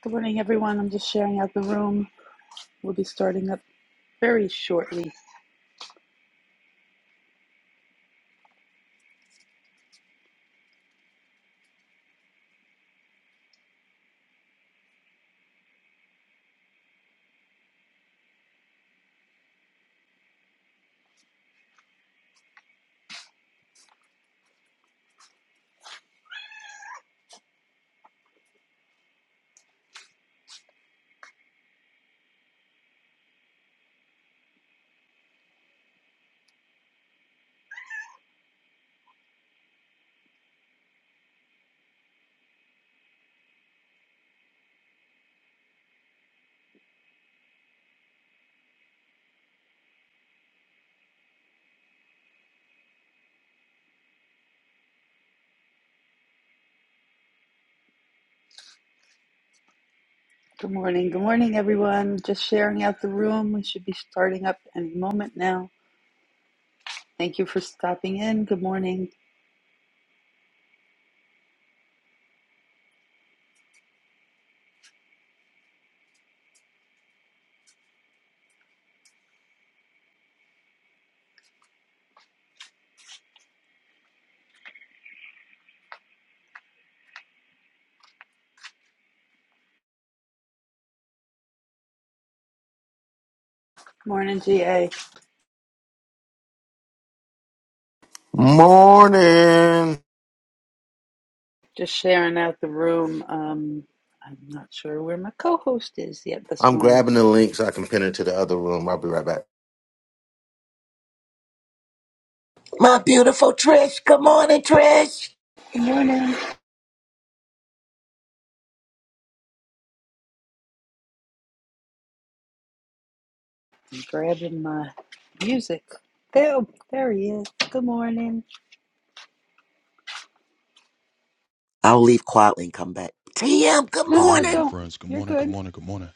Good morning, everyone. I'm just sharing out the room. We'll be starting up very shortly. Good morning. Good morning, everyone. Just sharing out the room. We should be starting up any moment now. Thank you for stopping in. Good morning. Good morning, GA. Morning. Just sharing out the room. Um, I'm not sure where my co host is yet this I'm morning. grabbing the link so I can pin it to the other room. I'll be right back. My beautiful Trish. Good morning, Trish. Good morning. I'm grabbing my music. There, there he is. Good morning. I'll leave quietly and come back. TM, good No, Good no, morning, my morning. don't. friends. Good You're morning, good good. morning, good morning.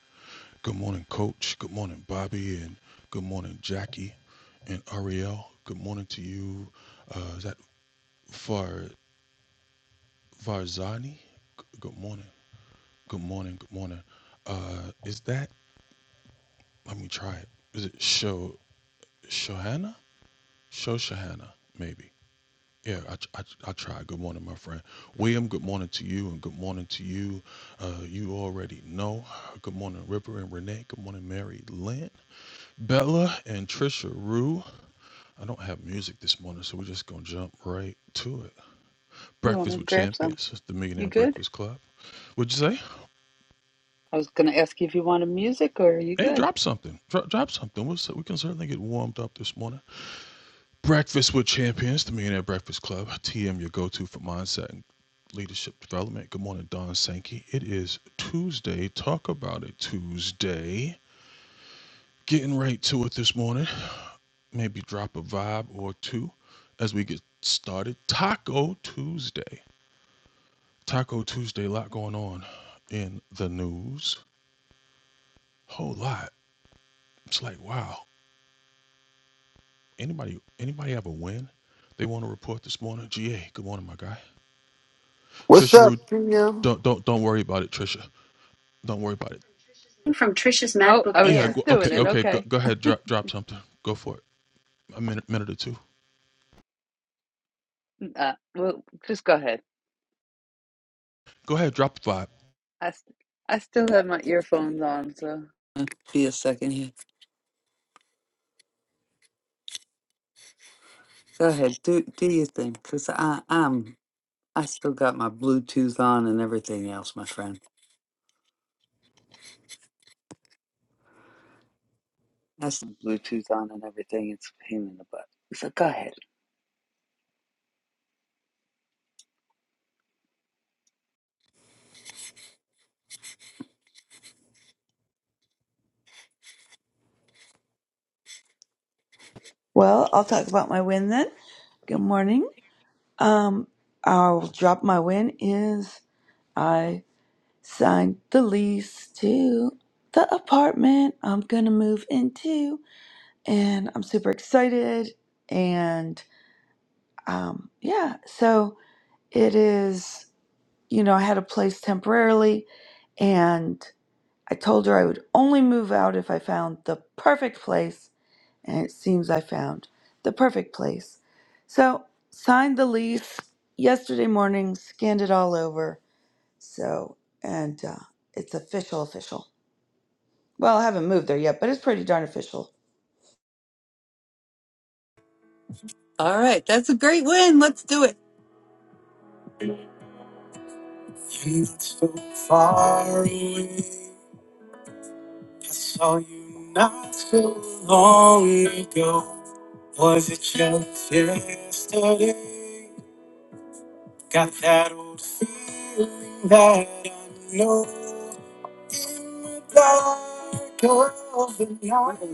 Good morning, Coach. Good morning, Bobby. And good morning, Jackie and Ariel. Good morning to you. Uh, is that Far Farzani? G- Good morning. Good morning, good morning. Uh, is that, let me try it. Is it Sho Shohana? Sho Shohana, maybe. Yeah, I, I, I try. Good morning, my friend. William, good morning to you, and good morning to you. Uh, you already know. Good morning, River and Renee. Good morning, Mary Lynn. Bella and Trisha Rue. I don't have music this morning, so we're just gonna jump right to it. You want Breakfast me to with grab some? Champions, the You Millionaire good? Breakfast Club. What'd you say? I was going to ask you if you wanted music or are you Hey, good? drop something. Drop, drop something. We'll, we can certainly get warmed up this morning. Breakfast with Champions, the Millionaire Breakfast Club. TM, your go-to for mindset and leadership development. Good morning, Don Sankey. It is Tuesday. Talk about it Tuesday. Getting right to it this morning. maybe drop a vibe or two as we get started. Taco Tuesday. Taco Tuesday, a lot going on in the news. Whole lot. It's like, wow. Anybody anybody have a win they want to report this morning? GA, good morning, my guy. What's Trisha Rue, up, TM? don't don't don't worry about it, Trisha. Don't worry about it. From Trisha's Oh, MacBook I was just Yeah, Air, go, okay, doing it. too. okay, go, Okay. go ahead, drop drop something. Go for it. A minute minute or two. Uh, well, just go ahead. Go ahead, drop the vibe. I, s- I still have my earphones on, so. Uh, Be a second here. Go ahead. Do do your thing, cause I I'm I still got my Bluetooth on and everything else, my friend. That's Bluetooth on and everything. It's a pain in the butt. So go ahead. Well, I'll talk about my win then. Good morning. Um, I'll drop my win is I signed the lease to the apartment I'm gonna move into, and I'm super excited. And um, yeah, so it is. You know, I had a place temporarily, and I told her I would only move out if I found the perfect place and it seems I found the perfect place. So, signed the lease yesterday morning, scanned it all over. So, and uh, it's official, official. Well, I haven't moved there yet, but it's pretty darn official. All right, that's a great win. Let's do it. Let's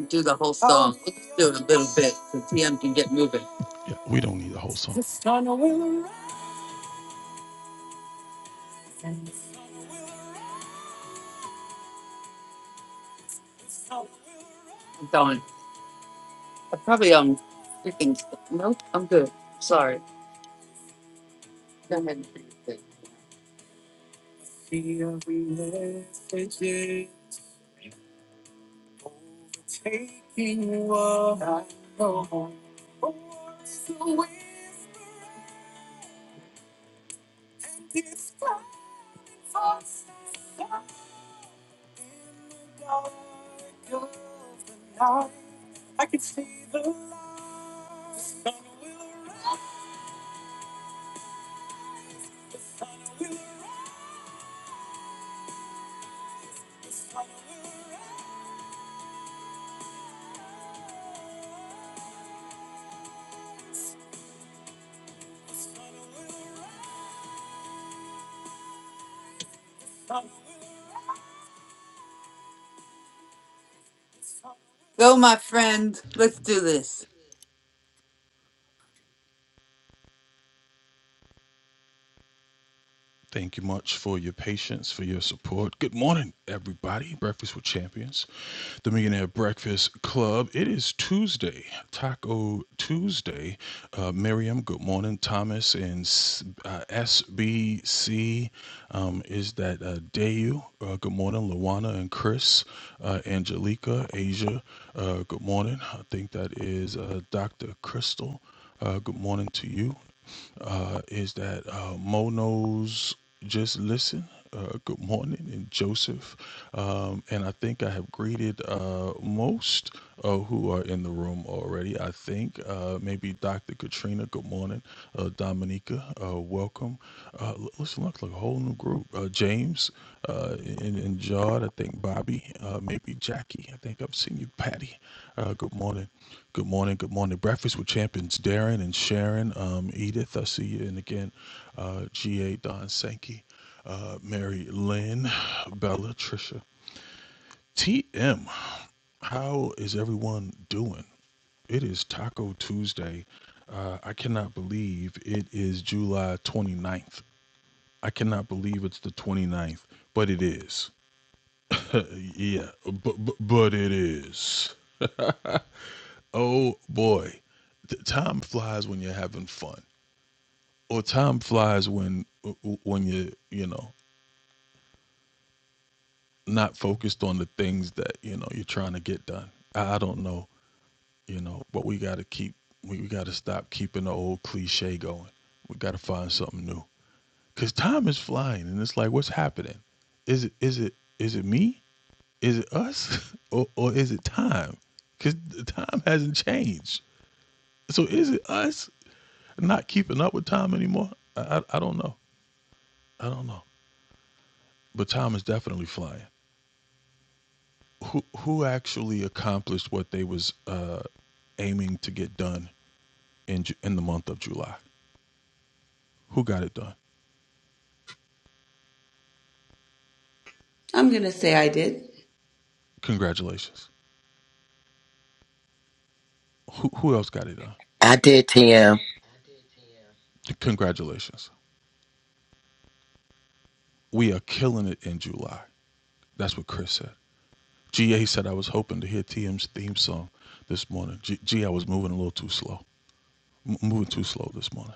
do the whole song. Let's do it a little bit so TM can get moving. Yeah, we don't need a whole song. I probably um freaking nope, I'm good. Sorry. Go ahead. and do your thing. Go my friend. Let's do this. Thank you much for your patience, for your support. Good morning, everybody. Breakfast with Champions, the Millionaire Breakfast Club. It is Tuesday, Taco Tuesday. Uh, Miriam, good morning. Thomas and uh, SBC um, is that uh, Dayu. Uh, good morning, Luana and Chris, uh, Angelica, Asia. Uh, good morning. I think that is uh, Dr. Crystal. Uh, good morning to you uh, is that uh, Mo knows just listen. Uh, good morning, and Joseph. Um, and I think I have greeted uh, most uh, who are in the room already. I think uh, maybe Dr. Katrina, good morning. Uh, Dominica, uh, welcome. Uh, l- listen, look, like a whole new group. Uh, James uh, and, and Jod, I think Bobby, uh, maybe Jackie. I think I've seen you, Patty. Uh, good morning. Good morning. Good morning. Breakfast with Champions, Darren and Sharon. Um, Edith, I see you. And again, uh, GA, Don Sankey, uh, Mary Lynn, Bella, Trisha. TM, how is everyone doing? It is Taco Tuesday. Uh, I cannot believe it is July 29th. I cannot believe it's the twenty ninth, but it is. yeah, but, but but it is. Oh boy, the time flies when you're having fun, or time flies when when you you know not focused on the things that you know you're trying to get done. I I don't know, you know, but we got to keep we, we got to stop keeping the old cliche going. We got to find something new because time is flying, and it's like, what's happening? Is it is it is it me? Is it us or, or is it time? Because time hasn't changed. So is it us not keeping up with time anymore? I, I, I don't know. I don't know. But time is definitely flying. Who who actually accomplished what they was uh, aiming to get done in in the month of July? Who got it done? I'm going to say I did. Congratulations. Who who else got it done? I did TM. Congratulations. We are killing it in July. That's what Chris said. GA said I was hoping to hear T M's theme song this morning. G, G I was moving a little too slow. M- moving too slow this morning.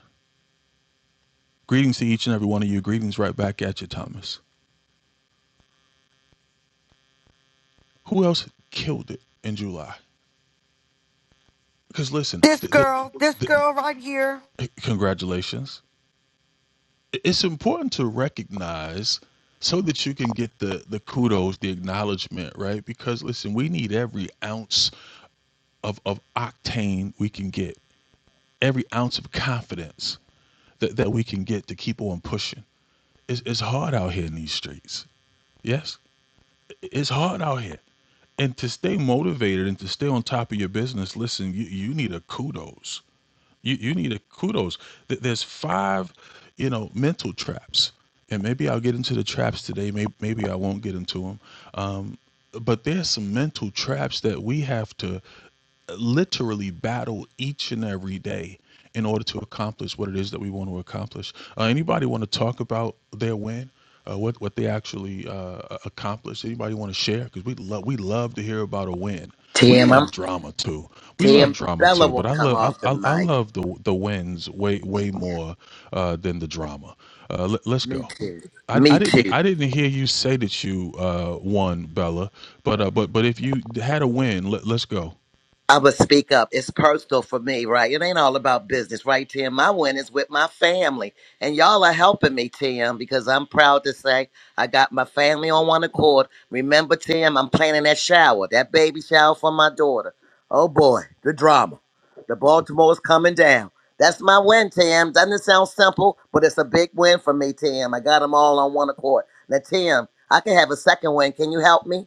Greetings to each and every one of you. Greetings right back at you, Thomas. Who else killed it in July? Because listen, This th th girl, this th girl right here. congratulations. It's important to recognize so that you can get the the kudos, the acknowledgement, right? Because listen, we need every ounce of of octane we can get, every ounce of confidence that that we can get to keep on pushing it's, it's hard out here in these streets. Yes, it's hard out here. And to stay motivated and to stay on top of your business, listen, you, you need a kudos. You, you need a kudos. Th- There's five, you know, mental traps. And maybe I'll get into the traps today. Maybe, maybe I won't get into them. Um, but there's some mental traps that we have to literally battle each and every day in order to accomplish what it is that we want to accomplish. Uh, anybody want to talk about their win? Uh, what what they actually uh, accomplished? Anybody want to share? Because we love we love to hear about a win. We TM, I'm love drama too. We love TM. drama Bella too. will But I come love off the I, I, I mic. love the the wins way way Yeah, more uh, than the drama. Uh, let, let's me go. too. I, I Me too. didn't I didn't hear you say that you uh, won, Bella. But uh, but but if you had a win, let, let's go. I would speak up. It's personal for me, right? It ain't all about business, right, Tim? My win is with my family. And y'all are helping me, Tim, because I'm proud to say I got my family on one accord. Remember, Tim, I'm planning that shower, that baby shower for my daughter. Oh boy, the drama. The Baltimore's coming down. That's my win, Tim. Doesn't sound simple, but it's a big win for me, Tim. I got them all on one accord. Now, Tim, I can have a second win. Can you help me?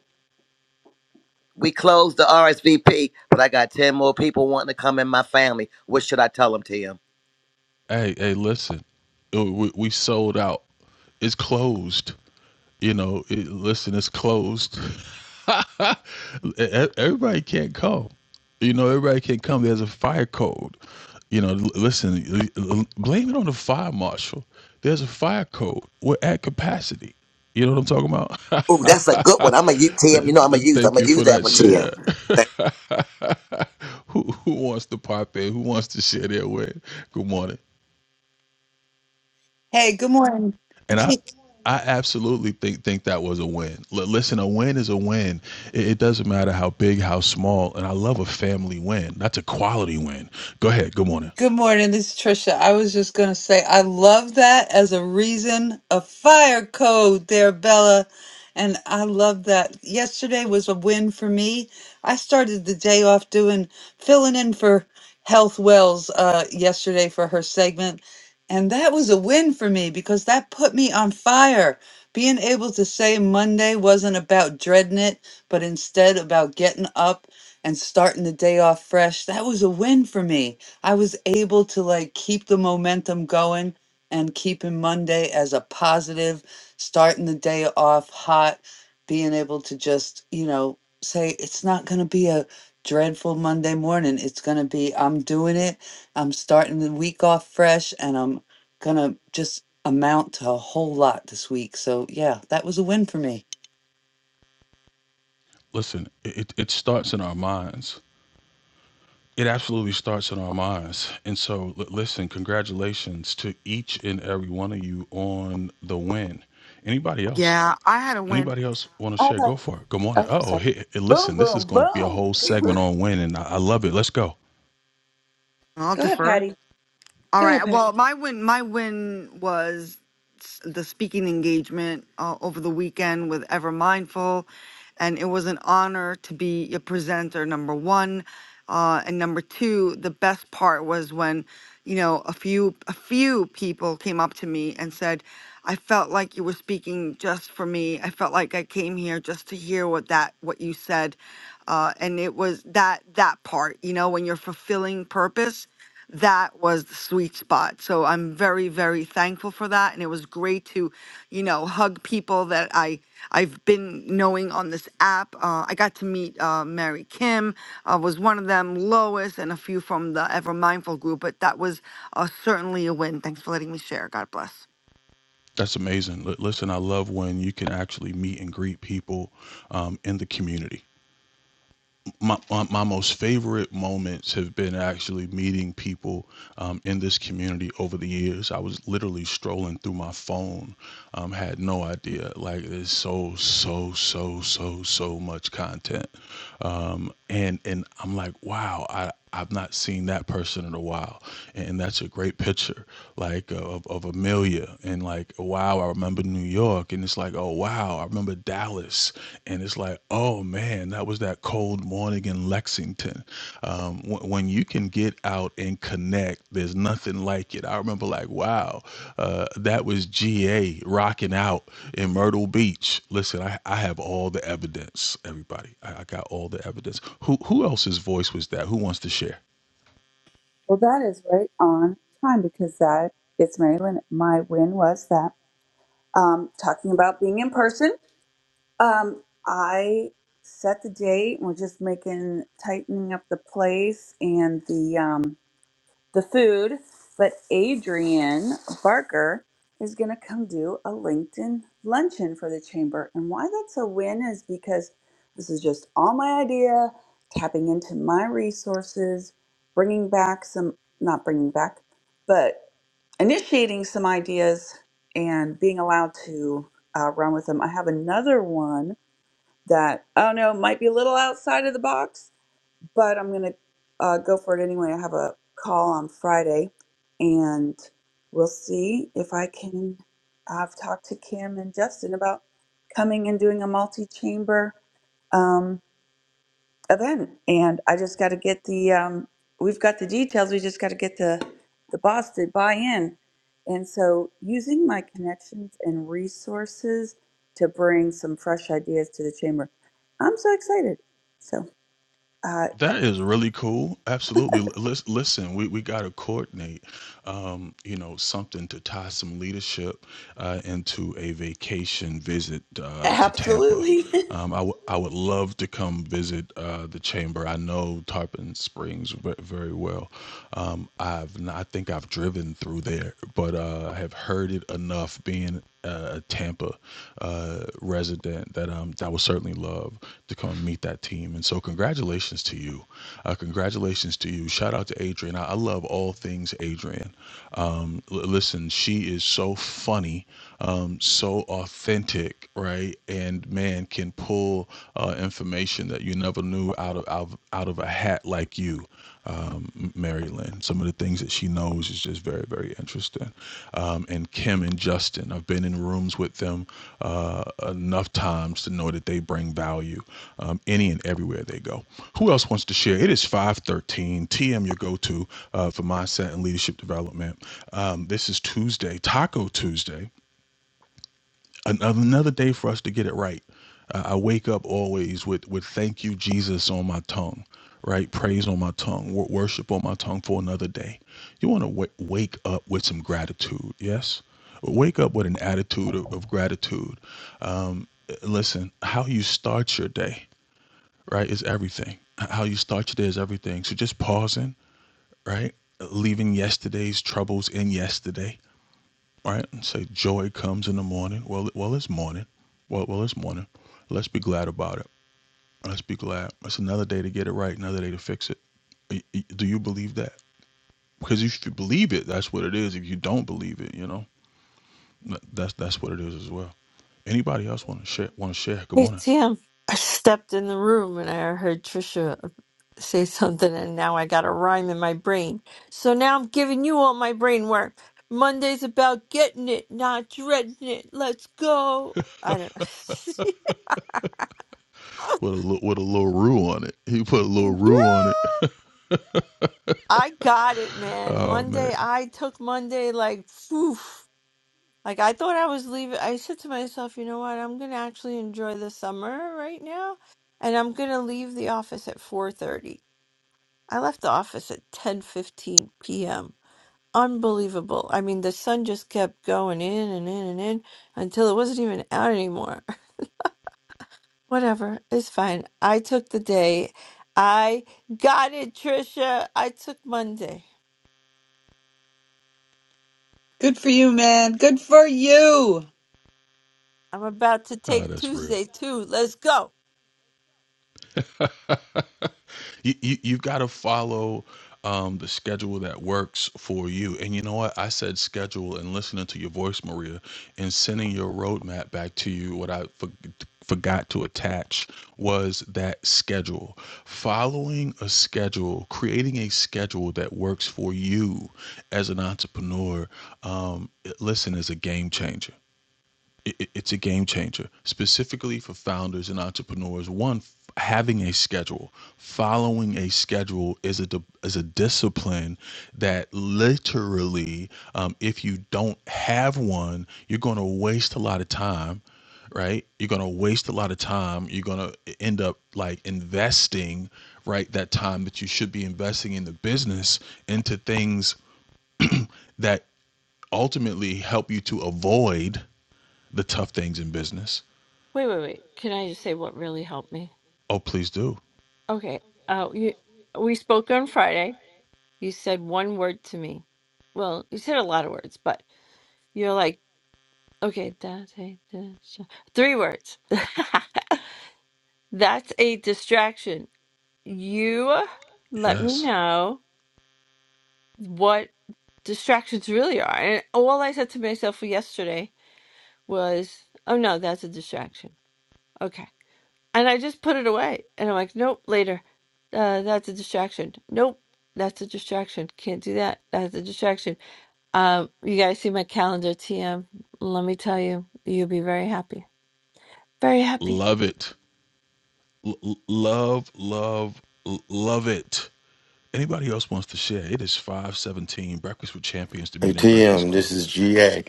We closed the RSVP, but I got 10 more people wanting to come in my family. What should I tell them, Tim? Hey, hey, listen, Uh, we, we sold out. It's closed. You know, it, listen, it's closed. e- Everybody can't come. You know, everybody can't come. There's a fire code. You know, l- listen, l- l- blame it on the fire marshal. There's a fire code. We're at capacity. You know what I'm talking Ooh, that's a good one. about? I'm going to use, Tim, you know Th- I'm going th- to use, I'm Thank going you to use for that that one, share. Tim. Thank- who, who wants to pop in? Who wants to share their way? Good morning. Hey, good morning. And I, I absolutely think think that was a win. L- listen, a win is a win. It, it doesn't matter how big, how small. And I love a family win. That's a quality win. Go ahead. Good morning. Good morning, this is Trisha. I was just going to say, I love that as a reason, a fire code there, Bella. And I love that. Yesterday was a win for me. I started the day off doing filling in for Health Wells uh, yesterday for her segment. And that was a win for me because that put me on fire. Being able to say Monday wasn't about dreading it, but instead about getting up and starting the day off fresh, that was a win for me. I was able to like keep the momentum going and keeping Monday as a positive, starting the day off hot, being able to just, you know, say it's not going to be a dreadful Monday morning. It's going to be, I'm doing it. I'm starting the week off fresh and I'm going to just amount to a whole lot this week. So, yeah, that was a win for me. Listen, it, it starts in our minds. It absolutely starts in our minds. And so, l- listen, congratulations to each and every one of you on the win. Anybody else? Yeah, I had a win. Anybody else want to I share? Go like, for it. Good morning. oh, Oh, sorry. hey, hey, Boom, listen, this is boom, going to be a boom. whole segment on win, and I, I love it. Let's go. I'll Go ahead, defer. Patty. All Go ahead, right. Well, Patty. my win, my win was s- the speaking engagement uh, over the weekend with Ever Mindful, and it was an honor to be a presenter number one. Uh, and number two, the best part was when, you know, a few a few people came up to me and said, "I felt like you were speaking just for me. I felt like I came here just to hear what that what you said," uh, and it was that that part, you know, when you're fulfilling purpose, that was the sweet spot. So I'm very, very thankful for that. And it was great to, you know, hug people that I I've been knowing on this app. Uh, I got to meet uh, Mary Kim uh, was one of them, Lois, and a few from the Ever Mindful group. But that was uh, certainly a win. Thanks for letting me share. God bless. That's amazing. Li- Listen, I love when you can actually meet and greet people um, in the community. My, my, my most favorite moments have been actually meeting people um, in this community over the years. I was literally strolling through my phone, um, had no idea. Like, there's so, so, so, so, so much content um, and and I'm like, wow, I I've not seen that person in a while, and that's a great picture, like of of Amelia, and like wow, I remember New York, and it's like oh wow, I remember Dallas, and it's like oh man, that was that cold morning in Lexington. Um, w- when you can get out and connect, there's nothing like it. I remember like wow, uh, that was GA rocking out in Myrtle Beach. Listen, I, I have all the evidence, everybody. I, I got all the evidence. Who who else's voice was that? Who wants to share? well, that is right on time because it's at um, talking about being. Um, I set the date. We're just making tightening up the place and the um the food. But Adrian Barker is gonna come do a LinkedIn luncheon for the chamber. And why that's a win is because this is just all my idea, tapping into my resources, bringing back some not bringing back, but initiating some ideas and being allowed to uh, run with them. I have another one that I don't know it might be a little outside of the box, but I'm gonna uh, go for it anyway. I have a call on Friday, and we'll see if I can. I've talked to Kim and Justin about coming and doing a multi-chamber. um, event and I just got to get the um we've got the details we just got to get the the boss to buy in and so using my connections and resources to bring some fresh ideas to the chamber I'm so excited so uh That is really cool. Absolutely. L- lis- Listen, we, we got to coordinate, um, you know, something to tie some leadership uh, into a vacation visit uh, to Tampa. absolutely Um, I, w- I would love to come visit uh, the chamber. I know Tarpon Springs ve- very well. Um, I've n- I think I've driven through there, but uh, I have heard it enough being uh, Tampa uh, resident that um, that would certainly love to come and meet that team. And so, congratulations to you. Uh, congratulations to you. Shout out to Adrian. I, I love all things Adrian. Um, l- listen, she is so funny, um, so authentic, right? And man, can pull uh, information that you never knew out of out, of- out of a hat like you, um, Mary Lynn. Some of the things that she knows is just very, very interesting. Um, and Kim and Justin, I've been in rooms with them uh, enough times to know that they bring value um, any and everywhere they go. Who else wants to share? It is 513 TM, your go to uh, for mindset and leadership development. Um, this is Tuesday, Taco Tuesday another day for us to get it right. Uh, I wake up always with with thank you Jesus on my tongue, right? Praise on my tongue, wor- worship on my tongue for another day. You want to w- wake up with some gratitude, yes? Wake up with an attitude of, of gratitude. Um, listen, how you start your day, right, is everything. How you start your day is everything. So just pausing, right? Leaving yesterday's troubles in yesterday right? And say joy comes in the morning. Well, well, it's morning. Well, well, it's morning. Let's be glad about it. Let's be glad. It's another day to get it right. Another day to fix it. Do you believe that? Because if you believe it, that's what it is. If you don't believe it, you know, that's that's what it is as well. Anybody else want to share? Want to share? Good Hey morning. Tim, I stepped in the room and I heard Trisha say something, and now I got a rhyme in my brain. So now I'm giving you all my brain work. Monday's about getting it, not dreading it. Let's go. I don't With a with a little rule on it. He put a little yeah, rule on it. I got it, man. Oh man, Monday, I took Monday like, phew. Like I thought I was leaving. I said to myself, you know what? I'm gonna actually enjoy the summer right now, and I'm gonna leave the office at 4:30 I left the office at 10:15 p.m. Unbelievable. I mean, the sun just kept going in and in and in until it wasn't even out anymore. Whatever, it's fine. I took the day. I got it, Trisha. I took Monday. Good for you, man. Good for you. I'm about to oh, take that's real. Tuesday too. Let's go. you, you you've got to follow um, the schedule that works for you. And you know what? I said schedule and listening to your voice, Maria, and sending your roadmap back to you. What I for, forgot to attach was that schedule. Following a schedule, creating a schedule that works for you as an entrepreneur, um, it- listen, is a game changer it, it's a game changer, specifically for founders and entrepreneurs. One, having a schedule, following a schedule is a is a discipline that literally, um, if you don't have one, you're going to waste a lot of time. Right, you're gonna waste a lot of time. You're gonna end up like investing, right, that time that you should be investing in the business into things that ultimately help you to avoid the tough things in business Wait, wait, wait. Can I just say what really helped me? Oh, please do. Okay. Uh, you, we spoke on Friday. You said one word to me. Well, you said a lot of words, but you're like. Okay, that's a dis- three words. That's a distraction. You let me Yes. know what distractions really are. And all I said to myself yesterday was, "Oh no, that's a distraction." Okay, and I just put it away, and I'm like, "Nope, later. Uh, that's a distraction. Nope, that's a distraction. Can't do that. That's a distraction." Um, you guys see my calendar, TM. Let me tell you, you'll be very happy. Very happy. Love it. L- love, love, l- love it. Anybody else wants to share? It is 517 Breakfast with Champions to me Hey, and their Breakfast TM, Club. this is GA.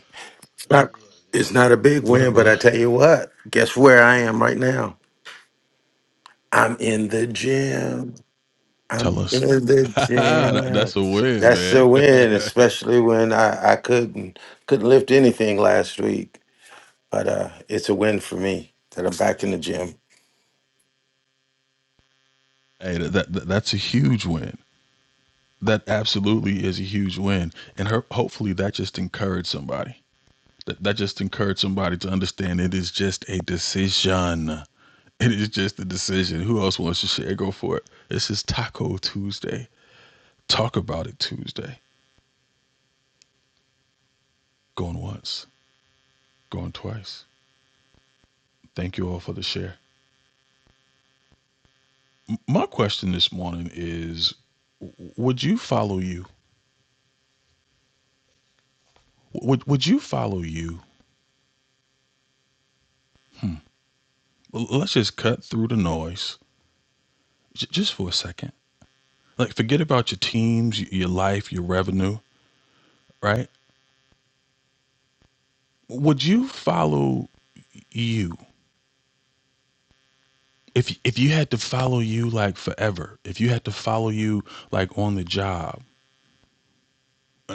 It's not, it's not a big What up, win, but I brother? tell you what, guess where I am right now? I'm in the gym. Tell I'm in us. the That- gym. that's a win, That's man. the hey, win, especially when I, I couldn't couldn't lift anything last week. But uh, it's a win for me that I'm back in the gym. that, that, that's a huge win. That absolutely is a huge win. And her, hopefully that just encouraged somebody. That, that just encouraged somebody to understand it is just a decision. It is just a decision. Who else wants to share? Go for it. This is Taco Tuesday. Talk about it Tuesday. Going once, going twice. Thank you all for the share. My question this morning is would you follow you? Would, would you follow you? Let's just cut through the noise j- just for a second. Like, forget about your teams, y- your life, your revenue, right? Would you follow you? if if you had to follow you like forever, if you had to follow you like on the job,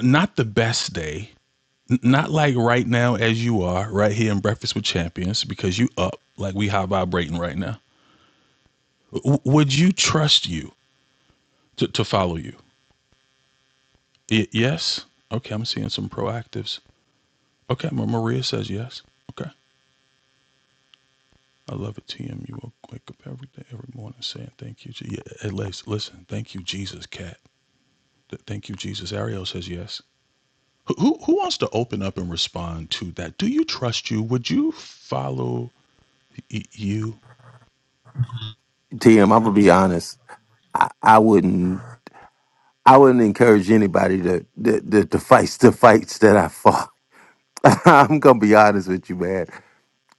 not the best day, n- not like right now as you are right here in Breakfast with Champions because you up like we high vibrating right now. W- would you trust you to, to follow you? Y- yes. Okay, I'm seeing some proactives. Okay, Ma- Maria says yes. Okay. I love it, TM. You will wake up every day, every morning saying thank you. Je-" Yeah, at least, listen, thank you, Jesus, cat. Th- Thank you, Jesus. Ariel says yes. Who, who wants to open up and respond to that? Do you trust you? Would you follow y- you? TM, I'm gonna be honest. I, I wouldn't. I wouldn't encourage anybody to to, to, to fight the fights that I fought. I'm gonna be honest with you, man.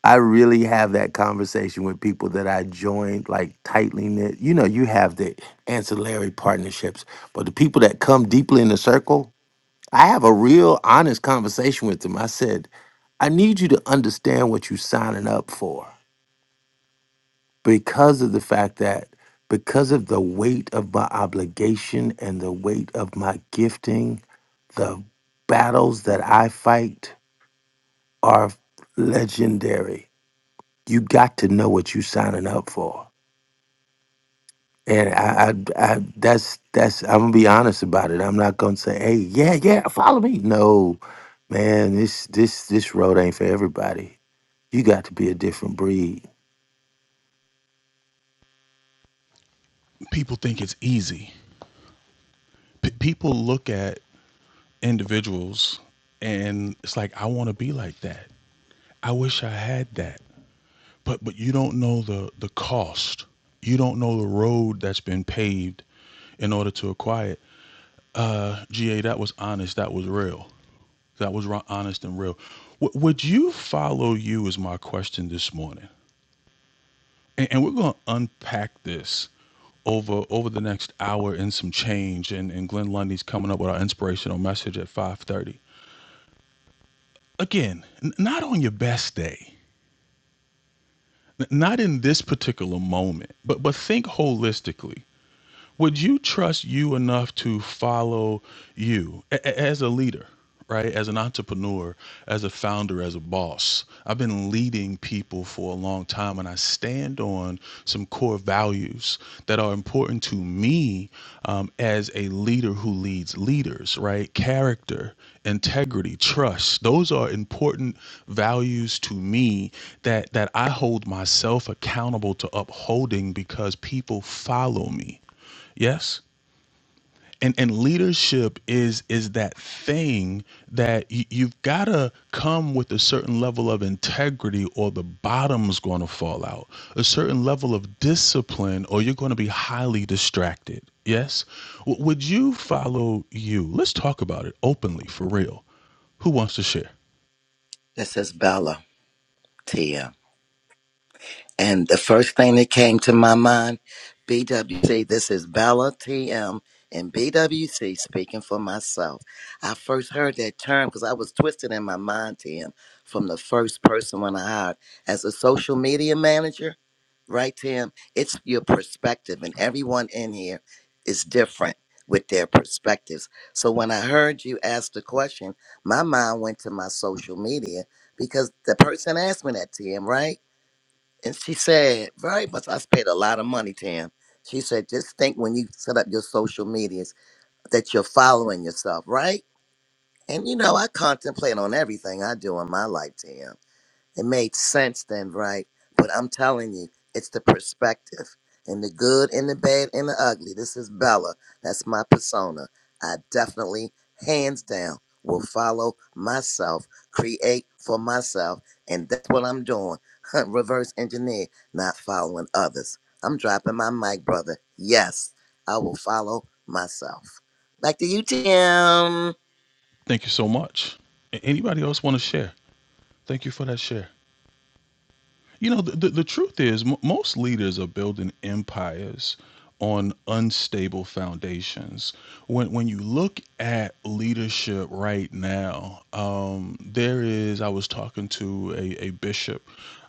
I really have that conversation with people that I joined, like tightly knit. You know, you have the ancillary partnerships, but the people that come deeply in the circle, I have a real honest conversation with them. I said, I need you to understand what you're signing up for because of the fact that because of the weight of my obligation and the weight of my gifting, the battles that I fight are legendary. You got to know what you're signing up for. And I, I, I that's that's I'm gonna be honest about it. I'm not gonna say, hey, yeah, yeah, follow me. No, man, this this this road ain't for everybody. You got to be a different breed. People think it's easy. P- people look at individuals and it's like, I want to be like that. I wish I had that. But but you don't know the the cost. You don't know the road that's been paved in order to acquire it. Uh, GA, that was honest. That was real. That was ro- honest and real. W- would you follow you? Is my question this morning. and, and we're going to unpack this over over the next hour and some change and, and glenn lundy's coming up with our inspirational message at 5.30 again n- not on your best day n- not in this particular moment but but think holistically would you trust you enough to follow you A- a- as a leader right as an entrepreneur as a founder as a boss i've been leading people for a long time and i stand on some core values that are important to me um, as a leader who leads leaders right character integrity trust those are important values to me that that i hold myself accountable to upholding because people follow me Yes. And and leadership is is that thing that y- you've got to come with a certain level of integrity or the bottom's going to fall out. A certain level of discipline or you're going to be highly distracted. Yes? W- would you follow you? Let's talk about it openly for real. Who wants to share? This is Bella, Tim. And the first thing that came to my mind, BWC, this is Bella TM and BWC speaking for myself. I first heard that term because I was twisted in my mind, TM, from the first person when I hired as a social media manager, right, Tim? It's your perspective, and everyone in here is different with their perspectives. So when I heard you ask the question, my mind went to my social media because the person asked me that, TM, right? And she said, very much, I've paid a lot of money to him. She said, just think when you set up your social medias that you're following yourself, right? And you know, I contemplate on everything I do in my life, Tim. It made sense then, right? But I'm telling you, it's the perspective. And the good and the bad and the ugly. This is Bella. That's my persona. I definitely, hands down, will follow myself, create for myself. And that's what I'm doing. Reverse engineer, not following others. I'm dropping my mic, brother. Yes, I will follow myself. Back to you, Tim. Thank you so much. A- Anybody else want to share? Thank you for that share. You know, the, the, the truth is, m- most leaders are building empires on unstable foundations. When when you look at leadership right now, um, there is. I was talking to a, a bishop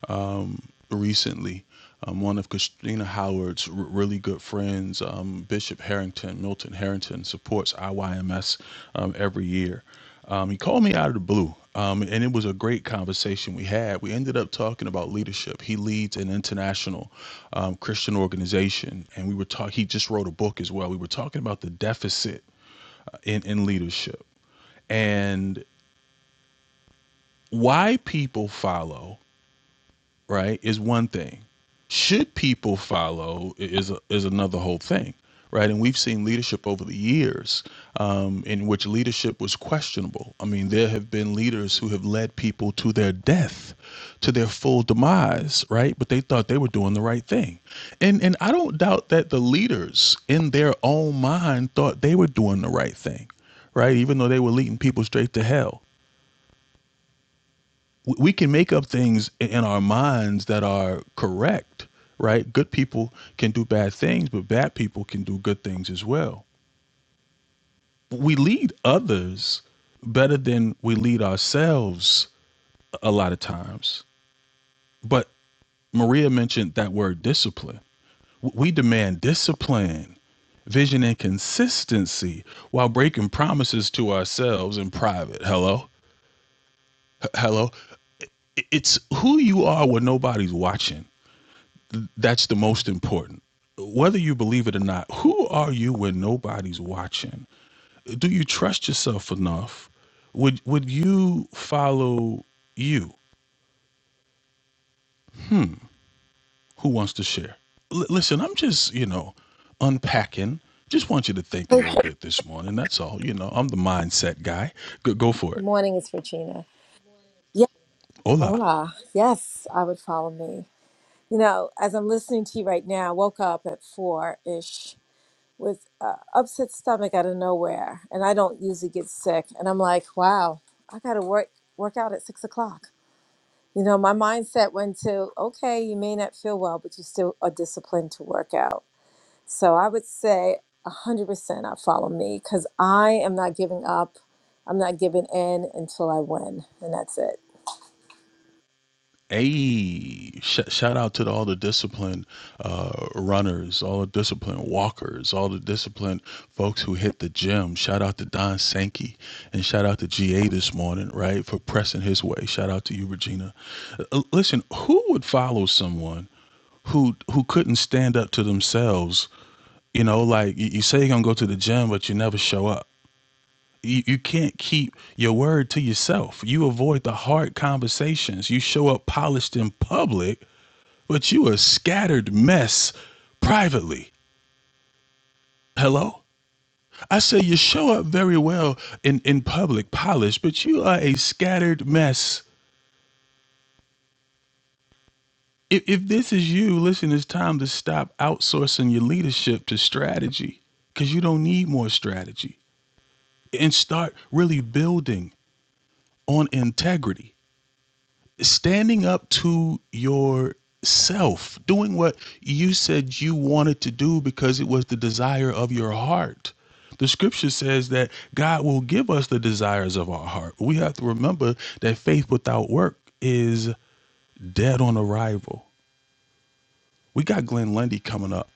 um, recently. Um, one of Christina Howard's r- really good friends, um, Bishop Harrington, Milton Harrington, supports IYMS um, every year. Um, he called me out of the blue, um, and it was a great conversation we had. We ended up talking about leadership. He leads an international um, Christian organization, and we were talking. He just wrote a book as well. We were talking about the deficit in, in leadership and why people follow right is one thing should people follow is is another whole thing right and we've seen leadership over the years um, in which leadership was questionable i mean there have been leaders who have led people to their death to their full demise right but they thought they were doing the right thing and and i don't doubt that the leaders in their own mind thought they were doing the right thing right even though they were leading people straight to hell we- can make up things in our minds that are correct, right? Good people can do bad things, but bad people can do good things as well. We lead others better than we lead ourselves a lot of times. But Maria mentioned that word discipline. We demand discipline, vision, and consistency while breaking promises to ourselves in private. Hello? Hello? It's who you are when nobody's watching. That's the most important. Whether you believe it or not, who are you when nobody's watching? Do you trust yourself enough? Would would you follow you? Who wants to share? L- listen, I'm just, you know, unpacking. Just want you to think a Good little bit this morning. That's all. You know, I'm the mindset guy. Go, go for it. morning, it's Regina. Yeah, Hola. hola. Yes, I would follow me. You know, as I'm listening to you right now, I woke up at four ish with uh, upset stomach out of nowhere, and I don't usually get sick. And I'm like, wow, I got to work work out at six o'clock. You know, my mindset went to, okay, you may not feel well, but you still are disciplined to work out. So I would say 100% I follow me because I am not giving up. I'm not giving in until I win, and that's it. Hey, sh- shout out to the, all the disciplined uh, runners, all the disciplined walkers, all the disciplined folks who hit the gym. Shout out to Don Sankey and shout out to GA this morning, right, for pressing his way. Shout out to you, Regina. Uh, listen, who would follow someone who who couldn't stand up to themselves? You know, like you, you say you're gonna go to the gym, but you never show up you, you can't keep your word to yourself. You avoid the hard conversations. You show up polished in public, but you a scattered mess privately. Hello? I say you show up very well in, in public polish, but you are a scattered mess. If, if this is you, listen, it's time to stop outsourcing your leadership to strategy because you don't need more strategy and start really building on integrity. standing up to yourself, doing what you said you wanted to do because it was the desire of your heart. The scripture says that God will give us the desires of our heart. We have to remember that faith without work is dead on arrival. We got Glenn Lundy coming up.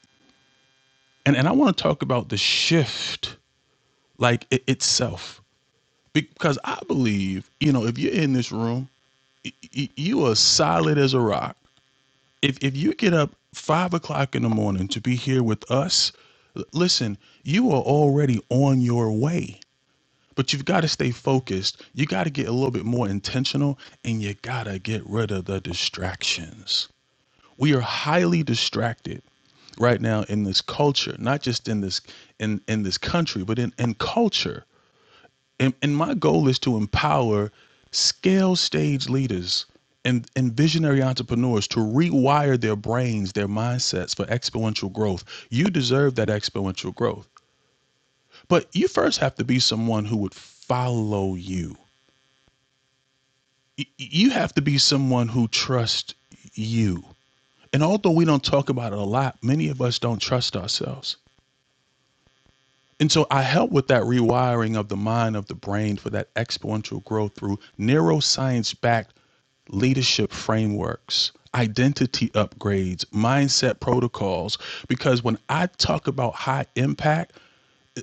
And, and I want to talk about the shift, like it, itself, because I believe, you know, if you're in this room, y- y- you are solid as a rock if if you get up five o'clock in the morning to be here with us, l- listen, you are already on your way. But you've got to stay focused. You got to get a little bit more intentional, and you got to get rid of the distractions. We are highly distracted right now in this culture, not just in this in in this country, but in in culture and, and my goal is to empower scale stage leaders and, and visionary entrepreneurs to rewire their brains, their mindsets for exponential growth. You deserve that exponential growth. But you first have to be someone who would follow you. You have to be someone who trusts you. And although we don't talk about it a lot, many of us don't trust ourselves And so I help with that rewiring of the mind of the brain for that exponential growth through neuroscience backed leadership frameworks, identity upgrades, mindset protocols. Because when I talk about high impact,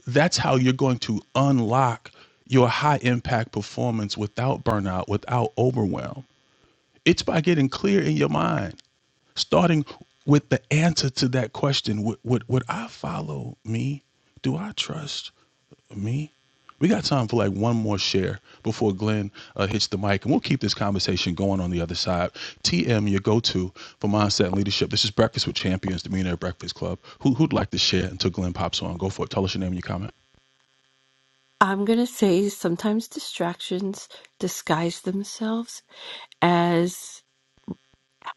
that's how you're going to unlock your high impact performance without burnout, without overwhelm. It's by getting clear in your mind, starting with the answer to that question would, would, would I follow me? Do I trust? Me? We got time for like one more share before Glenn uh, hits the mic, and we'll keep this conversation going on the other side. TM, your go-to for mindset and leadership. This is Breakfast with Champions, the Millionaire Breakfast Club. Who, who'd like to share until Glenn pops on? Go for it. Tell us your name and your comment. I'm going to say sometimes distractions disguise themselves as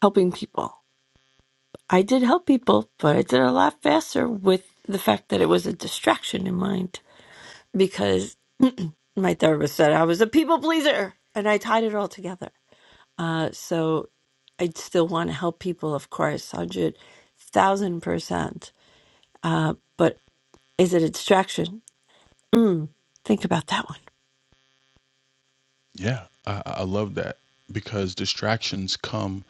helping people. I did help people, but I did it a lot faster with the fact that it was a distraction in mind because my therapist said I was a people pleaser and I tied it all together. Uh, so I'd still want to help people, of course, 100,000%. Uh, but is it a distraction? Mm, think about that one. Yeah, I, I love that because distractions come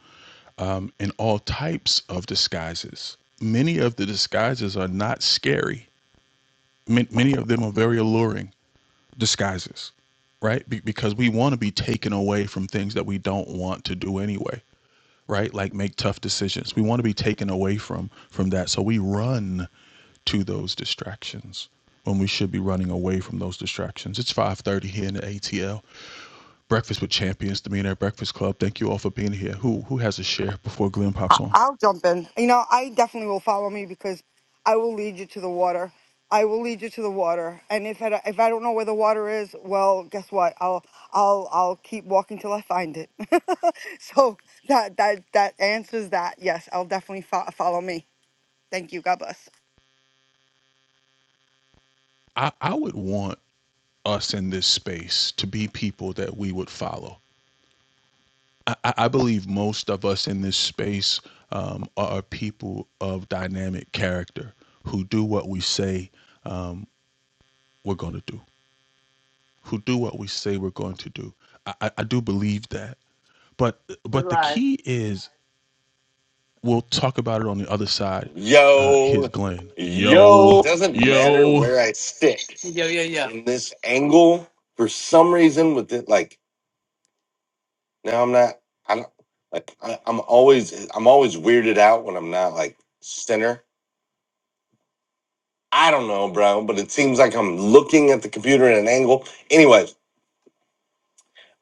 um, in all types of disguises. Many of the disguises are not scary. Man, many of them are very alluring. disguises, right? Be- because we want to be taken away from things that we don't want to do anyway, right? Like make tough decisions. We want to be taken away from from that, so we run to those distractions when we should be running away from those distractions. It's 5:30 here in the ATL. Breakfast with Champions, the Millionaire Breakfast Club. Thank you all for being here. Who who has a share before Glenn I- pops on? I'll jump in. You know, I definitely will follow me because I will lead you to the water. I will lead you to the water. And if I, if I don't know where the water is, well, guess what? I'll I'll I'll keep walking till I find it. so that that that answers that. Yes, I'll definitely fo- follow me. Thank you. God bless. I, I would want us in this space to be people that we would follow I, I believe most of us in this space um, are people of dynamic character who do what we say um, we're going to do, who do what we say we're going to do. I, I I do believe that. But but the key is we'll talk about it on the other side. Uh, here's Yo, Glenn. Yo, yo, doesn't matter yo. where I sit. in this angle for some reason with it like now i'm not i don't like I, i'm always i'm always weirded out when i'm not like center i don't know bro but it seems like i'm looking at the computer at an angle anyways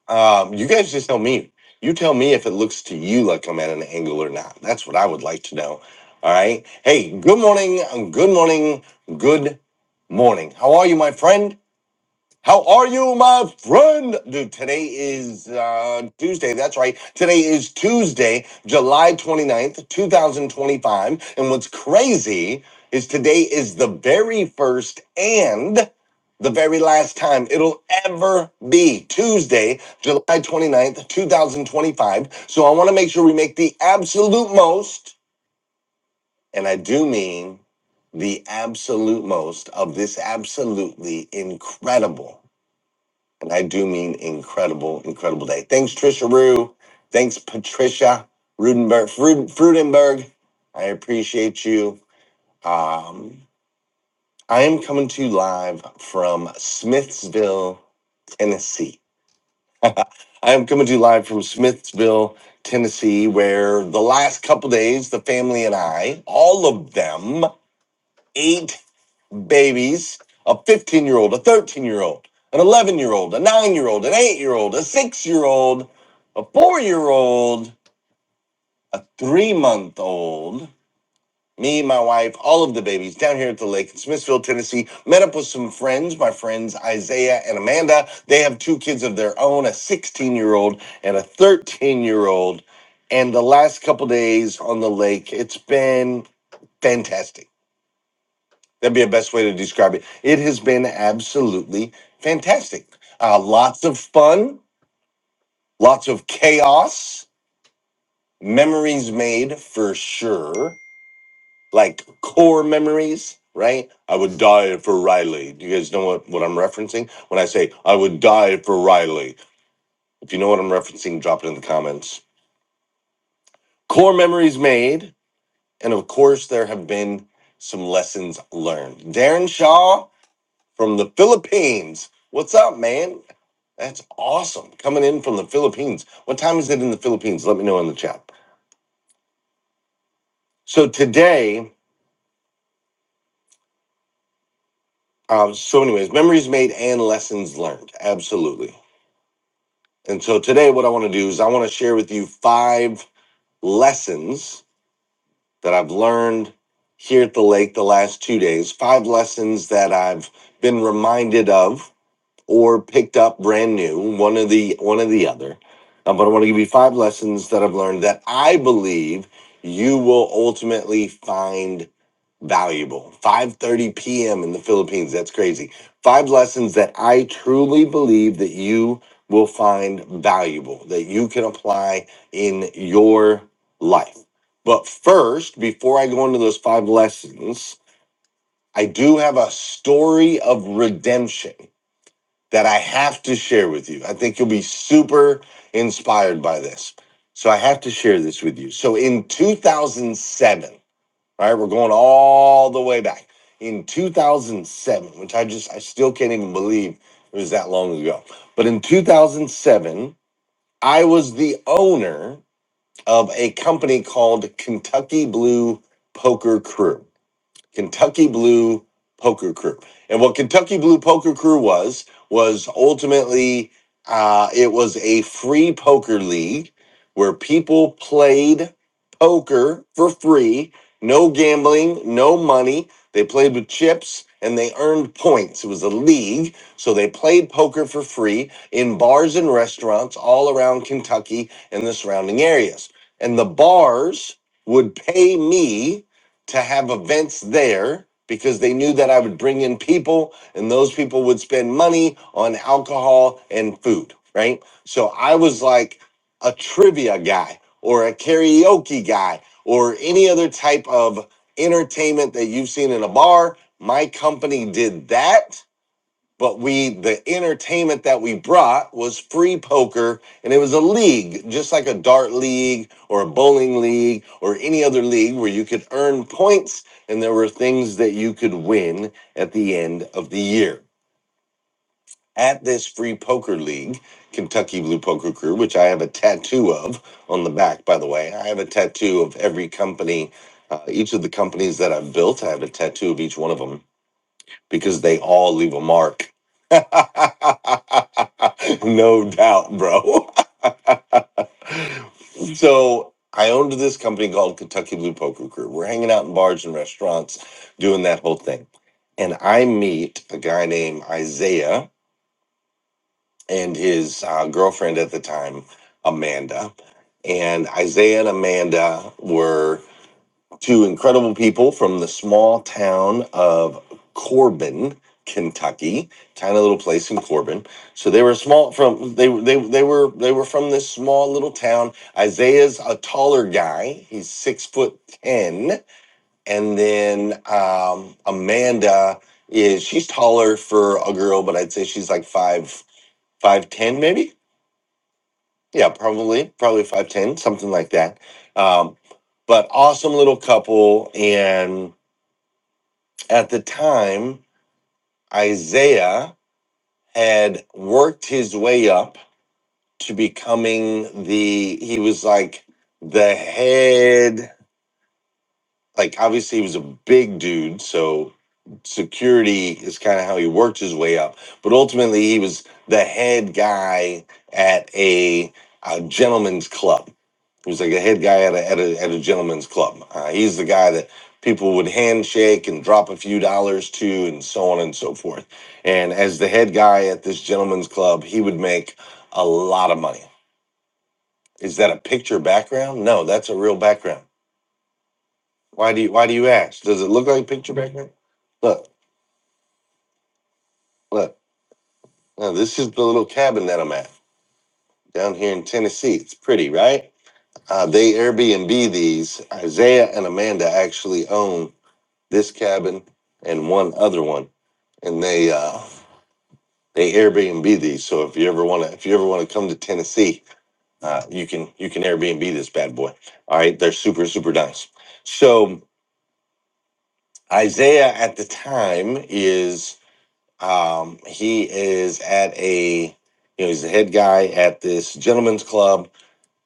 um you guys just tell me you tell me if it looks to you like i'm at an angle or not that's what i would like to know all right hey good morning um, good morning good morning how are you my friend How are you, my friend? Dude, today is uh, Tuesday. That's right. Today is Tuesday, July 29th, 2025. And what's crazy is today is the very first and the very last time it'll ever be Tuesday, July 29th, 2025. So I want to make sure we make the absolute most, and I do mean the absolute most of this absolutely incredible and I do mean incredible, incredible day. Thanks, Trisha Rue. Thanks, Patricia Rudenberg, Fruden- Frudenberg. I appreciate you. Um, I am coming to you live from Smithsville, Tennessee. I am coming to you live from Smithsville, Tennessee, where the last couple days, the family and I, all of them, ate. babies a 15 year old, a 13 year old, an 11 year old, a 9 year old, an 8 year old, a 6 year old, a 4 year old, a 3 month old. Me, my wife, all of the babies down here at the lake in Smithville, Tennessee, met up with some friends, my friends Isaiah and Amanda. They have two kids of their own, a 16 year old and a 13 year old. And the last couple days on the lake, it's been fantastic That'd be a best way to describe it. It has been absolutely fantastic. Uh, lots of fun, lots of chaos, memories made for sure, like core memories, right? I would die for Riley. Do you guys know what, what I'm referencing? When I say I would die for Riley, if you know what I'm referencing, drop it in the comments. Core memories made. And of course, there have been some lessons learned. Darren Shaw, from the Philippines. What's up, man? That's awesome. Coming in from the Philippines. What time is it in the Philippines? Let me know in the chat. So today, uh, so anyways, memories made and lessons learned. Absolutely. And so today, what I want to do is I want to share with you five lessons that I've learned here at the lake the last two days, five lessons that I've been reminded of or picked up brand new one of the one of the other Uh, but i want to give you five lessons that i've learned that i believe you will ultimately find valuable 5.30 p.m in the philippines that's crazy five lessons that i truly believe that you will find valuable that you can apply in your life but first before i go into those five lessons i do have a story of redemption that I have to share with you. I think you'll be super inspired by this. So I have to share this with you. So in 2007, all right, we're going all the way back. In 2007, which I just, I still can't even believe it was that long ago. But in 2007, I was the owner of a company called Kentucky Blue Poker Crew. Kentucky Blue Poker Crew. And what Kentucky Blue Poker Crew was was ultimately uh, it was a free poker league where people played poker for free, no gambling, no money. They played with chips and they earned points. It was a league, so they played poker for free in bars and restaurants all around Kentucky and the surrounding areas. And the bars would pay me to have events there because they knew that I would bring in people and those people would spend money on alcohol and food, right? So I was like a trivia guy or a karaoke guy or any other type of entertainment that you've seen in a bar. My company did that but we the entertainment that we brought was free poker and it was a league just like a dart league or a bowling league or any other league where you could earn points and there were things that you could win at the end of the year at this free poker league kentucky blue poker crew which i have a tattoo of on the back by the way i have a tattoo of every company uh, each of the companies that i've built i have a tattoo of each one of them because they all leave a mark. no doubt, bro. so I owned this company called Kentucky Blue Poker Crew. We're hanging out in bars and restaurants doing that whole thing. And I meet a guy named Isaiah and his uh, girlfriend at the time, Amanda. And Isaiah and Amanda were Two incredible people from the small town of Corbin, Kentucky, tiny little place in Corbin. So they were small from they they they were they were from this small little town. Isaiah's a taller guy; he's six foot ten, and then um, Amanda is she's taller for a girl, but I'd say she's like five five ten maybe. Yeah, probably probably five ten something like that. Um, but awesome little couple and At the time, Isaiah had worked his way up to becoming the, he was like the head. like obviously he was a big dude, so security is kind of how he worked his way up. But ultimately, he was the head guy at a, uh gentleman's club. He was like a head guy at a at a, at a gentleman's club. Uh, he's the guy that people would handshake and drop a few dollars to, and so on and so forth. And as the head guy at this gentleman's club, he would make a lot of money. Is that a picture background? No, that's a real background why do you Why do you ask? Does it look like a picture back there? Look, look. Now this is the little cabin that I'm at down here in Tennessee. It's pretty, right? Uh, they Airbnb these. Isaiah and Amanda actually own this cabin and one other one, and they uh, they Airbnb these. So if you ever want to, if you ever want to come to Tennessee, uh, you can you can Airbnb this bad boy. All right, they're super super nice. So Isaiah at the time is Um, he is at a, you know, he's the head guy at this gentleman's club,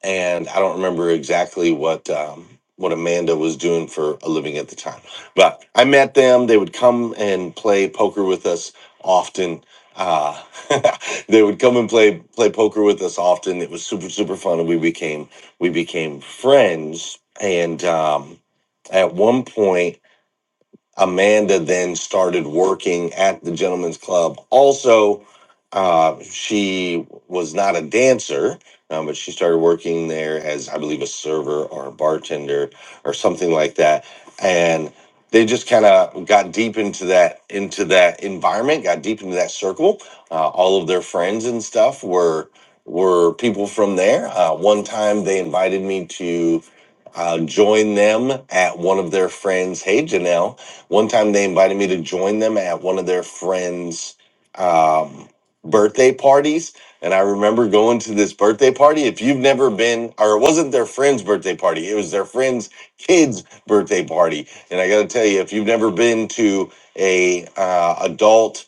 and I don't remember exactly what um, what Amanda was doing for a living at the time. But I met them. They would come and play poker with us often. Uh, they would come and play play poker with us often. It was super super fun, and we became we became friends. And um, at one point. Amanda then started working at the Gentlemen's Club. Also, uh, she was not a dancer, um, but she started working there as, I believe, a server or a bartender or something like that. And they just kind of got deep into that into that environment, got deep into that circle. Uh, all of their friends and stuff were were people from there. Uh, one time, they invited me to uh, join them at one of their friends' hey Janelle one time they invited me to join them at one of their friends' um, birthday parties. And I remember going to this birthday party. If you've never been, or it wasn't their friend's birthday party, it was their friend's kid's birthday party. And I got to tell you, if you've never been to a uh, adult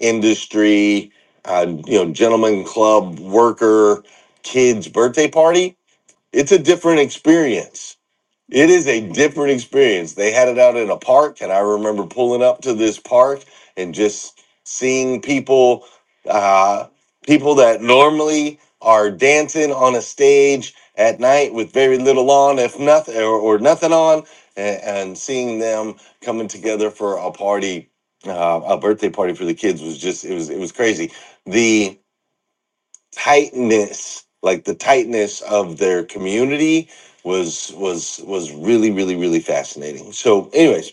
industry, uh, you know, gentleman club worker kids birthday party, it's a different experience it is a different experience. They had it out in a park, and I remember pulling up to this park and just seeing people, uh, people that normally are dancing on a stage at night with very little on, if nothing, or, or nothing on, and, and seeing them coming together for a party, uh, a birthday party for the kids was just it was it was crazy. The tightness like the tightness of their community was was was really really really fascinating so anyways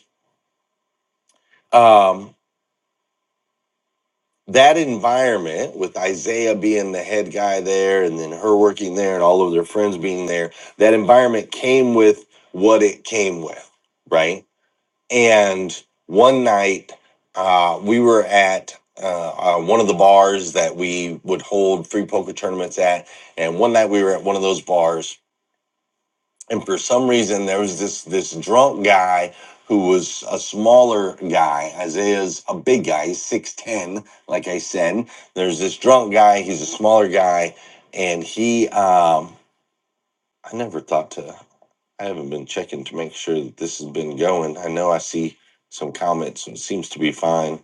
um that environment with isaiah being the head guy there and then her working there and all of their friends being there that environment came with what it came with right and one night uh we were at uh, uh, one of the bars that we would hold free poker tournaments at and one night we were at one of those bars and for some reason there was this this drunk guy who was a smaller guy isaiah's a big guy he's 610 like i said there's this drunk guy he's a smaller guy and he um i never thought to i haven't been checking to make sure that this has been going i know i see some comments and it seems to be fine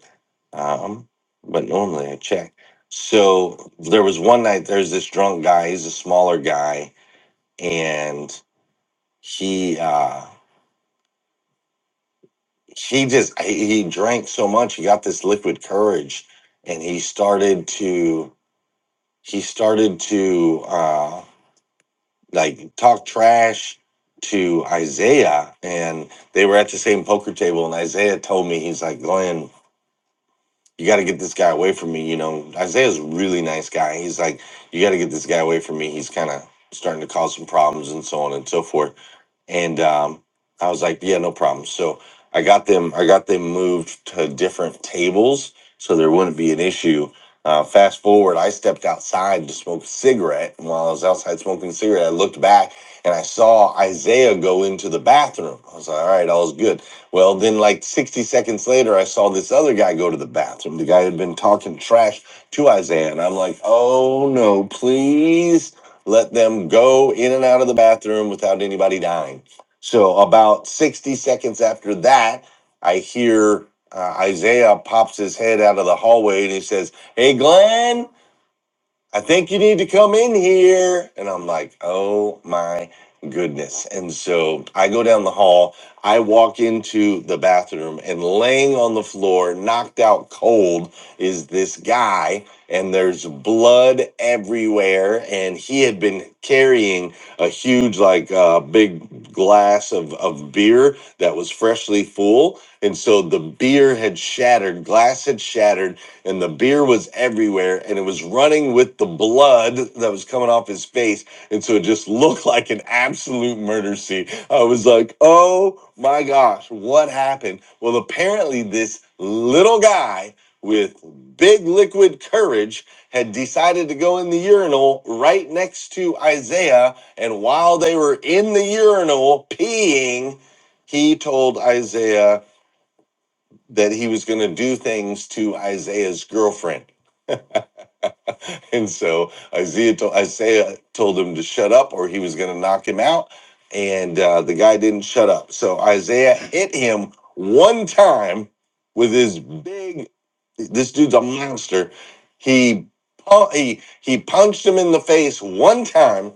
um but normally i check so there was one night there's this drunk guy he's a smaller guy and he uh he just he, he drank so much he got this liquid courage and he started to he started to uh like talk trash to isaiah and they were at the same poker table and isaiah told me he's like glenn you got to get this guy away from me you know isaiah's a really nice guy he's like you got to get this guy away from me he's kind of starting to cause some problems and so on and so forth and um, I was like, yeah, no problem. So I got them, I got them moved to different tables, so there wouldn't be an issue. Uh, fast forward, I stepped outside to smoke a cigarette, and while I was outside smoking a cigarette, I looked back and I saw Isaiah go into the bathroom. I was like, all right, all's good. Well, then, like 60 seconds later, I saw this other guy go to the bathroom. The guy had been talking trash to Isaiah, and I'm like, oh no, please let them go in and out of the bathroom without anybody dying. So, about 60 seconds after that, I hear uh, Isaiah pops his head out of the hallway and he says, Hey, Glenn. I think you need to come in here. And I'm like, oh my goodness. And so I go down the hall, I walk into the bathroom, and laying on the floor, knocked out cold, is this guy. And there's blood everywhere. And he had been carrying a huge, like, uh, big glass of, of beer that was freshly full. And so the beer had shattered, glass had shattered and the beer was everywhere and it was running with the blood that was coming off his face and so it just looked like an absolute murder scene i was like oh my gosh what happened well apparently this little guy with big liquid courage had decided to go in the urinal right next to isaiah and while they were in the urinal peeing he told isaiah that he was going to do things to isaiah's girlfriend And so Isaiah told Isaiah told him to shut up, or he was going to knock him out. And uh, the guy didn't shut up. So Isaiah hit him one time with his big. This dude's a monster. He pu- he he punched him in the face one time,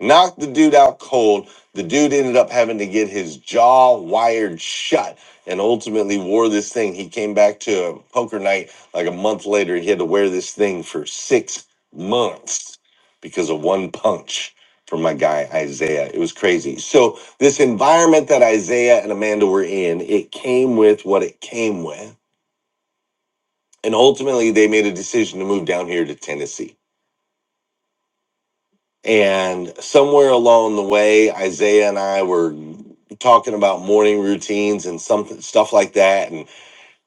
knocked the dude out cold. The dude ended up having to get his jaw wired shut and ultimately wore this thing. He came back to a poker night like a month later. He had to wear this thing for six months because of one punch from my guy Isaiah. It was crazy. So this environment that Isaiah and Amanda were in, it came with what it came with. And ultimately they made a decision to move down here to Tennessee. And somewhere along the way, Isaiah and I were talking about morning routines and something stuff like that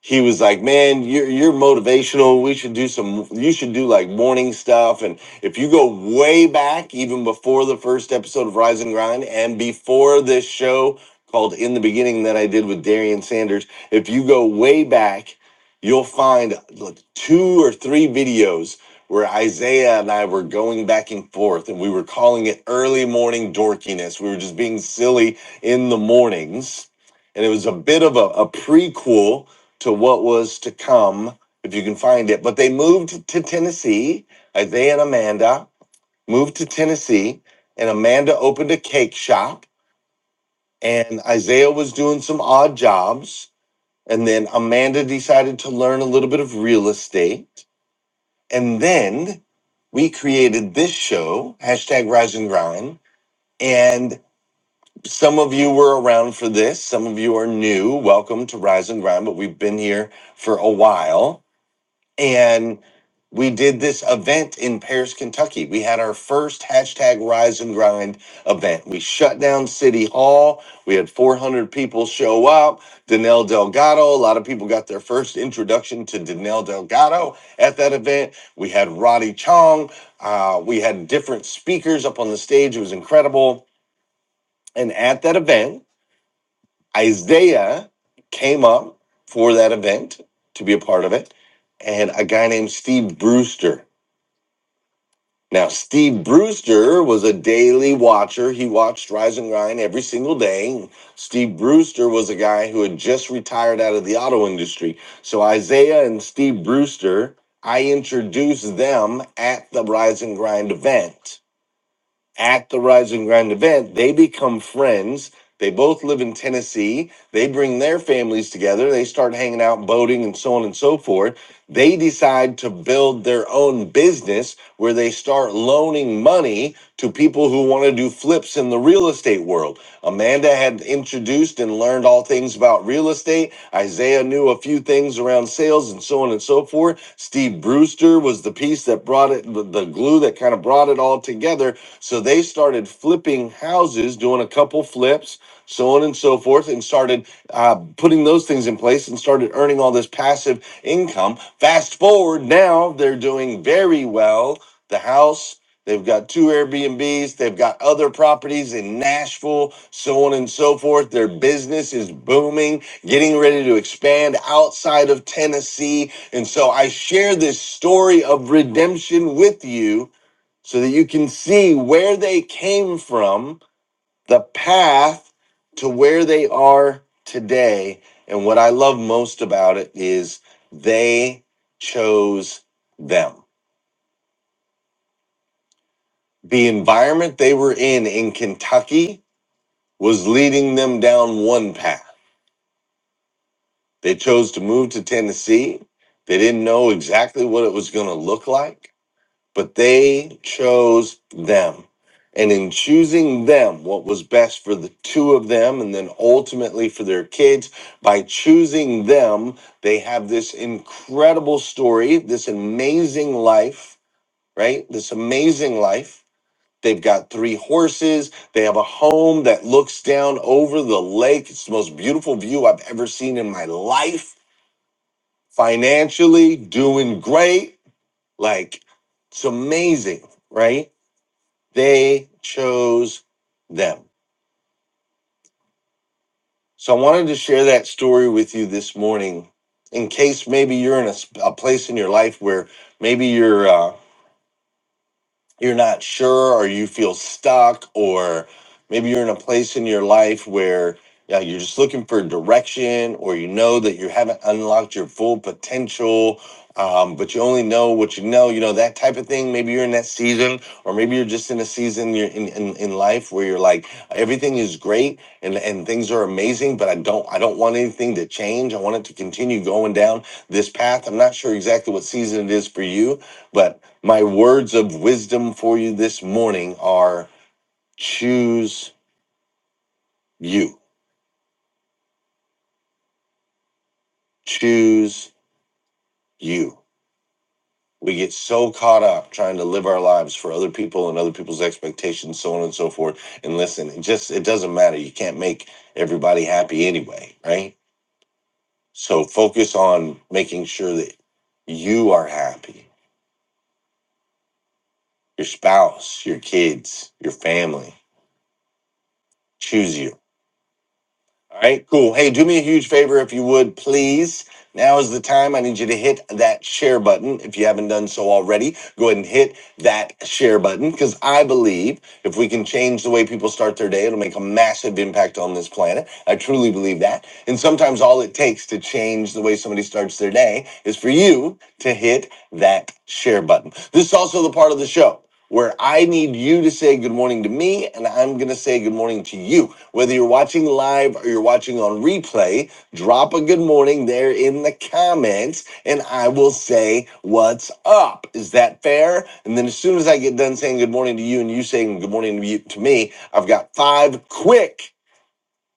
he was like, "Man, you're you're motivational. We should do some. You should do like morning stuff. And if you go way back, even before the first episode of Rise and Grind, and before this show called In the Beginning that I did with Darian Sanders, if you go way back, you'll find like two or three videos." Where Isaiah and I were going back and forth, and we were calling it early morning dorkiness. We were just being silly in the mornings. And it was a bit of a, a prequel to what was to come, if you can find it. But they moved to Tennessee. Isaiah and Amanda moved to Tennessee, and Amanda opened a cake shop, and Isaiah was doing some odd jobs. And then Amanda decided to learn a little bit of real estate. And then we created this show, hashtag Rise and Grind. And some of you were around for this, some of you are new. Welcome to Rise and Grind, but we've been here for a while and we did this event in Paris, Kentucky. We had our first hashtag Rise and Grind event. We shut down City Hall. We had 400 people show up. Danelle Delgado, a lot of people got their first introduction to Danelle Delgado at that event. We had Roddy Chong. Uh, we had different speakers up on the stage. It was incredible. And at that event, Isaiah came up for that event to be a part of it, and a guy named Steve Brewster. Now, Steve Brewster was a daily watcher. He watched Rise and Grind every single day. Steve Brewster was a guy who had just retired out of the auto industry. So, Isaiah and Steve Brewster, I introduced them at the Rise and Grind event at the Rising Ground event. They become friends. They both live in Tennessee. They bring their families together. They start hanging out, boating, and so on and so forth. They decide to build their own business where they start loaning money to people who want to do flips in the real estate world. Amanda had introduced and learned all things about real estate. Isaiah knew a few things around sales and so on and so forth. Steve Brewster was the piece that brought it, the the glue that kind of brought it all together so they started flipping houses, doing a couple flips, so on and so forth, and started uh, putting those things in place and started earning all this passive income. Fast forward now, they're doing very well. The house, they've got two Airbnbs, they've got other properties in Nashville, so on and so forth. Their business is booming, getting ready to expand outside of Tennessee. And so I share this story of redemption with you so that you can see where they came from, the path to where they are today. And what I love most about it is they chose them. The environment they were in in Kentucky was leading them down one path. They chose to move to Tennessee. They didn't know exactly what it was going to look like but they chose them. And in choosing them, what was best for the two of them, and then ultimately for their kids, by choosing them, they have this incredible story, this amazing life, right? This amazing life. They've got three horses. They have a home that looks down over the lake. It's the most beautiful view I've ever seen in my life. Financially, doing great. Like, it's amazing, right? They chose them. So I wanted to share that story with you this morning in case maybe you're in a, s- a place in your life where maybe you're. uh, you're not sure or you feel stuck or maybe you're in a place in your life where yeah, you're just looking for direction or you know that you haven't unlocked your full potential um, but you only know what you know you know that type of thing maybe you're in that season or maybe you're just in a season you're in, in, in life where you're like everything is great and, and things are amazing but i don't i don't want anything to change i want it to continue going down this path i'm not sure exactly what season it is for you but my words of wisdom for you this morning are choose you. Choose you. We get so caught up trying to live our lives for other people and other people's expectations, so on and so forth. And listen, it just it doesn't matter. You can't make everybody happy anyway, right? So focus on making sure that you are happy. Your spouse, your kids, your family. Choose you All right, cool. Hey, do me a huge favor if you would, please. Now is the time. I need you to hit that share button. If you haven't done so already, go ahead and hit that share button because I believe if we can change the way people start their day, it'll make a massive impact on this planet. I truly believe that. And sometimes all it takes to change the way somebody starts their day is for you to hit that share button. This is also the part of the show where I need you to say good morning to me and I'm going to say good morning to you. Whether you're watching live or you're watching on replay, drop a good morning there in the comments and I will say what's up. Is that fair? And then as soon as I get done saying good morning to you and you saying good morning to you- to me, I've got five quick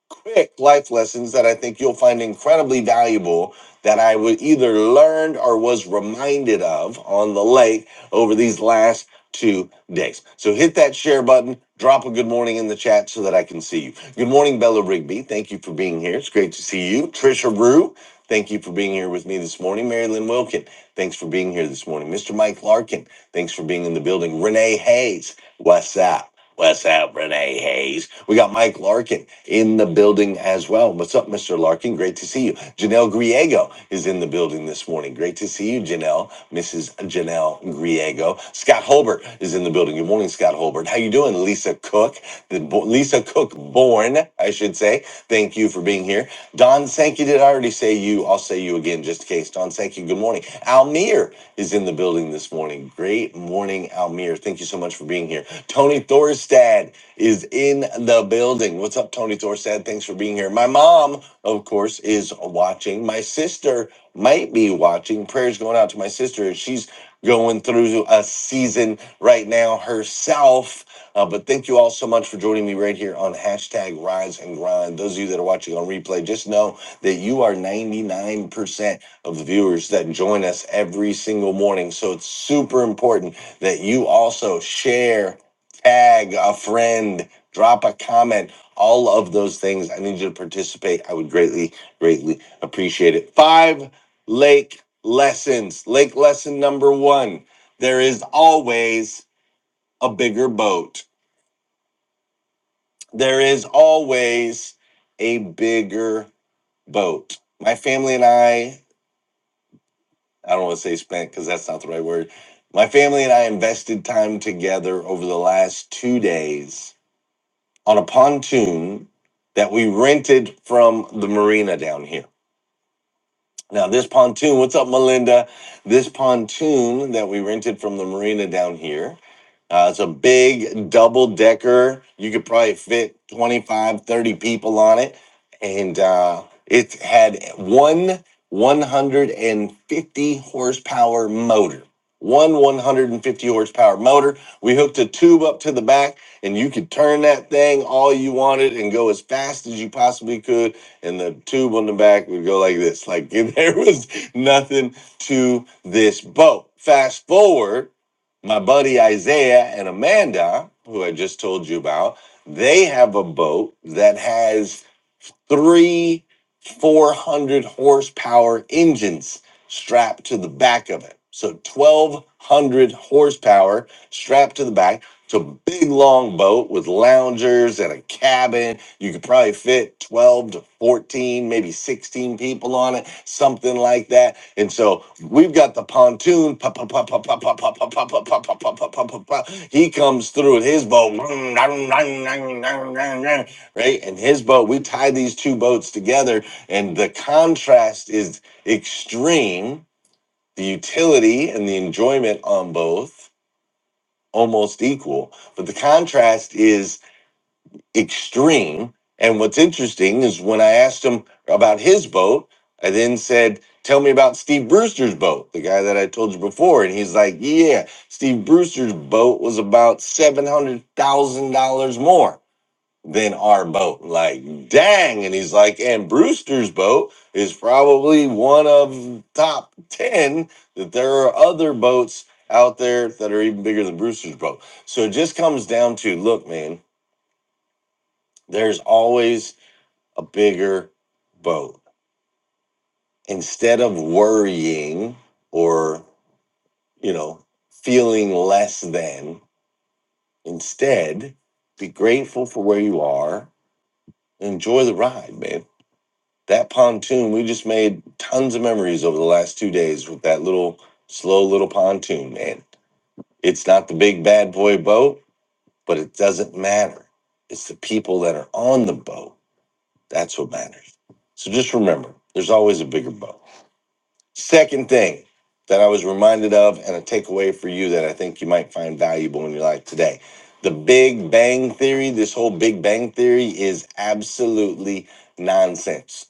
quick life lessons that I think you'll find incredibly valuable that I would either learned or was reminded of on the lake over these last two days. So hit that share button, drop a good morning in the chat so that I can see you. Good morning, Bella Rigby. Thank you for being here. It's great to see you. Trisha Rue, thank you for being here with me this morning. Marilyn Wilkin, thanks for being here this morning. Mr. Mike Larkin, thanks for being in the building. Renee Hayes, what's up? What's up, Renee Hayes? We got Mike Larkin in the building as well. What's up, Mr. Larkin? Great to see you. Janelle Griego is in the building this morning. Great to see you, Janelle, Mrs. Janelle Griego. Scott Holbert is in the building. Good morning, Scott Holbert. How you doing, Lisa Cook? The bo- Lisa Cook born, I should say. Thank you for being here. Don Sankey, did I already say you? I'll say you again just in case. Don Sankey, good morning. Almir is in the building this morning. Great morning, Almir. Thank you so much for being here. Tony Thorstad is in the building. What's up, Tony Thorstad? Thanks for being here. My mom, of course, is watching. My sister might be watching. Prayers going out to my sister. She's going through a season right now herself. Uh, but thank you all so much for joining me right here on hashtag Rise and Grind. Those of you that are watching on replay, just know that you are 99% of the viewers that join us every single morning. So it's super important that you also share tag a friend, drop a comment, all of those things. I need you to participate. I would greatly, greatly appreciate it. Five lake lessons. Lake lesson number one there is always a bigger boat. There is always a bigger boat. My family and I, I don't want to say spent because that's not the right word. My family and I invested time together over the last two days on a pontoon that we rented from the marina down here. Now, this pontoon, what's up, Melinda? This pontoon that we rented from the marina down here, uh, it's a big double decker. You could probably fit 25, 30 people on it. And uh, it had one 150 horsepower motor. One 150 horsepower motor. We hooked a tube up to the back, and you could turn that thing all you wanted and go as fast as you possibly could and the tube on the back would go like this. Like there was nothing to this boat. Fast forward, my buddy Isaiah and Amanda, who I just told you about, they have a boat that has three 400 horsepower engines strapped to the back of it. So 1200 horsepower strapped to the back. It's a big long boat with loungers and a cabin. You could probably fit 12 to 14, maybe 16 people on it, something like that. And so we've got the pontoon. pa- pa- pa- pa- pa- pa- pa- pa- pa- pa- pa- pa- pa- pa- pa- pa. pa. He comes through with his boat right? And his boat, we tie these two boats together, and the contrast is extreme. The utility and the enjoyment on both almost equal, but the contrast is extreme. And what's interesting is when I asked him about his boat, I then said, Tell me about Steve Brewster's boat, the guy that I told you before. And he's like, Yeah, Steve Brewster's boat was about $700,000 more than our boat. Like, dang. And he's like, and Brewster's boat is probably one of top 10 that there are other boats out there that are even bigger than Brewster's boat. So it just comes down to look, man, there's always a bigger boat. Instead of worrying or, you know, feeling less than, instead be grateful for where you are. Enjoy the ride, man that pontoon we just made tons of memories over the last two days with that little slow little pontoon man it's not the big bad boy boat but it doesn't matter it's the people that are on the boat that's what matters so just remember there's always a bigger boat second thing that i was reminded of and a takeaway for you that i think you might find valuable in your life today the big bang theory this whole big bang theory is absolutely nonsense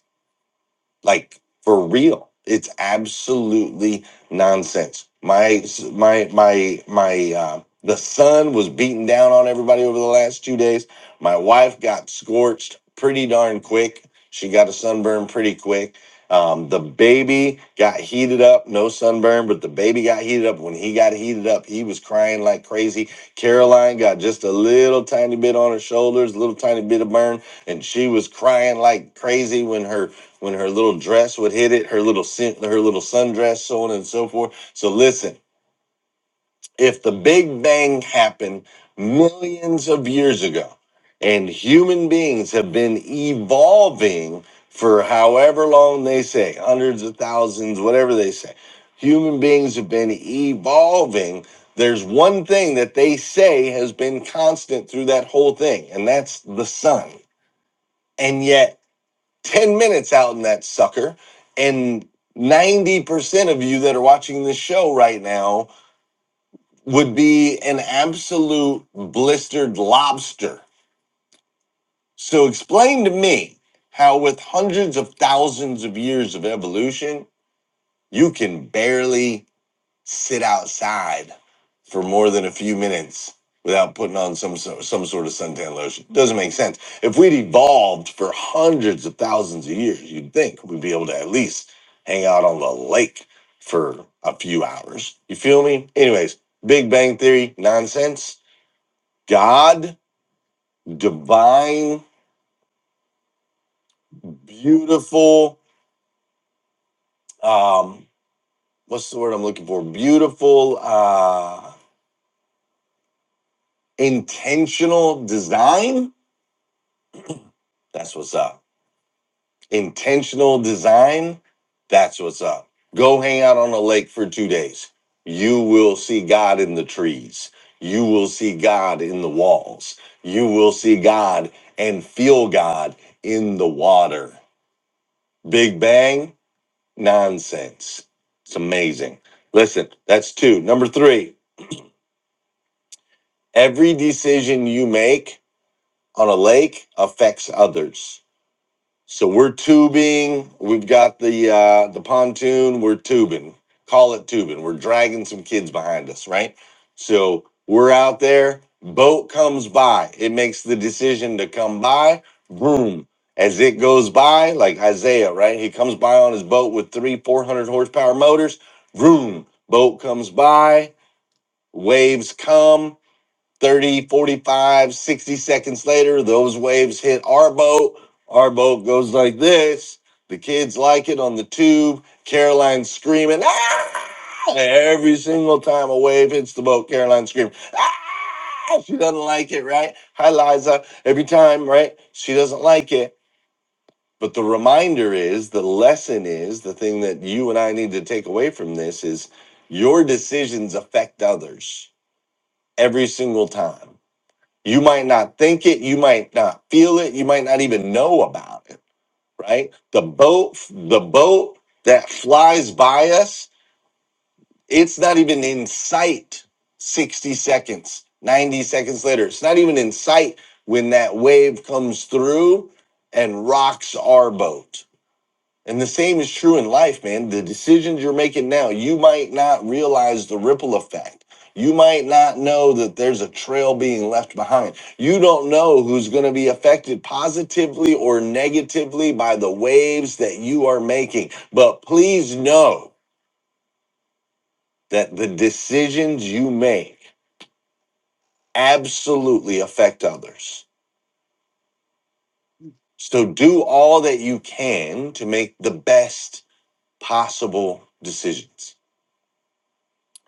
like for real it's absolutely nonsense my my my my uh the sun was beating down on everybody over the last two days my wife got scorched pretty darn quick she got a sunburn pretty quick um, the baby got heated up no sunburn but the baby got heated up when he got heated up he was crying like crazy caroline got just a little tiny bit on her shoulders a little tiny bit of burn and she was crying like crazy when her when her little dress would hit it, her little sin- her little sundress, so on and so forth. So listen, if the Big Bang happened millions of years ago, and human beings have been evolving for however long they say, hundreds of thousands, whatever they say, human beings have been evolving. There's one thing that they say has been constant through that whole thing, and that's the sun. And yet 10 minutes out in that sucker and 90% of you that are watching this show right now would be an absolute blistered lobster so explain to me how with hundreds of thousands of years of evolution you can barely sit outside for more than a few minutes without putting on some so- some sort of suntan lotion. Doesn't make sense. If we'd evolved for hundreds of thousands of years, you'd think we'd be able to at least hang out on the lake for a few hours. You feel me? Anyways, Big Bang Theory nonsense. God, divine, beautiful. Um, what's the word I'm looking for? Beautiful, uh, intentional design. That's what's up. intentional design, that's what's up. Go hang out on a lake for two days. You will see God in the trees. You will see God in the walls. You will see God and feel God in the water. Big Bang, nonsense. It's amazing. Listen, that's two. Number three, every decision you make on a lake affects others. So we're tubing. We've got the uh, the pontoon. We're tubing. Call it tubing. We're dragging some kids behind us, right? So we're out there. Boat comes by. It makes the decision to come by. Boom. As it goes by, like Isaiah, right? He comes by on his boat with three, four hundred horsepower motors. Vroom. Boat comes by. Waves come. 30, 45, 60 seconds later, those waves hit our boat. Our boat goes like this. The kids like it on the tube. Caroline's screaming, ah! Every single time a wave hits the boat, Caroline screams, ah! She doesn't like it, right? Hi, Liza. Every time, right? She doesn't like it. But the reminder is, the lesson is, the thing that you and I need to take away from this is your decisions affect others every single time you might not think it, you might not feel it, you might not even know about it, right? The boat, the boat that flies by us, it's not even in sight 60 seconds, 90 seconds later. It's not even in sight when that wave comes through and rocks our boat. And the same is true in life, man. The decisions you're making now, you might not realize the ripple effect. You might not know that there's a trail being left behind. You don't know who's going to be affected positively or negatively by the waves that you are making. But please know that the decisions you make absolutely affect others. So do all that you can to make the best possible decisions.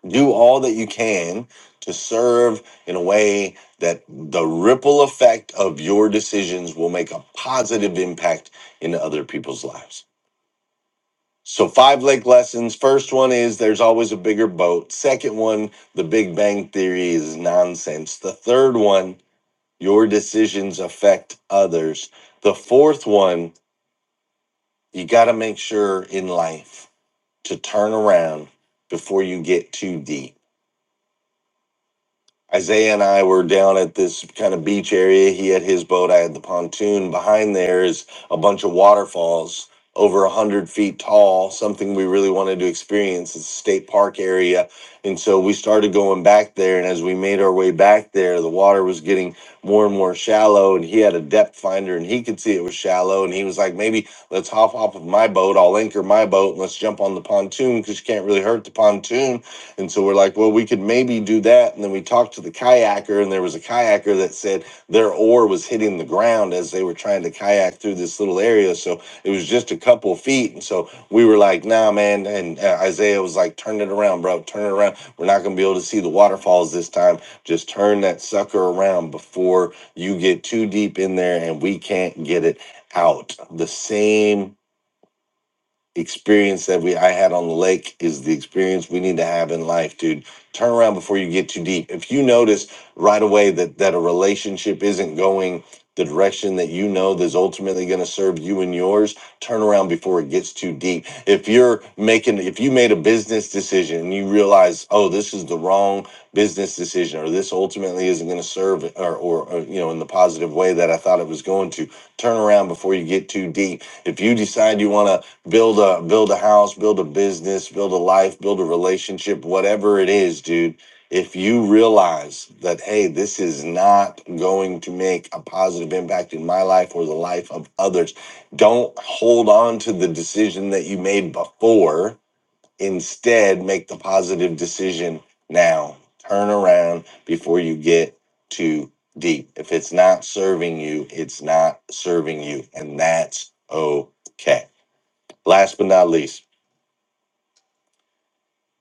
do all that you can to serve in a way that the ripple effect of your decisions will make a positive impact in other people's lives. So, five lake lessons. First one is there's always a bigger boat. Second one, the Big Bang Theory is nonsense. The third one, your decisions affect others. The fourth one, you got to make sure in life to turn around before you get too deep Isaiah and I were down at this kind of beach area. He had his boat. I had the pontoon. Behind there is a bunch of waterfalls over a 100 feet tall, something we really wanted to experience. It's a state park area. And so we started going back there. And as we made our way back there, the water was getting more and more shallow. And he had a depth finder and he could see it was shallow. And he was like, maybe let's hop off of my boat. I'll anchor my boat and let's jump on the pontoon because you can't really hurt the pontoon and so we're like, well, we could maybe do that. And then we talked to the kayaker, and there was a kayaker that said their oar was hitting the ground as they were trying to kayak through this little area. So it was just a couple feet. And so we were like, nah, man. And uh, Isaiah was like, turn it around, bro. Turn it around. We're not going to be able to see the waterfalls this time. Just turn that sucker around before you get too deep in there and we can't get it out. The same experience that we I had on the lake is the experience we need to have in life, dude. Turn around before you get too deep. If you notice right away that that a relationship isn't going the direction that you know that's ultimately going to serve you and yours, turn around before it gets too deep. If you're making if you made a business decision and you realize, "Oh, this is the wrong business decision or this ultimately isn't going to serve or, or or you know in the positive way that I thought it was going to." Turn around before you get too deep. If you decide you want to build a build a house build a business build a life build a relationship whatever it is dude if you realize that hey this is not going to make a positive impact in my life or the life of others don't hold on to the decision that you made before instead make the positive decision now turn around before you get too deep if it's not serving you it's not serving you and that's okay Last but not least,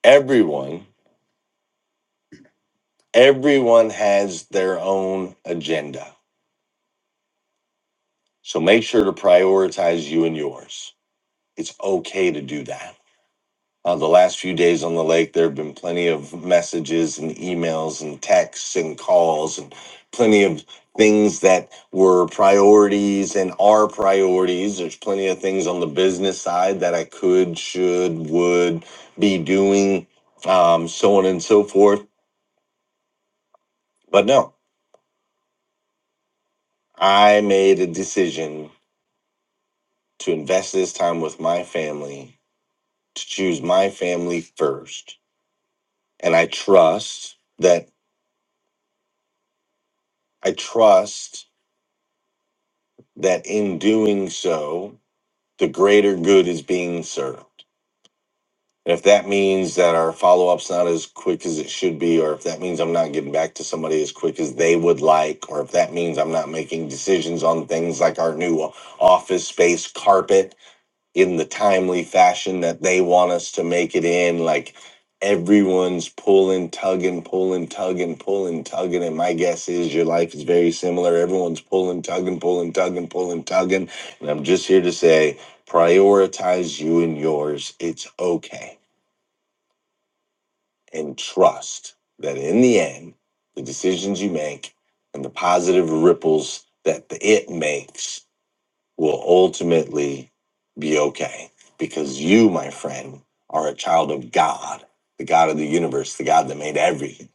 everyone, everyone has their own agenda. So make sure to prioritize you and yours. It's okay to do that. Uh, the last few days on the lake, there have been plenty of messages and emails and texts and calls and plenty of things that were priorities and are priorities. There's plenty of things on the business side that I could, should, would be doing, um, so on and so forth. But no, I made a decision to invest this time with my family, to choose my family first. And I trust that I trust that in doing so, the greater good is being served. And if that means that our follow up's not as quick as it should be, or if that means I'm not getting back to somebody as quick as they would like, or if that means I'm not making decisions on things like our new office space carpet, in the timely fashion that they want us to make it in. Like everyone's pulling, tugging, pulling, tugging, pulling, tugging. And my guess is your life is very similar. Everyone's pulling, tugging, pulling, tugging, pulling, tugging. And I'm just here to say prioritize you and yours. It's okay. And trust that in the end, the decisions you make and the positive ripples that the it makes will ultimately be okay because you, my friend, are a child of God, the God of the universe, the God that made everything.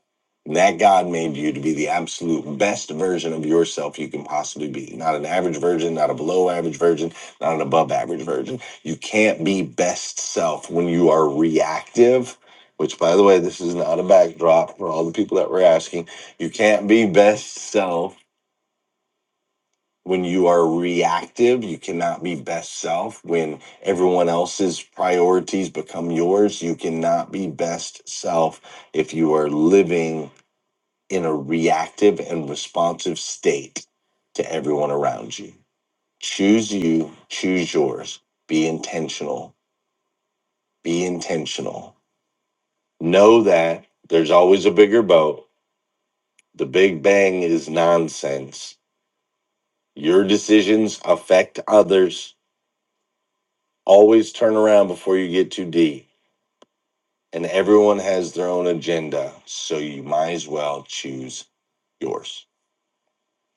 And that God made you to be the absolute best version of yourself you can possibly be. Not an average version, not a below average version, not an above average version. You can't be best self when you are reactive, which, by the way, this is not a backdrop for all the people that were asking. You can't be best self when you are reactive, you cannot be best self. When everyone else's priorities become yours, you cannot be best self if you are living in a reactive and responsive state to everyone around you. Choose you, choose yours. Be intentional. Be intentional. Know that there's always a bigger boat. The Big Bang is nonsense. Your decisions affect others Always turn around before you get too deep. And everyone has their own agenda, so you might as well choose yours.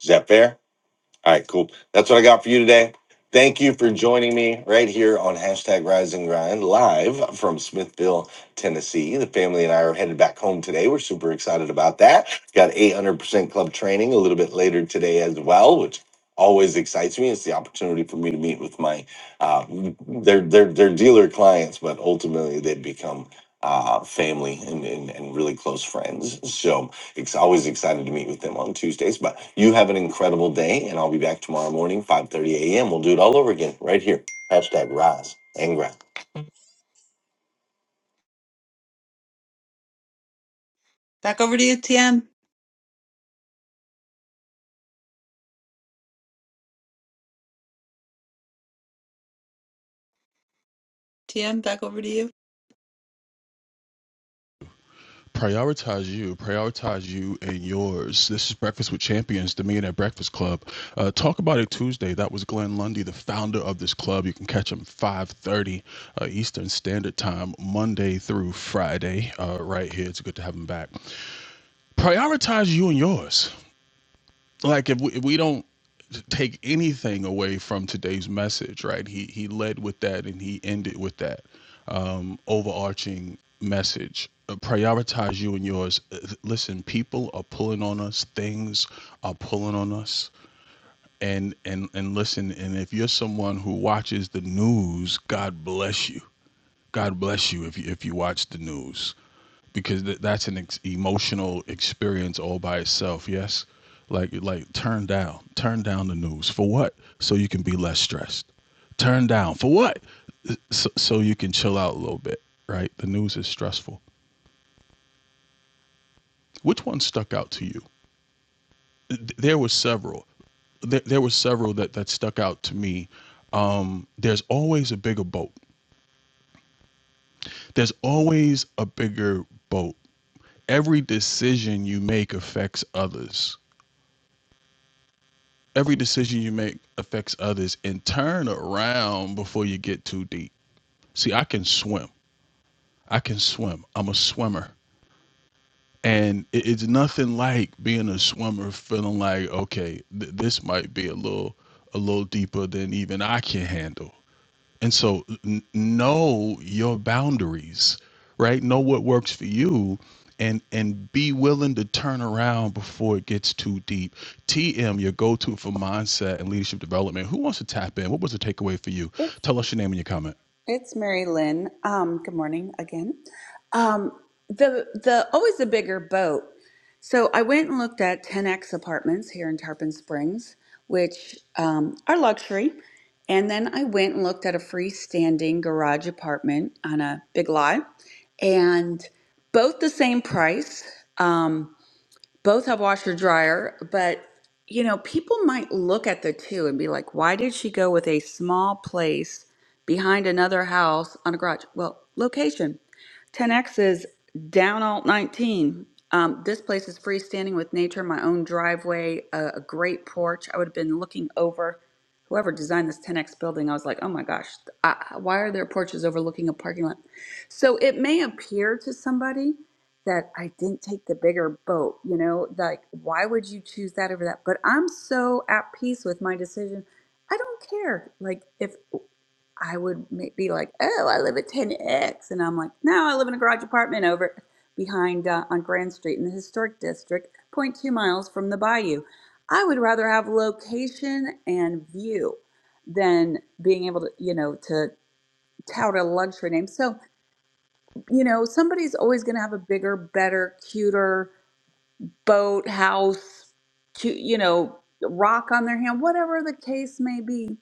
Is that fair? All right, cool. That's what I got for you today. Thank you for joining me right here on hashtag Rise and Grind live from Smithville, Tennessee. The family and I are headed back home today. We're super excited about that. Got 800% club training a little bit later today as well, which always excites me. It's the opportunity for me to meet with my uh, their their their dealer clients, but ultimately they become uh, family and, and and really close friends. So it's always excited to meet with them on Tuesdays. But you have an incredible day, and I'll be back tomorrow morning, 5.30 a.m. We'll do it all over again right here. Hashtag rise and grind. Back over to you, TM. TM, back over to you. prioritize you, prioritize you and yours. This is Breakfast with Champions, the Millionaire Breakfast Club. Uh, Talk About It Tuesday. That was Glenn Lundy, the founder of this club. You can catch him 5:30 uh, Eastern Standard Time, Monday through Friday, uh, right here. It's good to have him back. Prioritize you and yours like if we, if we don't take anything away from today's message right he he led with that and he ended with that um overarching message Uh, prioritize you and yours Uh, listen people are pulling on us things are pulling on us and and and listen and if you're someone who watches the news god bless you god bless you if you if you watch the news because th- that's an ex- emotional experience all by itself. Yes, like like turn down, turn down the news for what? So you can be less stressed. Turn down for what? So, so you can chill out a little bit, right? The news is stressful. Which one stuck out to you? There were several. There, there were several that that stuck out to me. Um, there's always a bigger boat. There's always a bigger boat. Every decision you make affects others every decision you make affects others and turn around before you get too deep. See, I can swim. I can swim. I'm a swimmer. And it's nothing like being a swimmer feeling like, okay, th- this might be a little a little deeper than even I can handle. And so n- know your boundaries, right? Know what works for you and and be willing to turn around before it gets too deep. TM, your go-to for mindset and leadership development. Who wants to tap in? What was the takeaway for you? Tell us your name and your comment. it's Mary Lynn um good morning again um the the always the bigger boat so I went and looked at 10x apartments here in Tarpon Springs which um, are luxury And then I went and looked at a freestanding garage apartment on a big lot and both the same price. Um, both have washer dryer, but you know, people might look at the two and be like, why did she go with a small place behind another house on a garage? Well, location. 10X is down alt 19. Um, this place is freestanding with nature, my own driveway, a, a great porch. I would have been looking over whoever designed this 10X building. I was like, oh my gosh, I, why are there porches overlooking a parking lot? So it may appear to somebody that I didn't take the bigger boat, you know, like why would you choose that over that? But I'm so at peace with my decision. I don't care. Like if I would ma- be like, oh, I live at 10X. And I'm like, no, I live in a garage apartment over behind uh, on Grand Street in the historic district, point 0.2 miles from the bayou. I would rather have location and view than being able to, you know, to tout a luxury name. So, you know, somebody's always going to have a bigger, better, cuter boat, house, cute, you know, rock on their hand, whatever the case may be.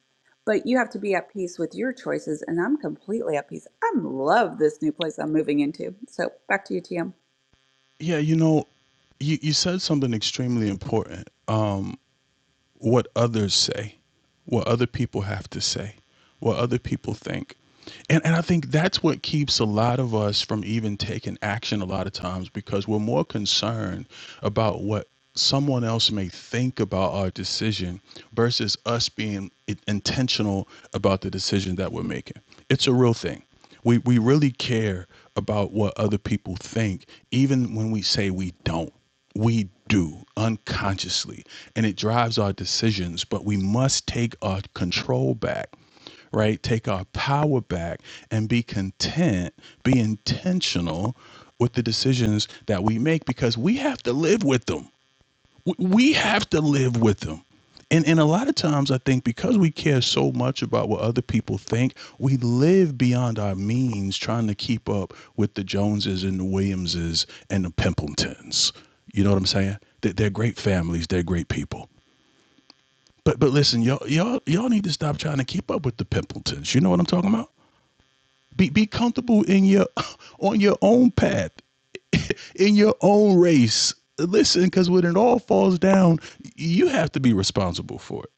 But you have to be at peace with your choices. And I'm completely at peace. I love this new place I'm moving into. So back to you, TM. Yeah, you know, you, you said something extremely important. Um, what others say, what other people have to say, what other people think. And, and I think that's what keeps a lot of us from even taking action a lot of times because we're more concerned about what someone else may think about our decision versus us being i- intentional about the decision that we're making. It's a real thing. We, we really care about what other people think, even when we say we don't we do unconsciously and it drives our decisions but we must take our control back right take our power back and be content be intentional with the decisions that we make because we have to live with them we have to live with them. And, and a lot of times, I think because we care so much about what other people think, we live beyond our means trying to keep up with the Joneses and the Williamses and the Pimpletons. You know what I'm saying? They- They're great families, they're great people. But but listen, y'all, y'all, y'all need to stop trying to keep up with the Pimpletons. You know what I'm talking about? Be, be comfortable in your on your own path in your own race. Listen, because when it all falls down, you have to be responsible for it.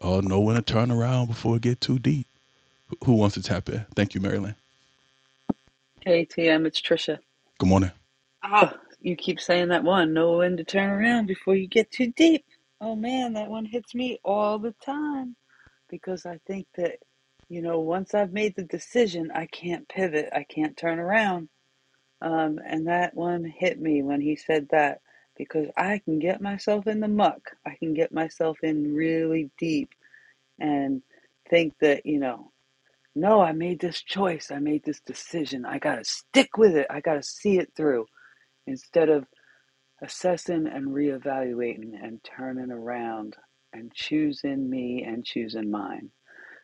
Oh, no one to turn around before it get too deep. Who wants to tap in? Thank you, Marilyn. Hey TM, it's Trisha. Good morning. Ah, you keep saying that one. Know when to turn around before you get too deep. Oh man, that one hits me all the time because I think that, you know, once I've made the decision, I can't pivot. I can't turn around. Um, and that one hit me when he said that because I can get myself in the muck. I can get myself in really deep and think that, you know, no, I made this choice. I made this decision. I got to stick with it. I got to see it through instead of assessing and reevaluating and turning around and choosing me and choosing mine.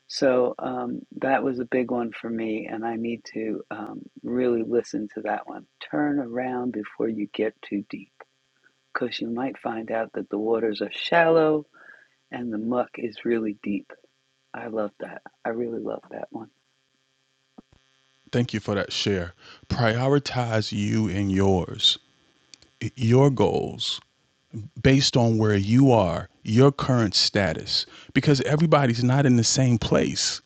So um, that was a big one for me, and I need to um, really listen to that one. Turn around before you get too deep, because you might find out that the waters are shallow and the muck is really deep. I love that. I really love that one. Thank you for that share. Prioritize you and yours, your goals, based on where you are, your current status, because everybody's not in the same place.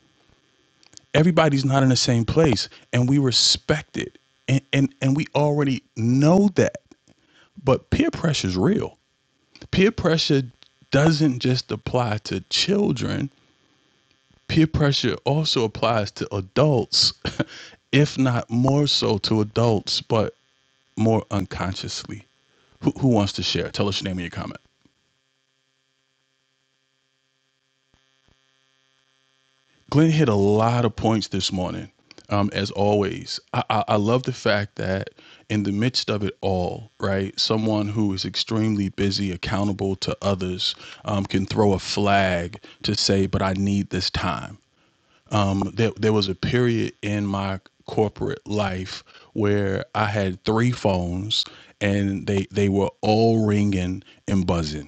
Everybody's not in the same place, and we respect it. And, and, and we already know that, but peer pressure is real peer pressure doesn't just apply to children, peer pressure also applies to adults, if not more so to adults, but more unconsciously. Who, who wants to share? Tell us your name and your comment. Glenn hit a lot of points this morning, um, as always. I, I, I love the fact that in the midst of it all, right, someone who is extremely busy, accountable to others, um, can throw a flag to say, but I need this time um, there, there was a period in my corporate life where I had three phones and they, they were all ringing and buzzing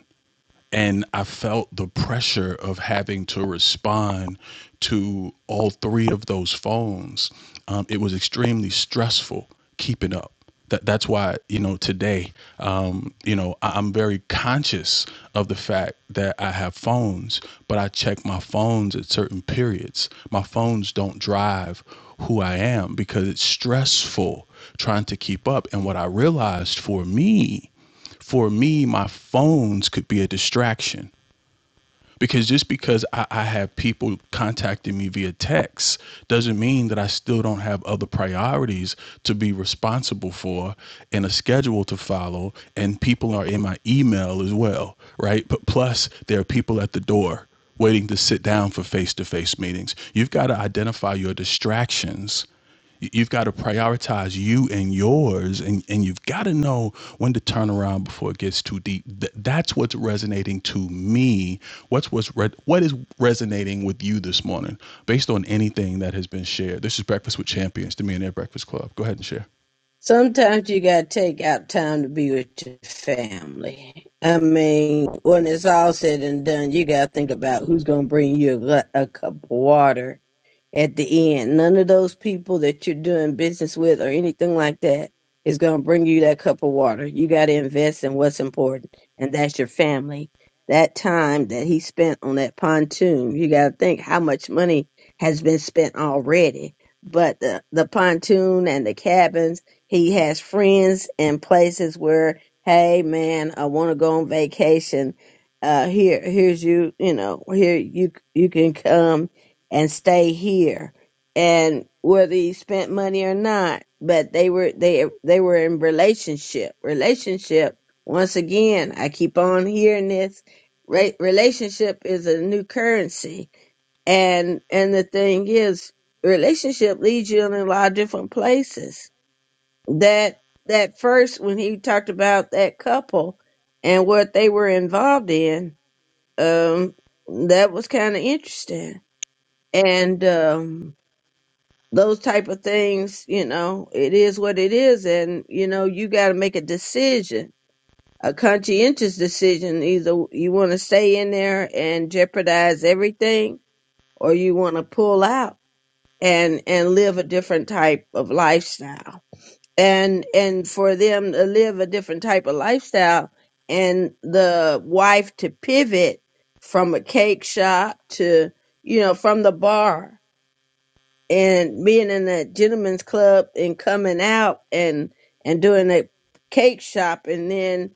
and I felt the pressure of having to respond to all three of those phones. Um, it was extremely stressful keeping up. That that's why you know today, um, you know, I, I'm very conscious of the fact that I have phones, but I check my phones at certain periods. My phones don't drive who I am because it's stressful trying to keep up. And what I realized for me for me, my phones could be a distraction because just because I, I have people contacting me via text doesn't mean that I still don't have other priorities to be responsible for and a schedule to follow. And people are in my email as well, right? But plus, there are people at the door waiting to sit down for face to face meetings. You've got to identify your distractions you- have got to prioritize you and yours, and, and you've got to know when to turn around before it gets too deep. Th- that's what's resonating to me. What's what's re- what is resonating with you this morning, based on anything that has been shared. This is Breakfast with Champions, the Millionaire Breakfast Club. Go ahead and share. Sometimes you gotta take out time to be with your family. I mean, when it's all said and done, you gotta think about who's gonna bring you a, gla- a cup of water at the end. None of those people that you're doing business with or anything like that is going to bring you that cup of water. You got to invest in what's important, and that's your family. That time that he spent on that pontoon, you got to think how much money has been spent already. But the, the pontoon and the cabins, he has friends and places where, hey man, I want to go on vacation. Uh, here, here's you, you know, here you you can come and stay here. And whether he spent money or not, but they were they they were in relationship. Relationship. Once again, I keep on hearing this. Re- relationship is a new currency, and and the thing is, relationship leads you in a lot of different places. That that first when he talked about that couple and what they were involved in, um, that was kind of interesting, and um those type of things, you know, it is what it is, and you know, you got to make a decision, a conscientious decision. Either you want to stay in there and jeopardize everything, or you want to pull out and and live a different type of lifestyle. And and for them to live a different type of lifestyle, and the wife to pivot from a cake shop to you know from the bar and being in that gentleman's club and coming out and and doing a cake shop and then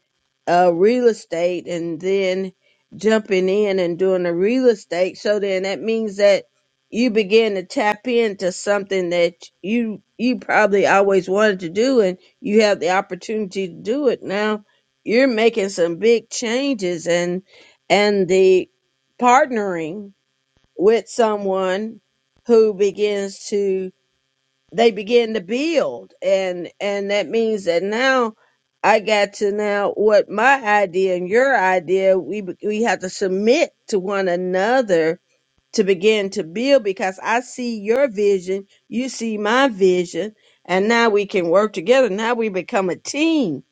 uh real estate and then jumping in and doing the real estate so then that means that you begin to tap into something that you you probably always wanted to do and you have the opportunity to do it now you're making some big changes and and the partnering with someone who begins to they begin to build and and that means that now i got to now what my idea and your idea we be- we have to submit to one another to begin to build because i see your vision you see my vision and now we can work together now we become a team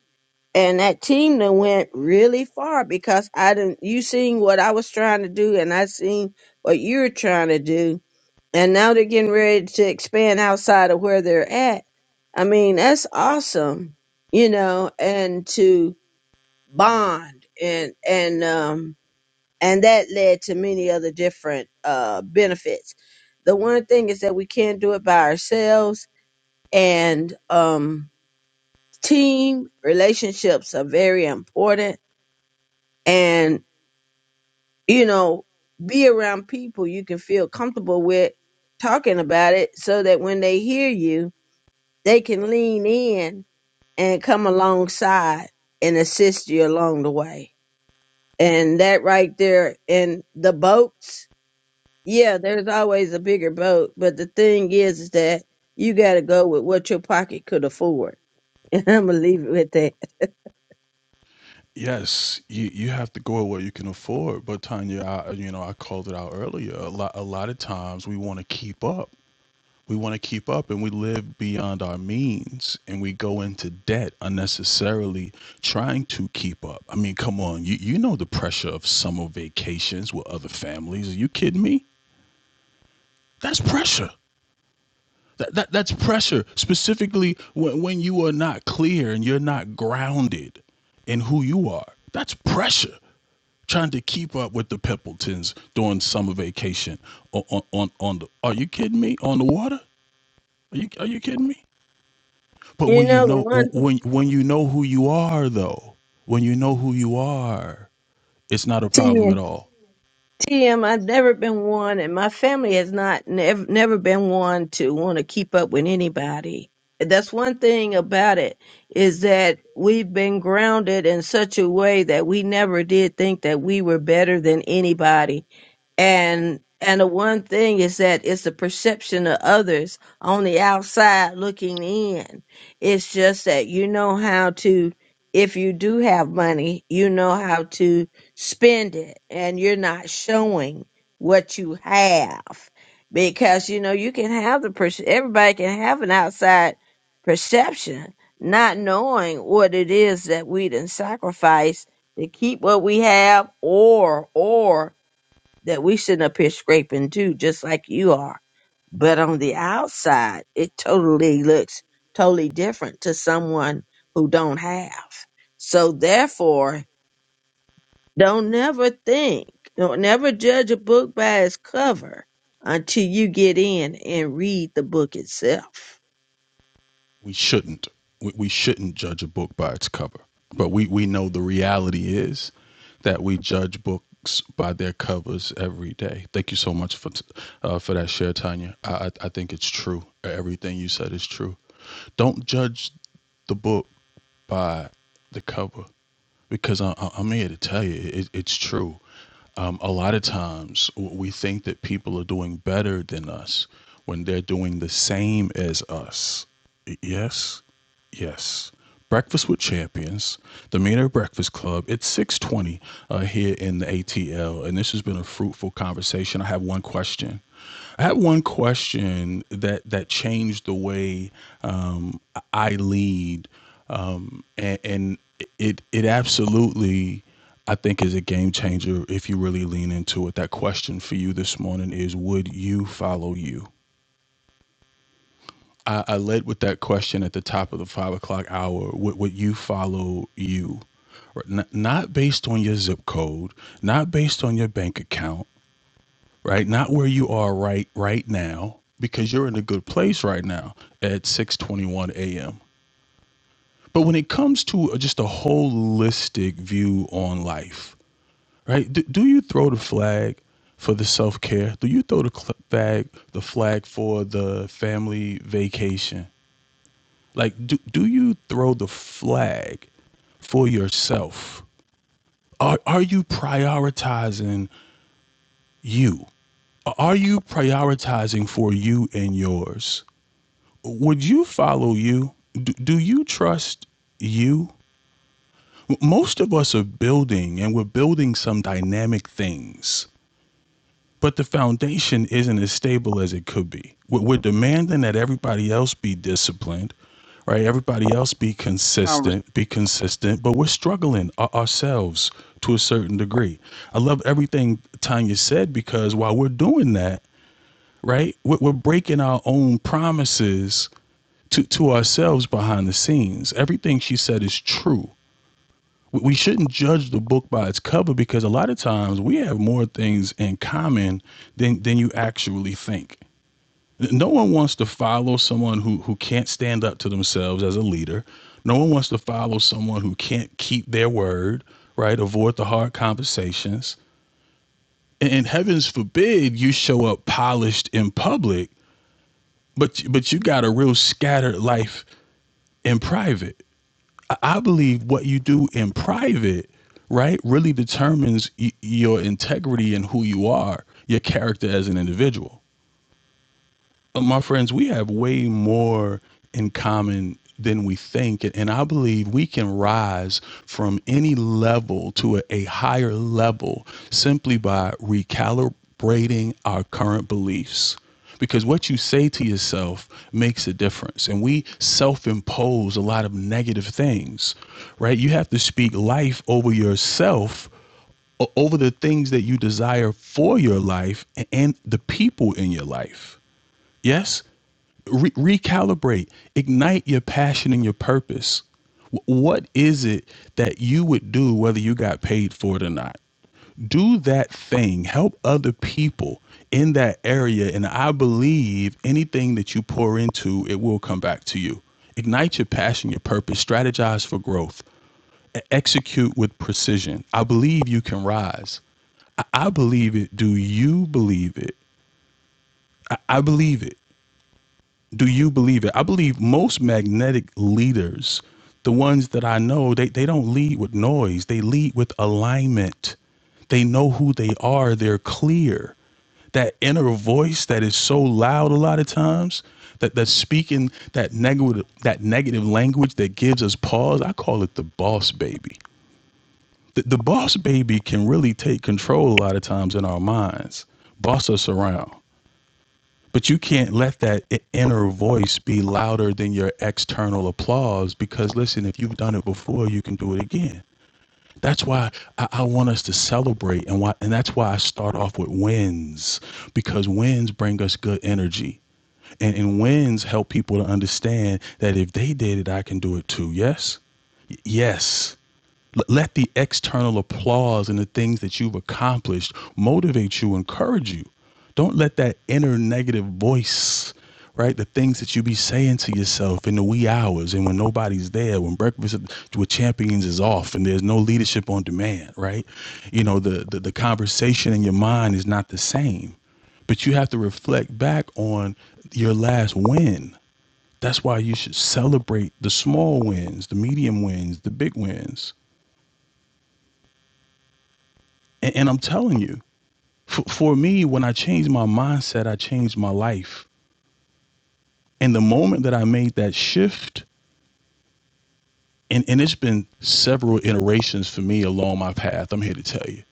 and that team that went really far because i didn't you seen what i was trying to do and i seen what you're trying to do and now they're getting ready to expand outside of where they're at. I mean, that's awesome, you know, and to bond and and um and that led to many other different uh benefits. The one thing is that we can't do it by ourselves and um team relationships are very important and you know be around people you can feel comfortable with talking about it so that when they hear you they can lean in and come alongside and assist you along the way. And that right there in the boats, yeah, there's always a bigger boat. But the thing is, is that you got to go with what your pocket could afford. And I'm going to leave it with that. Yes, you, you have to go at what you can afford. But Tanya, I, you know, I called it out earlier. A lot, a lot of times we want to keep up we want to keep up and we live beyond our means and we go into debt unnecessarily trying to keep up. I mean, come on, you, you know the pressure of summer vacations with other families. Are you kidding me? That's pressure. That, that, that's pressure, specifically when, when you are not clear and you're not grounded in who you are. That's pressure trying to keep up with the Pimpletons during summer vacation on, on, on, on the, are you kidding me? On the water? Are you, are you kidding me? But You when you know, the know one to when when you know who you are though, when you know who you are, it's not a 10. problem at all. TM, I've never been one, and my family has not nev- never been one to want to keep up with anybody. That's one thing about it is that we've been grounded in such a way that we never did think that we were better than anybody and and the one thing is that it's the perception of others on the outside looking in it's just that you know how to if you do have money you know how to spend it and you're not showing what you have because you know you can have the perce- everybody can have an outside perception not knowing what it is that we didn't sacrifice to keep what we have or or that we sitting up here scraping too, just like you are. But on the outside, it totally looks totally different to someone who don't have. So therefore, don't never think, don't never judge a book by its cover until you get in and read the book itself. We shouldn't we, we shouldn't judge a book by its cover. But we we know the reality is that we judge books by their covers every day. Thank you so much for t- uh, for that share, Tanya. I, I I think it's true. Everything you said is true. Don't judge the book by the cover because I, I, I'm here to tell you it, it's true. um, a lot of times we think that people are doing better than us when they're doing the same as us. Yes, yes. Breakfast with Champions, the Meaner Breakfast Club. It's 620 uh, here in the ATL, and this has been a fruitful conversation. I have one question. I had one question that that changed the way um, I lead, um, and, and it it absolutely I think is a game changer if you really lean into it. That question for you this morning is: Would you follow you? I, I led with that question at the top of the five o'clock hour. Would, would you follow you? Right, N- not based on your zip code, not based on your bank account, right? Not where you are right right now, because you're in a good place right now at 6:21 a.m. But when it comes to uh, just a holistic view on life, right? Do, do you throw the flag for the self care? Do you throw the flag the flag for the family vacation? Like, do do you throw the flag for yourself? Are, are you prioritizing you? Are you prioritizing for you and yours? would you follow you? Do, do you trust you? Most of us are building and we're building some dynamic things, but the foundation isn't as stable as it could be. We're, we're demanding that everybody else be disciplined, right? Everybody else be Congress, consistent, be consistent, but we're struggling our- ourselves to a certain degree. I love everything Tanya said because while we're doing that, right, we're, we're breaking our own promises to, to ourselves behind the scenes. Everything she said is true. We shouldn't judge the book by its cover because a lot of times we have more things in common than, than you actually think. No one wants to follow someone who, who can't stand up to themselves as a leader. No one wants to follow someone who can't keep their word, right? Avoid the hard conversations. And, and heavens forbid you show up polished in public, but but you got a real scattered life in private I believe what you do in private, right, really determines y- your integrity and who you are, your character as an individual. Uh, my friends, we have way more in common than we think. And I believe we can rise from any level to a, a higher level simply by recalibrating our current beliefs. Because what you say to yourself makes a difference. And we self impose a lot of negative things, right? You have to speak life over yourself, over the things that you desire for your life and the people in your life. Yes? Re- recalibrate, ignite your passion and your purpose. Wh- What is it that you would do whether you got paid for it or not? Do that thing, help other people in that area. And I believe anything that you pour into, it will come back to you. Ignite your passion, your purpose, strategize for growth, e- execute with precision. I believe you can rise. I, I believe it. Do you believe it? I, I believe it. do you believe it? I believe most magnetic leaders, the ones that I know, they, they don't lead with noise. They lead with alignment. They know who they are. They're clear. That inner voice that is so loud a lot of times, that that's speaking that negative that negative language that gives us pause. I call it the boss baby. The, the boss baby can really take control a lot of times in our minds, boss us around. But you can't let that inner voice be louder than your external applause because, listen, if you've done it before, you can do it again. That's why I, I want us to celebrate, and why, and that's why I start off with wins because wins bring us good energy, and, and wins help people to understand that if they did it, I can do it too. Yes, yes let the external applause and the things that you've accomplished motivate you, encourage you. Don't let that inner negative voice, right? The things that you be saying to yourself in the wee hours and when nobody's there, when breakfast with champions is off and there's no leadership on demand, right? You know, the the, the conversation in your mind is not the same. But you have to reflect back on your last win. That's why you should celebrate the small wins, the medium wins, the big wins And, and I'm telling you, for, for me, when I changed my mindset, I changed my life. And the moment that I made that shift, and, and it's been several iterations for me along my path, I'm here to tell you.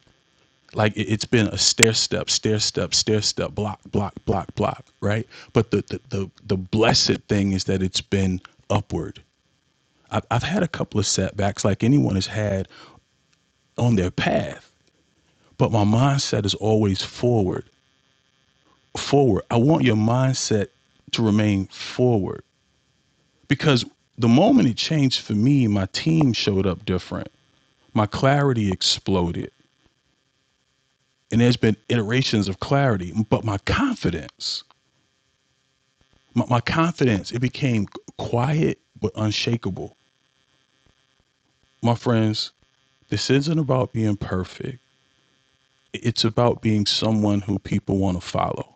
Like it, has been a stair step, stair step, stair step, block, block, block, block, right? But the, the, the, the blessed thing is that it's been upward. I've, I've had a couple of setbacks like anyone has had on their path, but my mindset is always forward. forward. I want your mindset to remain forward because the moment it changed for me, my team showed up different. My clarity exploded. And there's been iterations of clarity, but my confidence, my, my confidence, it became quiet but unshakable. My friends, this isn't about being perfect. It's about being someone who people want to follow.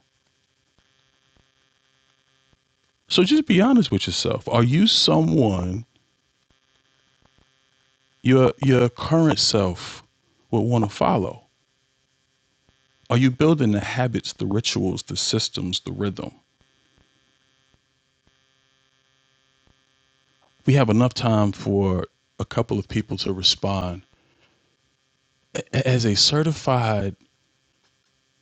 So just be honest with yourself. Are you someone your your current self would want to follow? Are you building the habits, the rituals, the systems, the rhythm? We have enough time for a couple of people to respond. A- As a certified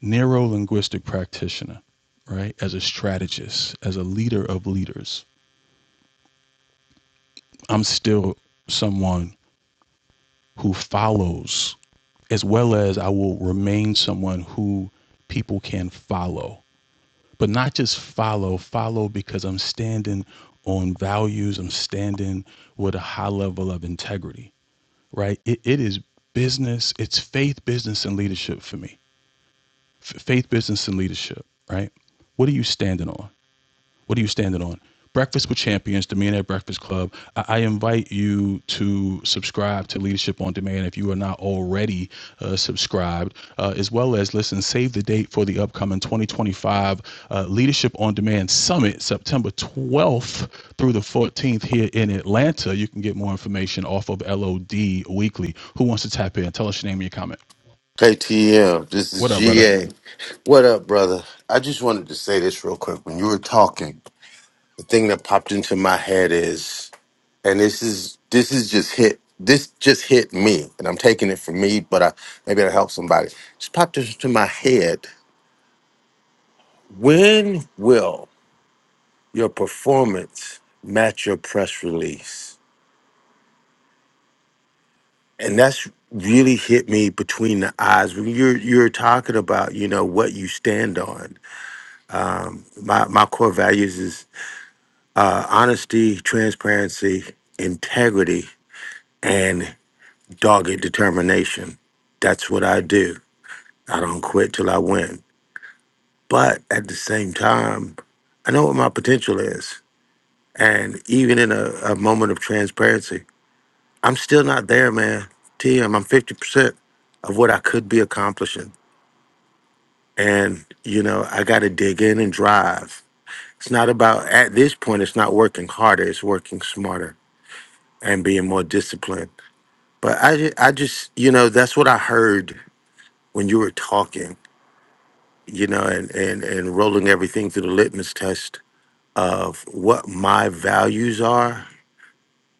neuro linguistic practitioner, right, as a strategist, as a leader of leaders, I'm still someone who follows, as well as I will remain someone who people can follow. But not just follow, follow because I'm standing on values, I'm standing with a high level of integrity right? It, it is business, it's faith, business, and leadership for me. F- faith, business, and leadership, right? What are you standing on? What are you standing on? Breakfast with Champions, the at Breakfast Club. I, I invite you to subscribe to Leadership on Demand if you are not already uh, subscribed, uh, as well as listen, save the date for the upcoming 2025 uh, Leadership on Demand Summit, September 12th through the 14th here in Atlanta. You can get more information off of LOD Weekly. Who wants to tap in? Tell us your name and your comment. KTM, this is What up, brother? GA. What up, brother? I just wanted to say this real quick. When you were talking, the thing that popped into my head is, and this is this is just hit this just hit me, and I'm taking it for me, but I maybe it'll help somebody. Just popped into my head. When will your performance match your press release? And that's really hit me between the eyes when you're you're talking about, you know, what you stand on my my core values uh, honesty, transparency, integrity, and dogged determination. That's what I do. I don't quit till I win. But at the same time, I know what my potential is. And even in a, a moment of transparency, I'm still not there, man. TM, I'm 50% of what I could be accomplishing. And, you know, I got to dig in and drive. It's not about, at this point, it's not working harder, it's working smarter and being more disciplined But I, ju- I just, you know, that's what I heard when you were talking, you know, and, and, and rolling everything through the litmus test of what my values are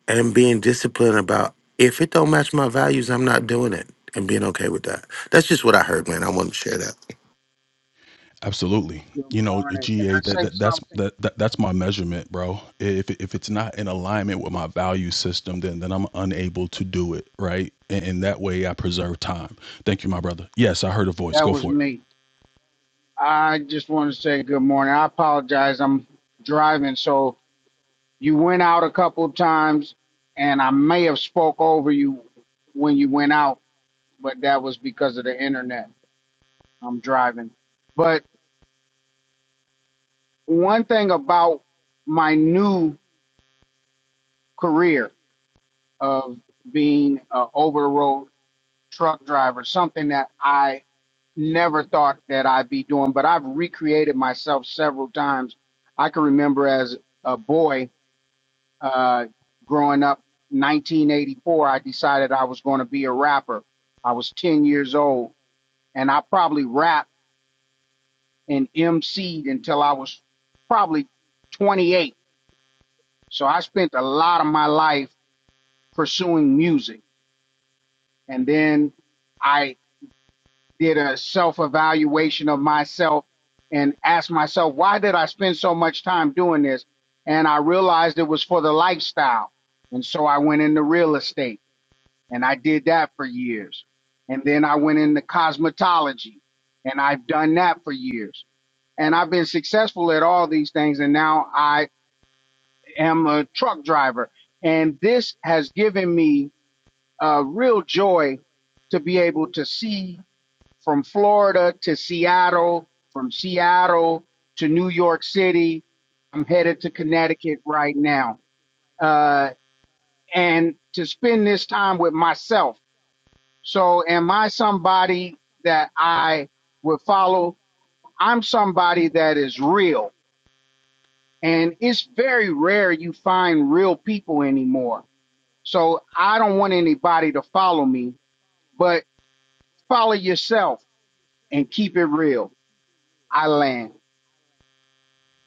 and being disciplined about if it don't match my values, I'm not doing it and being okay with that. That's just what I heard, man. I want to share that. Absolutely. good You know, morning. Can I GA, that, say that that's something? that, that that's my measurement, bro. If if it's not in alignment with my value system, then then I'm unable to do it, right? And, and that way I preserve time. Thank you, my brother. Yes, I heard a voice. That Go was for it. me. I just want to say good morning. I apologize. I'm driving, so you went out a couple of times, and I may have spoke over you when you went out, but that was because of the internet. I'm driving. But one thing about my new career of being a over the road truck driver, something that I never thought that I'd be doing, but I've recreated myself several times. I can remember as a boy uh, growing up, 1984, I decided I was going to be a rapper. I was 10 years old, and I probably rapped and MC'd until I was probably 28. So I spent a lot of my life pursuing music, and then I did a self evaluation of myself and asked myself, why did I spend so much time doing this? And I realized it was for the lifestyle. And so I went into real estate and I did that for years. And then I went into cosmetology and I've done that for years. And I've been successful at all these things. And now I am a truck driver. And this has given me a real joy to be able to see from Florida to Seattle, from Seattle to New York City. I'm headed to Connecticut right now. Uh, and to spend this time with myself. So, am I somebody that I would follow? I'm somebody that is real. And it's very rare you find real people anymore. So, I don't want anybody to follow me, but follow yourself and keep it real. I land.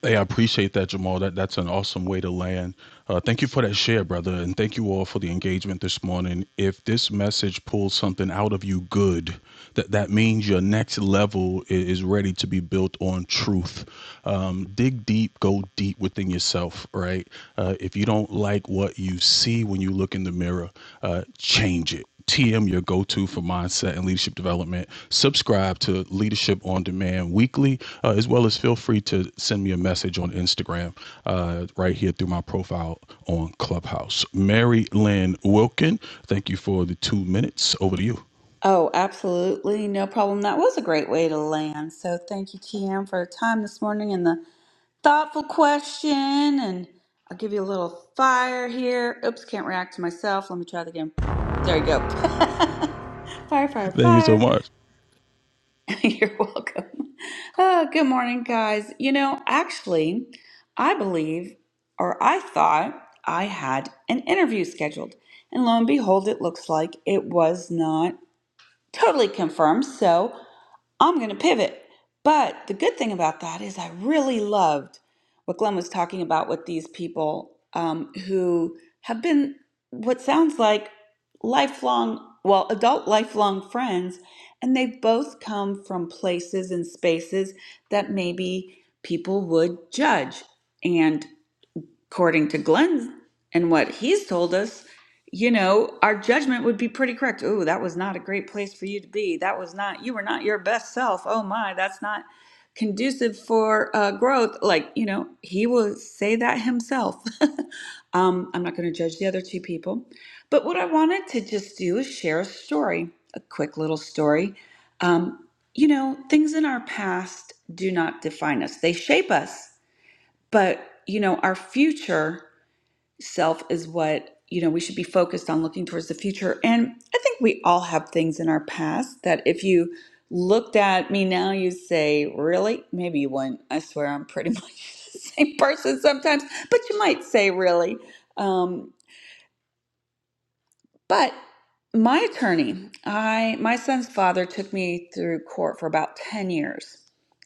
Hey, I appreciate that, Jamal. That that's an awesome way to land. Uh, thank you for that share, brother, and thank you all for the engagement this morning. If this message pulls something out of you, good. That that means your next level i- is ready to be built on truth. Um, dig deep, go deep within yourself. Right. Uh, if you don't like what you see when you look in the mirror, uh, change it. TM, your go to for mindset and leadership development. Subscribe to Leadership on Demand weekly, uh, as well as feel free to send me a message on Instagram uh, right here through my profile on Clubhouse. Mary Lynn Wilkin, thank you for the two minutes. Over to you. Oh, absolutely. No problem. That was a great way to land. So thank you, TM, for your time this morning and the. thoughtful question and I'll give you a little fire here. Oops, can't react to myself. Let me try that again. There you go. fire, fire, Thank you so fire. much. You're welcome. Oh, good morning, guys. You know, actually, I believe or I thought I had an interview scheduled. And lo and behold, it looks like it was not totally confirmed. So I'm going to pivot. But the good thing about that is I really loved what Glenn was talking about with these people um, who have been what sounds like lifelong, well, adult lifelong friends, and they've both come from places and spaces that maybe people would judge. and according to Glenn and what he's told us, you know, our judgment would be pretty correct. Oh, that was not a great place for you to be. That was not, you were not your best self. Oh my, that's not conducive for uh, growth. Like, you know, he will say that himself. um, I'm not going to judge the other two people. But what I wanted to just do is share a story, a quick little story. Um, you know, things in our past do not define us, they shape us but you know our future self is what you know we should be focused on looking towards the future and i think we all have things in our past that if you looked at me now you say really maybe you wouldn't i swear i'm pretty much the same person sometimes but you might say really Um, but my attorney, I my son's father took me through court for about 10 years,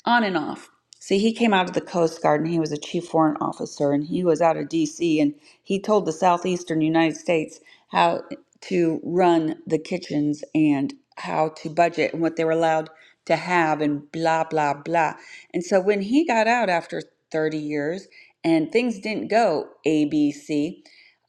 on and off. See, he came out of the Coast Guard and he was a chief warrant officer and he was out of DC and he told the southeastern United States how to run the kitchens and how to budget and what they were allowed to have and blah blah blah. And so when he got out after 30 years and things didn't go ABC,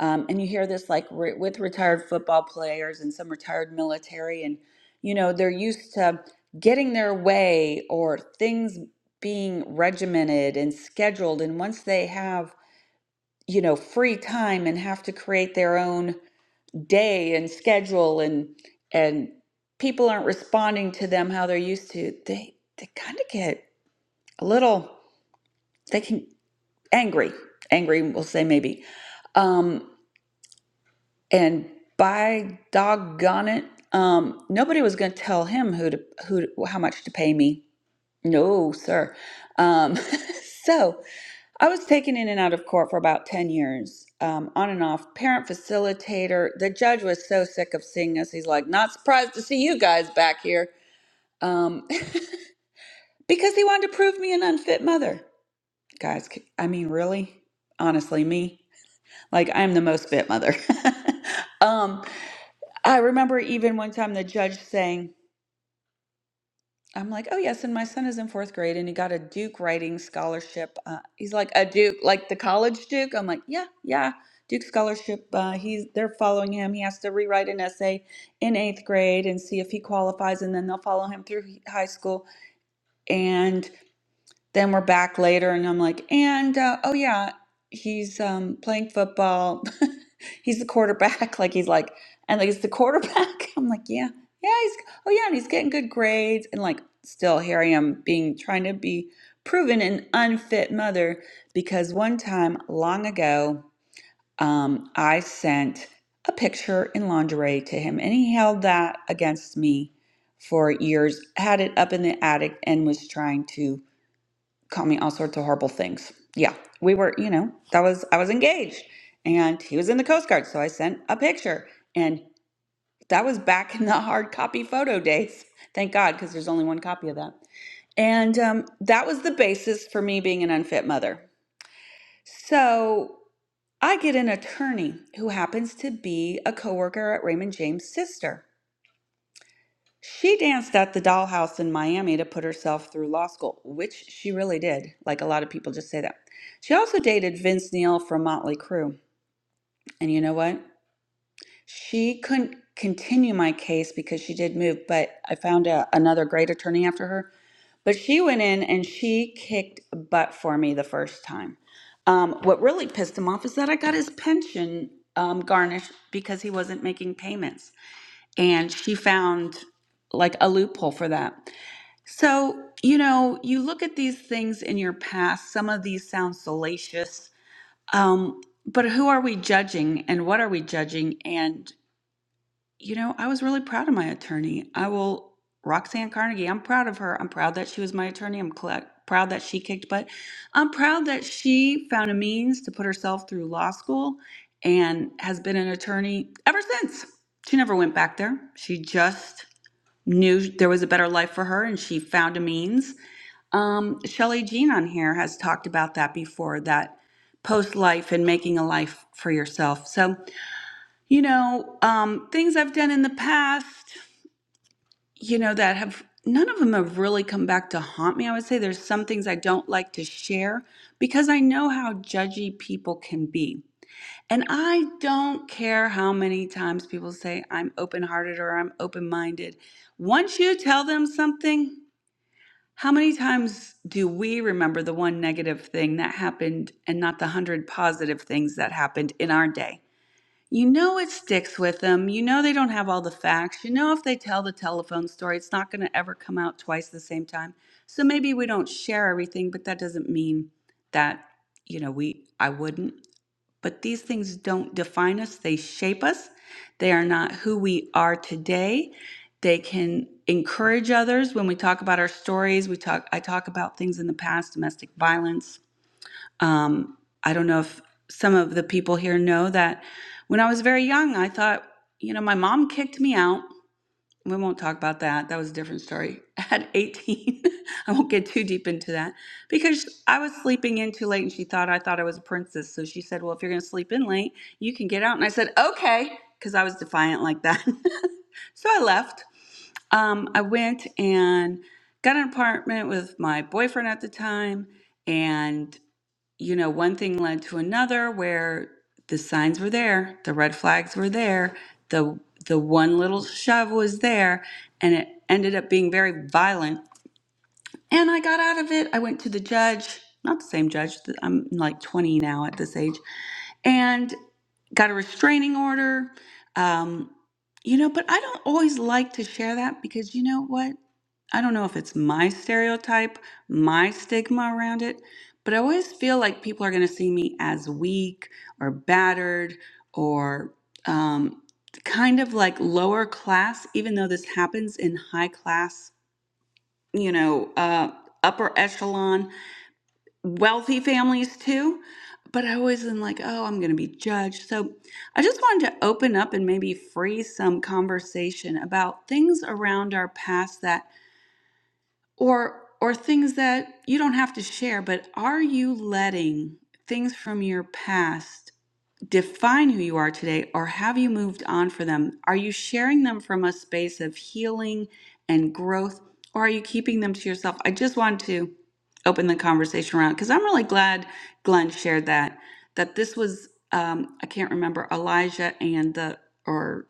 um, and you hear this like re- with retired football players and some retired military, and you know, they're used to getting their way or things being regimented and scheduled. And once they have, you know, free time and have to create their own day and schedule and, and people aren't responding to them how they're used to, they, they kind of get a little, they can angry, angry, we'll say maybe. Um, and by doggone it, um, nobody was going to tell him who to who to, how much to pay me. No, sir. Um, so I was taken in and out of court for about ten years, um, on and off. Parent facilitator. The judge was so sick of seeing us. He's like, not surprised to see you guys back here, um, because he wanted to prove me an unfit mother. Guys, c- I mean, really, honestly, me. Like I'm the most fit mother. um, I remember even one time the judge saying, I'm like, oh, yes, and my son is in fourth grade and he got a Duke writing scholarship. Uh, he's like, a Duke, like the college Duke? I'm like, yeah, yeah, Duke scholarship. Uh, he's, they're following him. He has to rewrite an essay in eighth grade and see if he qualifies, and then they'll follow him through high school. and." then we're back later and i'm like and uh, oh yeah he's um playing football he's the quarterback like he's like and like it's the quarterback i'm like yeah yeah he's oh yeah and he's getting good grades and like still here i am being trying to be proven an unfit mother because one time long ago um i sent a picture in lingerie to him and he held that against me for years had it up in the attic and was trying to called me all sorts of horrible things. Yeah, we were, you know, that was I was engaged, and he was in the Coast Guard, so I sent a picture, and that was back in the hard copy photo days. Thank God, because there's only one copy of that, and um, that was the basis for me being an unfit mother. So I get an attorney who happens to be a coworker at Raymond James' sister. She danced at the dollhouse in Miami to put herself through law school, which she really did. Like a lot of people just say that. She also dated Vince Neil from Motley Crue. And you know what? She couldn't continue my case because she did move, but I found a, another great attorney after her. But she went in and she kicked butt for me the first time. Um, what really pissed him off is that I got his pension um, garnished because he wasn't making payments and she found like a loophole for that. So, you know, you look at these things in your past, some of these sound salacious, um, but who are we judging and what are we judging? and? You know, I was really proud of my attorney. I will Roxanne Carnegie, I'm proud of her. I'm proud that she was my attorney. I'm cla proud that she kicked butt. I'm proud that she found a means to put herself through law school and has been an attorney ever since. She never went back there. She just knew there was a better life for her and she found a means. Um, Shelly Jean on here has talked about that before, that post life and making a life for yourself. So you know, um, things I've done in the past, you know, that have none of them have really come back to haunt me. I would say there's some things I don't like to share because I know how judgy people can be. And I don't care how many times people say I'm open hearted or I'm open minded. Once you tell them something, how many times do we remember the one negative thing that happened and not the hundred positive things that happened in our day? You know it sticks with them. You know they don't have all the facts. You know if they tell the telephone story, it's not going to ever come out twice at the same time. So maybe we don't share everything, but that doesn't mean that, you know, we I wouldn't. But these things don't define us. They shape us. They are not who we are today. They can encourage others when we talk about our stories. We talk I talk about things in the past, domestic violence, um, I don't know if some of the people here know that when I was very young, I thought, you know, my mom kicked me out. We won't talk about that. That was a different story. At 18, I won't get too deep into that because I was sleeping in too late and she thought I thought I was a princess. So she said, Well, if you're going to sleep in late, you can get out. And I said, Okay, because I was defiant like that. so I left. Um, I went and got an apartment with my boyfriend at the time. And you know, one thing led to another where the signs were there, the red flags were there, the the one little shove was there, and it ended up being very violent and I got out of it. I went to the judge, not the same judge, th- I'm like 20 now at this age, and got a restraining order. Um, you know, but I don't always like to share that because you know what? I don't know if it's my stereotype, my stigma around it, but I always feel like people are going to see me as weak or battered or um, kind of like lower class, even though this happens in high class you know, uh, upper echelon, wealthy families too. But I always am like, oh, I'm going to be judged. So I just wanted to open up and maybe free some conversation about things around our past that, or or things that you don't have to share, but are you letting things from your past? define who you are today or have you moved on for them? Are you sharing them from a space of healing and growth or are you keeping them to yourself? I just wanted to open the conversation around because I'm really glad Glenn shared that that this was um, I can't remember Elijah and the or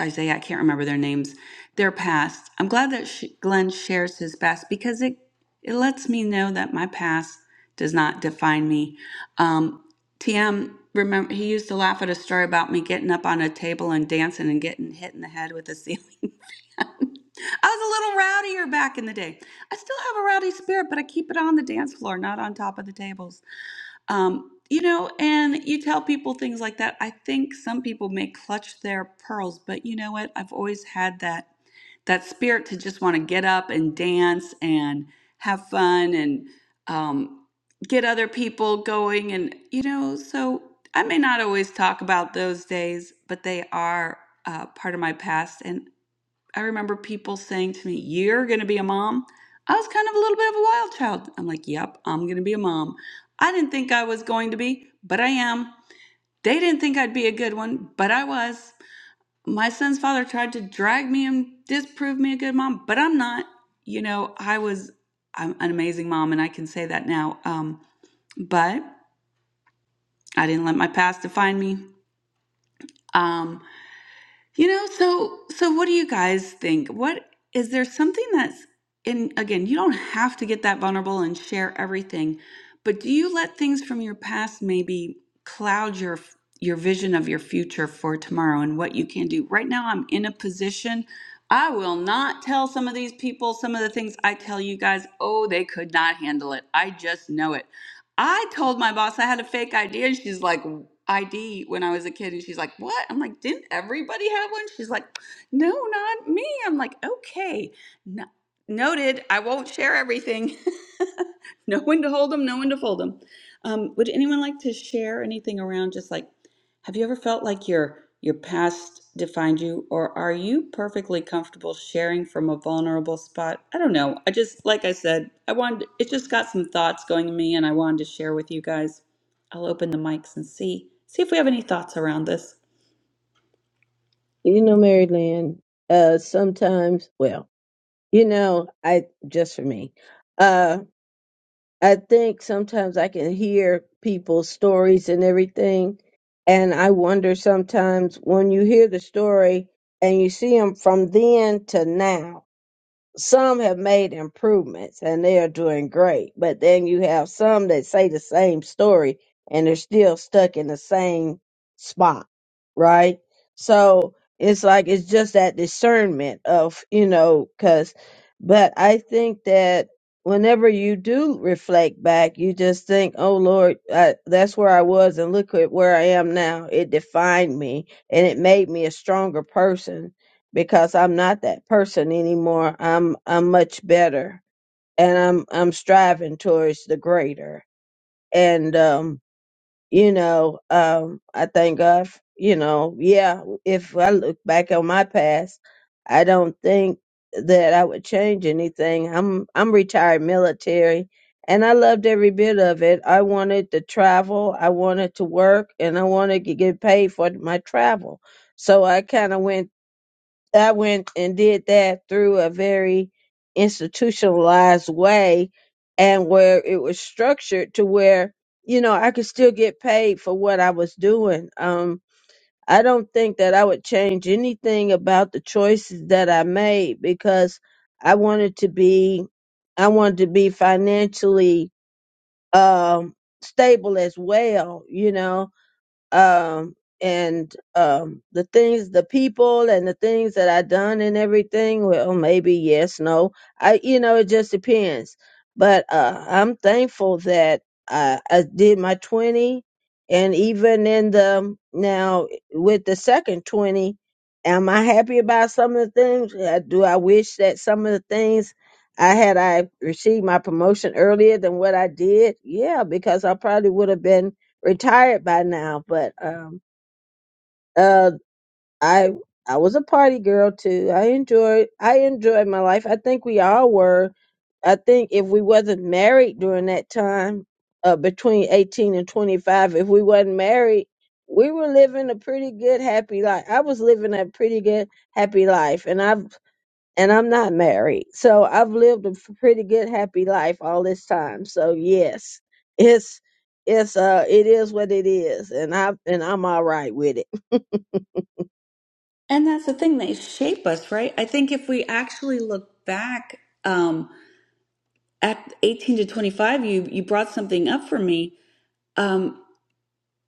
Isaiah, I can't remember their names, their past. I'm glad that sh Glenn shares his past because it it lets me know that my past does not define me. Um, TM, remember he used to laugh at a story about me getting up on a table and dancing and getting hit in the head with a ceiling. I was a little rowdier back in the day. I still have a rowdy spirit, but I keep it on the dance floor, not on top of the tables. Um, you know, and you tell people things like that. I think some people may clutch their pearls, but you know what? I've always had that that spirit to just want to get up and dance and have fun and um, get other people going. And you know, so I may not always talk about those days, but they are uh, part of my past. And I remember people saying to me, You're going to be a mom. I was kind of a little bit of a wild child. I'm like, Yep, I'm going to be a mom. I didn't think I was going to be, but I am. They didn't think I'd be a good one, but I was. My son's father tried to drag me and disprove me a good mom, but I'm not. You know, I was I'm an amazing mom, and I can say that now. Um, but I didn't let my past define me. Um, You know, so so what do you guys think? What is there something that's in again, you don't have to get that vulnerable and share everything, but do you let things from your past maybe cloud your your vision of your future for tomorrow and what you can do? Right now I'm in a position I will not tell some of these people some of the things I tell you guys, oh, they could not handle it. I just know it. I told my boss I had a fake idea and she's like, ID when I was a kid. And she's like, What? I'm like, Didn't everybody have one? She's like, No, not me. I'm like, Okay, no, noted. I won't share everything. no one to hold them, no one to fold them. Um, would anyone like to share anything around just like, have you ever felt like your your past defined you, or are you perfectly comfortable sharing from a vulnerable spot? I don't know. I just, like I said, I wanted, it just got some thoughts going in me, and I wanted to share with you guys. I'll open the mics and see see if we have any thoughts around this. You know, Mary Lynn, uh, sometimes, well, you know, I just for me. I think sometimes I can hear people's stories and everything. And I wonder sometimes when you hear the story and you see them from then to now, some have made improvements and they are doing great, but then you have some that say the same story and they're still stuck in the same spot, right? So it's like it's just that discernment of, you know, because, but I think that whenever you do reflect back, you just think, oh Lord, I, that's where I was and look at where I am now. It defined me and it made me a stronger person because I'm not that person anymore. I'm I'm much better and I'm I'm striving towards the greater. And um, you know, um I thank God, f- you know, yeah, if I look back on my past, I don't think that I would change anything. I'm I'm retired military and I loved every bit of it. I wanted to travel, I wanted to work, and I wanted to get paid for my travel. So I kind of went I went and did that through a very institutionalized way and where it was structured to where, you know, I could still get paid for what I was doing. Um, I don't think that I would change anything about the choices that I made because I wanted to be, I wanted to be financially, um, stable as well, you know um, and um, the things, the people, and the things that I done and everything. Well, maybe yes, no. I, you know, it just depends. But uh, I'm thankful that I, I did my twenty, and even in the now with the second twenty, am I happy about some of the things? Uh, Do I wish that some of the things? I had I received my promotion earlier than what I did, yeah, because I probably would have been retired by now, but um uh I I was a party girl too. I enjoyed I enjoyed my life. I think we all were. I think if we wasn't married during that time, uh between 18 and 25, if we wasn't married, we were living a pretty good happy life. I was living a pretty good happy life and I've and I'm not married. So I've lived a f- pretty good happy life all this time. So yes, it's it's uh it is what it is and I and I'm all right with it. And that's the thing, they shape us, right? I think if we actually look back um, at 18 to 25, you you brought something up for me. Um,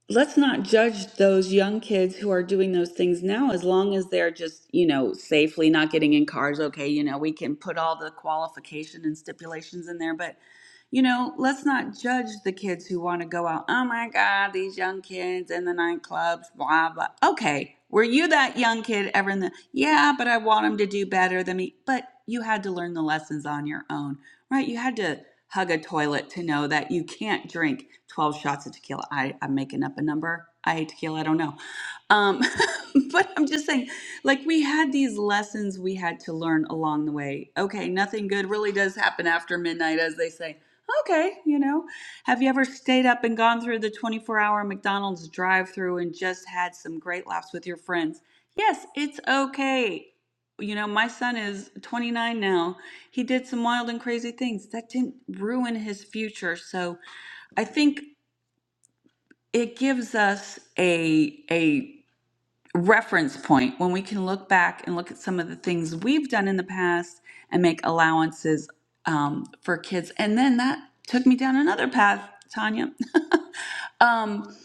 let's not judge those young kids who are doing those things now as long as they're just you know safely not getting in cars okay you know we can put all the qualification and stipulations in there but you know let's not judge the kids who want to go out oh my god these young kids in the nightclubs blah blah okay were you that young kid ever in the yeah but i want them to do better than me but you had to learn the lessons on your own right you had to hug a toilet to know that you can't drink 12 shots of tequila. I, I'm making up a number. I hate tequila. I don't know. Um, but I'm just saying, like, we had these lessons we had to learn along the way. Okay, nothing good really does happen after midnight, as they say. Okay, you know, have you ever stayed up and gone through the 24 hour McDonald's drive through and just had some great laughs with your friends? Yes, it's okay. You know, my son is 29 now. He did some wild and crazy things that didn't ruin his future. So I think it gives us a a reference point when we can look back and look at some of the things we've done in the past and make allowances um, for kids. And then that took me down another path, Tanya. um,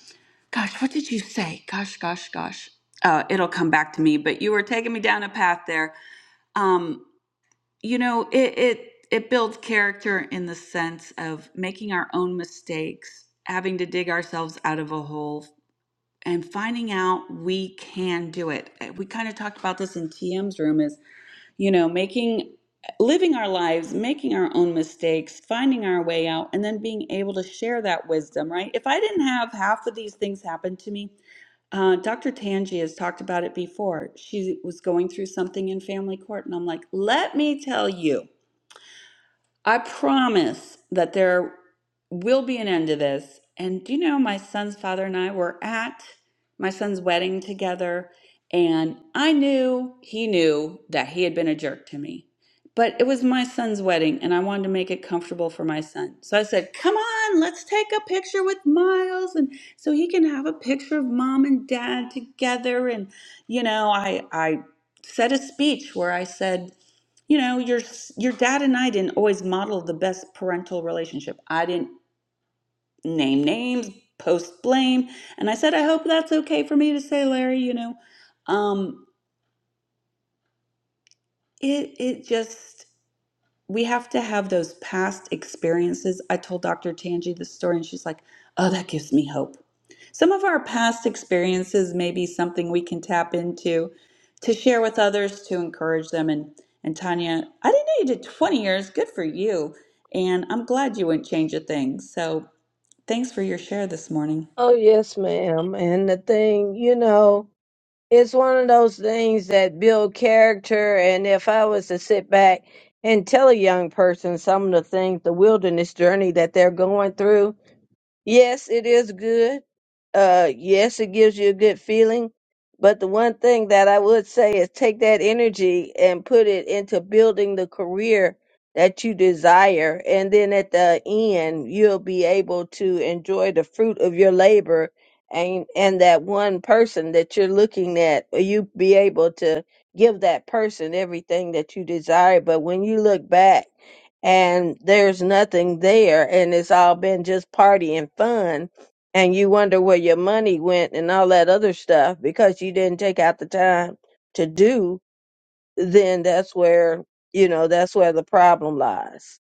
gosh, what did you say? Gosh, gosh, gosh. Uh, it'll come back to me. But you were taking me down a path there. Um, you know, it it it builds character in the sense of making our own mistakes, having to dig ourselves out of a hole, and finding out we can do it. Eh, We kind of talked about this in TM's room is, you know, making living our lives, making our own mistakes, finding our way out and then being able to share that wisdom, right? If I didn't have half of these things happen to me, uh, Dr. Tangi has talked about it before. She was going through something in family court, and I'm like, let me tell you. I promise that there will be an end to this. And do you know, my son's father and I were at my son's wedding together, and I knew he knew that he had been a jerk to me. But it was my son's wedding, and I wanted to make it comfortable for my son. So I said, Come on, let's take a picture with Miles. And so he can have a picture of mom and dad together. And, you know, I, I said a speech where I said, you know your your dad and i didn't always model the best parental relationship i didn't name names post blame and i said i hope that's okay for me to say larry you know um it it just we have to have those past experiences. I told Dr. Tanji this story, and she's like, Oh, that gives me hope. Some of our past experiences may be something we can tap into to share with others to encourage them. And, and Tanya, I didn't know you did 20 years. Good for you. And I'm glad you wouldn't change a thing. So thanks for your share this morning. Oh yes, ma'am. And the thing, you know, it's one of those things that build character and if i was to sit back and tell a young person some of the things the wilderness journey that they're going through Yes, it is good. Uh, yes, it gives you a good feeling. But the one thing that I would say is take that energy and put it into building the career that you desire. And then at the end, you'll be able to enjoy the fruit of your labor and, and that one person that you're looking at, uh, you be able to give that person everything that you desire. But when you look back, and there's nothing there and it's all been just party and fun and you wonder where your money went and all that other stuff because you didn't take out the time to do then that's where you know that's where the problem lies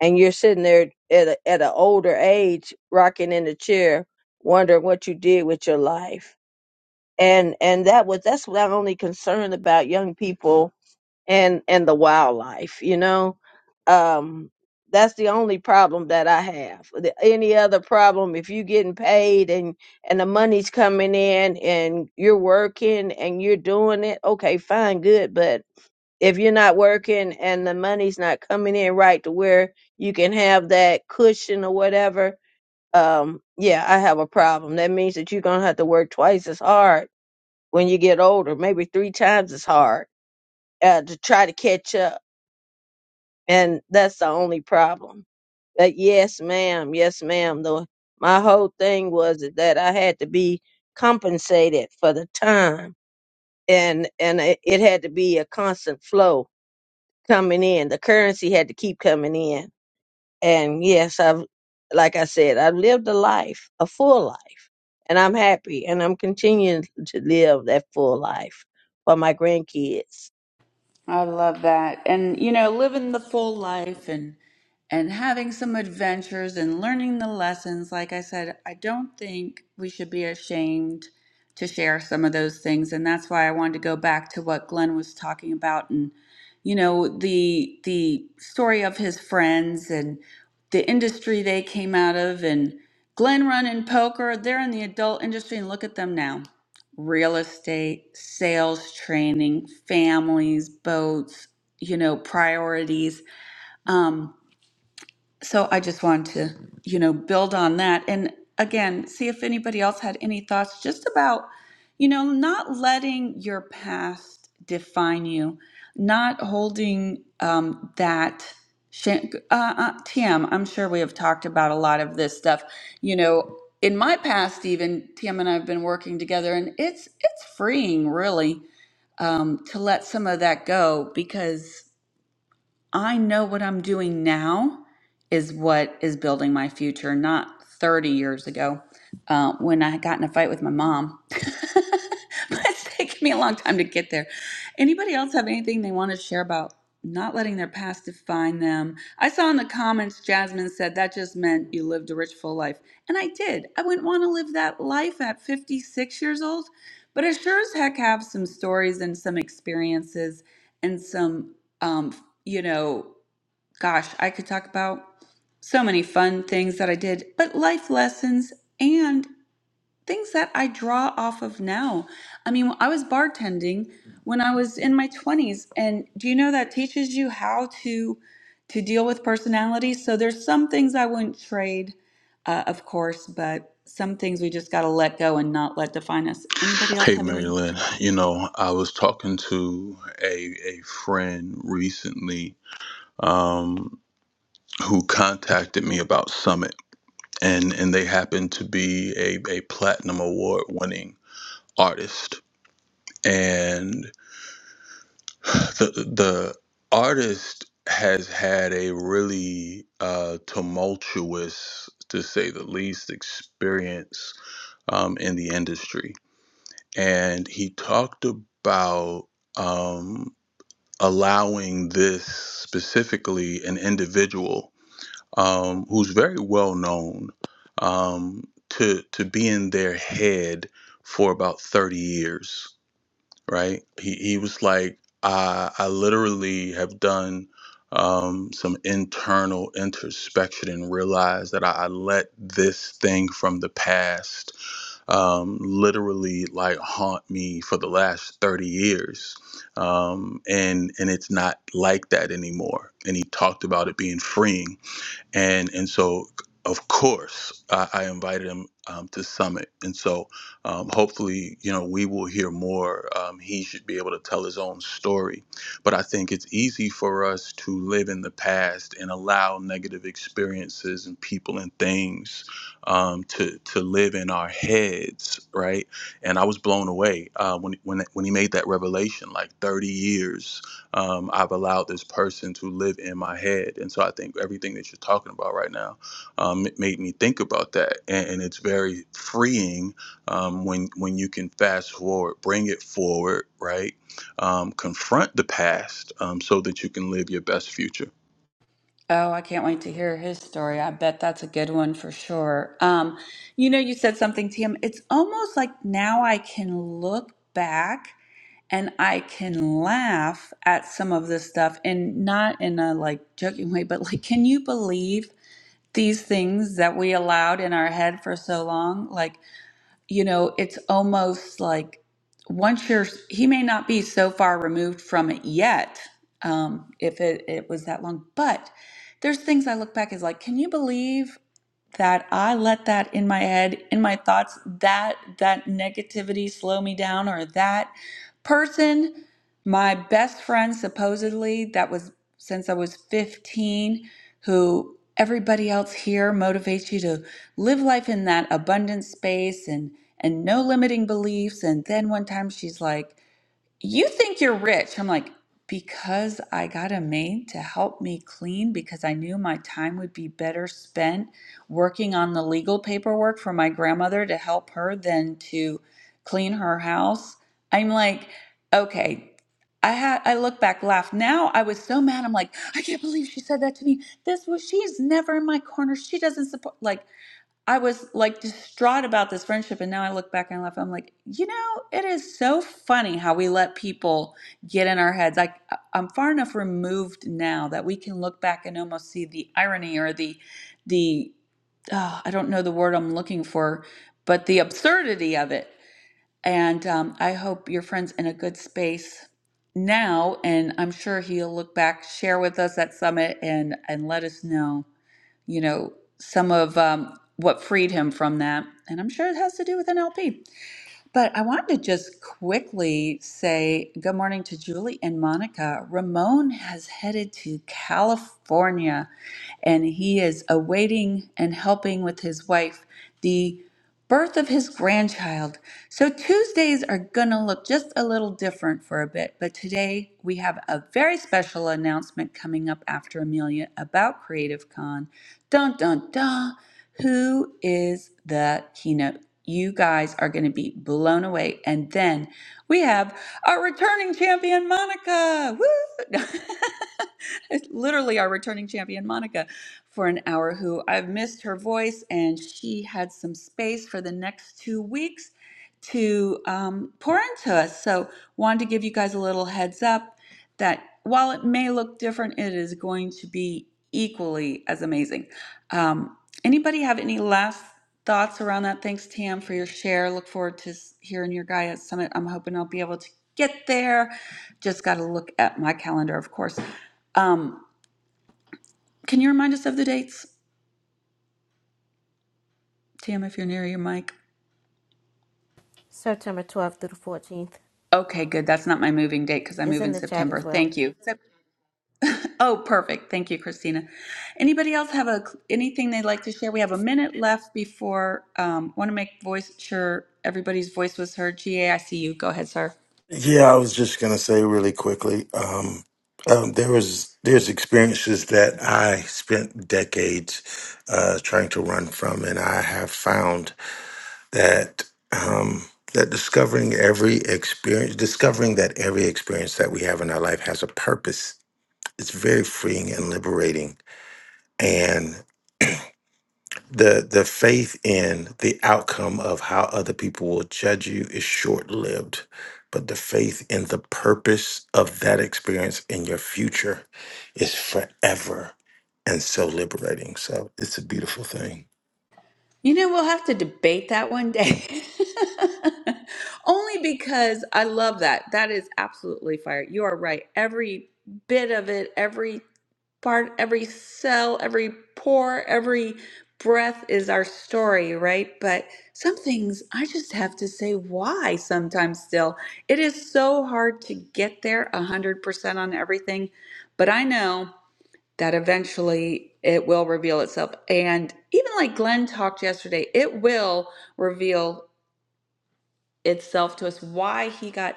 and you're sitting there at a, at an older age rocking in the chair wondering what you did with your life and and that was that's what i'm only concerned about young people and and the wildlife you know um that's the only problem that i have The- any other problem if you're getting paid and and the money's coming in and you're working and you're doing it okay fine good but if you're not working and the money's not coming in right to where you can have that cushion or whatever um yeah i have a problem that means that you're gonna have to work twice as hard when you get older maybe three times as hard uh, to try to catch up and that's the only problem. But yes, ma'am, yes, ma'am. The my whole thing was that I had to be compensated for the time, and and it, it had to be a constant flow coming in. The currency had to keep coming in, and yes, I've like I said, I've lived a life, a full life, and I'm happy, and I'm continuing to live that full life for my grandkids. I love that. And you know, living the full life and and having some adventures and learning the lessons. Like I said, I don't think we should be ashamed to share some of those things. And that's why I wanted to go back to what Glenn was talking about and you know, the the story of his friends and the industry they came out of and Glenn running poker, they're in the adult industry and look at them now real estate, sales training, families, boats, you know, priorities. Um, so I just wanted to, you know, build on that. And again, see if anybody else had any thoughts just about, you know, not letting your past define you, not holding um, that. sh- Uh, uh, TM, I'm sure we have talked about a lot of this stuff. You know, in my past, even TM and I have been working together, and it's it's freeing, really um, to let some of that go because I know what I'm doing now is what is building my future, not 30 years ago uh, when I got in a fight with my mom. but it's taken me a long time to get there. Anybody else have anything they want to share about not letting their past define them? I saw in the comments Jasmine said that just meant you lived a rich, full life. And I did. I wouldn't want to live that life at 56 years old, but I sure as heck have some stories and some experiences and some. um, you know, gosh, I could talk about so many fun things that I did, but life lessons and things that I draw off of now. I mean, I was bartending when I was in my 20s, and do you know that teaches you how to to deal with personality? So there's some things I wouldn't trade, uh, of course, but some things we just got to let go and not let define us. Anybody else Hey, have Mary any Lynn. You know, I was talking to a, a friend recently um, who contacted me about Summit. and and they happen to be a, a platinum award winning artist and the the artist has had a really uh, tumultuous to say the least experience um, in the industry and he talked about um, allowing this specifically an individual um, who's very well known, um, to to be in their head for about thirty years. Right? He he was like, I I literally have done um, some internal introspection and realized that I, I let this thing from the past um, literally like haunt me for the last thirty years. Um, and and it's not like that anymore. And he talked about it being freeing and and so of course I, I invited him um, to summit and so um, hopefully you know we will hear more um, he should be able to tell his own story but i think it's easy for us to live in the past and allow negative experiences and people and things um, to to live in our heads right and i was blown away uh, when, when when he made that revelation like 30 years um, I've allowed this person to live in my head. And so I think everything that you're talking about right now um, it made me think about that. And, and it's very freeing um, when, when you can fast forward, bring it forward, right? Um, confront the past um, so that you can live your best future. Oh, I can't wait to hear his story. I bet that's a good one for sure. Um, you know, you said something, Tim. It's almost like now I can look back and I can laugh at some of this stuff and not in a like joking way, but like, can you believe these things that we allowed in our head for so long? Like, you know, it's almost like once you're, he may not be so far removed from it yet, um, if it, it was that long, but there's things I look back as like, can you believe? that I let that in my head, in my thoughts, that that negativity slow me down or that person, my best friend supposedly that was since I was 15 who everybody else here motivates you to live life in that abundant space and and no limiting beliefs and then one time she's like you think you're rich. I'm like, because I got a maid to help me clean because I knew my time would be better spent working on the legal paperwork for my grandmother to help her than to clean her house. I'm like, okay. I had I look back, laugh. Now I was so mad. I'm like, I can't believe she said that to me. This was she's never in my corner. She doesn't support. Like I was like distraught about this friendship. And now I look back and I laugh. I'm like, you know, it is so funny how we let people get in our heads. Like, I- I'm far enough removed now that we can look back and almost see the irony or the, the, oh, I don't know the word I'm looking for, but the absurdity of it. And um, I hope your friend's in a good space now. And I'm sure he'll look back, share with us at Summit, and, and let us know you know, some of um, what freed him from that. And I'm sure it has to do with NLP. But I wanted to just quickly say good morning to Julie and Monica. Ramon has headed to California and he is awaiting and helping with his wife the birth of his grandchild. So Tuesdays are going to look just a little different for a bit, but today we have a very special announcement coming up after Amelia about Creative Con. Dun dun dun. Who is the keynote you guys are going to be blown away. And then we have our returning champion, Monica. Woo! It's Literally, our returning champion, Monica, for an hour, who I've missed her voice, and she had some space for the next two weeks to um, pour into us. So, wanted to give you guys a little heads up that while it may look different, it is going to be equally as amazing. Um, anybody have any last thoughts around that. Thanks, Tam, for your share. Look forward to s- hearing your guy at Summit. I'm hoping I'll be able to get there. Just got to look at my calendar, of course. Um, can you remind us of the dates, Tam, if you're near your mic? September 12th through the 14th. Okay, good. That's not my moving date because I is move in in the chat September. as well. Thank you. Sep- Oh, perfect. Thank you, Christina. Anybody else have a anything they'd like to share? We have a minute left before. Um, Want to make voice sure everybody's voice was heard. GA, I see you. Go ahead, sir. Yeah, I was just gonna say really quickly. Um, um, there was there's experiences that I spent decades uh, trying to run from, and I have found that um, that discovering every experience, discovering that every experience that we have in our life has a purpose. It's very freeing and liberating, and the the faith in the outcome of how other people will judge you is short lived, but the faith in the purpose of that experience in your future is forever and so liberating. So it's a beautiful thing. You know, we'll have to debate that one day. Only because I love that. That is absolutely fire. You are right. Every bit of it, every part, every cell, every pore, every breath is our story, right? But some things I just have to say why sometimes still. It is so hard to get there 100% on everything. But I know that eventually it will reveal itself. And even like Glenn talked yesterday, it will reveal itself to us why he got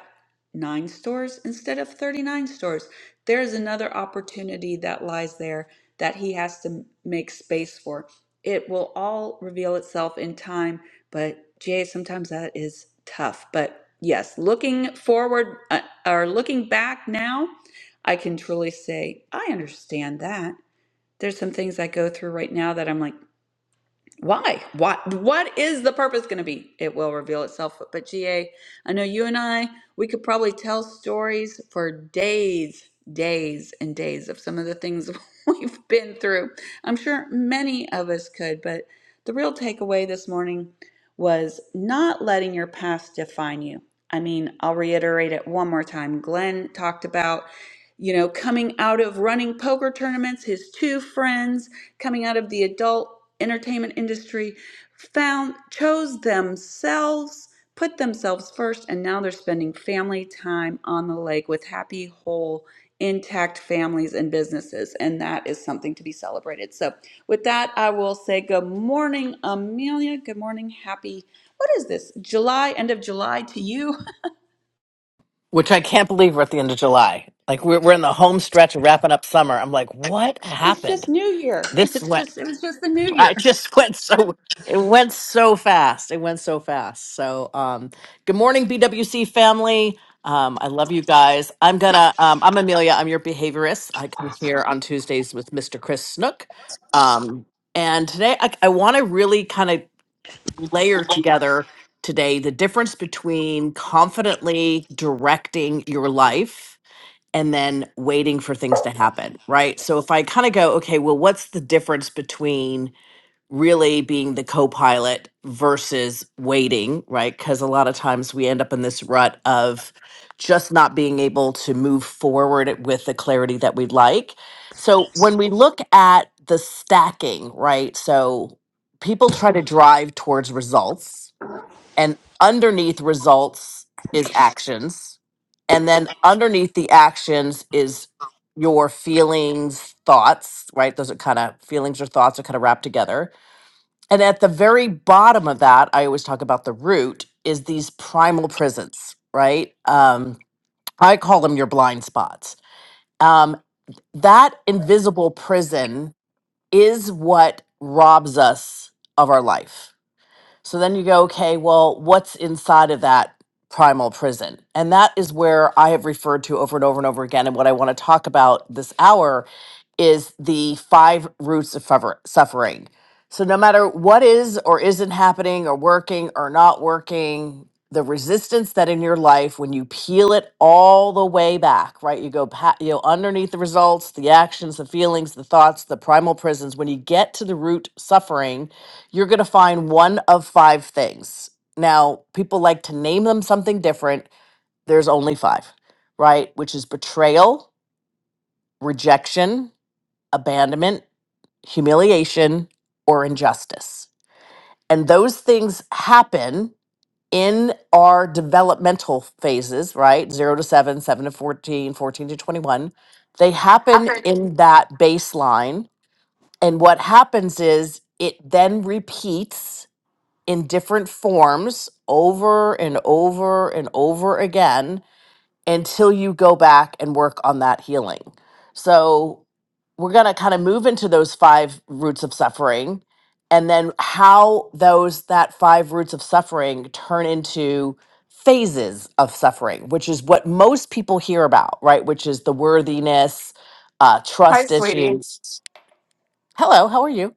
nine stores instead of 39 stores. There's another opportunity that lies there that he has to make space for. It will all reveal itself in time, but Jay, sometimes that is tough. But yes, looking forward uh, or looking back now, I can truly say I understand that there's some things I go through right now that I'm like, why why what is the purpose going to be it will reveal itself but ga i know you and i we could probably tell stories for days days and days of some of the things we've been through i'm sure many of us could but the real takeaway this morning was not letting your past define you i mean i'll reiterate it one more time glenn talked about you know coming out of running poker tournaments his two friends coming out of the adult entertainment industry found chose themselves put themselves first and now they're spending family time on the lake with happy whole intact families and businesses and that is something to be celebrated so with that i will say good morning amelia good morning happy what is this july end of july to you which I can't believe we're at the end of July. Like we're we're in the home stretch of wrapping up summer. I'm like, what it's just happened? new year This it's went just it was just the new I year just went so it went so fast. It went so fast. So um good morning, BWC family. Um, I love you guys. I'm gonna um I'm Amelia, I'm your behaviorist. I come here on Tuesdays with Mr. Chris Snook. Um and today I, I wanna really kind of layer together today the difference between confidently directing your life and then waiting for things to happen, right? So if I kind of go, okay, well, what's the difference between really being the co pilot versus waiting, right? Because a lot of times we end up in this rut of just not being able to move forward with the clarity that we'd like. So when we look at the stacking, right? So people try to drive towards results and underneath results is actions and then underneath the actions is your feelings thoughts right those are kind of feelings or thoughts are kind of wrapped together and at the very bottom of that i always talk about the root is these primal prisons right um i call them your blind spots um that invisible prison is what robs us of our life so then you go, okay, well, what's inside of that primal prison? And that is where I have referred to over and over and over again. And what I want to talk about this hour is the five roots of fever- suffering. So no matter what is or isn't happening or working or not working, the resistance that in your life when you peel it all the way back, right? You go pa- you know underneath the results, the actions, the feelings, the thoughts, the primal prisons. When you get to the root suffering, you're going to find one of five things. Now, people like to name them something different. There's only five, right? Which is betrayal, rejection, abandonment, humiliation, or injustice. And those things happen in our developmental phases, right? Zero to seven, seven to 14, 14 to 21. They happen happened. in that baseline. And what happens is it then repeats in different forms over and over and over again until you go back and work on that healing. So we're going to kind of move into those five roots of suffering and then how those that five roots of suffering turn into phases of suffering which is what most people hear about right which is the worthiness uh, Hi, trust sweetie. issues Hello, how are you?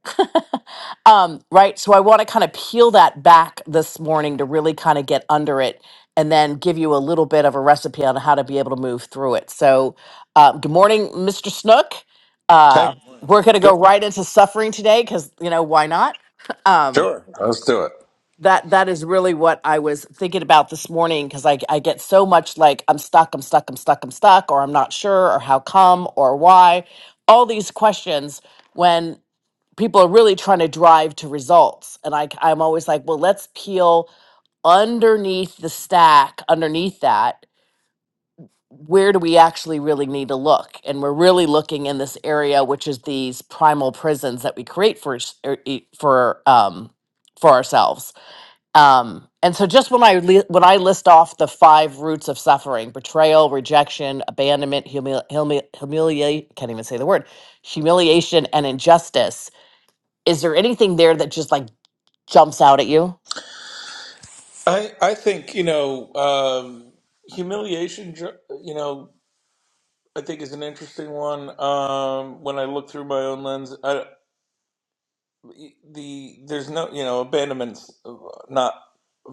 um, right, so I want to kind of peel that back this morning to really kind of get under it and then give you a little bit of a recipe on how to be able to move through it. So, uh, good morning, Mr. Snook. Hey, Uh, we're going to go good morning. right into suffering today because, you know, why not? um, Sure, let's do it. that that is really what I was thinking about this morning because I, I get so much like I'm stuck, I'm stuck, I'm stuck, I'm stuck, or I'm not sure, or how come, or why, all these questions when people are really trying to drive to results and I, i'm always like well let's peel underneath the stack underneath that where do we actually really need to look and we're really looking in this area which is these primal prisons that we create for s- er, e- for um for ourselves um and so just when i li- when i list off the five roots of suffering betrayal rejection abandonment humili- humili- humiliate can't even say the word humiliation and injustice is there anything there that just like jumps out at you. I, I think, you know, um, humiliation, ju- you know, I think is an interesting one. Um, when I look through my own lens, I, the there's no, you know, abandonment's uh, not,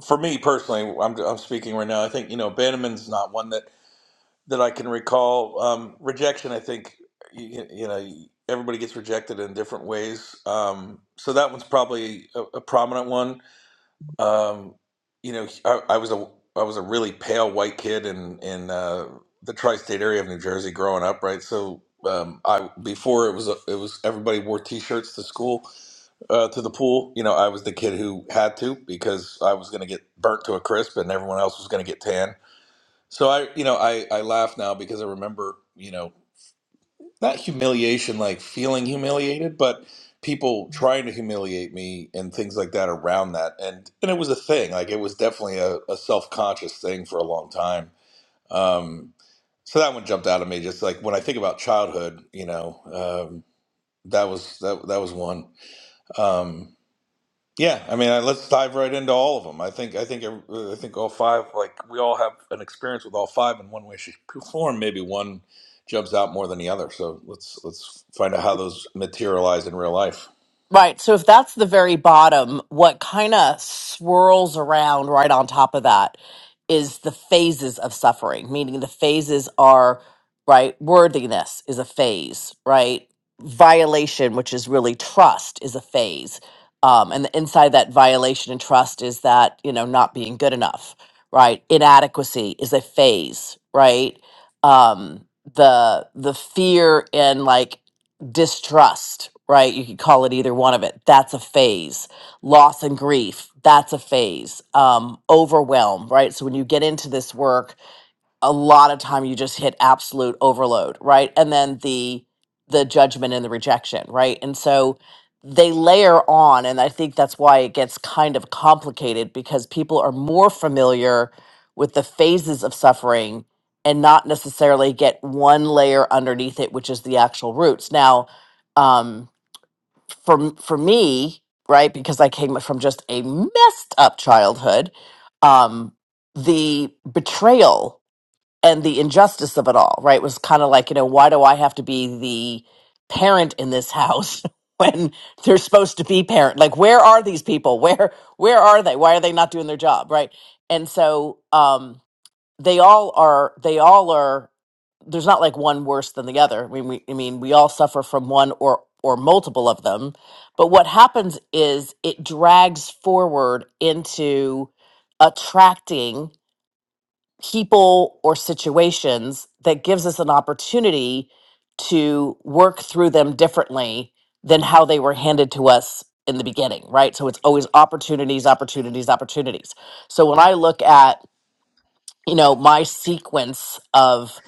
for me personally, I'm, I'm speaking right now, I think, you know, abandonment's not one that, that I can recall. Um, rejection, I think, you, you know, everybody gets rejected in different ways. Um, so that one's probably a, a prominent one Um, you know, I, I was a I was a really pale white kid in in uh, the tri-state area of New Jersey growing up, right? So um, I before it was a, it was everybody wore t-shirts to school uh, to the pool. You know, I was the kid who had to because I was going to get burnt to a crisp, and everyone else was going to get tan. So I, you know, I I laugh now because I remember, you know not humiliation like feeling humiliated but people trying to humiliate me and things like that around that and and it was a thing like it was definitely a, a self-conscious thing for a long time um so that one jumped out at me just like when i think about childhood you know um that was that, that was one um yeah, I mean, I- let's dive right into all of them. I think, I think, every- uh, I think all five. Like we all have an experience with all five in one way, shape, or form. Maybe one jumps out more than the other. So let's let's find out how those materialize in real life. Right. So if that's the very bottom, what kind of swirls around right on top of that is the phases of suffering, meaning the phases are, right? Worthiness is a phase, right? Violation, which is really trust, is a phase. Um, and inside that violation and trust is that, you know, not being good enough, right? Inadequacy is a phase, right? Um, the the fear in like distrust, right? You could call it either one of it. That's a phase. Loss and grief, that's a phase. Um, overwhelm, right? So when you get into this work, a lot of time you just hit absolute overload right and then the the judgment and the rejection right and so they layer on and i think that's why it gets kind of complicated because people are more familiar with the phases of suffering and not necessarily get one layer underneath it which is the actual roots now um for m- for me right because i came from just a messed up childhood um the betrayal and the injustice of it all, right? Was kind of like, you know, why do I have to be the parent in this house when they're supposed to be parent? Like, where are these people? Where where are they? Why are they not doing their job, right? And so um they all are they all are there's not like one worse than the other. I mean we I mean we all suffer from one or or multiple of them. But what happens is it drags forward into attracting people or situations that gives us an opportunity to work through them differently than how they were handed to us in the beginning, right? So it's always opportunities, opportunities, opportunities. So when I look at, you know, my sequence of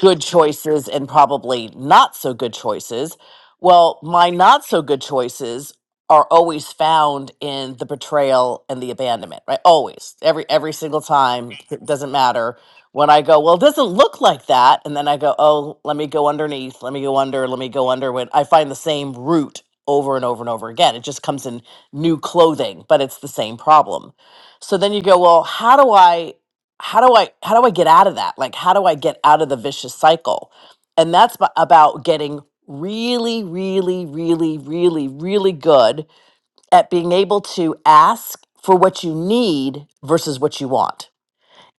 good choices and probably not so good choices. Well, my not so good choices are always found in the betrayal and the abandonment, right? Always. Every every single time, it doesn't matter. When I go, well, it doesn't look like that, and then I go, oh, let me go underneath, let me go under, let me go under when I find the same root over and over and over again. It just comes in new clothing, but it's the same problem. So then you go, well, how do I how do i how do i get out of that like how do i get out of the vicious cycle and that's b- about getting really really really really really good at being able to ask for what you need versus what you want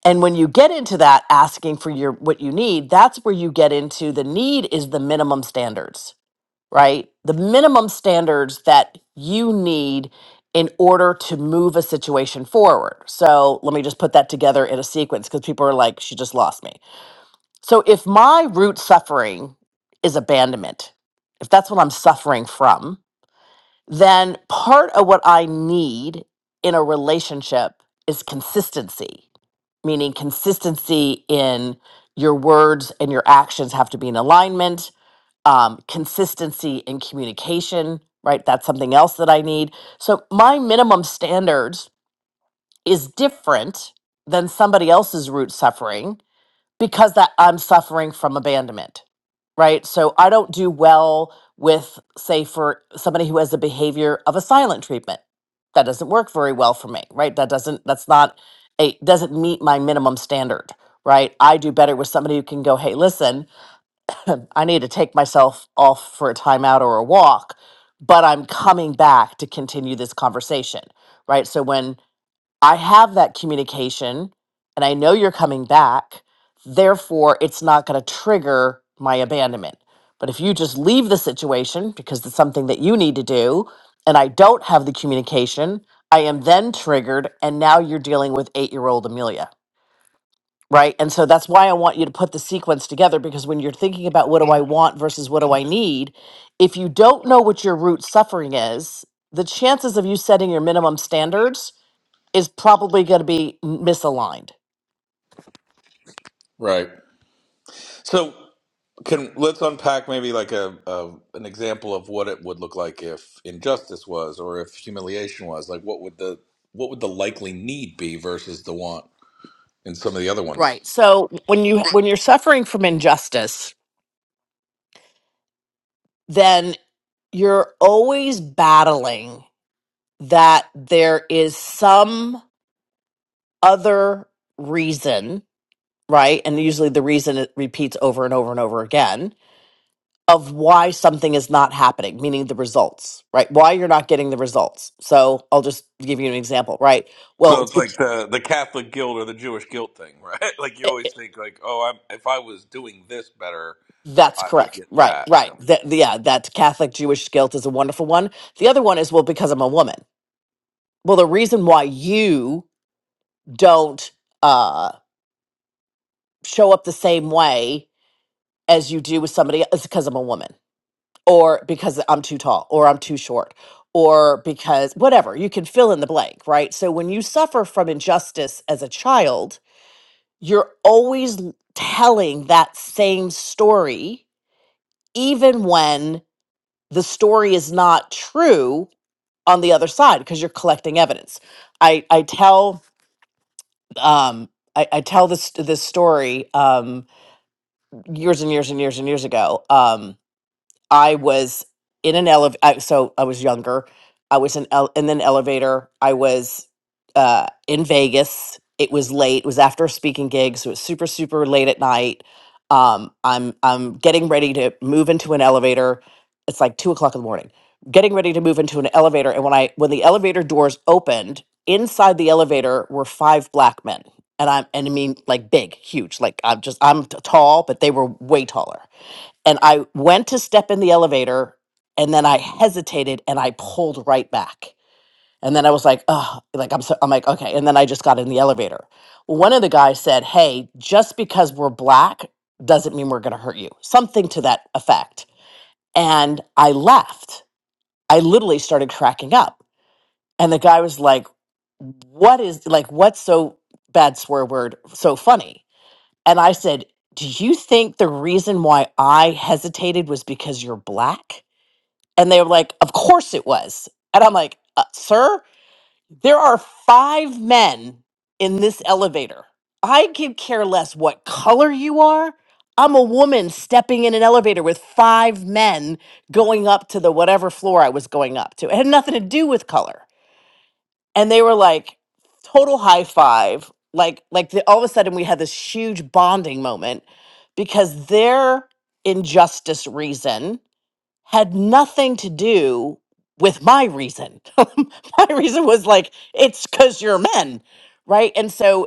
and when you get into that asking for your what you need that's where you get into the need is the minimum standards right? The minimum standards that you need in order to move a situation forward. So let me just put that together in a sequence because people are like, she just lost me. So if my root suffering is abandonment, if that's what I'm suffering from, then part of what I need in a relationship is consistency, meaning consistency in your words and your actions have to be in alignment um, consistency in communication, right? That's something else that I need. So my minimum standards is different than somebody else's root suffering because that I'm suffering from abandonment, right? So I don't do well with, say, for somebody who has the behavior of a silent treatment. That doesn't work very well for me, right? That doesn't, that's not a, doesn't meet my minimum standard, right? I do better with somebody who can go, hey, listen, I need to take myself off for a timeout or a walk, but I'm coming back to continue this conversation, right? So when I have that communication and I know you're coming back, therefore it's not going to trigger my abandonment. But if you just leave the situation because it's something that you need to do and I don't have the communication, I am then triggered and now you're dealing with 8-year-old Amelia right? And so that's why I want you to put the sequence together because when you're thinking about what do I want versus what do I need, if you don't know what your root suffering is, the chances of you setting your minimum standards is probably going to be m- misaligned. Right. So can let's unpack maybe like a, a an example of what it would look like if injustice was, or if humiliation was. Like, what would the what would the likely need be versus the want in some of the other ones? Right. So when you when you're suffering from injustice, then you're always battling that there is some other reason, right? And usually the reason it repeats over and over and over again of why something is not happening, meaning the results, right? Why you're not getting the results. So I'll just give you an example, right? Well, So it's, it's like it's- the the Catholic guilt or the Jewish guilt thing, right? Like you it- it- always think like, oh, I'm, if I was doing this better, that's I would correct, get right? that. Right. Yeah. That, yeah, that Catholic Jewish guilt is a wonderful one. The other one is well, because I'm a woman. Well, the reason why you don't uh, show up the same way as you do with somebody is because I'm a woman or because I'm too tall or I'm too short or because whatever, you can fill in the blank, right? So when you suffer from injustice as a child, you're always l- telling that same story, even when the story is not true on the other side because you're collecting evidence. I, I tell um I, I tell this this story um years and years and years and years ago. Um I was in an elevator. So I was younger. I was in, ele- in an elevator. I was uh, in Vegas. It was late. It was after a speaking gig, so it was super, super late at night. Um, I'm I'm getting ready to move into an elevator. It's like two o'clock in the morning. Getting ready to move into an elevator, and when I when the elevator doors opened, inside the elevator were five black men, and I'm and I mean like big, huge. Like I'm just I'm t- tall, but they were way taller and I went to step in the elevator and then I hesitated and I pulled right back. And then I was like, oh, like I'm so, I'm like, okay. And then I just got in the elevator. One of the guys said, Hey, just because we're black doesn't mean we're gonna hurt you. Something to that effect. And I left. I literally started cracking up. And the guy was like, What is like what's so bad swear word so funny? And I said, Do you think the reason why I hesitated was because you're black? And they were like, Of course it was. And I'm like, uh, Sir, there are five men in this elevator. I could care less what color you are. I'm a woman stepping in an elevator with five men going up to the whatever floor I was going up to. It had nothing to do with color and they were like total high five like like the, all of a sudden we had this huge bonding moment because their injustice reason had nothing to do with my reason my reason was like it's because you're men right and so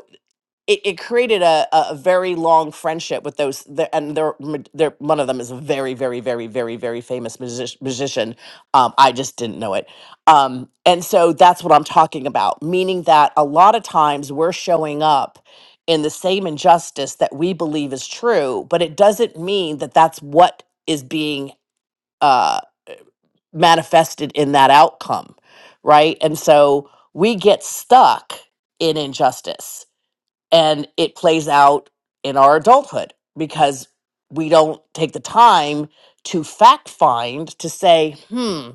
it, it created a, a a very long friendship with those the, and they're, m- they're one of them is a very very very very very famous music, musician um, i just didn't know it um, and so that's what i'm talking about meaning that a lot of times we're showing up in the same injustice that we believe is true but it doesn't mean that that's what is being uh, manifested in that outcome right and so we get stuck in injustice and it plays out in our adulthood because we don't take the time to fact find to say, hmm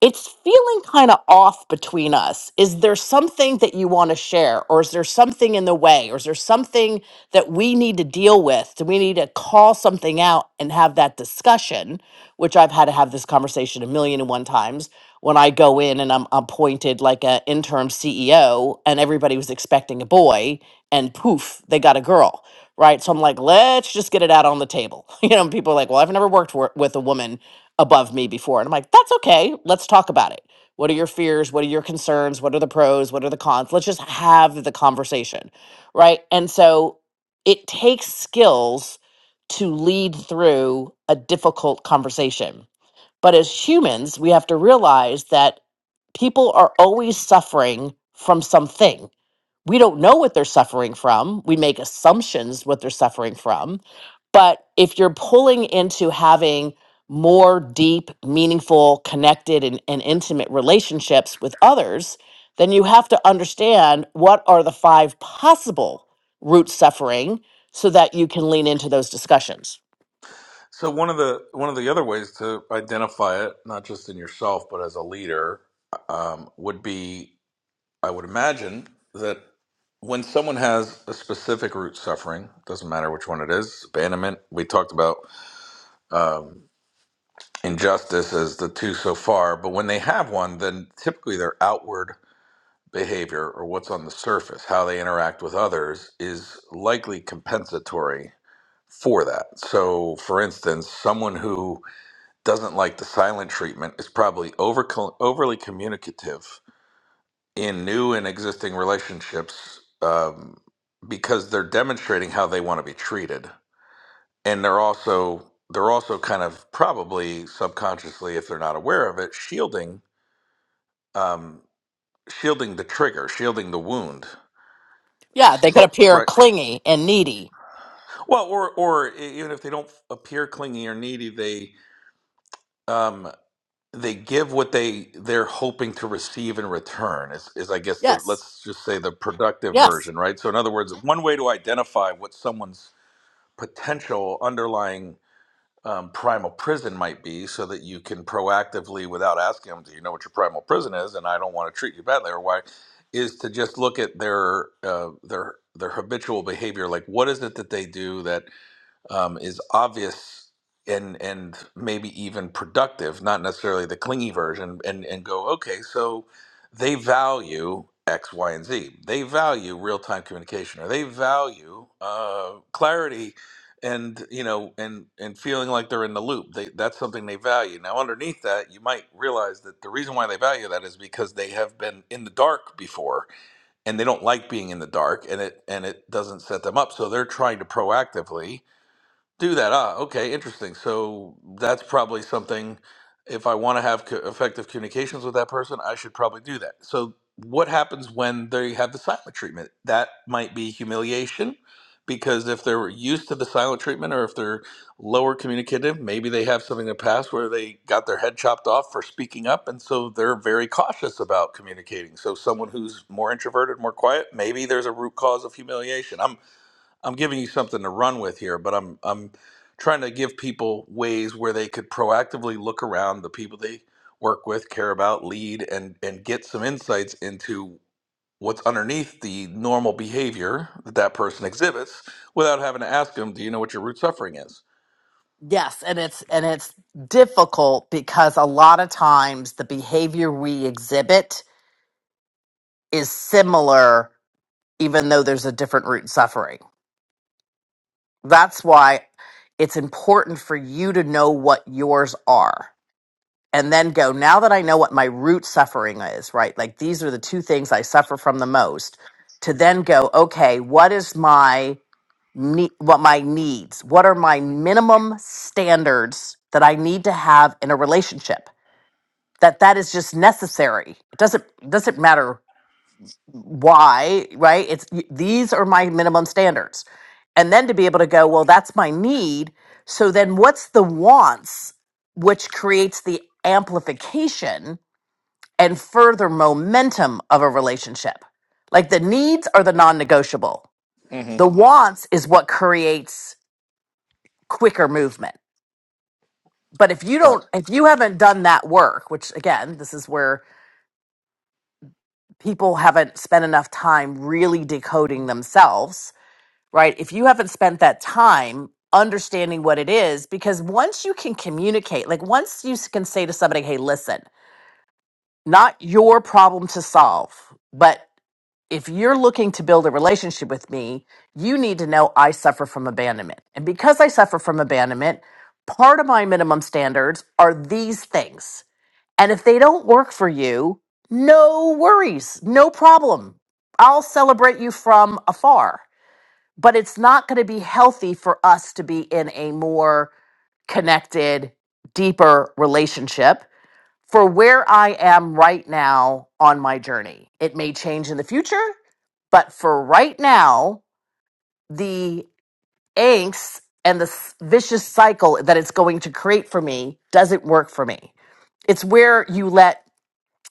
it's feeling kind of off between us. Is there something that you want to share? Or is there something in the way? Or is there something that we need to deal with? Do we need to call something out and have that discussion? Which I've had to have this conversation a million and one times when I go in and I'm appointed like an interim CEO and everybody was expecting a boy and poof, they got a girl. Right. So I'm like, let's just get it out on the table. You know, people are like, well, I've never worked wor- with a woman above me before. And I'm like, that's okay. Let's talk about it. What are your fears? What are your concerns? What are the pros? What are the cons? Let's just have the conversation. Right. And so it takes skills to lead through a difficult conversation. But as humans, we have to realize that people are always suffering from something. We don't know what they're suffering from. We make assumptions what they're suffering from but if you're pulling into having more deep, meaningful, connected, and, and intimate relationships with others, then you have to understand what are the five possible root suffering so that you can lean into those discussions. So one of the one of the other ways to identify it, not just in yourself but as a leader, um, would be I would imagine that when someone has a specific root suffering, doesn't matter which one it is, abandonment. We talked about um, injustice as the two so far, but when they have one, then typically they're outward behavior or what's on the surface, how they interact with others, is likely compensatory for that. So, for instance, someone who doesn't like the silent treatment is probably over, overly communicative in new and existing relationships um, because they're demonstrating how they want to be treated, and they're also they're also kind of probably subconsciously, if they're not aware of it, shielding um, shielding the trigger, shielding the wound. Yeah, they could So, appear right. clingy and needy. Well, or or e, even if they don't appear clingy or needy, they um they give what they they're hoping to receive in return. Is is I guess the Yes. let's just say the productive Yes. version, right? So in other words, one way to identify what someone's potential underlying um, primal prison might be, so that you can proactively, without asking them, do you know what your primal prison is? And I don't want to treat you badly, or why? Is to just look at their uh, their their habitual behavior, like what is it that they do that um, is obvious and and maybe even productive, not necessarily the clingy version, and and go, okay, so they value X, Y, and Z. They value real time communication, or they value uh, clarity, and you know, and and feeling like they're in the loop. They, that's something they value. Now, underneath that, you might realize that the reason why they value that is because they have been in the dark before, and they don't like being in the dark, and it and it doesn't set them up. So they're trying to proactively do that. Ah, okay, interesting. So that's probably something. If I want to have co- effective communications with that person, I should probably do that. So what happens when they have the silent treatment? That might be humiliation, because if they're used to the silent treatment, or if they're lower communicative, maybe they have something in the past where they got their head chopped off for speaking up, and so they're very cautious about communicating. So someone who's more introverted, more quiet, maybe there's a root cause of humiliation. I'm giving you something to run with here, but I'm I'm trying to give people ways where they could proactively look around the people they work with, care about, lead, and and get some insights into what's underneath the normal behavior that that person exhibits without having to ask them, "Do you know what your root suffering is?" Yes, and it's and it's difficult because a lot of times the behavior we exhibit is similar even though there's a different root suffering. That's why it's important for you to know what yours are and then go, now that I know what my root suffering is, right? Like these are the two things I suffer from the most, to then go, okay, what is my need, what my needs? What are my minimum standards that I need to have in a relationship? That that is just necessary. It doesn't doesn't matter why right it's y- these are my minimum standards and then to be able to go well that's my need so then what's the wants which creates the amplification and further momentum of a relationship like the needs are the non-negotiable hmm the wants is what creates quicker movement but if you Got don't it. if you haven't done that work which again this is where people haven't spent enough time really decoding themselves right? If you haven't spent that time understanding what it is, because once you can communicate, like once you s- can say to somebody, hey, listen, not your problem to solve, but if you're looking to build a relationship with me, you need to know I suffer from abandonment. And because I suffer from abandonment, part of my minimum standards are these things. And if they don't work for you, no worries, no problem. I'll celebrate you from afar but it's not going to be healthy for us to be in a more connected, deeper relationship for where I am right now on my journey. It may change in the future, but for right now, the angst and the s- vicious cycle that it's going to create for me doesn't work for me. It's where you let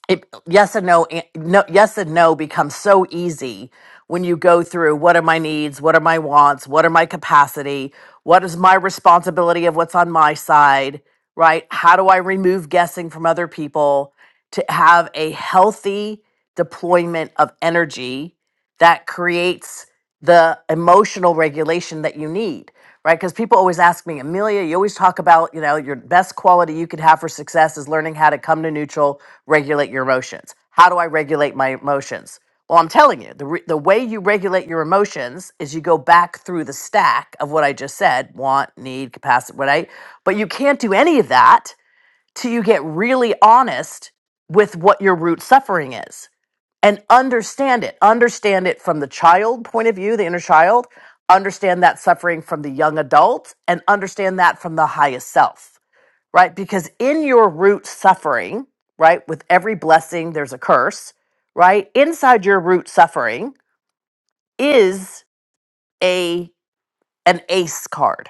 it, yes and no, an- no yes and no becomes so easy when you go through what are my needs what are my wants what are my capacity what is my responsibility of what's on my side right how do i remove guessing from other people to have a healthy deployment of energy that creates the emotional regulation that you need right? Because people always ask me, Amelia, you always talk about, you know, your best quality you could have for success is learning how to come to neutral, regulate your emotions. How do I regulate my emotions? Well, I'm telling you, the, re- the way you regulate your emotions is you go back through the stack of what I just said want, need, capacity, what I, but you can't do any of that till you get really honest with what your root suffering is and understand it. Understand it from the child point of view, the inner child, understand that suffering from the young adult, and understand that from the highest self, right? Because in your root suffering, right, with every blessing, there's a curse, right? Inside your root suffering is a an ace card,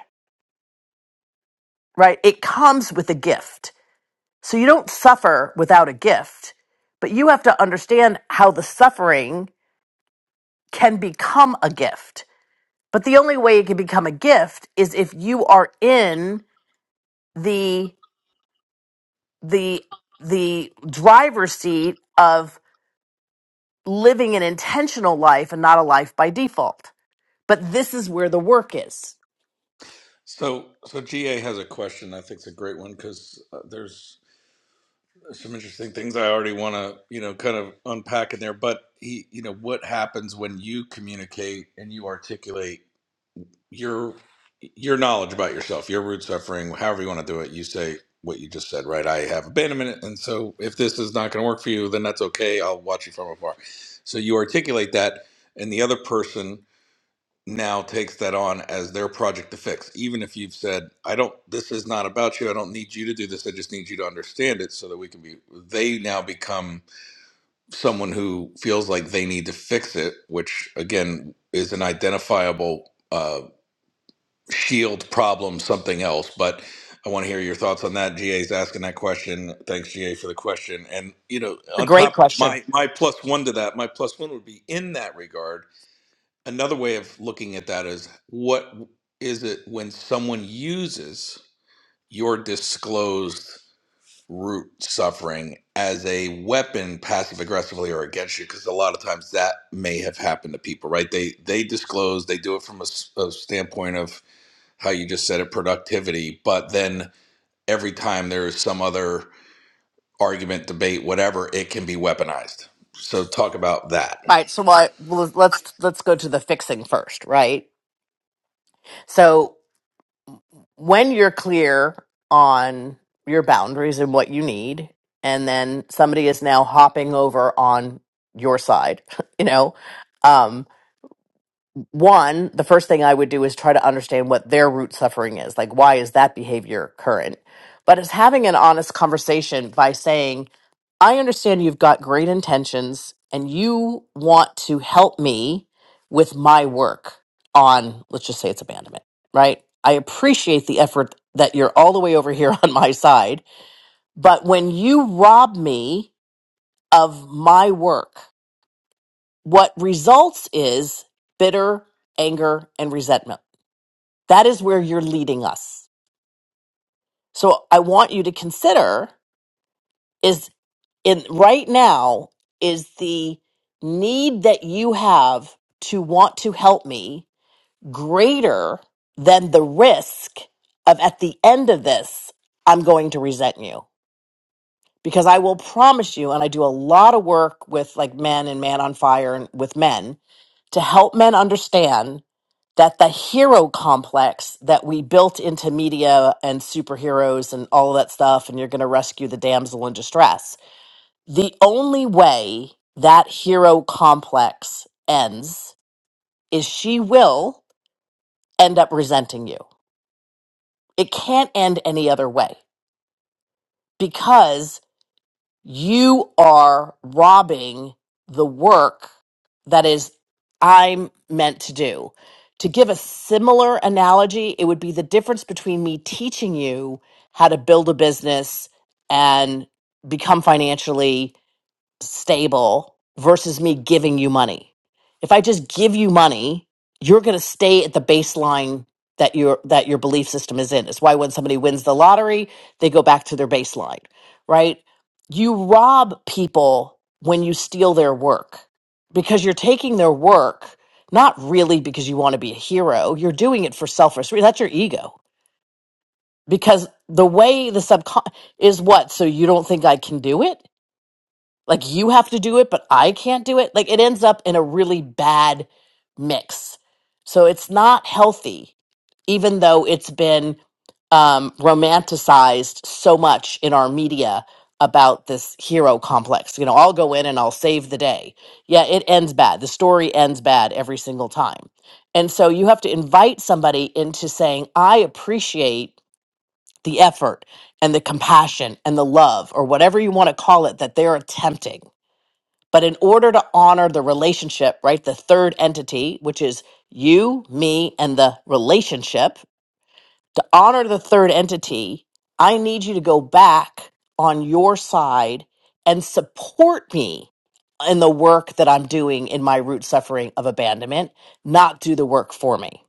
right? It comes with a gift. So you don't suffer without a gift, but you have to understand how the suffering can become a gift But the only way it can become a gift is if you are in the the the driver's seat of living an intentional life and not a life by default. But this is where the work is. So so GA has a question. I think it's a great one because uh, there's some interesting things I already want to, you know, kind of unpack in there. But he, you know, what happens when you communicate and you articulate your your knowledge about yourself, your root suffering, however you want to do it. You say what you just said, right? I have abandonment, and so if this is not going to work for you, then that's okay. I'll watch you from afar. So you articulate that, and the other person now takes that on as their project to fix even if you've said i don't this is not about you i don't need you to do this i just need you to understand it so that we can be they now become someone who feels like they need to fix it which again is an identifiable uh, shield problem something else but i want to hear your thoughts on that ga's asking that question thanks ga for the question and you know A on great top of question. my my plus one to that my plus one would be in that regard another way of looking at that is what is it when someone uses your disclosed root suffering as a weapon passive aggressively or against you because a lot of times that may have happened to people right they they disclose they do it from a, s- a standpoint of how you just said it productivity but then every time there's some other argument debate whatever it can be weaponized so talk about that All right, so I, well, let's let's go to the fixing first, right? So when you're clear on your boundaries and what you need, and then somebody is now hopping over on your side, you know, um, one, the first thing I would do is try to understand what their root suffering is. Like, why is that behavior current? But it's having an honest conversation by saying, I understand you've got great intentions and you want to help me with my work on, let's just say it's abandonment, right? I appreciate the effort that you're all the way over here on my side. But when you rob me of my work, what results is bitter anger and resentment that is where you're leading us. So I want you to consider is in right now is the need that you have to want to help me greater than the risk of at the end of this I'm going to resent you because I will promise you and I do a lot of work with like men and man on fire and with men to help men understand that the hero complex that we built into media and superheroes and all that stuff, and you're going to rescue the damsel in distress. The only way that hero complex ends is she will end up resenting you. It can't end any other way because you are robbing the work that is I'm meant to do. To give a similar analogy, it would be the difference between me teaching you how to build a business and become financially stable versus me giving you money. If I just give you money, you're going to stay at the baseline that your that your belief system is in. It's why when somebody wins the lottery, they go back to their baseline, right? You rob people when you steal their work because you're taking their work not really because you want to be a hero. You're doing it for selfish. That's your ego. Because the way the subcon is what so you don't think I can do it? Like you have to do it, but I can't do it. Like it ends up in a really bad mix. So it's not healthy, even though it's been um, romanticized so much in our media about this hero complex. You know, I'll go in and I'll save the day. Yeah, it ends bad. The story ends bad every single time. And so you have to invite somebody into saying, I appreciate the effort and the compassion and the love, or whatever you want to call it, that they're attempting. But in order to honor the relationship, right, the third entity, which is you, me, and the relationship, to honor the third entity, I need you to go back on your side and support me in the work that I'm doing in my root suffering of abandonment, not do the work for me.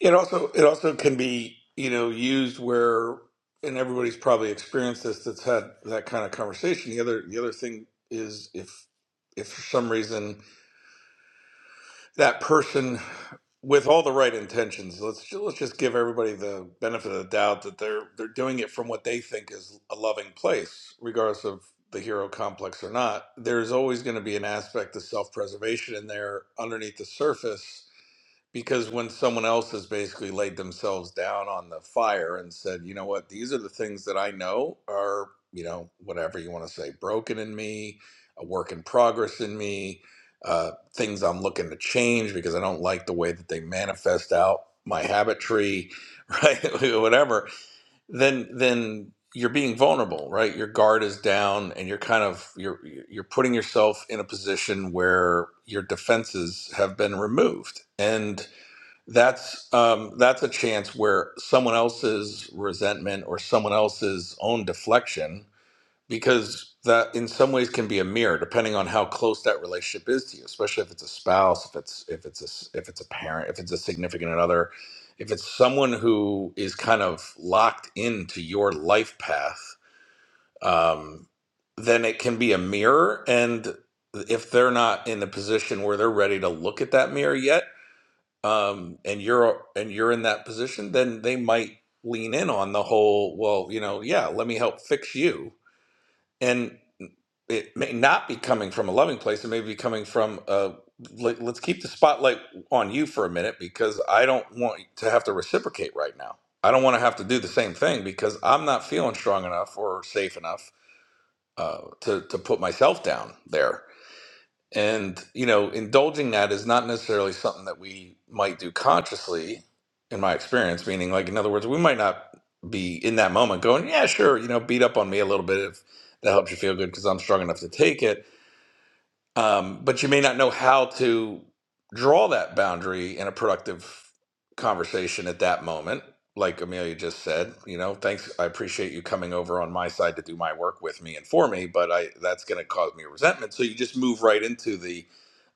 It also it also can be you know used where and everybody's probably experienced this that's had that kind of conversation. The other the other thing is if if for some reason that person with all the right intentions, let's ju- let's just give everybody the benefit of the doubt that they're they're doing it from what they think is a loving place, regardless of the hero complex or not. There's always going to be an aspect of self preservation in there underneath the surface because when someone else has basically laid themselves down on the fire and said, you know what, these are the things that I know are, you know, whatever you want to say, broken in me, a work in progress in me, uh, things I'm looking to change because I don't like the way that they manifest out my habit tree, right? whatever, then, then you're being vulnerable, right? Your guard is down and you're kind of, you're, you're putting yourself in a position where your defenses have been removed. And, that's um, that's a chance where someone else's resentment or someone else's own deflection because that in some ways can be a mirror depending on how close that relationship is to you especially if it's a spouse if it's if it's a, s- if it's a parent if it's a significant other if it's someone who is kind of locked into your life path um, then it can be a mirror and if they're not in the position where they're ready to look at that mirror yet um, and you're and you're in that position, then they might lean in on the whole, well, you know, yeah, let me help fix you. And it may not be coming from a loving place. It may be coming from a let, let's keep the spotlight on you for a minute because I don't want to have to reciprocate right now. I don't want to have to do the same thing because I'm not feeling strong enough or safe enough uh, to to put myself down there. And, you know, indulging that is not necessarily something that we might do consciously, in my experience, meaning, like, in other words, we might not be in that moment going, yeah, sure, you know, beat up on me a little bit if that helps you feel good because I'm strong enough to take it um, but you may not know how to draw that boundary in a productive conversation at that moment like amelia just said you know thanks i appreciate you coming over on my side to do my work with me and for me but i that's going to cause me resentment so you just move right into the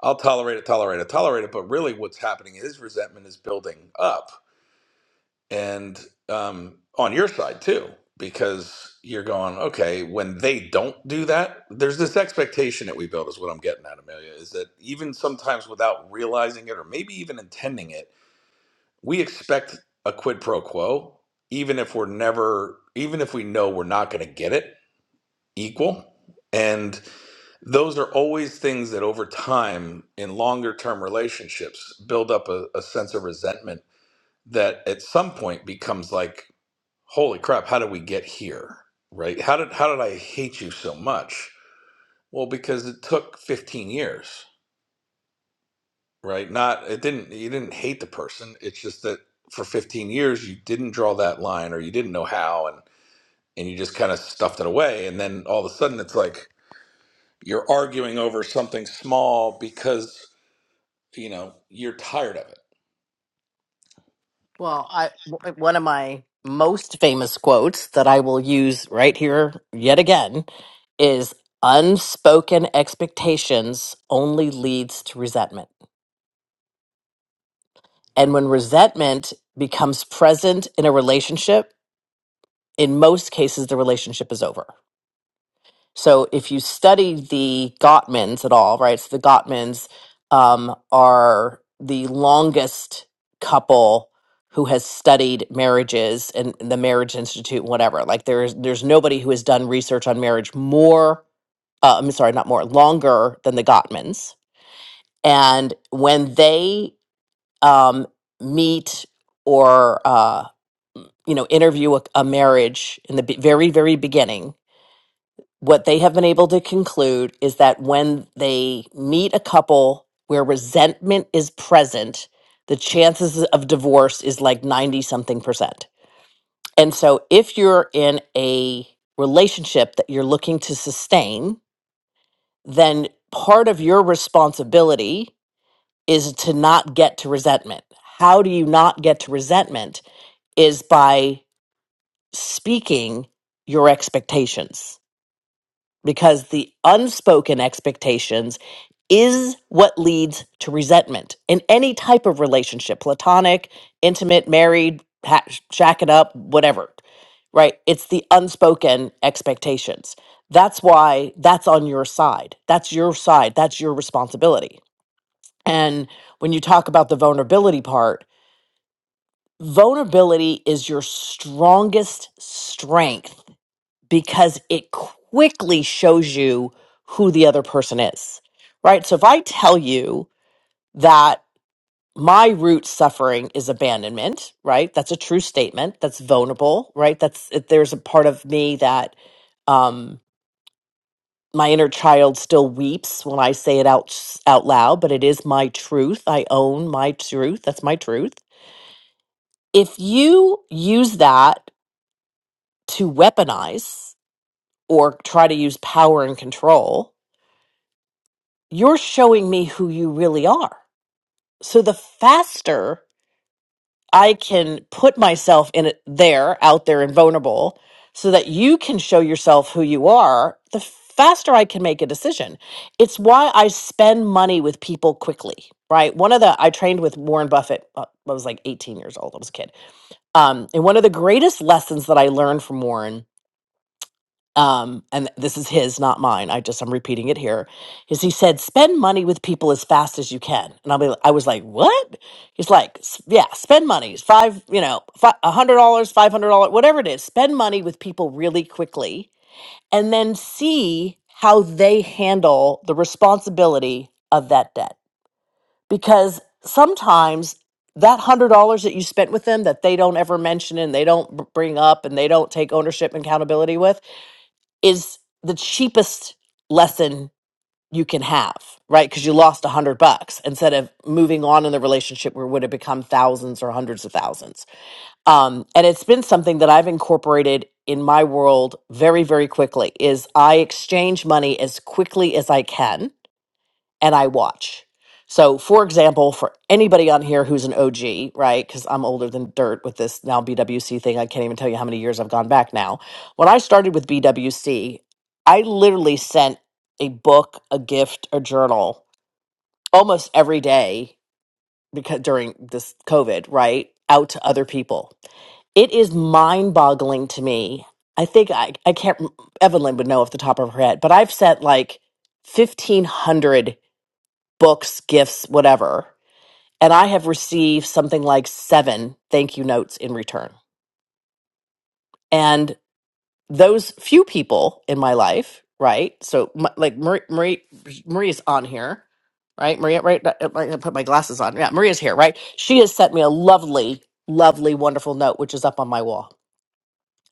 i'll tolerate it tolerate it tolerate it but really what's happening is resentment is building up and um, on your side too, because you're going, okay, when they don't do that, there's this expectation that we build, is what I'm getting at, Amelia, is that even sometimes without realizing it or maybe even intending it, we expect a quid pro quo, even if we're never, even if we know we're not going to get it equal. And those are always things that over time in longer term relationships build up a, a sense of resentment that at some point becomes like holy crap how did we get here right how did how did i hate you so much well because it took 15 years right not it didn't you didn't hate the person it's just that for 15 years you didn't draw that line or you didn't know how and and you just kind of stuffed it away and then all of a sudden it's like you're arguing over something small because you know you're tired of it Well, I w- uh, one of my most famous quotes that I will use right here yet again is unspoken expectations only leads to resentment. And when resentment becomes present in a relationship, in most cases the relationship is over. So if you study the Gottmans at all, right? So the Gottmans um, are the longest couple who has studied marriages and the Marriage Institute, whatever. Like there's there's nobody who has done research on marriage more. Uh, I'm sorry, not more, longer than the Gottmans. And when they um, meet or uh, you know interview a, a marriage in the be- very very beginning what they have been able to conclude is that when they meet a couple where resentment is present, the chances of divorce is like 90 something percent. And so if you're in a relationship that you're looking to sustain, then part of your responsibility is to not get to resentment. How do you not get to resentment is by speaking your expectations because the unspoken expectations is what leads to resentment in any type of relationship platonic intimate married ha- shack it up whatever right it's the unspoken expectations that's why that's on your side that's your side that's your responsibility and when you talk about the vulnerability part vulnerability is your strongest strength because it quickly shows you who the other person is, right? So if I tell you that my root suffering is abandonment, right? That's a true statement. That's vulnerable, right? That's if there's a part of me that um, my inner child still weeps when I say it out out loud, but it is my truth. I own my truth. That's my truth. If you use that to weaponize or try to use power and control, you're showing me who you really are. So the faster I can put myself in it there, out there and vulnerable, so that you can show yourself who you are, the faster I can make a decision. It's why I spend money with people quickly, right? One of the, I trained with Warren Buffett, uh, I was like 18 years old, I was a kid. Um, and one of the greatest lessons that I learned from Warren um, and this is his, not mine. I just I'm repeating it here. Is he said spend money with people as fast as you can, and I'll be I was like what? He's like "S- yeah, spend money five you know fi- a hundred dollars, five hundred dollars, whatever it is. Spend money with people really quickly, and then see how they handle the responsibility of that debt because sometimes that hundred dollars that you spent with them that they don't ever mention and they don't b- bring up and they don't take ownership and accountability with is the cheapest lesson you can have, right? Because you lost a hundred bucks instead of moving on in the relationship where it would have become thousands or hundreds of thousands. Um, and it's been something that I've incorporated in my world very, very quickly is I exchange money as quickly as I can and I watch. So, for example, for anybody on here who's an OG, right? Because I'm older than dirt with this now BWC thing. I can't even tell you how many years I've gone back now. When I started with BWC, I literally sent a book, a gift, a journal almost every day because during this COVID, right? Out to other people. It is mind boggling to me. I think I, I can't, Evelyn would know off the top of her head, but I've sent like 1,500 books, gifts, whatever. And I have received something like seven thank you notes in return. And those few people in my life, right? So, my, like Marie, Marie, Maria's on here, right? Maria, right? I I put my glasses on. Yeah, Maria's here, right? She has sent me a lovely, lovely, wonderful note, which is up on my wall.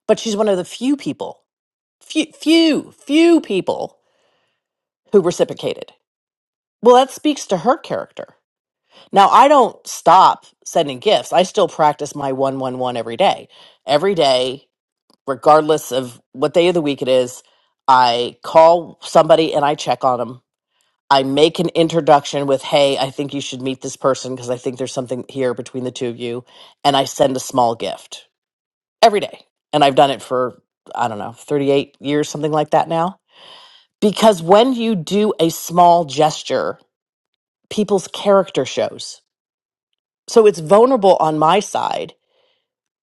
But she's one of the few people, few, few, few people who reciprocated. Well, that speaks to her character Now, I don't stop sending gifts. I still practice my 111 every day. Every day, regardless of what day of the week it is, I call somebody and I check on them. I make an introduction with, hey, I think you should meet this person because I think there's something here between the two of you. And I send a small gift every day. And I've done it for, I don't know, 38 years, something like that now. Because when you do a small gesture, people's character shows So it's vulnerable on my side,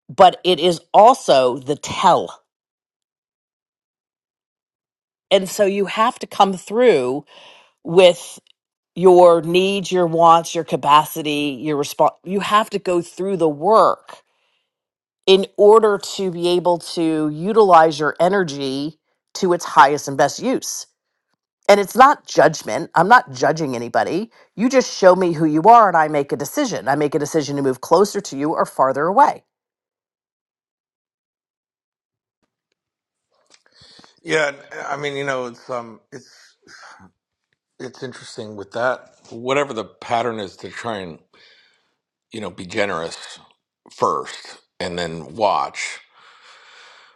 but it is also the tell. And so you have to come through with your needs, your wants, your capacity, your response. You have to go through the work in order to be able to utilize your energy to its highest and best use. And it's not judgment. I'm not judging anybody. You just show me who you are and I make a decision. I make a decision to move closer to you or farther away. yeah and, i mean you know it's um it's it's interesting with that whatever the pattern is to try and you know be generous first and then watch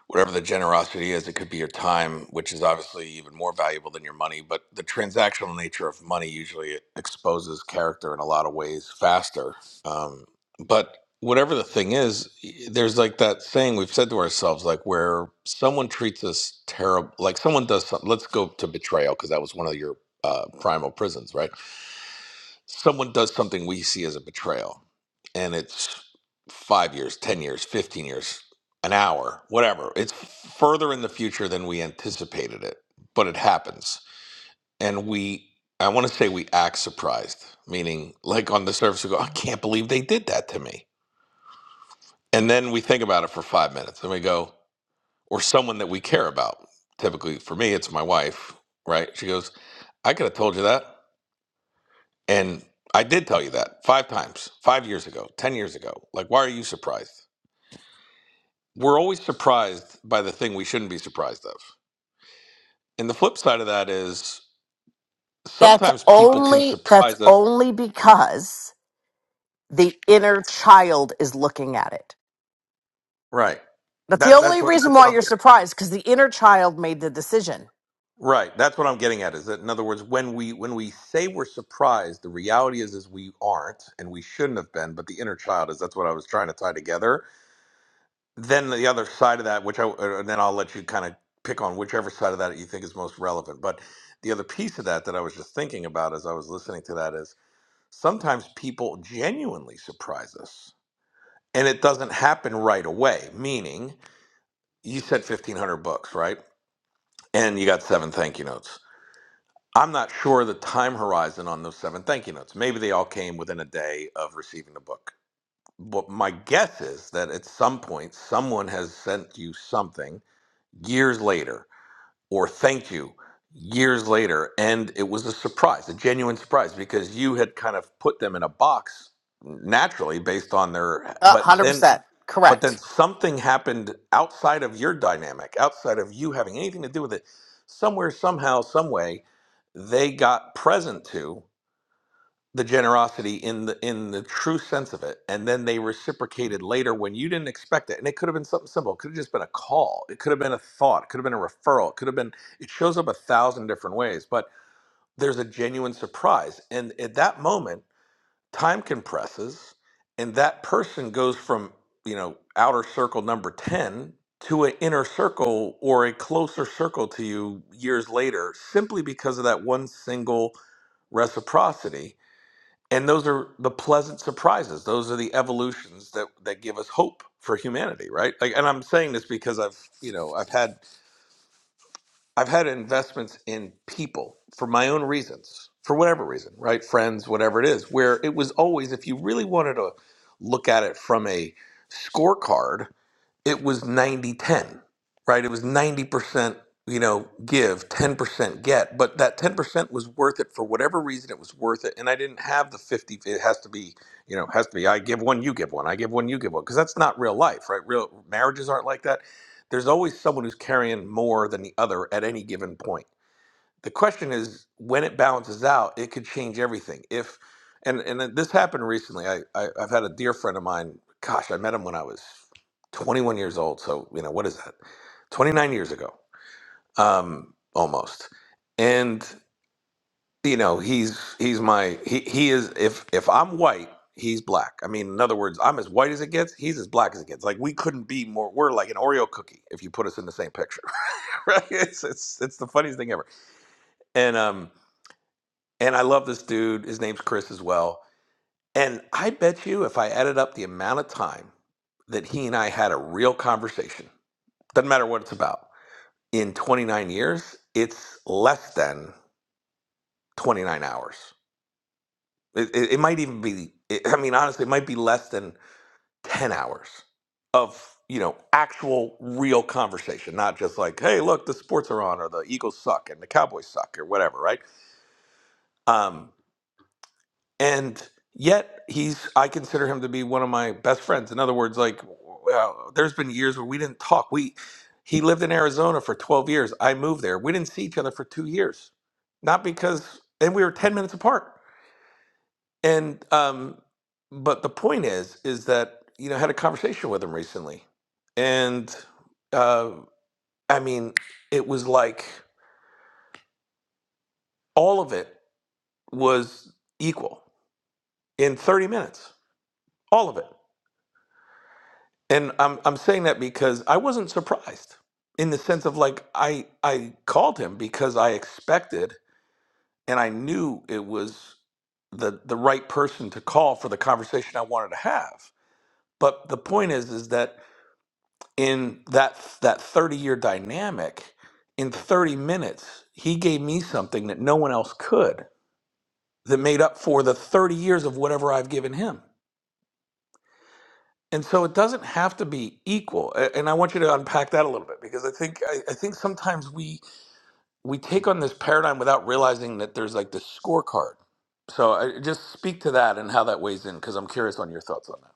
whatever the generosity is. It could be your time, which is obviously even more valuable than your money, but the transactional nature of money usually exposes character in a lot of ways faster. Um, but whatever the thing is, there's like that saying we've said to ourselves, like where someone treats us terrible, like someone does something. Let's go to betrayal because that was one of your uh, primal prisons, right? someone does something we see as a betrayal and it's five years, 10 years, 15 years, an hour, whatever. It's further in the future than we anticipated it, but it happens. And we, I want to say we act surprised, meaning like on the surface, we go, I can't believe they did that to me. And then we think about it for five minutes and we go, or someone that we care about. Typically for me, it's my wife, right? She goes, I could have told you that. And I did tell you that five times, five years ago, 10 years ago. Like, why are you surprised? We're always surprised by the thing we shouldn't be surprised of. And the flip side of that is That's sometimes people can only that's surprise us. only because the inner child is looking at it. Right. That's the That, that's only what reason that's what why I'm you're getting surprised because the inner child made the decision. at. Right. That's what I'm getting at is that in other words, when we when we say we're surprised, the reality is is we aren't and we shouldn't have been, but the inner child is that's what I was trying to tie together then the other side of that, which I uh, and then I'll let you kind of pick on whichever side of that you think is most relevant. But the other piece of that that I was just thinking about as I was listening to that is sometimes people genuinely surprise us, and it doesn't happen right away. Meaning, you said fifteen hundred bucks, right? And you got seven thank you notes. I'm not sure the time horizon on those seven thank you notes. Maybe they all came within a day of receiving the book But my guess is that at some point someone has sent you something years later or thank you years later. And it was a surprise, a genuine surprise, because you had kind of put them in a box naturally based on their Uh, but hundred then percent but then correct. something happened outside of your dynamic, outside of you having anything to do with it. Somewhere, somehow, some way, they got present to the generosity in the in the true sense of it and then they reciprocated later when you didn't expect it and it could have been something simple it could have just been a call it could have been a thought it could have been a referral it could have been it shows up a thousand different ways but there's a genuine surprise and at that moment time compresses and that person goes from you know outer circle number 10 to an inner circle or a closer circle to you years later simply because of that one single reciprocity and those are the pleasant surprises those are the evolutions that that give us hope for humanity right like and i'm saying this because i've you know i've had i've had investments in people for my own reasons for whatever reason right friends whatever it is where it was always if you really wanted to look at it from a scorecard it was 90 10, right? It was 90%, you know, give, 10% get. But that 10% was worth it for whatever reason it was worth it. And I didn't have the 50, it has to be, you know, has to be I give one, you give one, I give one, you give one. Because that's not real life, right? Real marriages aren't like that. There's always someone who's carrying more than the other at any given point the question is when it balances out it could change everything if and and this happened recently I, I i've had a dear friend of mine gosh i met him when i was 21 years old so you know what is that 29 years ago um almost and you know he's he's my he, he is if if i'm white he's black i mean in other words i'm as white as it gets he's as black as it gets like we couldn't be more we're like an oreo cookie if you put us in the same picture right it's it's, it's the funniest thing ever and um And I love this dude. His name's Chris as well. And I bet you if I added up the amount of time that he and I had a real conversation, doesn't matter what it's about, in 29 years, it's less than 29 hours. It, it, it might even be, it, I mean, honestly, it might be less than 10 hours of, you know, actual real conversation, not just like, hey, look, the sports are on or the Eagles suck and the Cowboys suck or whatever, right? Um, and yet he's i consider him to be one of my best friends in other words like well, there's been years where we didn't talk we he lived in arizona for 12 years i moved there we didn't see each other for two years not because and we were 10 minutes apart and um but the point is is that you know I had a conversation with him recently and uh i mean it was like all of it was equal in 30 minutes all of it And I'm I'm saying that because I wasn't surprised in the sense of like I I called him because I expected and I knew it was the the right person to call for the conversation I wanted to have. But the point is is that in that that 30 year dynamic in 30 minutes he gave me something that no one else could that made up for the 30 years of whatever I've given him. And so it doesn't have to be equal. A- And I want you to unpack that a little bit because I think I, I think sometimes we we take on this paradigm without realizing that there's like this scorecard. So I, just speak to that and how that weighs in because I'm curious on your thoughts on that.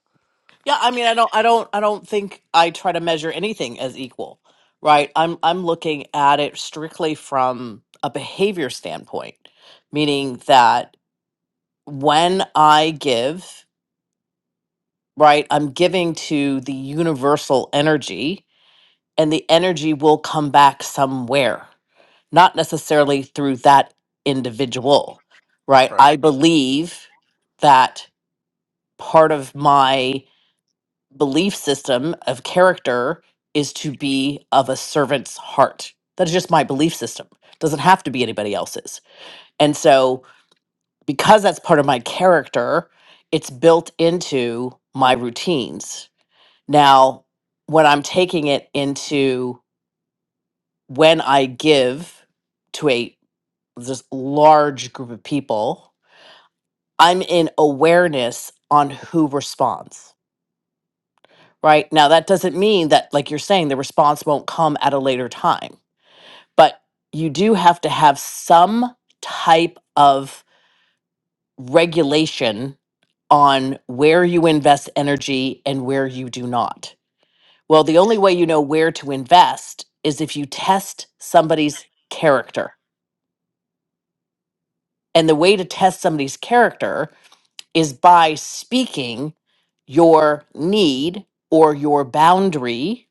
Yeah, I mean, I don't, I don't, I don't think I try to measure anything as equal, right? I'm, I'm looking at it strictly from a behavior standpoint, meaning that when I give, right, I'm giving to the universal energy and the energy will come back somewhere, not necessarily through that individual, right? Right. I believe that part of my belief system of character is to be of a servant's heart. That is just my belief system. Doesn't have to be anybody else's. And so, because that's part of my character, it's built into my routines. Now, when I'm taking it into when I give to a this large group of people, I'm in awareness on who responds. Right now, that doesn't mean that, like you're saying, the response won't come at a later time, but you do have to have some type of regulation on where you invest energy and where you do not. Well, the only way you know where to invest is if you test somebody's character And the way to test somebody's character is by speaking your need or your boundary,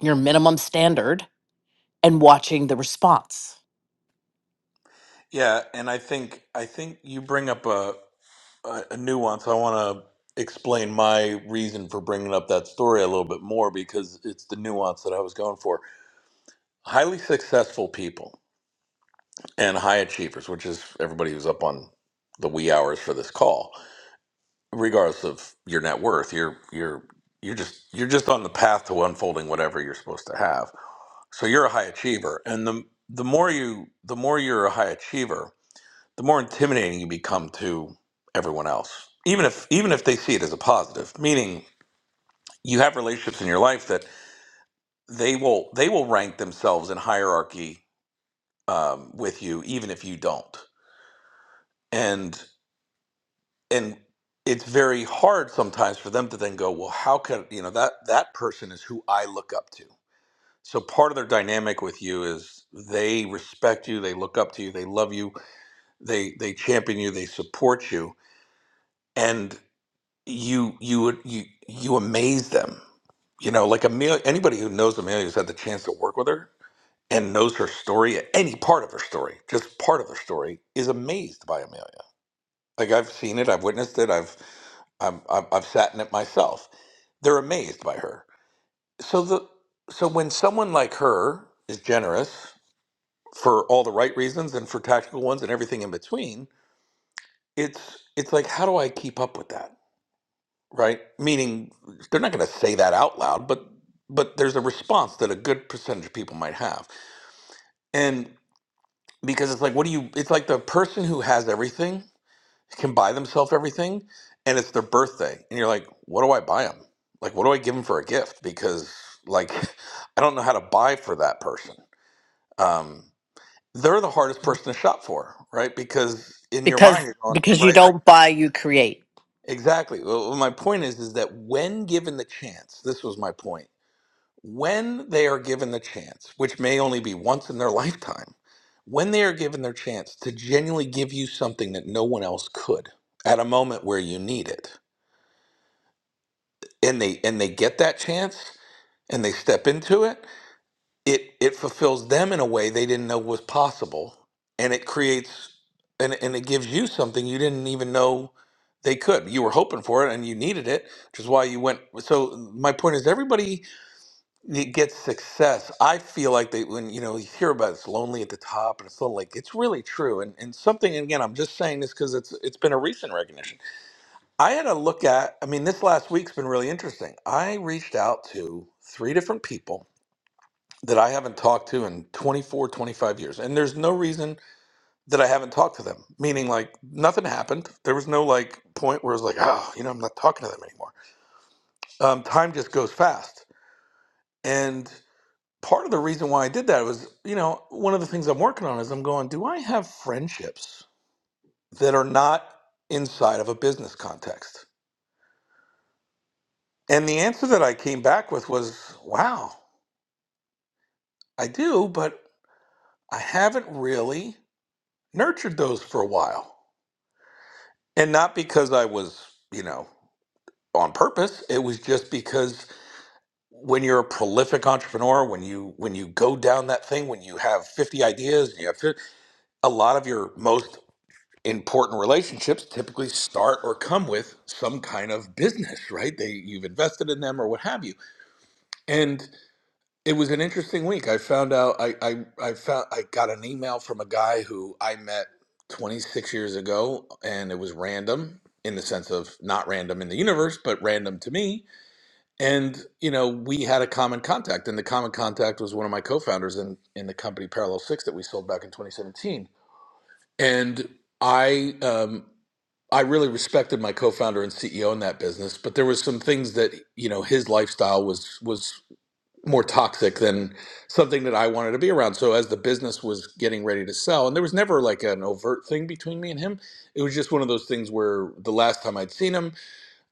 your minimum standard, and watching the response. Yeah, and I think I think you bring up a a a nuance. I want to explain my reason for bringing up that story a little bit more because it's the nuance that I was going for. Highly successful people and high achievers, which is everybody who's up on the wee hours for this call, regardless of your net worth, you're you're you're just you're just on the path to unfolding whatever you're supposed to have. So you're a high achiever, and the the more you the more you're a high achiever, the more intimidating you become to everyone else even if even if they see it as a positive meaning you have relationships in your life that they will they will rank themselves in hierarchy um, with you even if you don't and and it's very hard sometimes for them to then go well how could you know that that person is who i look up to so part of their dynamic with you is they respect you they look up to you they love you they they champion you they support you and. you you would you you amaze them. You know, like Amelia. Anybody who knows Amelia who's had the chance to work with her and knows her story, any part of her story, just part of her story, is amazed by Amelia. Like I've seen it, I've witnessed it, I've I'm, I'm I've sat in it myself. They're amazed by her. So the so when someone like her is generous for all the right reasons and for tactical ones and everything in between, it's it's like how do I keep up with that? right? Meaning they're not going to say that out loud, but but there's a response that a good percentage of people might have, and because it's like, what do you? It's like the person who has everything can buy themselves everything, and it's their birthday, and you're like, what do I buy them? Like, what do I give them for a gift? Because like, I don't know how to buy for that person. Um, they're the hardest person to shop for, right? Because in your Because mind, you're going because you right, like don't buy, you create. exactly. Well, my point is, is that when given the chance, this was my point when they are given the chance, which may only be once in their lifetime, when they are given their chance to genuinely give you something that no one else could at a moment where you need it, and they and they get that chance and they step into it, it it fulfills them in a way they didn't know was possible, and it creates and and it gives you something you didn't even know they could. You were hoping for it and you needed it, which is why you went. So my point is, everybody you get success. I feel like they when you know you hear about it's lonely at the top and it's lonely, like it's really true. And and something and again, I'm just saying this because it's it's been a recent recognition. I had a look at. I mean, this last week's been really interesting. I reached out to three different people that I haven't talked to in 24, 25 years, and there's no reason that I haven't talked to them. Meaning, like nothing happened. There was no like point where it was like, oh, you know, I'm not talking to them anymore. Um, time just goes fast. and. part of the reason why I did that was, you know, one of the things I'm working on is I'm going, do I have friendships that are not inside of a business context? And the answer that I came back with was, wow, I do, but I haven't really nurtured those for a while. And not because I was, you know, on purpose, it was just because when you're a prolific entrepreneur, when you when you go down that thing, when you have 50 ideas, and you have 50, a lot of your most important relationships typically start or come with some kind of business right they you've invested in them or what have you and it was an interesting week i found out i i, I found i got an email from a guy who i met 26 years ago and it was random in the sense of not random in the universe but random to me and you know we had a common contact and the common contact was one of my co-founders in in the company parallel six that we sold back in 2017 and I um, I really respected my co-founder and CEO in that business, but there was some things that you know his lifestyle was was more toxic than something that I wanted to be around. So as the business was getting ready to sell, and there was never like an overt thing between me and him. It was just one of those things where the last time I'd seen him,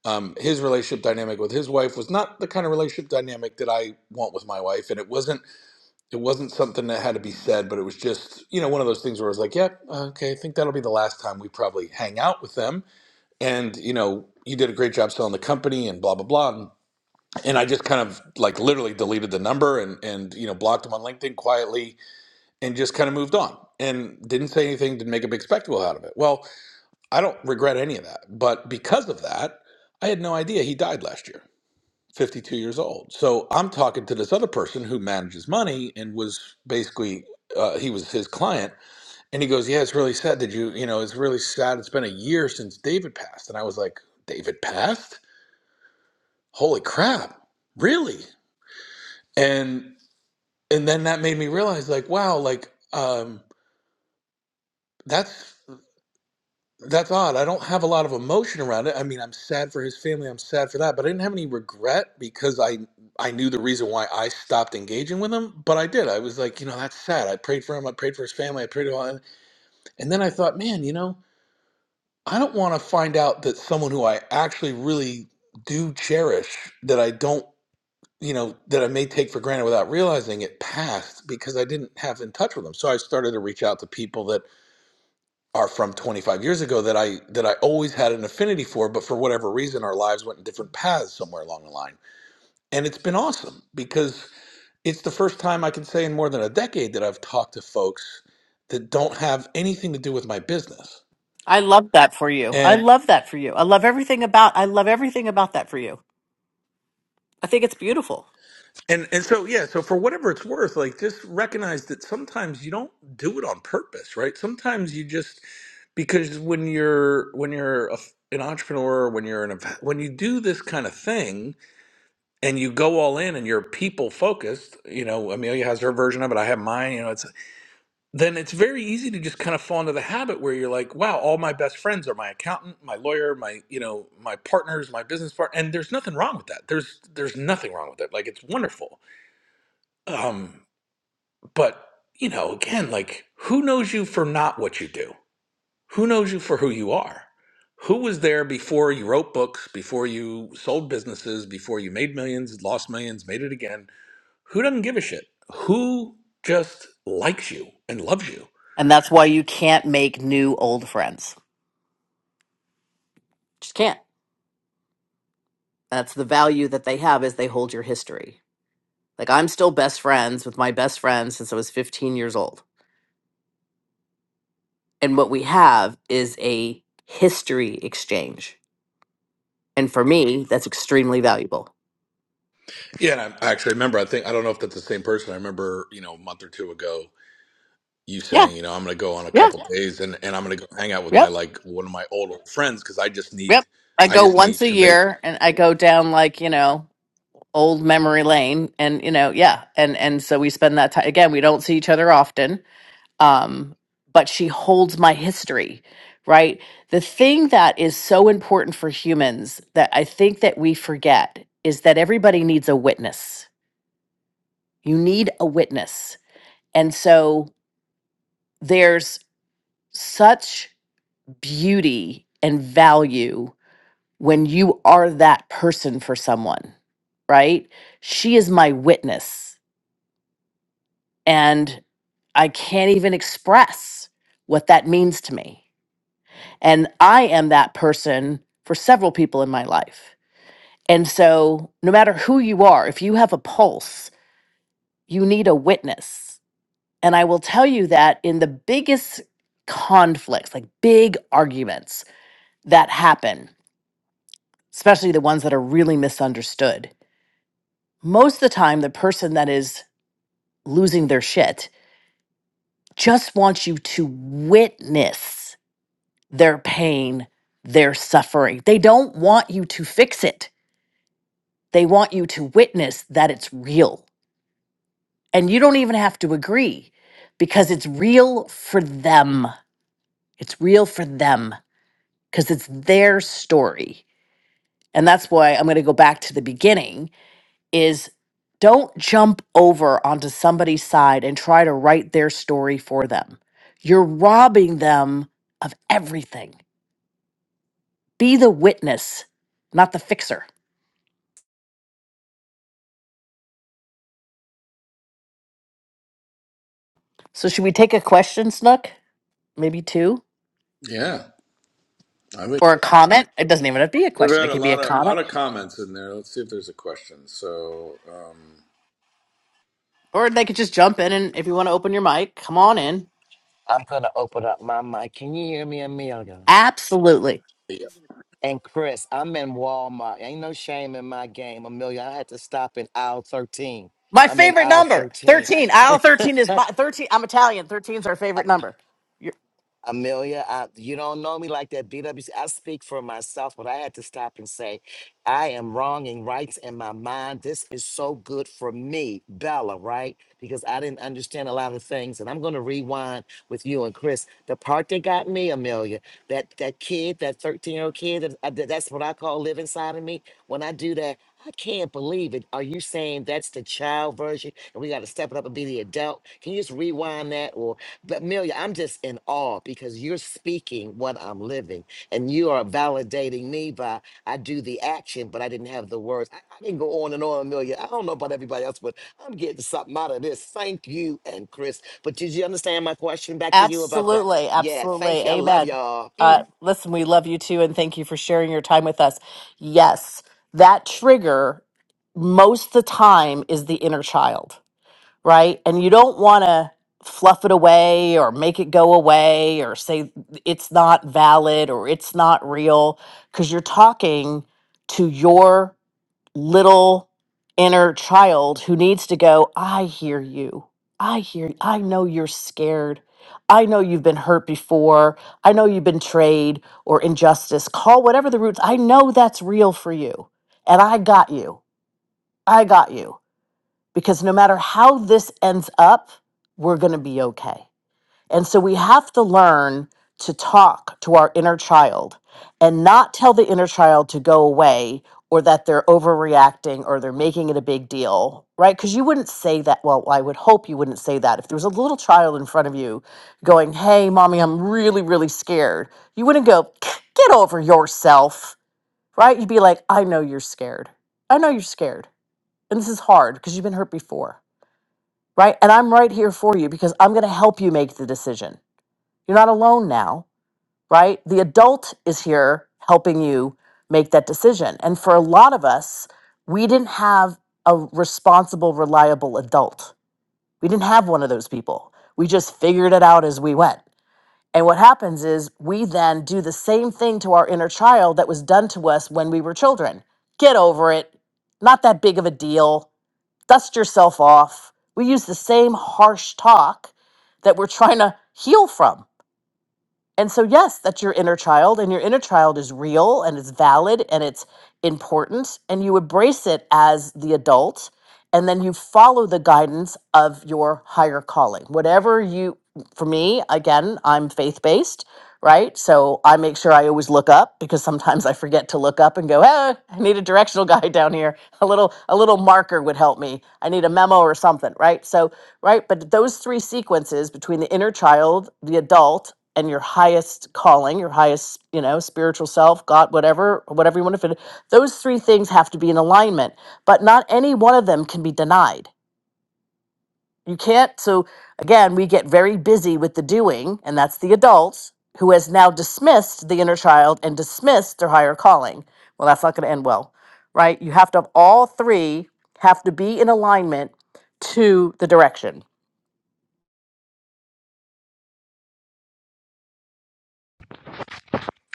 um, his relationship dynamic with his wife was not the kind of relationship dynamic that I want with my wife, and it wasn't it wasn't something that had to be said, but it was just you know one of those things where I was like, yeah, okay, I think that'll be the last time we probably hang out with them and you know you did a great job selling the company and blah blah blah and, and i just kind of like literally deleted the number and and you know blocked him on linkedin quietly and just kind of moved on and didn't say anything didn't make a big spectacle out of it well i don't regret any of that but because of that i had no idea he died last year 52 years old so i'm talking to this other person who manages money and was basically uh, he was his client and he goes yeah it's really sad did you you know it's really sad it's been a year since david passed and i was like david passed holy crap really and and then that made me realize like wow like um that's that's odd i don't have a lot of emotion around it i mean i'm sad for his family i'm sad for that but i didn't have any regret because i i knew the reason why i stopped engaging with him but i did i was like you know that's sad i prayed for him i prayed for his family i prayed for him and then i thought man you know i don't want to find out that someone who i actually really do cherish that i don't you know, that I may take for granted without realizing it passed because I didn't have in touch with them. So I started to reach out to people that are from 25 years ago that I that I always had an affinity for, but for whatever reason our lives went in different paths somewhere along the line. And it's been awesome because it's the first time I can say in more than a decade that I've talked to folks that don't have anything to do with my business. I love that for you. I and. love that for you. I love everything about I love everything about that for you. I think it's beautiful. And and so yeah, so for whatever it's worth, like just recognize that sometimes you don't do it on purpose, right? Sometimes you just because when you're when you're a, an entrepreneur, when you're an ev- when you do this kind of thing and you go all in and you're people focused, you know, Amelia has her version of it, I have mine, you know, it's then it's very easy to just kind of fall into the habit where you're like, wow, all my best friends are my accountant, my lawyer, my, you know, my partners, my business partner, and there's nothing wrong with that. There's there's nothing wrong with it. Like it's wonderful. Um but, you know, again, like who knows you for not what you do? Who knows you for who you are? Who was there before you wrote books, before you sold businesses, before you made millions, lost millions, made it again? Who doesn't give a shit? Who just likes you and loves you? And that's why you can't make new old friends. Just can't. That's the value that they have is they hold your history. Like I'm still best friends with my best friend since I was 15 years old And what we have is a history exchange. And for me, that's extremely valuable. Yeah, and I I actually remember. I think I don't know if that's the same person. I remember, you know, a month or two ago, you Yeah, saying, you know, I'm going to go on a yeah, couple days and and I'm going to go hang out with my yep, like one of my old old friends because I just need, yep. I I go just need once a to base. year and I go down like, you know, old memory lane and you know, yeah. And and so we spend that time again, we don't see each other often. Um, but she holds my history, right? The thing that is so important for humans that I think that we forget is that everybody needs a witness. You need a witness. And so there's such beauty and value when you are that person for someone, right? She is my witness, and I can't even express what that means to me. And I am that person for several people in my life. And so, no matter who you are, if you have a pulse, you need a witness. And I will tell you that in the biggest conflicts, like big arguments that happen, especially the ones that are really misunderstood. Most of the time, the person that is losing their shit just wants you to witness their pain, their suffering. They don't want you to fix it, they want you to witness that it's real. And you don't even have to agree because it's real for them. It's real for them because it's their story. And that's why I'm going to go back to the beginning is don't jump over onto somebody's side and try to write their story for them. You're robbing them of everything. Be the witness, not the fixer. So, should we take a question, Snook? Maybe two? Yeah, I would. Or a comment? It doesn't even have to be a We've question, had it a could be a lot of lot comment. of comments in there. Let's see if there's a question. So, um, Or they could just jump in and if you want to open your mic, come on in. I'm gonna open up my mic. Can you hear me, Amelia? Absolutely. yeah. And Chris, I'm in Walmart. Ain't no shame in my game, Amelia. I had to stop in aisle 13. My I'm in favorite aisle number, 13. 13. Aisle 13 is my 13. I'm Italian. 13 is our favorite number. Amelia, I, you don't know me like that. BWC, I speak for myself, but I had to stop and say, I am wrong and right in my mind. This is so good for me, Bella, right? Because I didn't understand a lot of things. And I'm going to rewind with you and Chris. The part that got me, Amelia, that, that kid, that 13 year old kid, that, I- that- that's what I call live inside of me. When I do that, I can't believe it. Are you saying that's the child version and we got to step it up and be the adult? Can you just rewind that? But Amelia, I'm just in awe because you're speaking what I'm living, and you are validating me by I do the action, but I didn't have the words. I, I can go on and on, Amelia. I don't know about everybody else, but I'm getting something out of this. Thank you and Chris. But did you understand my question back to you about the? Absolutely, Yeah, thank absolutely. you. I love Amen. y'all. Uh, listen, we love you too, and thank you for sharing your time with us. Yes, that trigger most of the time is the inner child, right? And you don't want to fluff it away or make it go away or say it's not valid or it's not real because you're talking to your little inner child who needs to go, I hear you. I hear you. I know you're scared. I know you've been hurt before. I know you've been betrayed or injustice. Call whatever the roots. I know that's real for you. And I got you. I got you. Because no matter how this ends up, we're going to be okay. And so we have to learn to talk to our inner child and not tell the inner child to go away or that they're overreacting or they're making it a big deal, right? Because you wouldn't say that. Well, I would hope you wouldn't say that. If there was a little child in front of you going, hey, mommy, I'm really, really scared, you wouldn't go, get over yourself, right? You'd be like, I know you're scared. I know you're scared. And this is hard because you've been hurt before, right? And I'm right here for you because I'm going to help you make the decision you're not alone now, right? The adult is here helping you make that decision. And for a lot of us, we didn't have a responsible, reliable adult. We didn't have one of those people. We just figured it out as we went. And what happens is we then do the same thing to our inner child that was done to us when we were children. Get over it. Not that big of a deal. Dust yourself off. We use the same harsh talk that we're trying to heal from and so, yes, that's your inner child, and your inner child is real and it's valid and it's important, and you embrace it as the adult. And then you follow the guidance of your higher calling. Whatever you, for me, again, I'm faith based, right? So I make sure I always look up because sometimes I forget to look up and go, hey, I need a directional guide down here. A little, a little marker would help me. I need a memo or something, right? So, right. But those three sequences between the inner child, the adult, and your highest calling, your highest, you know, spiritual self, God, whatever, whatever you want to fit, those three things have to be in alignment, but not any one of them can be denied. You can't. So again, we get very busy with the doing, and that's the adults who has now dismissed the inner child and dismissed their higher calling. Well, that's not going to end well, right? You have to have all three have to be in alignment to the direction.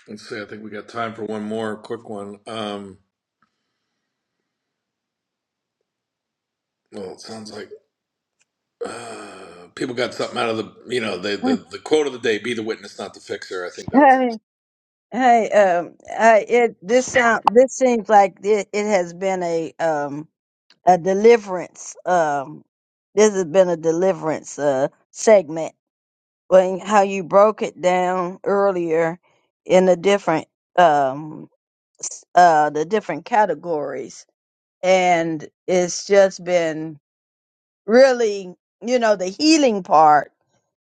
Let's see. I think we got time for one more quick one. Um, well, it sounds like uh, people got something out of the you know the, the the quote of the day: "Be the witness, not the fixer." I think that was it. Hey, um, uh, it this sound this seems like it, it has been a um a deliverance um this has been a deliverance uh segment when how you broke it down earlier in the different um s- uh the different categories and it's just been really you know the healing part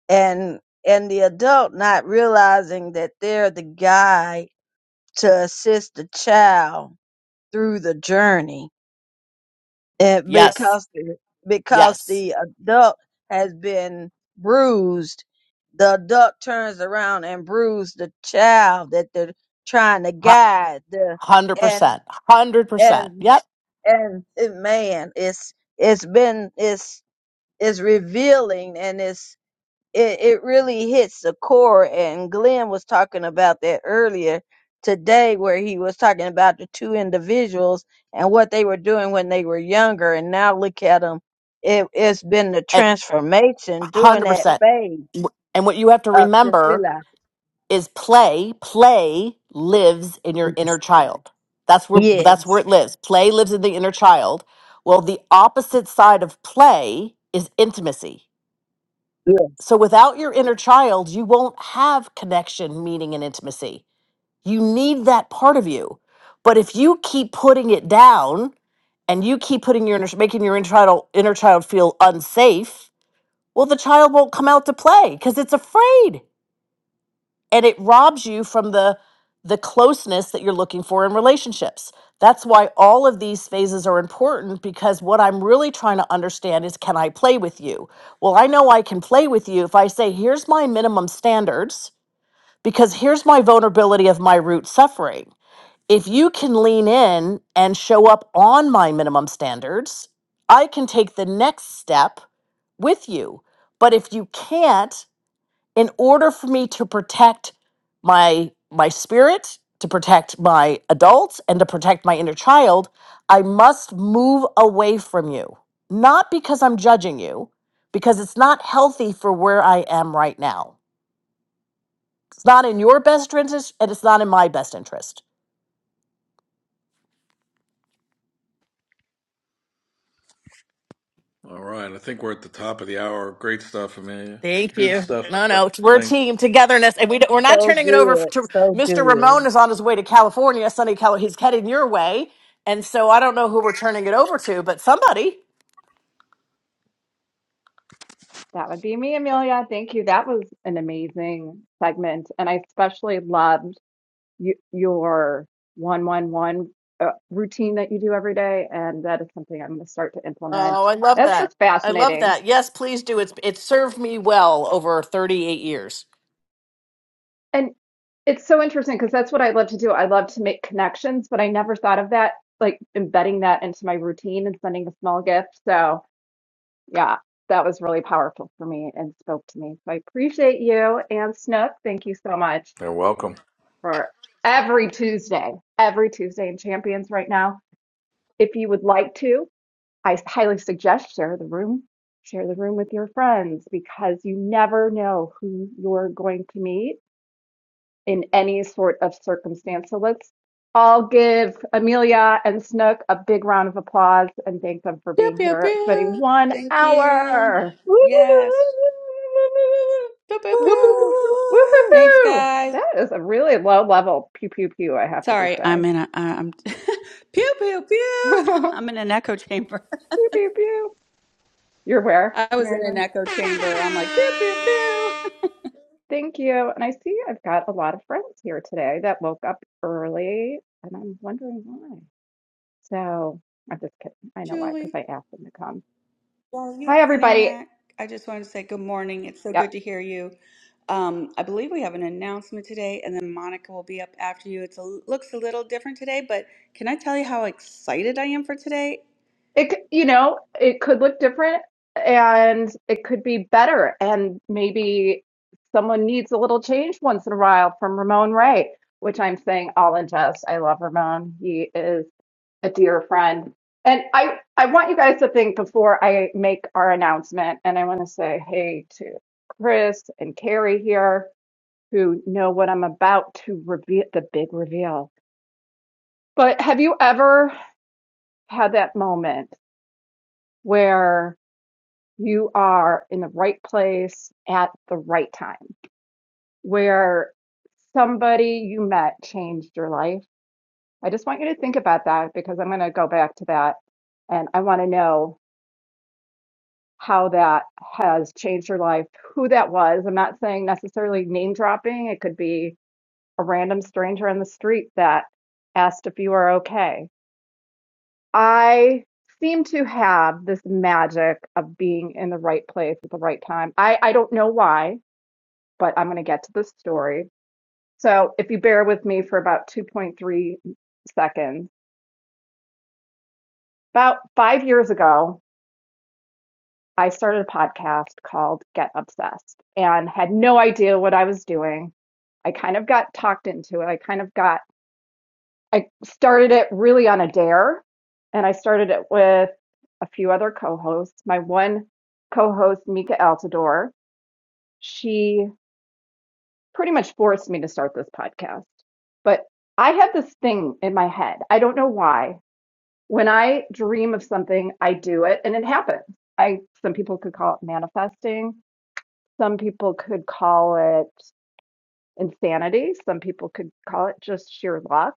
and and the adult not realizing that they're the guy to assist the child through the journey and Yes. because the, because Yes. the adult has been bruised the adult turns around and bruises the child that they're trying to Hu- guide the and 100%. 100%. and Yep and it, man it's it's been it's it's revealing and it's it, it really hits the core and glenn was talking about that earlier today where he was talking about the two individuals and what they were doing when they were younger and now look at them it, it's been the transformation during Hundred that percent. phase And what you have to of just remember realizing is play. Play lives in your inner yes child. That's where that's where yes it lives. Play lives in the inner child. Well, the opposite side of play is intimacy. yes, So without your inner child, you won't have connection, meaning, and intimacy. You need that part of you. But if you keep putting it down and you keep putting your inner, making your inner child, inner child feel unsafe, well, the child won't come out to play because it's afraid. and it robs you from the the closeness that you're looking for in relationships. That's why all of these phases are important because what I'm really trying to understand is can I play with you? Well, I know I can play with you if I say here's my minimum standards because here's my vulnerability of my root suffering. If you can lean in and show up on my minimum standards, I can take the next step with you. But if you can't, in order for me to protect my my spirit to protect my adults and to protect my inner child i must move away from you not because i'm judging you because it's not healthy for where i am right now it's not in your best interest and it's not in my best interest all right. I think we're at the top of the hour. Great stuff, Amelia. thank Good you stuff. no no it's- we're a Thanks. team togetherness and we don't, we're not so turning it over good to so mr ramon good is on his way to california sunny california he's heading your way and so i don't know who we're turning it over to but somebody That would be me, Amelia. Thank you. That was an amazing segment. And I especially loved y your 111 uh, routine that you do every day. And that is something I'm going to start to implement. Oh, I love That's that. just I love fascinating. that. Yes, please do. It's it's served me well over 38 years. And it's so interesting because that's what I love to do. I love to make connections, but I never thought of that, like embedding that into my routine and sending a small gift. So. Yeah, that was really powerful for me and spoke to me. So I appreciate you and Snook. Thank you so much You're welcome. for every Tuesday, every Tuesday in Champions right now. If you would like to, I highly suggest share the room, share the room with your friends because you never know who you're going to meet in any sort of circumstance. So let's all give Amelia and Snook a big round of applause and thank them for pew being pew here, spending pew one thank you hour. yes pew pew Whoop, whoop, whoop. pew Ooh. Thanks, Woo-hoo-hoo! guys. That is a really low level pew pew pew, I have to just Sorry, say. I'm in a uh, I'm pew pew pew. I'm in an echo chamber. Pew pew pew. You're where, I was Mary in an Lynn? echo chamber. I'm like pew pew pew. Thank you. And I see I've got a lot of friends here today that woke up early, and I'm wondering why. So I'm just kidding. I know why, because Julie, I asked them to come. while you're Hi, pinning everybody. that, I just wanted to say good morning. It's so Yep. good to hear you. Um, I believe we have an announcement today, and then Monica will be up after you. It looks a little different today, but can I tell you how excited I am for today? It, c- you know, it could look different and it could be better. And maybe someone needs a little change once in a while from Ramon Ray, which I'm saying all in jest. I love Ramon. He is a dear friend. And I, I want you guys to think before I make our announcement. And I want to say hey to Chris and Carrie here who know what I'm about to reveal, the big reveal. But have you ever had that moment? where you are in the right place at the right time where somebody you met changed your life. I just want you to think about that because I'm going to go back to that and I want to know how that has changed your life, who that was. I'm not saying necessarily name dropping, it could be a random stranger on the street that asked if you are okay. I seem to have this magic of being in the right place at the right time. I, I don't know why. but I'm going to get to the story. So, if you bear with me for about 2.3 seconds, about five years ago, I started a podcast called Get Obsessed and had no idea what I was doing. I kind of got talked into it. I kind of got, I started it really on a dare, and I started it with a few other co hosts. My one co host, Mika Altador, she pretty much forced me to start this podcast. But I have this thing in my head. I don't know why. When I dream of something, I do it and it happens. I some people could call it manifesting. Some people could call it insanity. Some people could call it just sheer luck.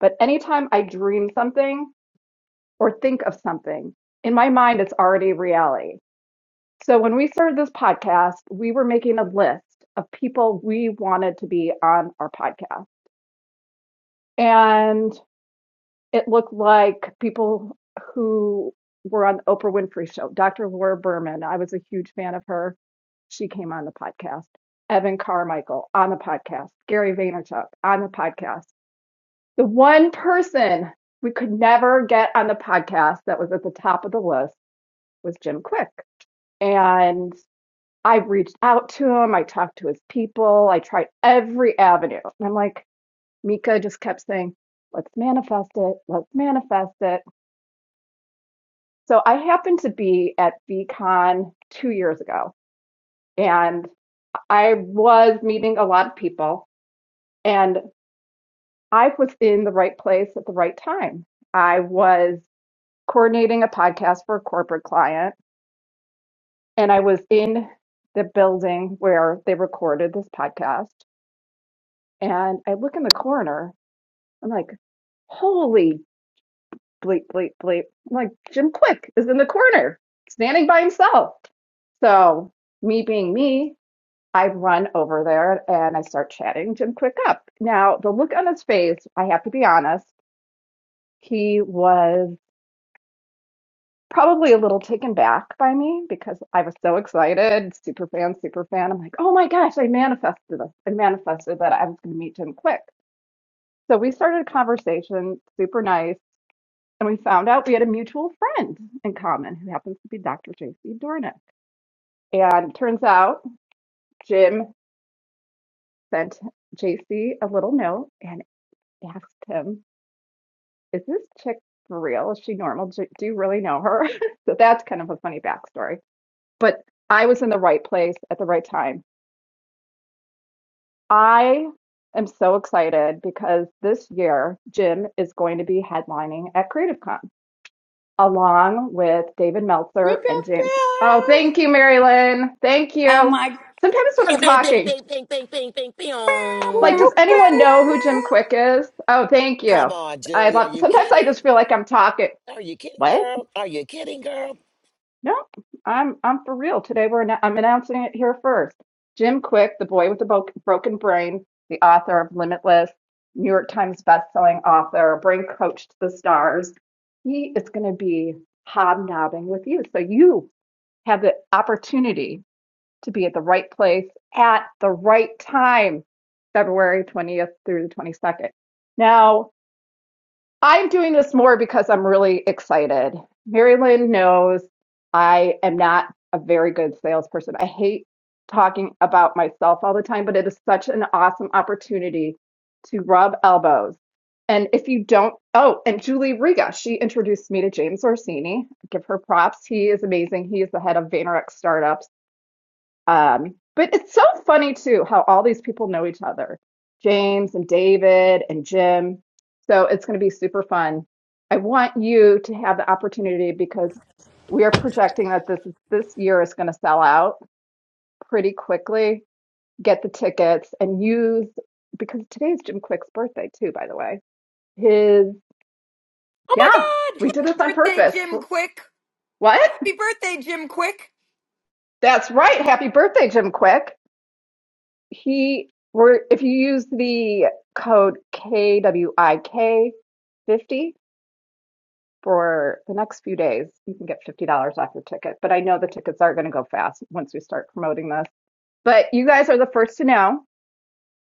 But anytime I dream something or think of something, in my mind it's already reality. So when we started this podcast, we were making a list of people we wanted to be on our podcast and it looked like people who were on the Oprah Winfrey show. Dr. Laura Berman, I was a huge fan of her. She came on the podcast. Evan Carmichael on the podcast. Gary Vaynerchuk on the podcast. The one person we could never get on the podcast that was at the top of the list was Jim Quick. And I reached out to him. I talked to his people. I tried every avenue. And I'm like, Mika just kept saying, let's manifest it, let's manifest it. So I happened to be at VCon two years ago and I was meeting a lot of people and I was in the right place at the right time. I was coordinating a podcast for a corporate client and I was in the building where they recorded this podcast. And I look in the corner, I'm like, holy bleep, bleep, bleep. I'm like, Jim Quick is in the corner, standing by himself. So, me being me, I run over there and I start chatting Jim Quick up. Now, the look on his face, I have to be honest, he was probably a little taken back by me because I was so excited, super fan, super fan. I'm like, oh my gosh, I manifested this. I manifested that I was going to meet Jim Quick. So we started a conversation, super nice. and we found out we had a mutual friend in common who happens to be Dr. JC Dornick. And turns out Jim sent JC a little note and asked him, Is this chick for real? Is she normal? Do do you really know her? so that's kind of a funny backstory. But I was in the right place at the right time. I am so excited because this year Jim is going to be headlining at CreativeCon. along with David Pew Meltzer pew and James. Oh, pew. thank you, Marilyn. Thank Oh you. my! Sometimes when I'm Bing, bing, bing, talking, bing, bing, bing, bing, bing, Whoop, like, Pew, pew, does bing. whoop, whoop, anyone whoop. know who Jim Quick pew. is? Oh, thank you. Come on, I Julie. Are love. you Sometimes I kidding? just feel like I'm talking. Are you kidding, What? girl? Are you kidding, girl? No, I'm I'm for real. Today we're annou- I'm announcing it here first. Jim Quick, the boy with the bo- broken brain, the author of Limitless, New York Times bestselling author, brain coach to the stars. He is going to be hobnobbing with you. So you have the opportunity to be at the right place at the right time, February 20th through the 22nd. Now, I'm doing this more because I'm really excited. Mary Lynn knows I am not a very good salesperson. I hate talking about myself all the time, but it is such an awesome opportunity to rub elbows. And if you don't, oh, and Julie Riga, she introduced me to James Orsini. Give her props. He is amazing. He is the head of VaynerX Startups um, but it's so funny too how all these people know each other, James and David and Jim. So it's going to be super fun. I want you to have the opportunity because we are projecting that this is, this year is going to sell out pretty quickly. Get the tickets and use because today is Jim Quick's birthday too, by the way. His Oh my yeah, God! we did Happy this on birthday, purpose. Jim Quick! What? Happy birthday, Jim Quick! That's right. Happy birthday, Jim Quick. he were if you use the code KWIK 50 for the next few days, you can get $50 off your ticket. But I know the tickets are going to go fast once we start promoting this. But you guys are the first to know.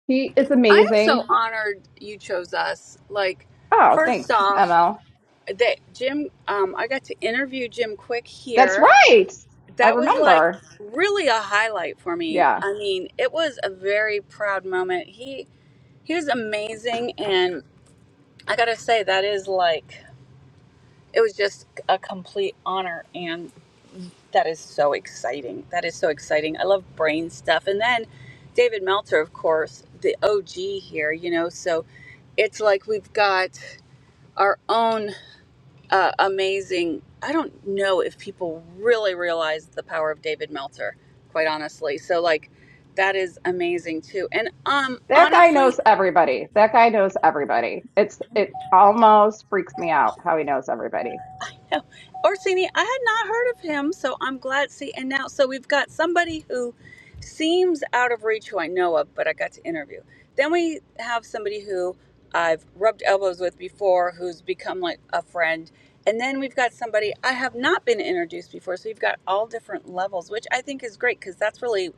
He is amazing. Us like Oh, first thanks, off. ML. that Jim, um, I got to interview Jim Quick That's here. right. I That was like remember. really a highlight for me. Yeah. I mean, it was a very proud moment. He he was amazing, and I gotta say that is like it was just a complete honor, and that is so exciting. That is so exciting. I love brain stuff, and then David Meltzer, of course, the OG here. You know, so it's like we've got our own. uh, amazing. I don't know if people really realize the power of David Meltzer, quite honestly. So like, that is amazing too. And um, That guy knows honestly, everybody. That guy knows everybody. It's it almost freaks me out how he knows everybody. Orsini, I had not heard of him, so I'm glad. See, and now, so we've got somebody who seems out of reach who I know of, but I got to interview. Then we have somebody who I've rubbed elbows with before who's become like a friend. And then we've got somebody I have not been introduced before. So you've got all different levels, which I think is great because that's really,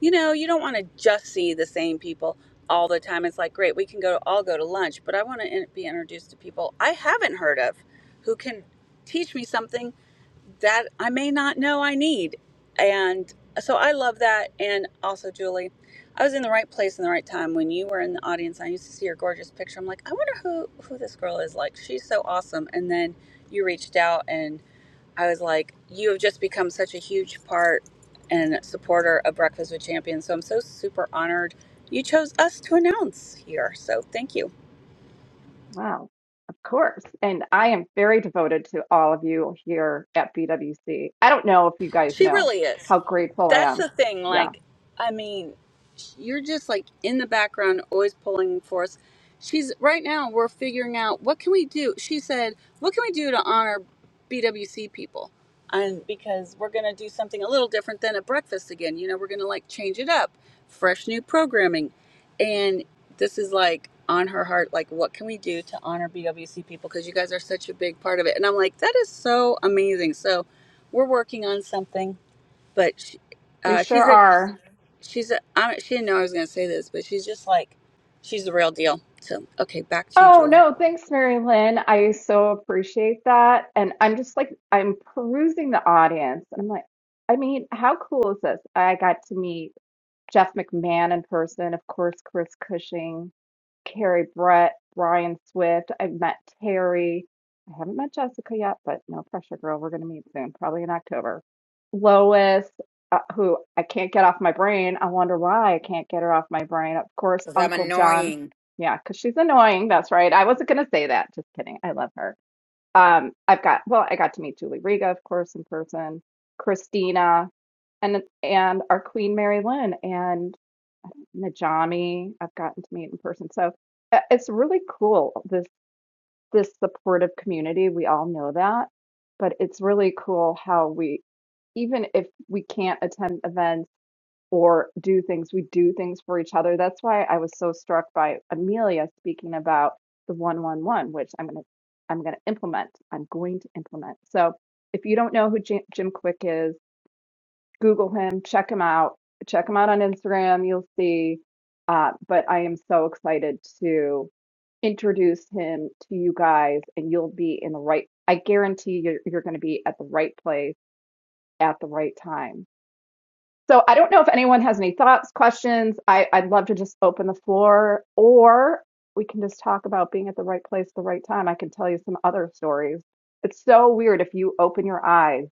you know, you don't want to just see the same people all the time. It's like, great, we can go, all go to lunch, but I want to in- be introduced to people I haven't heard of who can teach me something that I may not know I need. And so I love that. And also, Julie, I was in the right place in the right time when you were in the audience. I used to see your gorgeous picture. I'm like, I wonder who who this girl is. Like, she's so awesome. And then you reached out, and I was like, you have just become such a huge part and supporter of Breakfast with Champions. So I'm so super honored you chose us to announce here. So thank you. Wow, of course. And I am very devoted to all of you here at BWC. I don't know if you guys She know really is. how grateful I that's am. the thing. Yeah, Like, I mean, you're just like in the background, always pulling for us. She's right now. We're figuring out what can we do. She said, "What can we do to honor BWC people?" And because we're gonna do something a little different than a breakfast again. You know, we're gonna like change it up, fresh new programming, and this is like on her heart. Like, what can we do to honor BWC people? Because you guys are such a big part of it. And I'm like, that is so amazing. So, we're working on something but she, we uh, sure she's a are. she's a I, she didn't know I was gonna say this, but she's just like she's the real deal. So okay, back to you, Oh, Julie. no, thanks, Mary Lynn. I so appreciate that. And I'm just like, I'm perusing the audience. And I'm like, I mean, how cool is this? I got to meet Jeff McMahon in person, of course, Chris Cushing, Carrie Brett, Brian Swift. I've met Terry. I haven't met Jessica yet, but no pressure, girl. We're going to meet soon, probably in October. Lois, uh, who I can't get off my brain. I wonder why I can't get her off my brain. Of course, Because I'm Uncle John. annoying. Yeah, because she's annoying. That's right. I wasn't going to say that. Just kidding. I love her. Um, I've got well, I got to meet Julie Riga, of course, in person, Christina, and and our Queen Mary Lynn and Najami. I've gotten to meet in person, so uh, it's really cool. This this supportive community, we all know that, but it's really cool how we, even if we can't attend events or do things. We do things for each other. That's why I was so struck by Amelia speaking about the 111, which I'm going to I'm going to implement. I'm going to implement. So, if you don't know who Jim, Jim Quick is, Google him, check him out. Check him out on Instagram, you'll see. Uh, but I am so excited to introduce him to you guys and you'll be in the right I guarantee you're, you're going to be at the right place at the right time so I don't know if anyone has any thoughts, questions. I, I'd love to just open the floor, or we can just talk about being at the right place at the right time. I can tell you some other stories. It's so weird. If you open your eyes,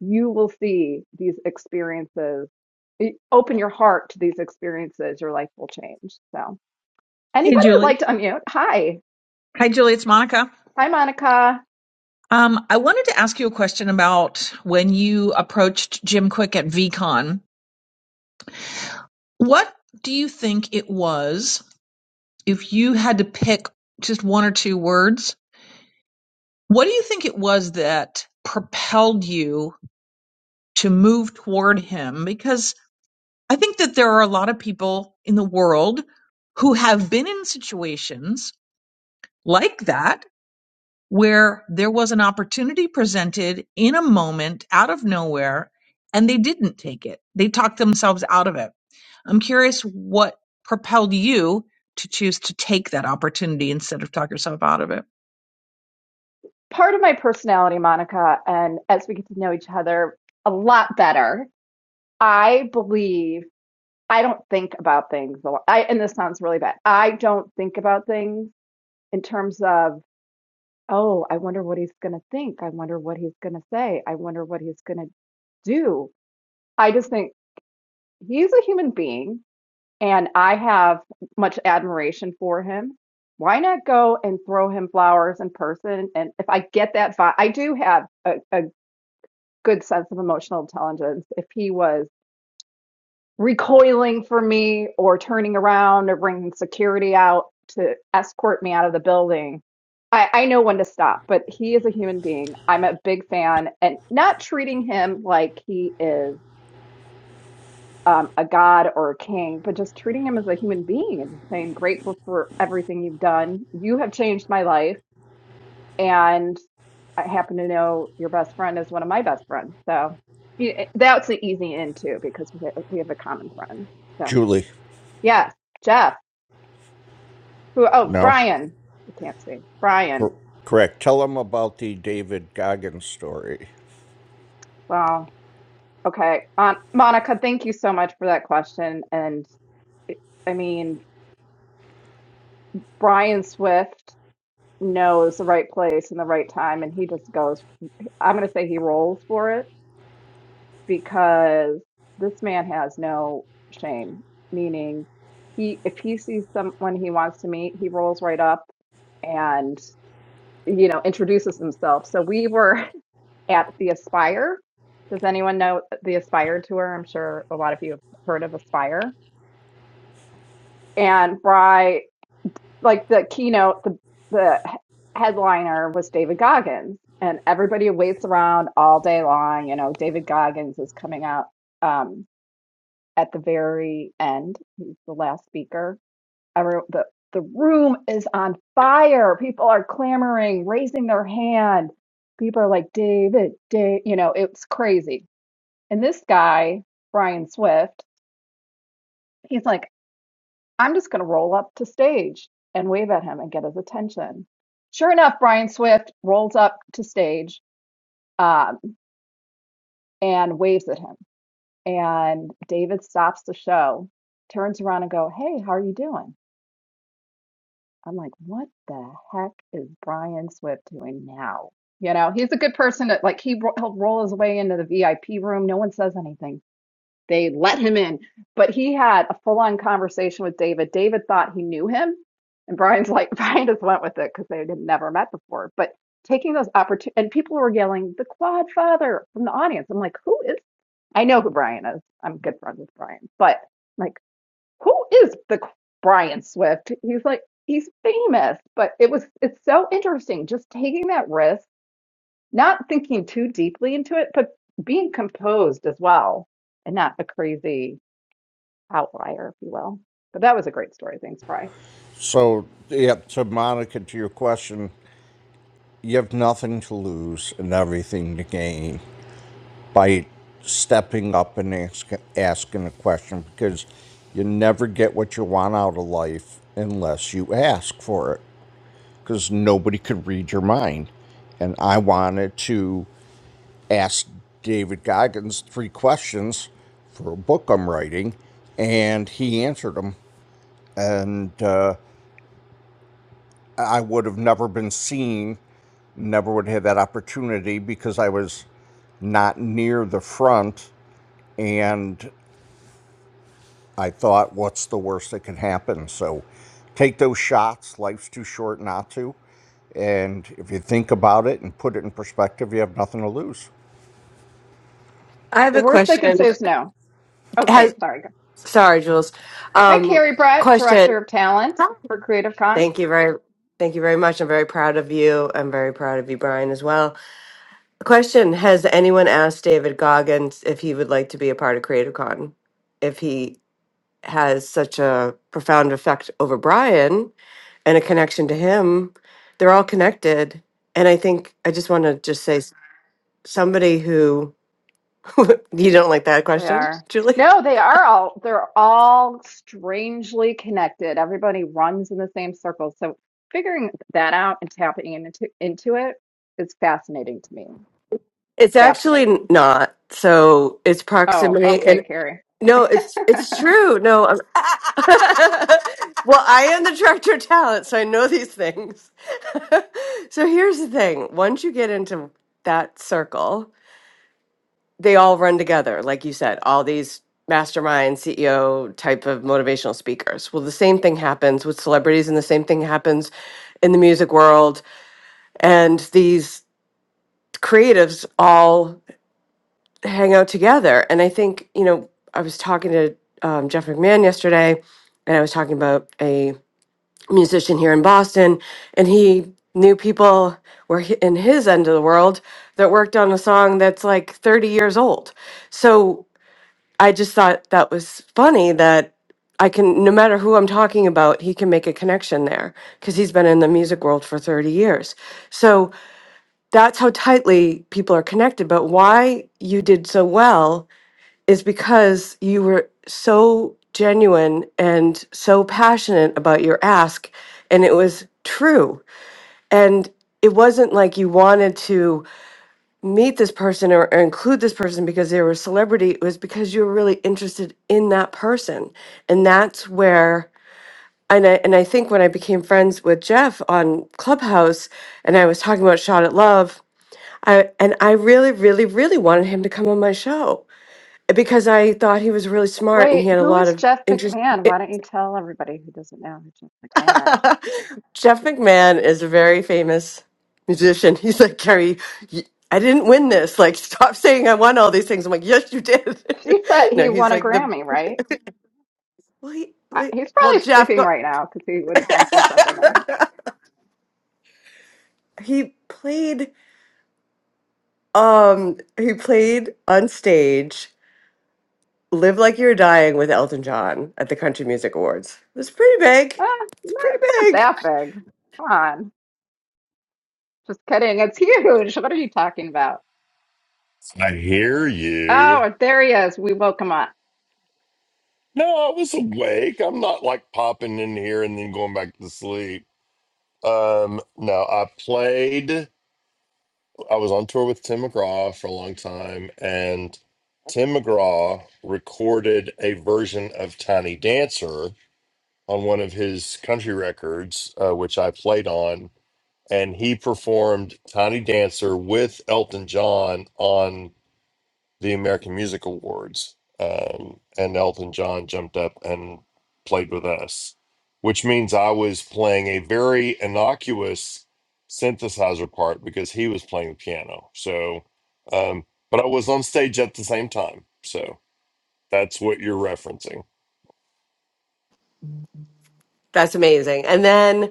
you will see these experiences. You open your heart to these experiences, your life will change. So, Hey, anybody would Julie. like to unmute? Hi. Hi, Julie. It's Monica. Hi, Monica. Um, I wanted to ask you a question about when you approached Jim Quick at VCon. What do you think it was, if you had to pick just one or two words, what do you think it was that propelled you to move toward him? Because I think that there are a lot of people in the world who have been in situations like that where there was an opportunity presented in a moment out of nowhere and they didn't take it. They talked themselves out of it. I'm curious what propelled you to choose to take that opportunity instead of talk yourself out of it. Part of my personality, Monica, and as we get to know each other a lot better, I believe. I don't think about things a lot. I, and this sounds really bad. I don't think about things in terms of, oh, I wonder what he's going to think. I wonder what he's going to say. I wonder what he's going to do. I just think he's a human being and I have much admiration for him. Why not go and throw him flowers in person? And if I get that vibe, I do have a, a good sense of emotional intelligence. If he was recoiling from me or turning around or bringing security out to escort me out of the building. I, I know when to stop, but he is a human being. I'm a big fan and not treating him like he is um, a god or a king, but just treating him as a human being and just saying, grateful for everything you've done. You have changed my life. And I happen to know your best friend is one of my best friends. So yeah, that's an easy in too because we have, we have a common friend. So. Julie, Yes, Jeff. Who? Oh, no, Brian. I can't see. Brian. Cor- correct. Tell them about the David Goggins story. Well, okay. Um, Monica, thank you so much for that question. And eh, I mean, Brian Swift knows the right place and the right time, and he just goes. I'm going to say he rolls for it because this man has no shame. Meaning, he if he sees someone he wants to meet, he rolls right up and you know introduces himself. So we were. at the Aspire. Does anyone know the Aspire tour? I'm sure a lot of you have heard of Aspire. And Bry, like the keynote, the the headliner was David Goggins, and everybody waits around all day long. You know, David Goggins is coming out um, at the very end. He's the last speaker. Every, the the room is on fire. People are clamoring, raising their hand. People are like, David, David. you know, it's crazy And this guy, Brian Swift, he's like, I'm just going to roll up to stage and wave at him and get his attention. Sure enough, Brian Swift rolls up to stage um, and waves at him. And David stops the show, turns around and go, Hey, how are you doing? I'm like, what the heck is Brian Swift doing now? You know, he's a good person to like, he, he'll roll his way into the VIP room. No one says anything They let him in. But he had a full on conversation with David. David thought he knew him. And Brian's like, Brian just went with it because they had never met before. But taking those opportunities, and people were yelling, the quad father from the audience. I'm like, who is? I know who Brian is. I'm good friends with Brian. But I'm like, who is the Brian Swift? He's like, he's famous. But it was, it's so interesting just taking that risk, not thinking too deeply into it, but being composed as well and not a crazy outlier, if you will. But that was a great story. Thanks, Bry. So, yeah, to Monica, to your question, you have nothing to lose and everything to gain by stepping up and ask, asking a question because you never get what you want out of life unless you ask for it because nobody could read your mind. And I wanted to. asked David Goggins three questions for a book I'm writing, and he answered them. And uh, I would have never been seen, never would have had that opportunity because I was not near the front. And I thought, what's the worst that can happen? So take those shots. Life's too short not to. And if you think about it and put it in perspective, you have nothing to lose. I have The a worst they can question. say is no. Okay, Has sorry. sorry, Jules. Hi, Um, Carrie Brett, question. Director of Talent for Creative Con. Thank you very, thank you very much. I'm very proud of you. I'm very proud of you, Brian, as well. Question: Has anyone asked David Goggins if he would like to be a part of Creative Con? If he has such a profound effect over Brian and a connection to him, they're all connected. And I think I just want to just say s- somebody who you don't like that They question, are. Julie. No, they are all, they're all strangely connected. Everybody runs in the same circles. So figuring that out and tapping into, into it is fascinating to me. It's actually Fascinating. not. So it's Oh, proximity, okay, and Carrie. no, it's it's true. No, I'm. well, I am the director of talent, so I know these things. so here's the thing: once you get into that circle, they all run together, like you said. All these mastermind CEO type of motivational speakers. Well, the same thing happens with celebrities, and the same thing happens in the music world, and these creatives all hang out together. And I think, you know, I was talking to um, Jeff McMahon yesterday, and I was talking about a musician here in Boston, and he knew people were hi- in his end of the world that worked on a song that's like 30 years old. So I just thought that was funny that I can, no matter who I'm talking about, he can make a connection there because he's been in the music world for 30 years. So that's how tightly people are connected. But why you did so well is because you were so genuine and so passionate about your ask and it was true and it wasn't like you wanted to meet this person or, or include this person because they were a celebrity it was because you were really interested in that person and that's where and I, and I think when I became friends with Jeff on Clubhouse and I was talking about Shot at Love, I, and I really, really, really wanted him to come on my show because I thought he was really smart and he Wait, had a who lot is of Jeff interest. McMahon? Why don't you tell everybody who doesn't know who Jeff McMahon is? Jeff McMahon is a very famous musician. He's like, Carrie, y- I didn't win this. Like, stop saying I won all these things. I'm like, yes, you did. She said no, he he's won a like the Grammy, right? well, he, I, like, he's well, probably Jeff, sleeping go- right now because he would have done see something. And, he played, um, he played on stage. Live Like You're Dying with Elton John at the Country Music Awards. It was pretty big. eh, no, It's pretty it's not big. that big. Come on. Just kidding. It's huge. What are you talking about? I hear you. Oh, there he is. We woke him up. No, I was awake. I'm not like popping in here and then going back to sleep. Um, no, I played. I was on tour with Tim McGraw for a long time, and Tim McGraw recorded a version of Tiny Dancer on one of his country records, uh, which I played on, and he performed Tiny Dancer with Elton John on the American Music Awards, um, and Elton John jumped up and played with us, which means I was playing a very innocuous synthesizer part because he was playing the piano. So, um, but I was on stage at the same time. So that's what you're referencing. That's amazing. And then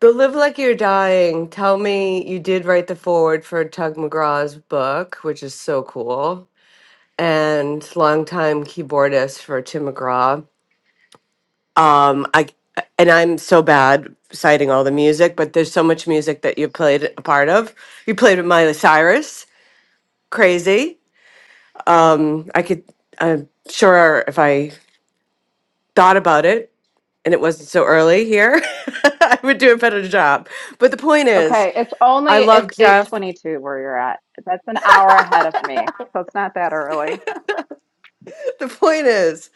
The Live Like You're Dying. Tell me you did write the foreword for Tug McGraw's book, which is so cool, and longtime keyboardist for Tim McGraw. Um, I and I'm so bad citing all the music, but there's so much music that you played a part of. You played with Miley Cyrus, crazy. Um, I could. I'm sure if I thought about it and it wasn't so early here, I would do a better job. But the point is, Okay, it's I only it's love Jeff. 8:22 where you're at. That's an hour ahead of me. So it's not that early. the point is,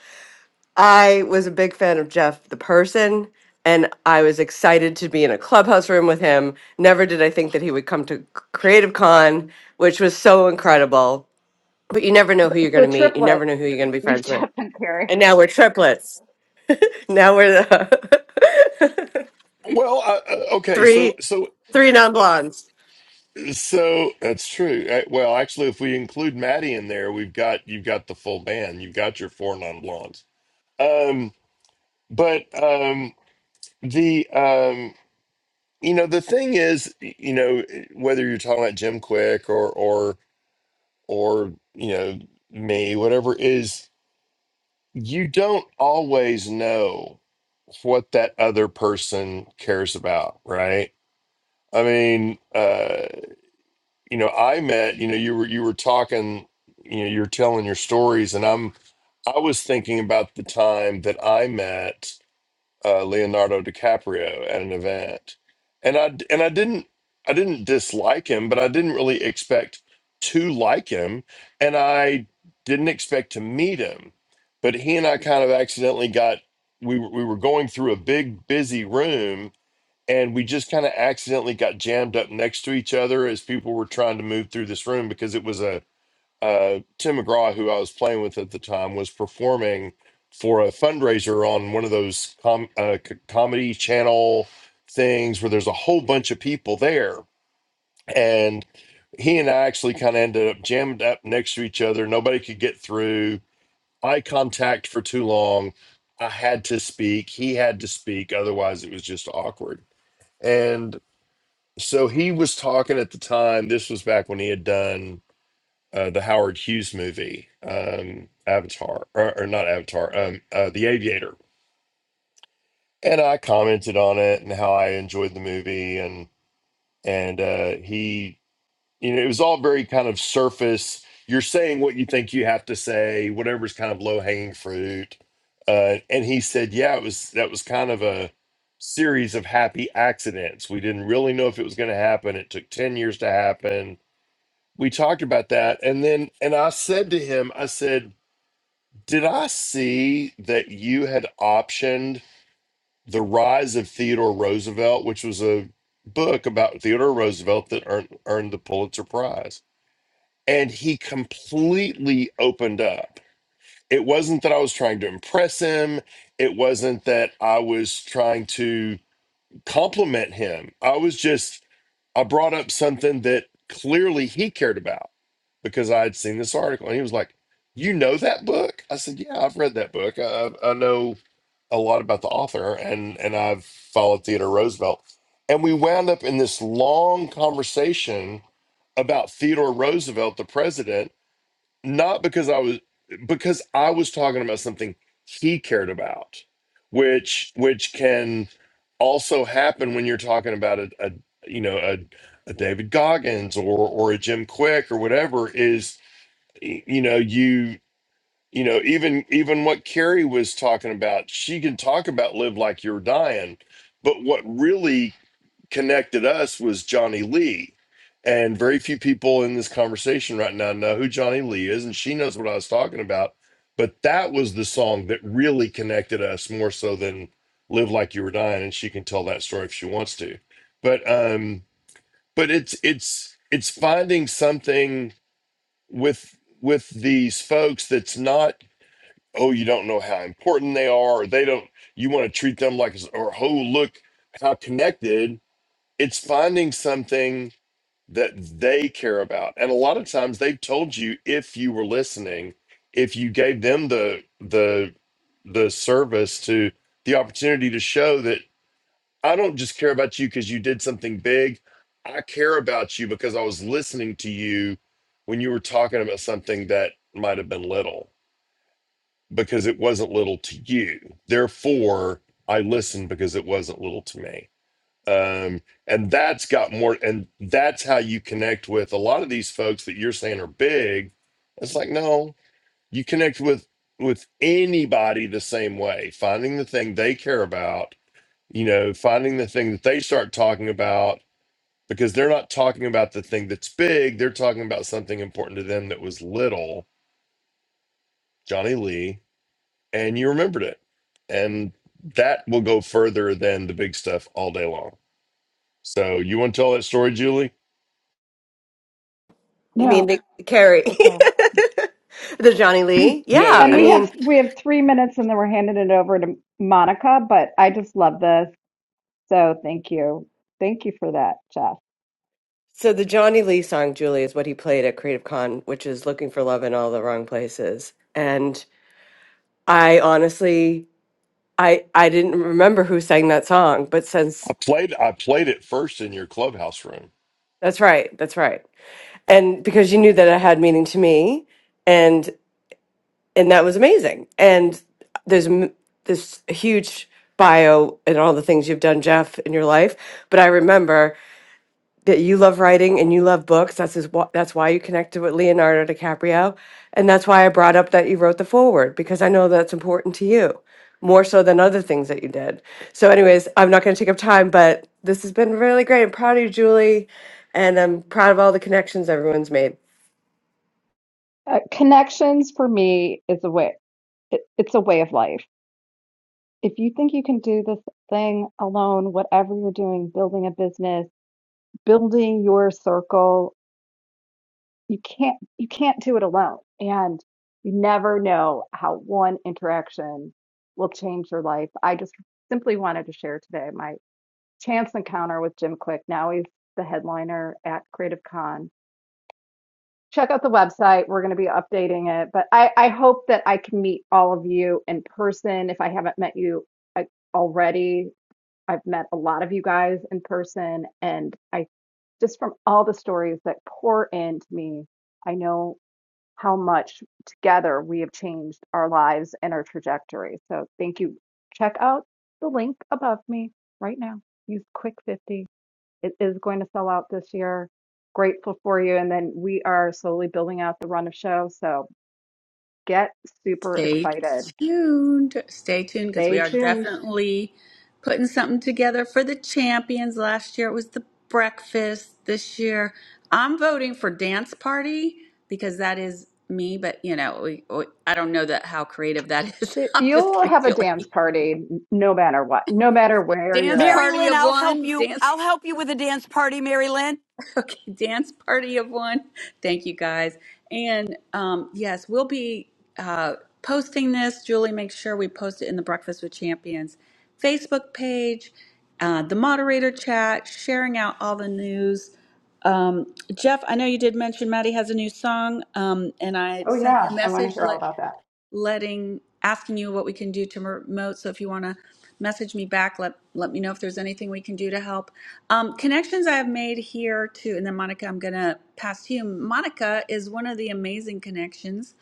I was a big fan of Jeff the person, and I was excited to be in a clubhouse room with him. Never did I think that he would come to Creative Con, which was so incredible. But you never know who you're It's going The to meet. You triplets. never know who you're going to be Me, friends with. Jeff, and Carrie. And now we're triplets. Now we're the Well, I, I- okay, so three so three non blondes. so that's true. Uh, Well, actually, if we include Maddie in there, we've got you've got the full band. You've got your four non blondes. Um, but um, The um, you know, the thing is, y- you know, eh, whether you're talking about Jim Quick or or or you know me, whatever is, you don't always know what that other person cares about, right? I mean, uh, you know, I met, you know, you were you were talking, you know, you're telling your stories, and I'm, I was thinking about the time that I met. uh, Leonardo DiCaprio at an event, and I and I didn't I didn't dislike him, but I didn't really expect to like him, and I didn't expect to meet him. But he and I kind of accidentally got we were- we were going through a big busy room, and we just kind of accidentally got jammed up next to each other as people were trying to move through this room because it was a uh, Tim McGraw, who I was playing with at the time, was performing for a fundraiser on one of those com- uh, c- comedy channel things where there's a whole bunch of people there. And he and I actually kind of ended up jammed up next to each other. Nobody could get through eye contact for too long. I had to speak. He had to speak. Otherwise, it was just awkward. And so he was talking at the time. This was back when he had done uh, the Howard Hughes movie, um, Avatar, or, or not Avatar, um, uh, The Aviator, and I commented on it and how I enjoyed the movie, and and uh, he, you know, it was all very kind of surface. You're saying what you think you have to say, whatever's kind of low hanging fruit, uh, and he said, yeah, it was that was kind of a series of happy accidents. We didn't really know if it was going to happen. It took ten years to happen. We talked about that, and then and I said to him, I said Did I see that you had optioned The Rise of Theodore Roosevelt, which was a book about Theodore Roosevelt that earned, earned the Pulitzer Prize? And he completely opened up. It wasn't that I was trying to impress him, it wasn't that I was trying to compliment him. I was just, I brought up something that clearly he cared about because I had seen this article. And he was like, You know that book? I said, Yeah, I've read that book. I, I know a lot about the author and, and I've followed Theodore Roosevelt. And we wound up in this long conversation about Theodore Roosevelt, the president not because I was because I was talking about something he cared about, which which can also happen when you're talking about a, a you know a, a David Goggins or or a Jim Quick or whatever is y- you know you you know even even what Carrie was talking about she can talk about live like you're dying, but what really connected us was Johnny Lee. And very few people in this conversation right now know who Johnny Lee is, and she knows what I was talking about. But that was the song that really connected us more so than Live Like You Were Dying, and she can tell that story if she wants to. But um, but it's it's it's finding something with with these folks that's not, oh, you don't know how important they are, or they don't you want to treat them like or oh look how connected it's finding something that they care about and a lot of times they've told you if you were listening if you gave them the the the service to the opportunity to show that i don't just care about you because you did something big i care about you because i was listening to you when you were talking about something that might have been little because it wasn't little to you therefore i listened because it wasn't little to me um, and that's got more and that's how you connect with a lot of these folks that you're saying are big it's like no you connect with with anybody the same way finding the thing they care about you know finding the thing that they start talking about because they're not talking about the thing that's big they're talking about something important to them that was little johnny lee and you remembered it and that will go further than the big stuff all day long so you want to tell that story julie You mean No. the Carrie, Okay. the Johnny Lee? Yeah, Yeah, yeah, And I we yeah. mean have we have three minutes and then we're handing it over to Monica, but I just love this. So thank you. Thank you for that, Jeff. So the Johnny Lee song "Julie" is what he played at Creative Con, which is "Looking for Love in All the Wrong Places." And I honestly, I I didn't remember who sang that song, but since I played I played it first in your clubhouse room. that's right, that's right, and because you knew that it had meaning to me, and and that was amazing. And there's m- this huge bio and all the things you've done, Jeff, in your life, but I remember. that you love writing and you love books. That's his, wh- that's why you connected with Leonardo DiCaprio, and that's why I brought up that you wrote the foreword because I know that's important to you more so than other things that you did. So, anyways, I'm not going to take up time, but this has been really great. I'm proud of you, Julie, and I'm proud of all the connections everyone's made. Uh, connections for me is a way, it, it's a way of life. If you think you can do this thing alone, whatever you're doing, building a business, building your circle, you can't you can't do it alone. And you never know how one interaction will change your life. I just simply wanted to share today my chance encounter with Jim Quick. Now he's the headliner at Creative Con check out the website. We're going to be updating it, but I, I hope that I can meet all of you in person. If I haven't met you I, already, I've met a lot of you guys in person, and I just from all the stories that pour into me, I know how much together we have changed our lives and our trajectory. So thank you. Check out the link above me right now. Use Quick 50. It is going to sell out this year. Grateful for you. And then we are slowly building out the run of shows. So get super Stay excited. tuned. Stay tuned because we Stay are tuned. definitely putting something together for the champions. Last year it was the breakfast. This year I'm voting for dance party because that is me. But you know, we, we, I don't know that how creative that is. Shit, I'm just You'll kidding, have a dance Julie. party n- no matter what, no matter where you're Dance at. Mary party Lynn, of I'll help one. you. Dance I'll help you with a dance party, Mary Lynn. okay, dance party of one. Thank you guys. And um, yes, we'll be uh, posting this. Julie, make sure we post it in the Breakfast with Champions Facebook page, uh, the moderator chat, sharing out all the news. Um, Jeff, I know you did mention Maddie has a new song, um, and I Oh, sent yeah. you a I want to message. hear all Let about that. letting asking you what we can do to promote. So if you want to message me back, let let me know if there's anything we can do to help. Um, connections I have made here too, and then Monica, I'm gonna pass to you. Monica is one of the amazing connections.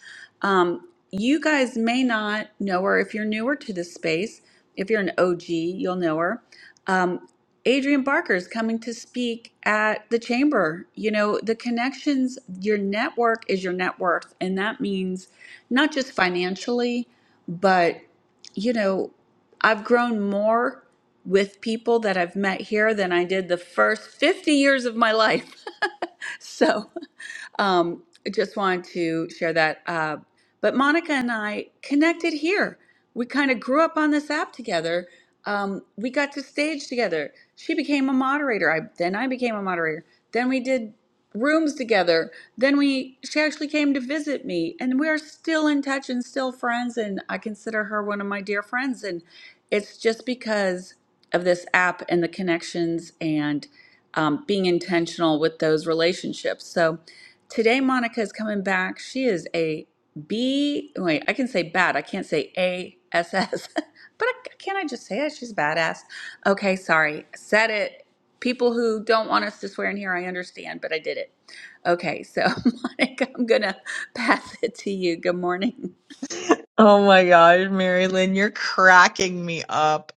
Um, you guys may not know her if you're newer to this space. If you're an OG, you'll know her. Um, Adrian Barker is coming to speak at the chamber. You know, the connections, your network is your net worth, and that means not just financially, but, you know, I've grown more with people that I've met here than I did the first 50 years of my life. so um, I just wanted to share that. Uh, but Monica and I connected here. We kind of grew up on this app together. Um, we got to stage together. She became a moderator. I then I became a moderator. Then we did rooms together. Then we she actually came to visit me, and we are still in touch and still friends. And I consider her one of my dear friends. And it's just because of this app and the connections and um, being intentional with those relationships. So Today, Monica is coming back. She is a B. Wait, I can say bad. I can't say A S S. But I, can't I just say it? She's badass. Okay, sorry. Said it. People who don't want us to swear in here, I understand, but I did it. Okay, so Monica, I'm gonna pass it to you. Good morning. Oh my gosh, Mary Lynn, you're cracking me up.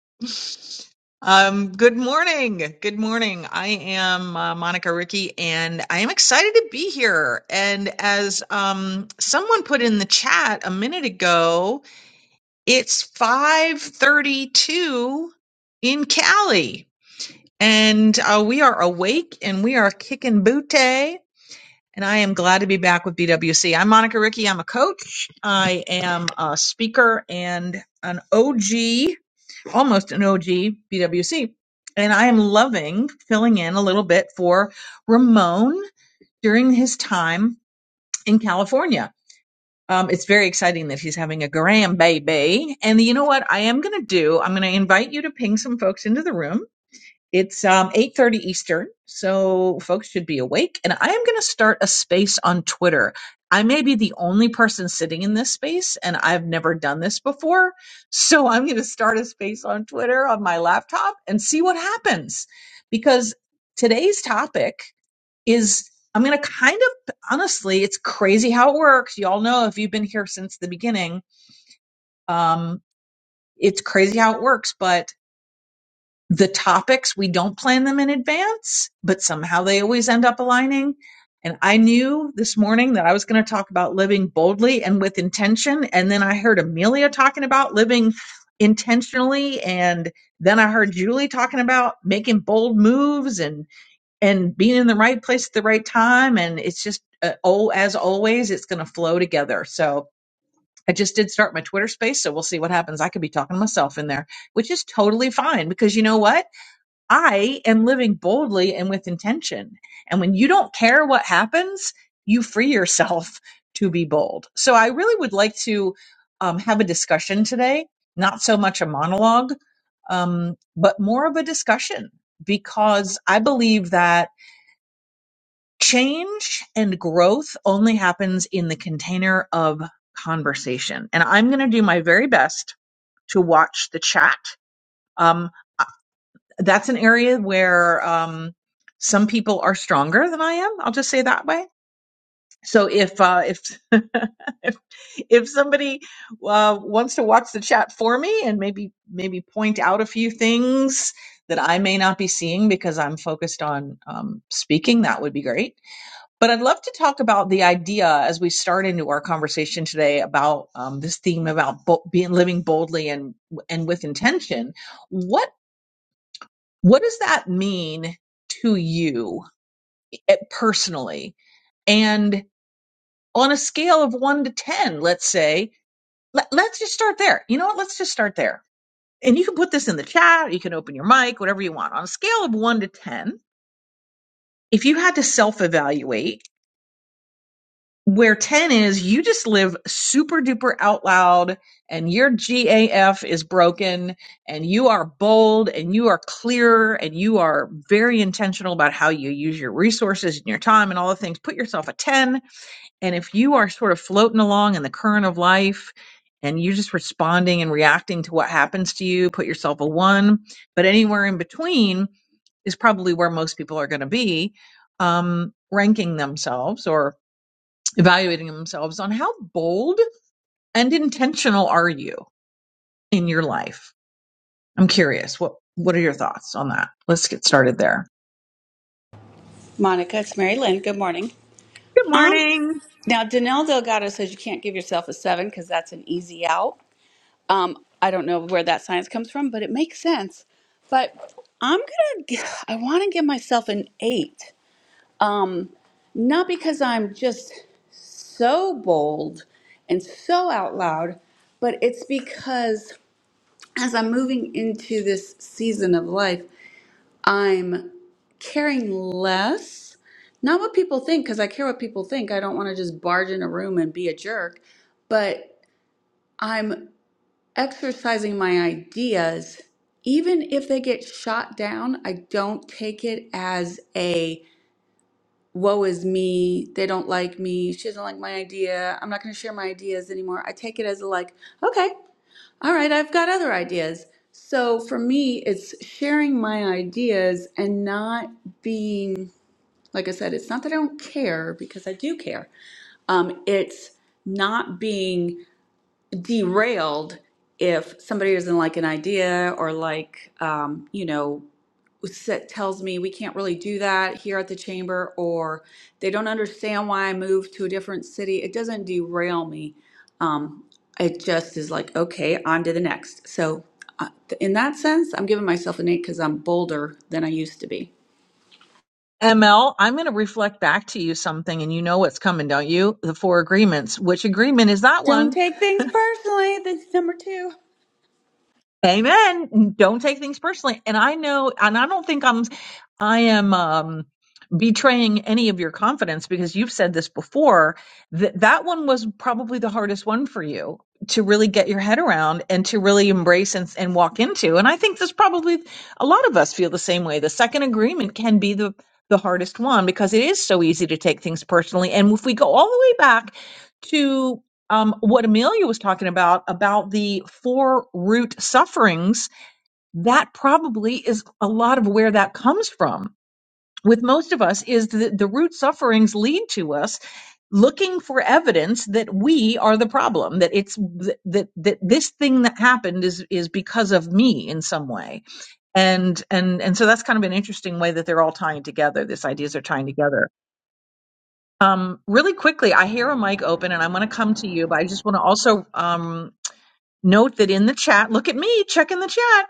Um, good morning. Good morning. I am uh, Monica Ricky, and I am excited to be here. And as um, someone put in the chat a minute ago, it's 5:32 in Cali, and uh, we are awake and we are kicking booty and I am glad to be back with BWC. I'm Monica Ricky. I'm a coach. I am a speaker and an OG, almost an OG BWC. And I am loving filling in a little bit for Ramon during his time in California. Um, it's very exciting that he's having a grand baby. And you know what? I am going to do, I'm going to invite you to ping some folks into the room it's um, 8.30 Eastern, so folks should be awake. And I am going to start a space on Twitter. I may be the only person sitting in this space, and I've never done this before. So I'm going to start a space on Twitter on my laptop and see what happens. Because today's topic is, I'm going to kind of, honestly, it's crazy how it works. Y'all know if you've been here since the beginning, um, it's crazy how it works, but the topics we don't plan them in advance but somehow they always end up aligning and i knew this morning that i was going to talk about living boldly and with intention and then i heard amelia talking about living intentionally and then i heard julie talking about making bold moves and and being in the right place at the right time and it's just uh, oh as always it's going to flow together so i just did start my twitter space so we'll see what happens i could be talking to myself in there which is totally fine because you know what I am living boldly and with intention. And when you don't care what happens, you free yourself to be bold. So I really would like to um, have a discussion today, not so much a monologue, um, but more of a discussion, because I believe that change and growth only happens in the container of conversation. And I'm going to do my very best to watch the chat. Um, that's an area where um, some people are stronger than I am. I'll just say that way. So if uh, if, if if somebody uh, wants to watch the chat for me and maybe maybe point out a few things that I may not be seeing because I'm focused on um, speaking, that would be great. But I'd love to talk about the idea as we start into our conversation today about um, this theme about bo- being living boldly and and with intention What what does that mean to you eh, personally? And on a scale of one to 10, let's say, let, let's just start there. You know what? Let's just start there. And you can put this in the chat, you can open your mic, whatever you want. On a scale of one to 10, if you had to self evaluate, where 10 is you just live super duper out loud and your GAF is broken and you are bold and you are clear and you are very intentional about how you use your resources and your time and all the things. Put yourself a 10. And if you are sort of floating along in the current of life and you're just responding and reacting to what happens to you, put yourself a one. But anywhere in between, is probably where most people are going to be um, ranking themselves or evaluating themselves on how bold and intentional are you in your life? I'm curious. What what are your thoughts on that? Let's get started there. Monica, it's Mary Lynn. Good morning. Good Um, morning. now, Danelle Delgado says you can't give yourself a seven because that's an easy out. Um, I don't know where that science comes from, but it makes sense. But I'm gonna, g- I want to give myself an eight. Um, not because I'm just so bold and so out loud, but it's because as I'm moving into this season of life, I'm caring less. Not what people think, because I care what people think. I don't want to just barge in a room and be a jerk, but I'm exercising my ideas, even if they get shot down, I don't take it as a woe is me, they don't like me, she doesn't like my idea, I'm not going to share my ideas anymore. I take it as a like, okay, all right, I've got other ideas. So for me, it's sharing my ideas and not being, like I said, it's not that I don't care because I do care. Um, it's not being derailed if somebody isn't like an idea or like um, you know set, tells me we can't really do that here at the chamber or they don't understand why i moved to a different city it doesn't derail me um, it just is like okay on to the next so uh, th- in that sense i'm giving myself an eight because i'm bolder than i used to be ML, I'm going to reflect back to you something and you know what's coming, don't you? The four agreements. Which agreement is that don't one? take things personally that's number two Amen. Don't take things personally. And I know, and I don't think I'm, I am, um, betraying any of your confidence because you've said this before that that one was probably the hardest one for you to really get your head around and to really embrace and, and walk into. And I think this probably a lot of us feel the same way. The second agreement can be the, the hardest one because it is so easy to take things personally. And if we go all the way back to um, what Amelia was talking about, about the four root sufferings, that probably is a lot of where that comes from. With most of us, is that the root sufferings lead to us looking for evidence that we are the problem, that it's that that this thing that happened is is because of me in some way, and and and so that's kind of an interesting way that they're all tying together. these ideas are tying together. Um, really quickly, I hear a mic open, and I'm going to come to you, but I just want to also um, note that in the chat, look at me checking the chat.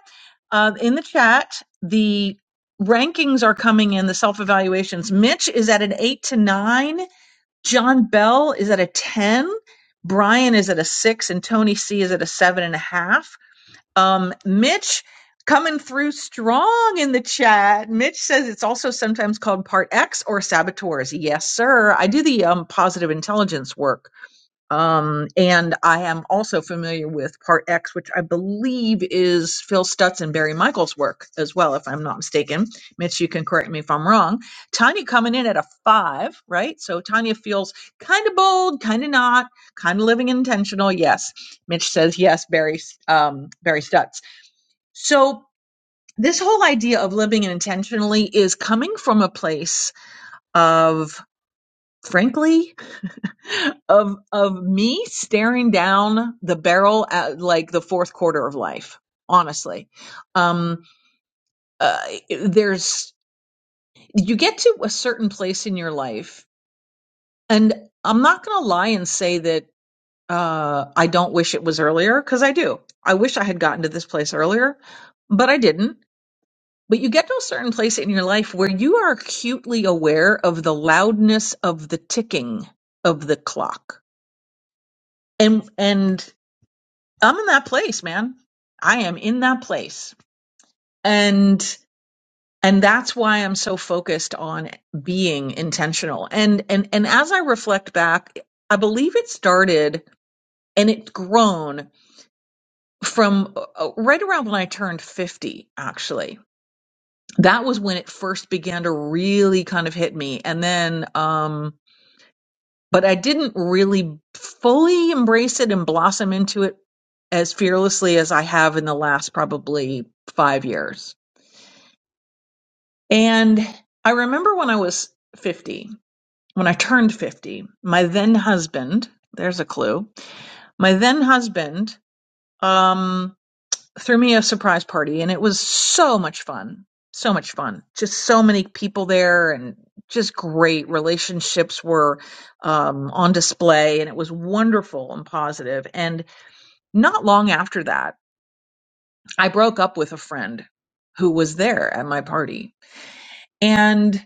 Uh, in the chat, the rankings are coming in, the self evaluations. Mitch is at an eight to nine. John Bell is at a 10. Brian is at a six, and Tony C is at a seven and a half. Um, Mitch coming through strong in the chat. Mitch says it's also sometimes called part X or saboteurs. Yes, sir. I do the um, positive intelligence work um, and I am also familiar with Part X, which I believe is Phil Stutz and Barry Michaels' work as well, if I'm not mistaken. Mitch, you can correct me if I'm wrong. Tanya coming in at a five, right? So Tanya feels kind of bold, kind of not, kind of living intentional. Yes, Mitch says yes. Barry, um, Barry Stutz. So this whole idea of living intentionally is coming from a place of, frankly of of me staring down the barrel at like the fourth quarter of life honestly um uh, there's you get to a certain place in your life and i'm not going to lie and say that uh i don't wish it was earlier cuz i do i wish i had gotten to this place earlier but i didn't but you get to a certain place in your life where you are acutely aware of the loudness of the ticking of the clock and and I'm in that place, man. I am in that place. And and that's why I'm so focused on being intentional. And and and as I reflect back, I believe it started and it's grown from uh, right around when I turned 50 actually. That was when it first began to really kind of hit me. And then um but I didn't really fully embrace it and blossom into it as fearlessly as I have in the last probably 5 years And I remember when I was 50, when I turned 50, my then husband, there's a clue, my then husband um, threw me a surprise party and it was so much fun. So much fun. Just so many people there and just great relationships were um, on display and it was wonderful and positive. And not long after that, I broke up with a friend who was there at my party. And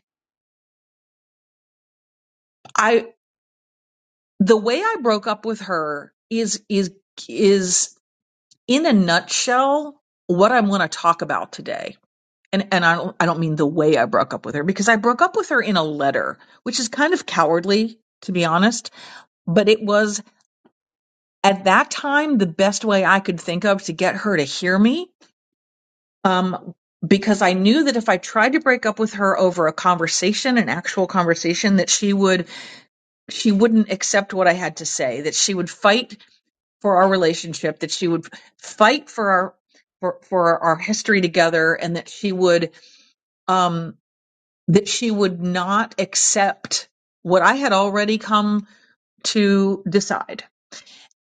I the way I broke up with her is is is in a nutshell what I'm going to talk about today. And and I don't I don't mean the way I broke up with her because I broke up with her in a letter, which is kind of cowardly to be honest, but it was at that time the best way I could think of to get her to hear me. Um because I knew that if I tried to break up with her over a conversation, an actual conversation, that she would she wouldn't accept what I had to say, that she would fight for our relationship, that she would fight for our for, for our history together, and that she would um, that she would not accept what I had already come to decide.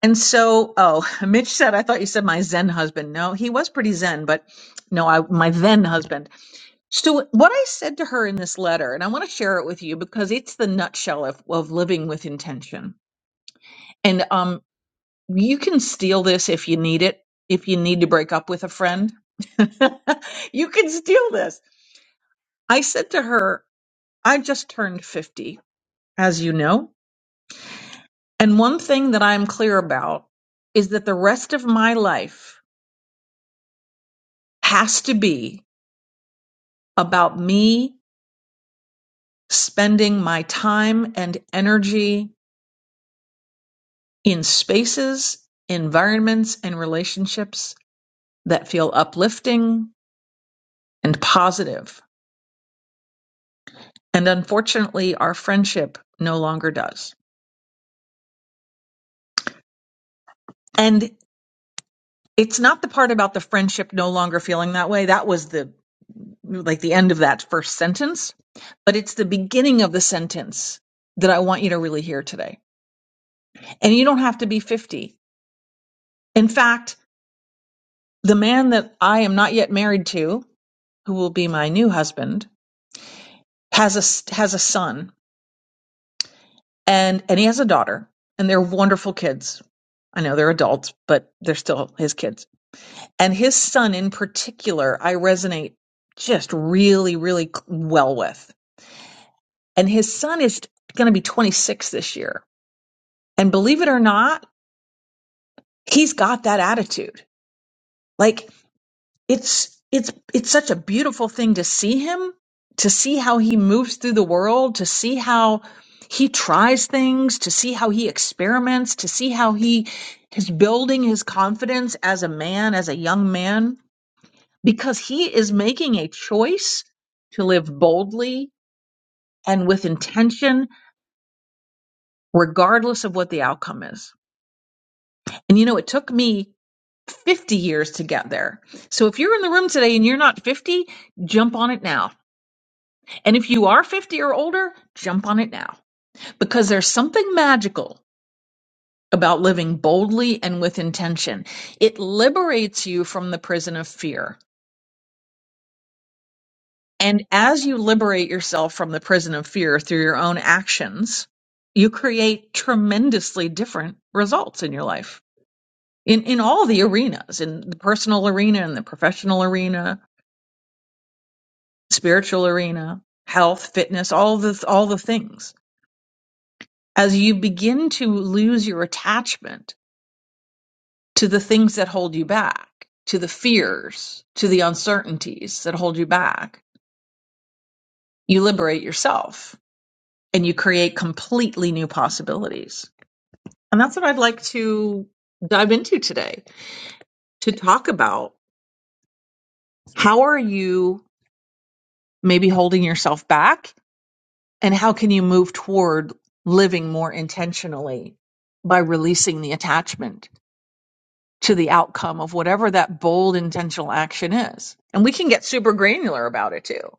And so, oh, Mitch said, I thought you said my Zen husband. No, he was pretty Zen, but no, I, my then husband. So, what I said to her in this letter, and I want to share it with you because it's the nutshell of, of living with intention. And um, you can steal this if you need it. If you need to break up with a friend, you can steal this. I said to her, I just turned 50, as you know. And one thing that I'm clear about is that the rest of my life has to be about me spending my time and energy in spaces, environments, and relationships that feel uplifting and positive And unfortunately, our friendship no longer does. And it's not the part about the friendship no longer feeling that way. That was the like the end of that first sentence, but it's the beginning of the sentence that I want you to really hear today. And you don't have to be 50. In fact, the man that I am not yet married to, who will be my new husband, has a has a son and and he has a daughter and they're wonderful kids. I know they're adults, but they're still his kids and his son in particular i resonate just really really well with and his son is going to be 26 this year and believe it or not he's got that attitude like it's it's it's such a beautiful thing to see him to see how he moves through the world to see how he tries things to see how he experiments to see how he is building his confidence as a man as a young man because he is making a choice to live boldly and with intention, regardless of what the outcome is. And you know, it took me 50 years to get there. So if you're in the room today and you're not 50, jump on it now. And if you are 50 or older, jump on it now because there's something magical about living boldly and with intention. It liberates you from the prison of fear And as you liberate yourself from the prison of fear through your own actions, you create tremendously different results in your life in, in all the arenas, in the personal arena, in the professional arena, spiritual arena, health, fitness, all the, all the things. As you begin to lose your attachment to the things that hold you back, to the fears, to the uncertainties that hold you back, you liberate yourself and you create completely new possibilities And that's what I'd like to dive into today to talk about how are you maybe holding yourself back and how can you move toward living more intentionally by releasing the attachment to the outcome of whatever that bold intentional action is. And we can get super granular about it too.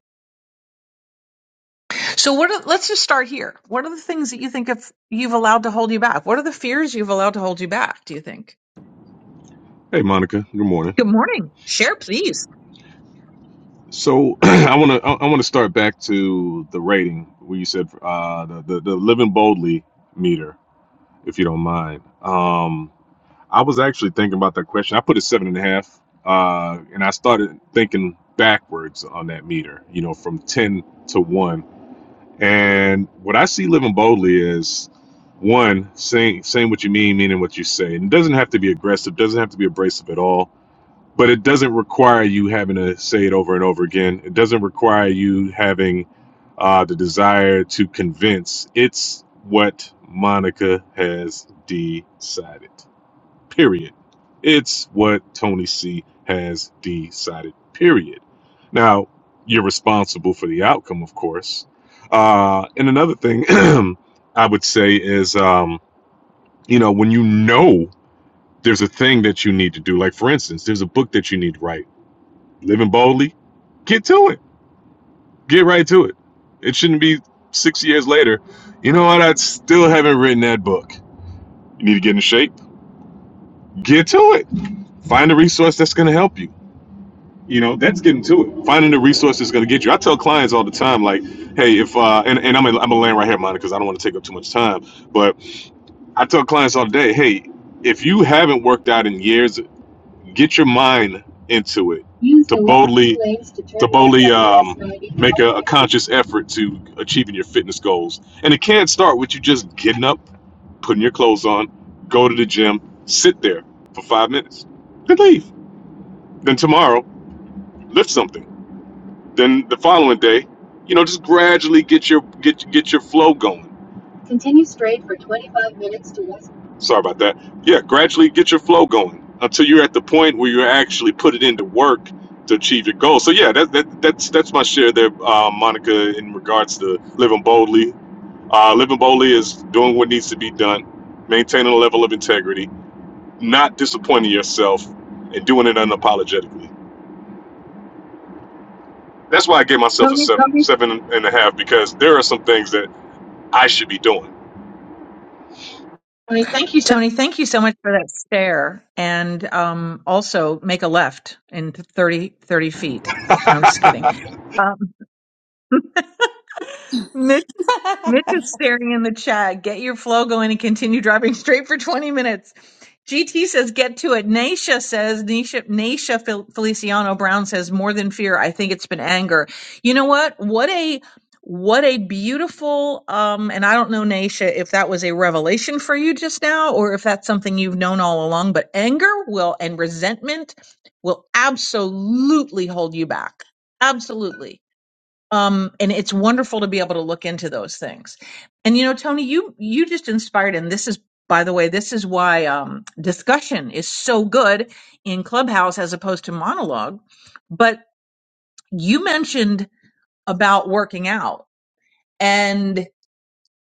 So what are, let's just start here. What are the things that you think of you've allowed to hold you back? What are the fears you've allowed to hold you back, do you think? Hey, Monica. Good morning. Good morning. Share please. So I want to I I want to start back to the rating where you said uh, the, the the living boldly meter, if you don't mind. Um, I was actually thinking about that question. I put a seven and a half, uh, and I started thinking backwards on that meter. You know, from ten to one. And what I see living boldly is one saying saying what you mean, meaning what you say. And it doesn't have to be aggressive. Doesn't have to be abrasive at all but it doesn't require you having to say it over and over again. It doesn't require you having uh, the desire to convince. It's what Monica has decided. Period. It's what Tony C has decided. Period. Now, you're responsible for the outcome, of course. Uh, and another thing I would say is, um, you know, when you know there's a thing that you need to do, like for instance, there's a book that you need to write living boldly, get to it. Get right to it. It shouldn't be six years later. You know what? I still haven't written that book. You need to get in shape. Get to it. Find a resource that's going to help you. You know, that's getting to it. Finding the resource that's going to get you. I tell clients all the time, like, hey, if uh, and, and I'm gonna, I'm going to land right here, Monica, because I don't want to take up too much time. But I tell clients all day, hey, if you haven't worked out in years get your mind into it to boldly to boldly um, make a, a conscious effort to achieving your fitness goals. And it can start with you just getting up, putting your clothes on, go to the gym, sit there for five minutes, then leave. Then tomorrow, lift something. Then the following day, you know, just gradually get your get get your flow going Continue straight for 25 minutes to West. Sorry about that. Yeah, gradually get your flow going until you're at the point where you actually put it into work to achieve your goal. So yeah, that, that that's that's my share there, uh, Monica, in regards to living boldly. Uh, living boldly is doing what needs to be done, maintaining a level of integrity, not disappointing yourself, and doing it unapologetically. That's why I gave myself a Go seven Copy. seven and a half because there are some things that I should be doing. Tony, Thank you so Tony, thank you so much for that stare. And um, also make a left in 30 30 feet. No, I'm just kidding. Um, Mitch, Mitch is staring in the chat. Get your flow going and continue driving straight for 20 minutes. GT says, get to it. Naisha says, Naisha, Naisha Fel- Feliciano Brown says, more than fear. I think it's been anger. You know what? What a, what a beautiful, um, and I don't know, Naisha, if that was a revelation for you just now or if that's something you've known all along, but anger will and resentment will absolutely hold you back. Absolutely um and it's wonderful to be able to look into those things and you know tony you you just inspired and this is by the way this is why um discussion is so good in clubhouse as opposed to monologue but you mentioned about working out and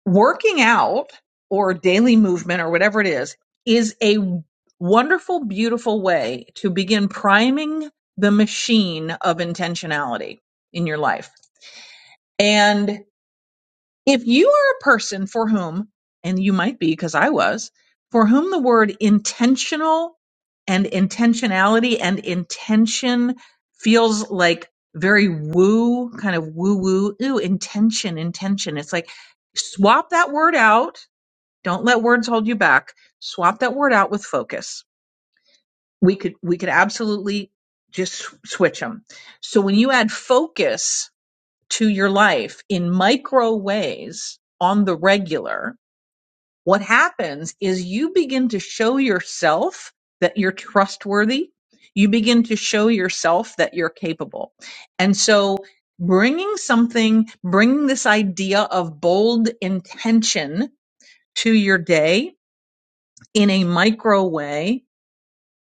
working out or daily movement or whatever it is is a wonderful beautiful way to begin priming the machine of intentionality in your life And If you are a person for whom, and you might be because I was, for whom the word intentional and intentionality and intention feels like very woo, kind of woo woo, ooh, intention, intention. It's like swap that word out. Don't let words hold you back. Swap that word out with focus. We could, we could absolutely just sw- switch them. So when you add focus to your life in micro ways on the regular, what happens is you begin to show yourself that you're trustworthy. You begin to show yourself that you're capable. And so bringing something, bringing this idea of bold intention to your day in a micro way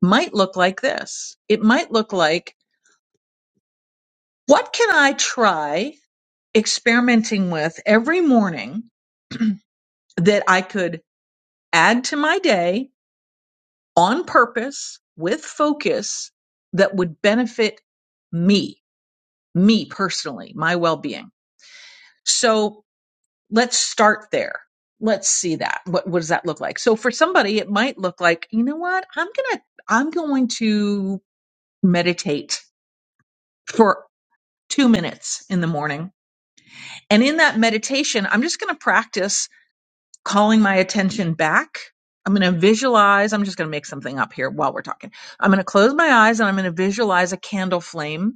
might look like this. It might look like, what can I try experimenting with every morning that I could add to my day on purpose with focus that would benefit me, me personally, my well being. So let's start there. Let's see that. What, what does that look like? So for somebody, it might look like, you know what? I'm going to, I'm going to meditate for two minutes in the morning. And in that meditation, I'm just going to practice calling my attention back. I'm going to visualize. I'm just going to make something up here while we're talking. I'm going to close my eyes and I'm going to visualize a candle flame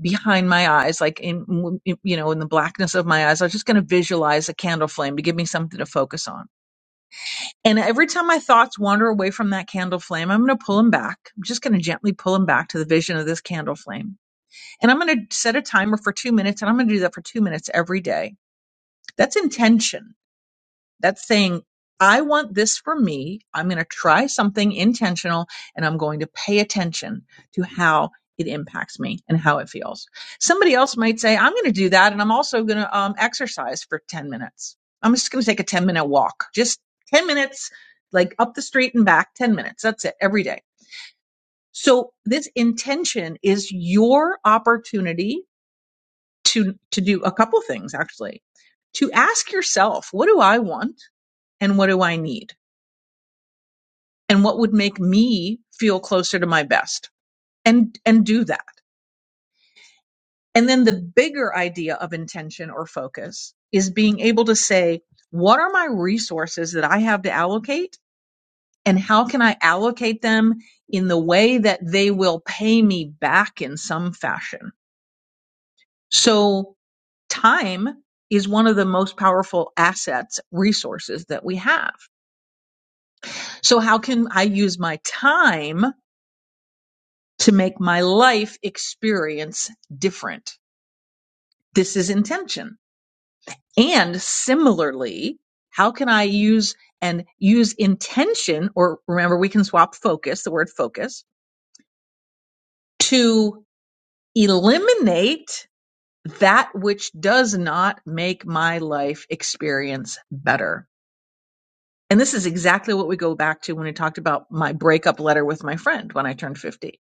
behind my eyes, like in, you know, in the blackness of my eyes. I was just going to visualize a candle flame to give me something to focus on. And every time my thoughts wander away from that candle flame, I'm going to pull them back. I'm just going to gently pull them back to the vision of this candle flame. And I'm going to set a timer for two minutes and I'm going to do that for two minutes every day. That's intention That's saying, I want this for me. I'm going to try something intentional and I'm going to pay attention to how it impacts me and how it feels. Somebody else might say, I'm going to do that. And I'm also going to um, exercise for 10 minutes. I'm just going to take a 10 minute walk, just 10 minutes, like up the street and back, 10 minutes. That's it every day. So this intention is your opportunity to, to do a couple things actually, to ask yourself, what do I want and what do I need? and what would make me feel closer to my best and and do that and then the bigger idea of intention or focus is being able to say what are my resources that i have to allocate and how can i allocate them in the way that they will pay me back in some fashion so time is one of the most powerful assets resources that we have so how can i use my time to make my life experience different this is intention. And similarly, how can I use and use intention, or remember, we can swap focus, the word focus, to eliminate that which does not make my life experience better. And this is exactly what we go back to when we talked about my breakup letter with my friend when I turned 50.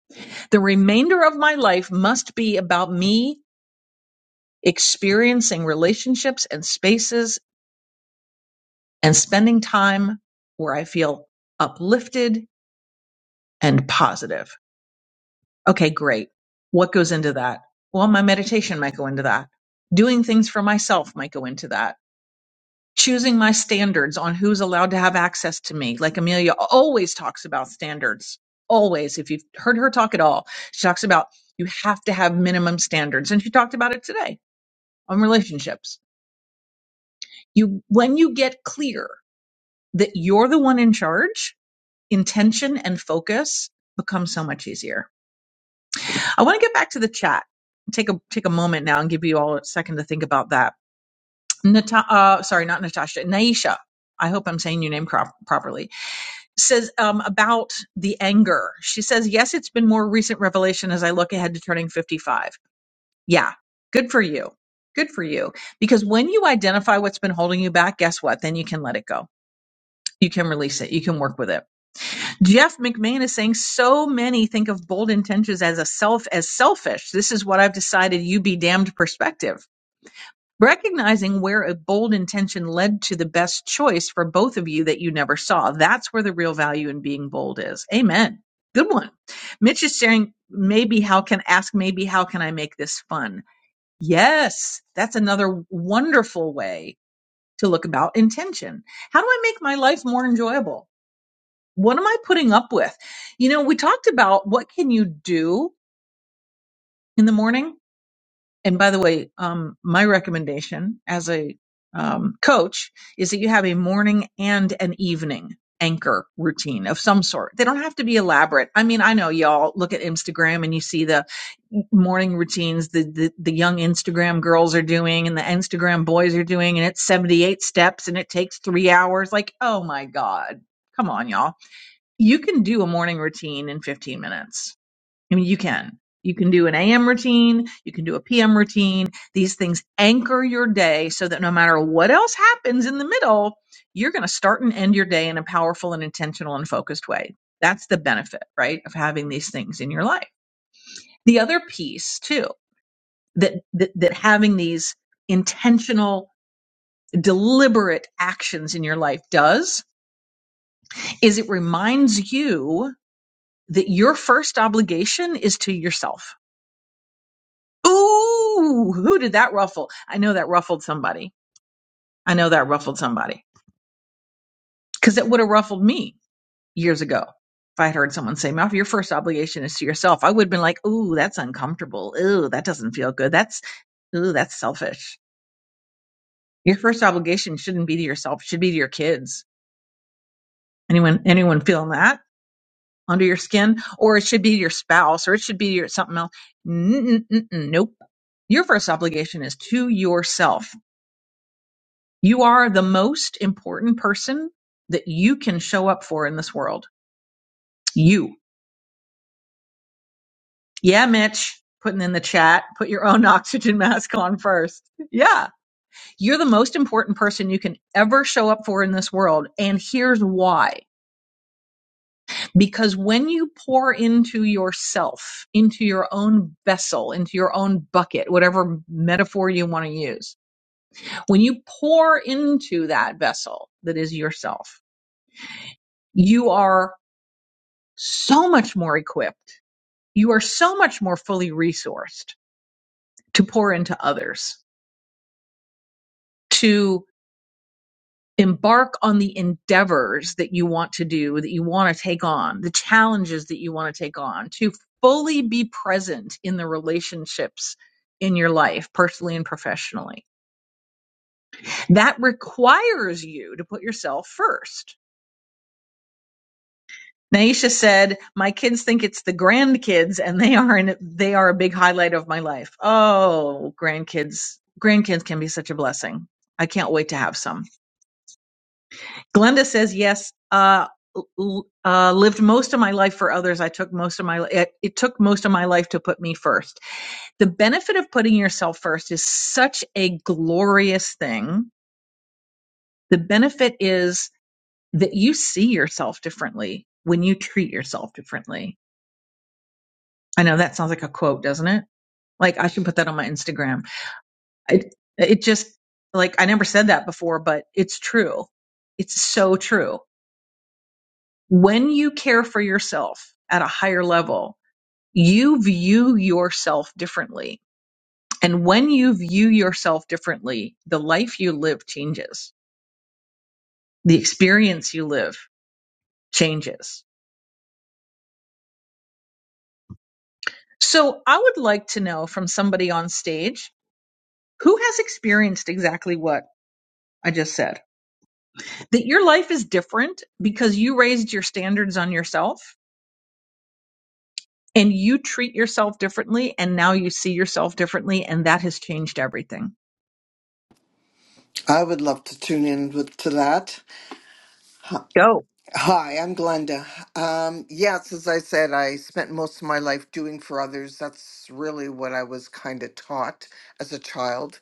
The remainder of my life must be about me experiencing relationships and spaces and spending time where I feel uplifted and positive. Okay, great. What goes into that? Well, my meditation might go into that. Doing things for myself might go into that. Choosing my standards on who's allowed to have access to me. Like Amelia always talks about standards. Always. If you've heard her talk at all, she talks about you have to have minimum standards. And she talked about it today on relationships. You, when you get clear that you're the one in charge, intention and focus become so much easier. I want to get back to the chat. Take a take a moment now and give you all a second to think about that. Nata- uh, sorry, not Natasha, Naisha. I hope I'm saying your name crop- properly. Says um, about the anger. She says, "Yes, it's been more recent revelation as I look ahead to turning 55. Yeah, good for you. Good for you. Because when you identify what's been holding you back, guess what? Then you can let it go. You can release it. You can work with it." Jeff McMahon is saying so many think of bold intentions as a self as selfish. This is what I've decided you be damned perspective. Recognizing where a bold intention led to the best choice for both of you that you never saw. That's where the real value in being bold is. Amen. Good one. Mitch is saying maybe how can ask maybe how can I make this fun? Yes, that's another wonderful way to look about intention. How do I make my life more enjoyable? what am I putting up with? You know, we talked about what can you do in the morning. And by the way, um, my recommendation as a um, coach is that you have a morning and an evening anchor routine of some sort. They don't have to be elaborate. I mean, I know y'all look at Instagram and you see the morning routines the, the the young Instagram girls are doing and the Instagram boys are doing and it's 78 steps and it takes 3 hours like oh my god. Come on y'all you can do a morning routine in 15 minutes. I mean, you can. You can do an AM routine, you can do a PM routine. These things anchor your day so that no matter what else happens in the middle, you're going to start and end your day in a powerful and intentional and focused way. That's the benefit, right, of having these things in your life. The other piece, too, that that, that having these intentional deliberate actions in your life does is it reminds you that your first obligation is to yourself. Ooh, who did that ruffle? I know that ruffled somebody. I know that ruffled somebody because it would have ruffled me years ago. If I had heard someone say, Mouth, your first obligation is to yourself, I would have been like, Ooh, that's uncomfortable. Ooh, that doesn't feel good. That's, ooh, that's selfish. Your first obligation shouldn't be to yourself, it should be to your kids. Anyone, anyone feeling that? under your skin, or it should be your spouse, or it should be your something else. Mm-mm-mm-mm, nope. Your first obligation is to yourself. You are the most important person that you can show up for in this world. You. Yeah, Mitch, putting in the chat, put your own oxygen mask on first. Yeah. You're the most important person you can ever show up for in this world. And here's why Because when you pour into yourself, into your own vessel, into your own bucket, whatever metaphor you want to use, when you pour into that vessel that is yourself, you are so much more equipped. You are so much more fully resourced to pour into others, To embark on the endeavors that you want to do, that you want to take on, the challenges that you want to take on, to fully be present in the relationships in your life, personally and professionally. That requires you to put yourself first. Naisha said, "My kids think it's the grandkids, and they are an, they are a big highlight of my life." Oh, grandkids! Grandkids can be such a blessing. I can't wait to have some. Glenda says, yes, uh, uh, lived most of my life for others. I took most of my, it, it took most of my life to put me first. The benefit of putting yourself first is such a glorious thing. The benefit is that you see yourself differently when you treat yourself differently. I know that sounds like a quote, doesn't it? Like I should put that on my Instagram. It, it just like, I never said that before, but it's true. It's so true when you care for yourself at a higher level, you view yourself differently. And when you view yourself differently, the life you live changes. The experience you live changes. So I would like to know from somebody on stage who has experienced exactly what I just said that your life is different because you raised your standards on yourself and you treat yourself differently. And now you see yourself differently. And that has changed everything. I would love to tune in with, to that. Go. Hi, I'm Glenda. Um, yes, as I said, I spent most of my life doing for others. That's really what I was kind of taught as a child.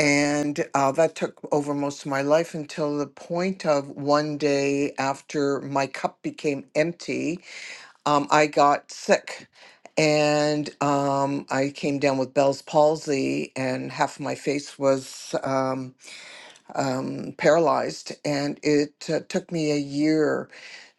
And uh, that took over most of my life until the point of one day after my cup became empty, um, I got sick. And um, I came down with Bell's palsy, and half of my face was. Um, um, paralyzed, and it uh, took me a year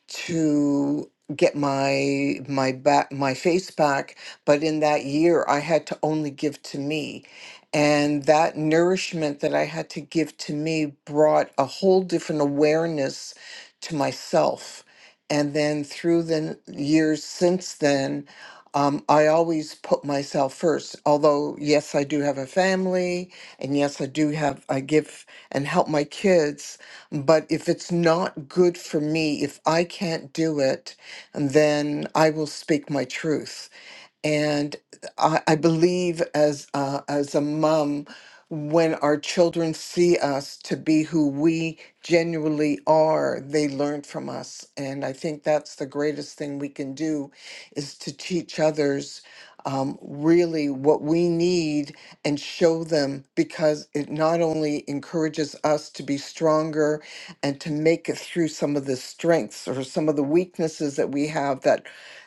to get my my back my face back but in that year I had to only give to me and that nourishment that I had to give to me brought a whole different awareness to myself and then through the n- years since then um, I always put myself first although yes I do have a family and yes I do have I give and help my kids but if it's not good for me, if I can't do it, then I will speak my truth and I, I believe as uh, as a mom, when our children see us to be who we genuinely are, they learn from us, and I think that's the greatest thing we can do, is to teach others um, really what we need and show them because it not only encourages us to be stronger and to make it through some of the strengths or some of the weaknesses that we have that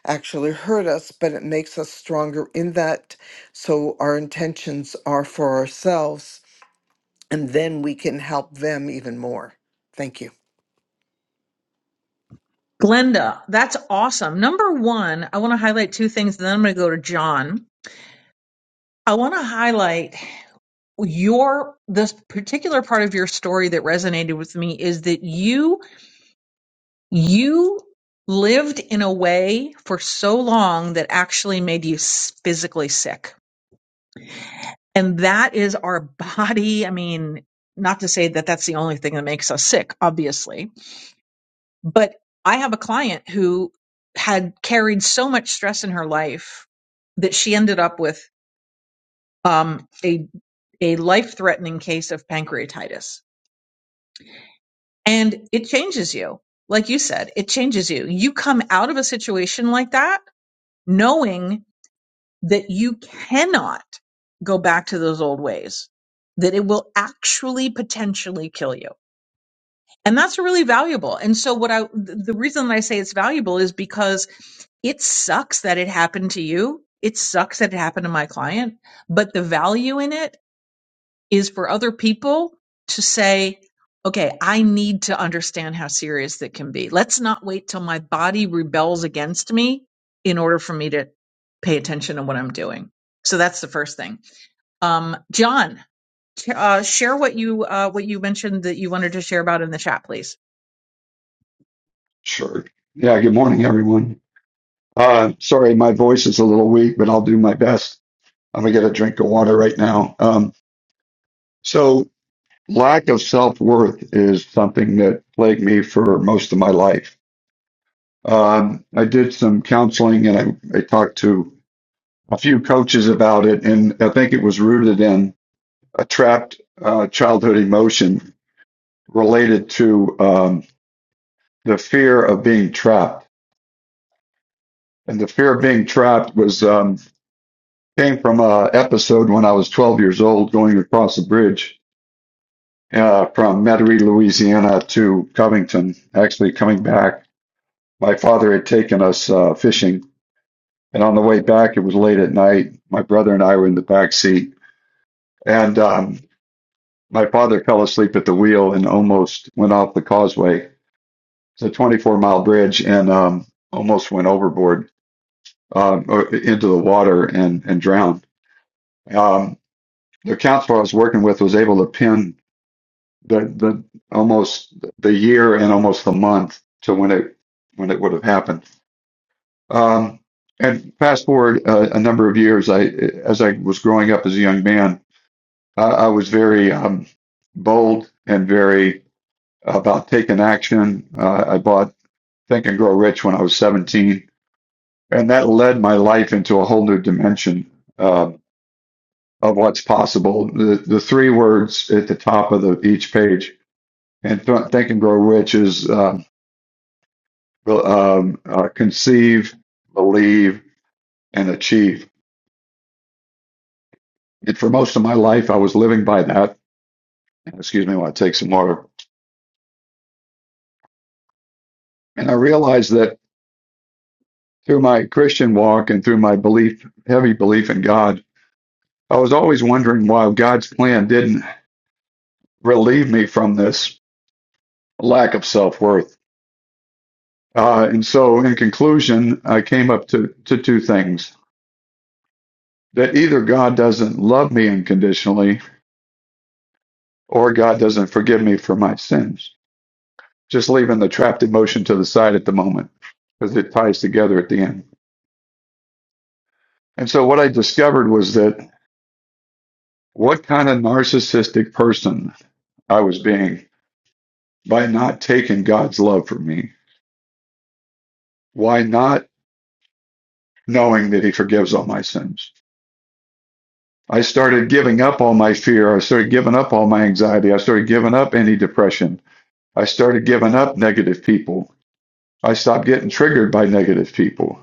actually hurt us, but it makes us stronger in that. So our intentions are for ourselves, and then we can help them even more. Thank you. Glenda, that's awesome. Number one, I want to highlight two things, and then I'm going to go to John. I want to highlight your this particular part of your story that resonated with me is that you you lived in a way for so long that actually made you s- physically sick. And that is our body. I mean, not to say that that's the only thing that makes us sick, obviously, But I have a client who had carried so much stress in her life that she ended up with um, a a life threatening case of pancreatitis. And it changes you. Like you said, it changes you. You come out of a situation like that knowing that you cannot go back to those old ways, that it will actually potentially kill you And that's really valuable. And so what I, the reason that I say it's valuable is because it sucks that it happened to you. It sucks that it happened to my client, but the value in it is for other people to say, okay, I need to understand how serious that can be. Let's not wait till my body rebels against me in order for me to pay attention to what I'm doing. So that's the first thing. Um, John, t- uh, share what you, uh, what you mentioned that you wanted to share about in the chat, please. Sure. Yeah, good morning, everyone. Uh, sorry, my voice is a little weak, but I'll do my best. I'm going to get a drink of water right now. Um, so, lack of self worth is something that plagued me for most of my life. Um, I did some counseling and I, I talked to a few coaches about it, and I think it was rooted in a trapped uh, childhood emotion related to um, the fear of being trapped. And the fear of being trapped was. um, Came from a episode when I was 12 years old going across the bridge uh, from Metairie, Louisiana to Covington, actually coming back. My father had taken us uh, fishing, and on the way back, it was late at night. My brother and I were in the back seat, and um, my father fell asleep at the wheel and almost went off the causeway. It's a 24 mile bridge and um, almost went overboard um, or into the water and, and drowned. Um, the counselor I was working with was able to pin the the almost the year and almost the month to when it when it would have happened. Um, and fast forward uh, a number of years, I as I was growing up as a young man, I, I was very um, bold and very about taking action. Uh, I bought Think and Grow Rich when I was 17, and that led my life into a whole new dimension um of what's possible. The the three words at the top of the each page and Th- Think and Grow Rich is. uh, Well, um, uh, conceive, believe, and achieve. And for most of my life, I was living by that. Excuse me while I take some water. And I realized that through my Christian walk and through my belief, heavy belief in God, I was always wondering why God's plan didn't relieve me from this lack of self worth. Uh, and so, in conclusion, I came up to, to two things that either God doesn't love me unconditionally or God doesn't forgive me for my sins just leaving the trapped emotion to the side at the moment because it ties together at the end. And so what I discovered was that what kind of narcissistic person I was being by not taking God's love for me, why not knowing that He forgives all my sins. I started giving up all my fear. I started giving up all my anxiety. I started giving up any depression. I started giving up negative people. I stopped getting triggered by negative people.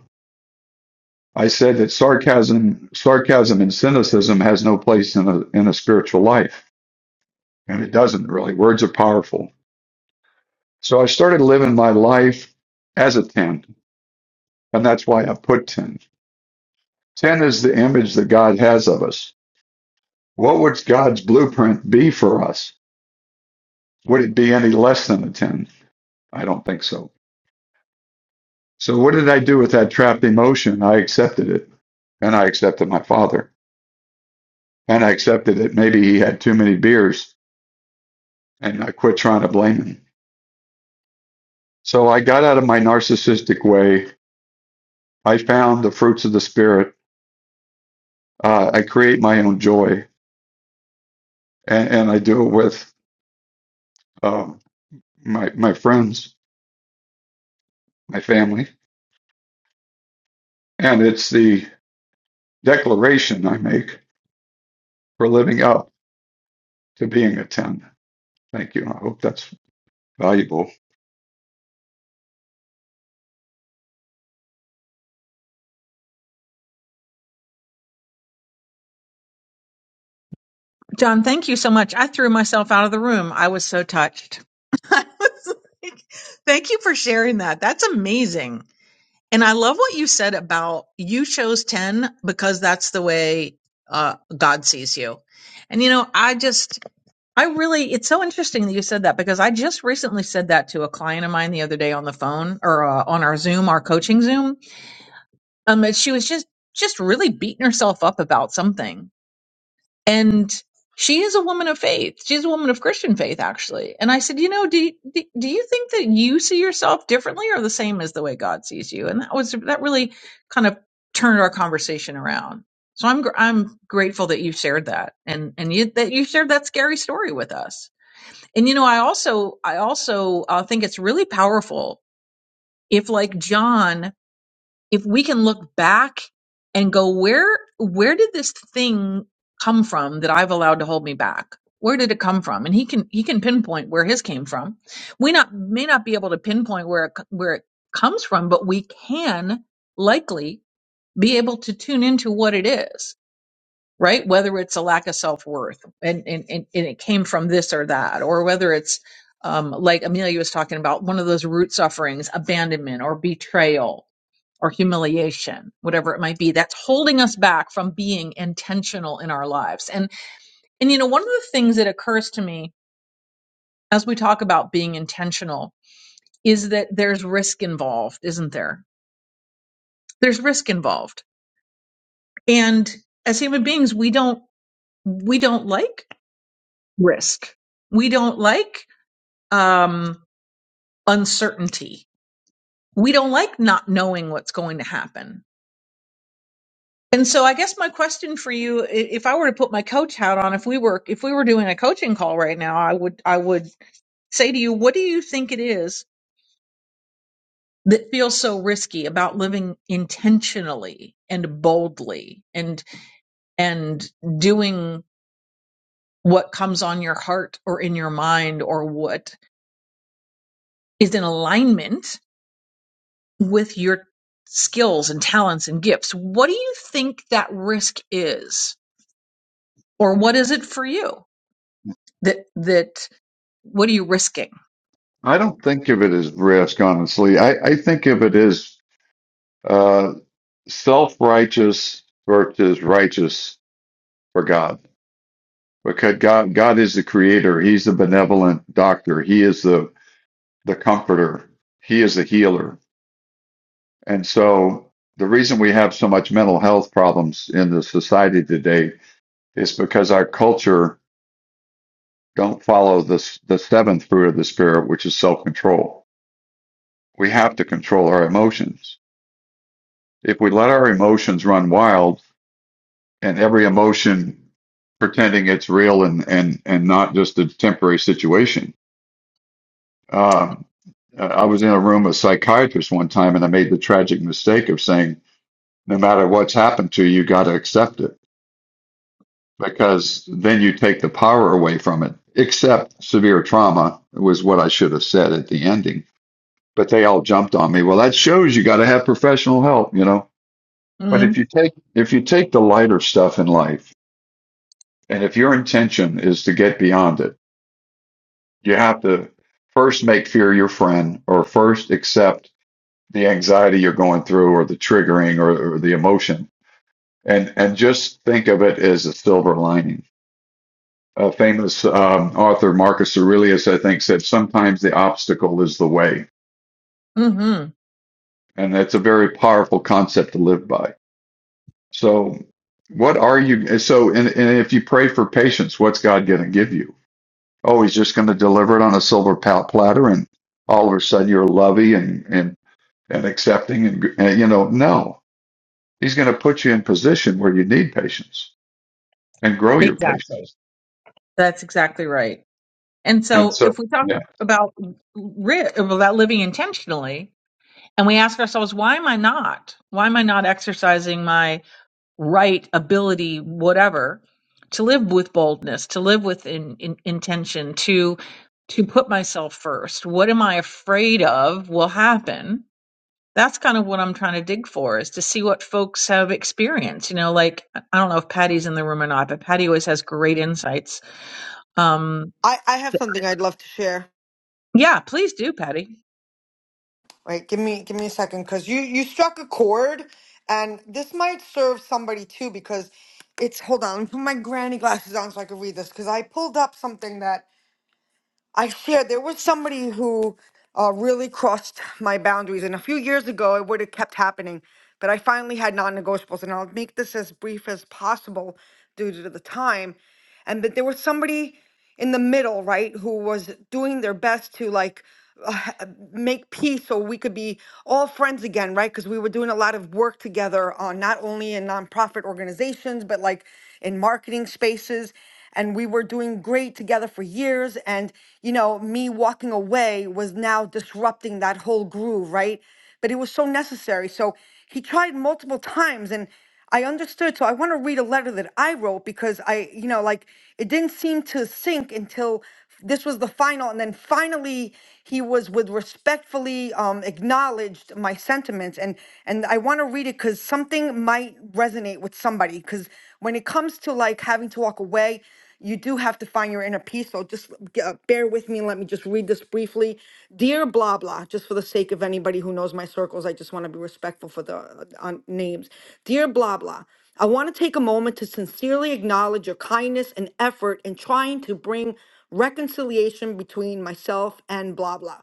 I said that sarcasm, sarcasm and cynicism has no place in a, in a spiritual life. And it doesn't really. Words are powerful. So I started living my life as a 10. And that's why I put 10. 10 is the image that God has of us. What would God's blueprint be for us? Would it be any less than a 10? I don't think so. So what did I do with that trapped emotion? I accepted it. And I accepted my father. And I accepted that maybe he had too many beers. And I quit trying to blame him. So I got out of my narcissistic way. I found the fruits of the spirit. Uh, I create my own joy, and, and I do it with um, my my friends, my family, and it's the declaration I make for living up to being a ten. Thank you. I hope that's valuable. John, thank you so much. I threw myself out of the room. I was so touched. I was like, thank you for sharing that. That's amazing. And I love what you said about you chose 10 because that's the way uh, God sees you. And, you know, I just, I really, it's so interesting that you said that because I just recently said that to a client of mine the other day on the phone or uh, on our Zoom, our coaching Zoom um and she was just just really beating herself up about something and she is a woman of faith she's a woman of christian faith actually and i said you know do, do, do you think that you see yourself differently or the same as the way god sees you and that was that really kind of turned our conversation around so i'm gr- i'm grateful that you shared that and and you, that you shared that scary story with us and you know i also i also uh, think it's really powerful if like john if we can look back and go where where did this thing come from that i've allowed to hold me back where did it come from and he can he can pinpoint where his came from we not may not be able to pinpoint where it, co- where it comes from but we can likely be able to tune into what it is right whether it's a lack of self-worth and and, and, and it came from this or that or whether it's um, like amelia was talking about one of those root sufferings abandonment or betrayal or humiliation, whatever it might be, that's holding us back from being intentional in our lives. And and you know, one of the things that occurs to me as we talk about being intentional is that there's risk involved, isn't there? There's risk involved. And as human beings, we don't we don't like risk. We don't like um uncertainty. We don't like not knowing what's going to happen And so I guess my question for you, i- if I were to put my coach hat on, if we were if we were doing a coaching call right now, I would I would say to you, what do you think it is that feels so risky about living intentionally and boldly and and doing what comes on your heart or in your mind or what is in alignment with your skills and talents and gifts? What do you think that risk is? Or what is it for you? That that what are you risking? I don't think of it as risk, honestly. I, I think of it as uh, self righteous versus righteous for God because God God is the creator. He's the benevolent doctor. He is the the comforter. He is the healer. And so the reason we have so much mental health problems in the society today is because our culture don't follow this the seventh fruit of the spirit, which is self-control. We have to control our emotions. If we let our emotions run wild and every emotion pretending it's real and and and not just a temporary situation, um, Uh, I was in a room with psychiatrists one time, and I made the tragic mistake of saying, "No matter what's happened to you, you got to accept it, because then you take the power away from it." Except severe trauma was what I should have said at the ending. But they all jumped on me. Well, that shows you got to have professional help, you know. But Mm-hmm. if you take if you take the lighter stuff in life, and if your intention is to get beyond it, you have to first make fear your friend, or first accept the anxiety you're going through or the triggering or, or the emotion and and just think of it as a silver lining a famous um, author marcus aurelius i think said sometimes the obstacle is the way and that's a very powerful concept to live by so what are you so and, and if you pray for patience what's god going to give you oh he's just going to deliver it on a silver platter and all of a sudden you're lovey and and and accepting and, and you know no He's going to put you in position where you need patience and grow your Exactly. patience. That's exactly right. And And so so, if we talk yeah. about ri- about living intentionally, and we ask ourselves, why am I not? Why am I not exercising my right ability, whatever, to live with boldness, to live with in, in, intention, to to put myself first? What am I afraid of will happen? that's kind of what I'm trying to dig for is to see what folks have experienced. You know, like I don't know if Patty's in the room or not, but Patty always has great insights. Um, I, I have something I'd love to share. yeah, please do, Patty. Wait, give me give me a second because you you struck a chord, and this might serve somebody too because it's hold on. Let me put my granny glasses on so I can read this because I pulled up something that I shared there was somebody who uh, really crossed my boundaries, and a few years ago it would have kept happening. But I finally had non-negotiables, and I'll make this as brief as possible due to the time. And but there was somebody in the middle, right, who was doing their best to like uh, make peace so we could be all friends again, right? Because we were doing a lot of work together on not only in nonprofit organizations, but like in marketing spaces and we were doing great together for years and you know me walking away was now disrupting that whole groove right but it was so necessary so he tried multiple times and i understood so i want to read a letter that i wrote because i you know like it didn't seem to sink until this was the final, and then finally he was with respectfully um, acknowledged my sentiments, and and I want to read it because something might resonate with somebody. Because when it comes to like having to walk away, you do have to find your inner peace. So just g- uh, bear with me and let me just read this briefly. Dear blah blah, just for the sake of anybody who knows my circles, I just want to be respectful for the uh, on names. Dear blah blah, I want to take a moment to sincerely acknowledge your kindness and effort in trying to bring reconciliation between myself and blah, blah.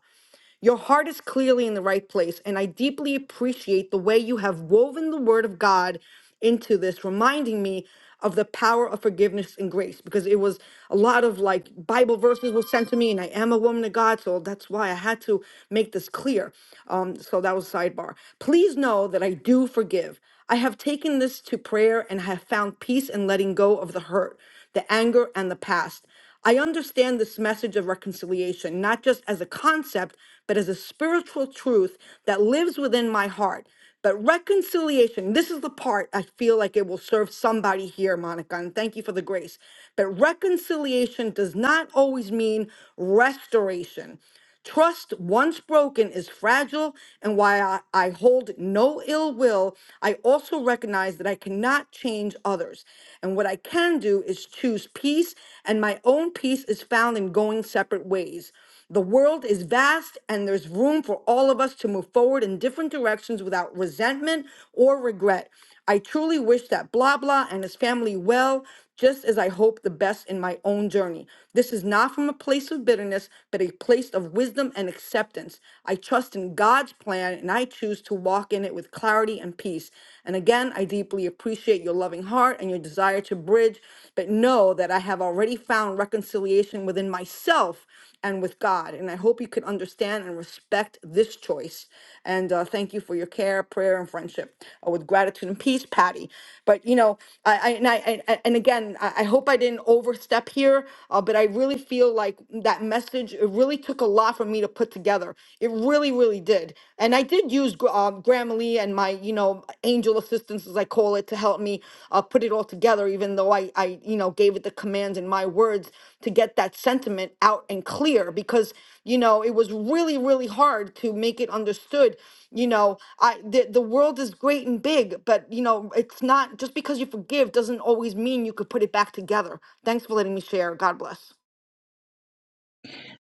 Your heart is clearly in the right place, and I deeply appreciate the way you have woven the word of God into this, reminding me of the power of forgiveness and grace because it was a lot of like Bible verses were sent to me, and I am a woman of God, so that's why I had to make this clear. Um, so that was sidebar. Please know that I do forgive. I have taken this to prayer and have found peace in letting go of the hurt, the anger, and the past. I understand this message of reconciliation, not just as a concept, but as a spiritual truth that lives within my heart. But reconciliation, this is the part I feel like it will serve somebody here, Monica, and thank you for the grace. But reconciliation does not always mean restoration. Trust once broken is fragile, and while I, I hold no ill will, I also recognize that I cannot change others. And what I can do is choose peace, and my own peace is found in going separate ways. The world is vast, and there's room for all of us to move forward in different directions without resentment or regret. I truly wish that Blah Blah and his family well just as I hope the best in my own journey. This is not from a place of bitterness, but a place of wisdom and acceptance. I trust in God's plan and I choose to walk in it with clarity and peace. And again, I deeply appreciate your loving heart and your desire to bridge, but know that I have already found reconciliation within myself and with God. And I hope you can understand and respect this choice. And uh, thank you for your care, prayer, and friendship uh, with gratitude and peace, Patty. But you know, I, I and I and, and again, I, I hope I didn't overstep here, uh, but I really feel like that message. It really took a lot for me to put together. It really, really did. And I did use Gr- um, Grammarly and and my you know angel assistance as i call it to help me uh, put it all together even though i i you know gave it the commands in my words to get that sentiment out and clear because you know it was really really hard to make it understood you know i the, the world is great and big but you know it's not just because you forgive doesn't always mean you could put it back together thanks for letting me share god bless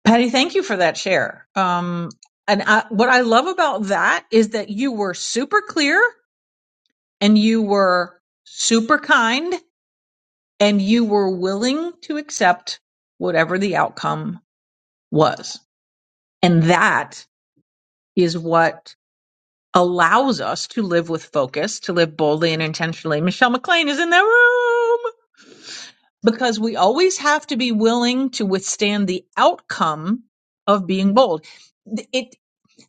Patty, thank you for that share. Um, and I, what I love about that is that you were super clear and you were super kind and you were willing to accept whatever the outcome was. And that is what allows us to live with focus, to live boldly and intentionally. Michelle McLean is in the room because we always have to be willing to withstand the outcome of being bold. It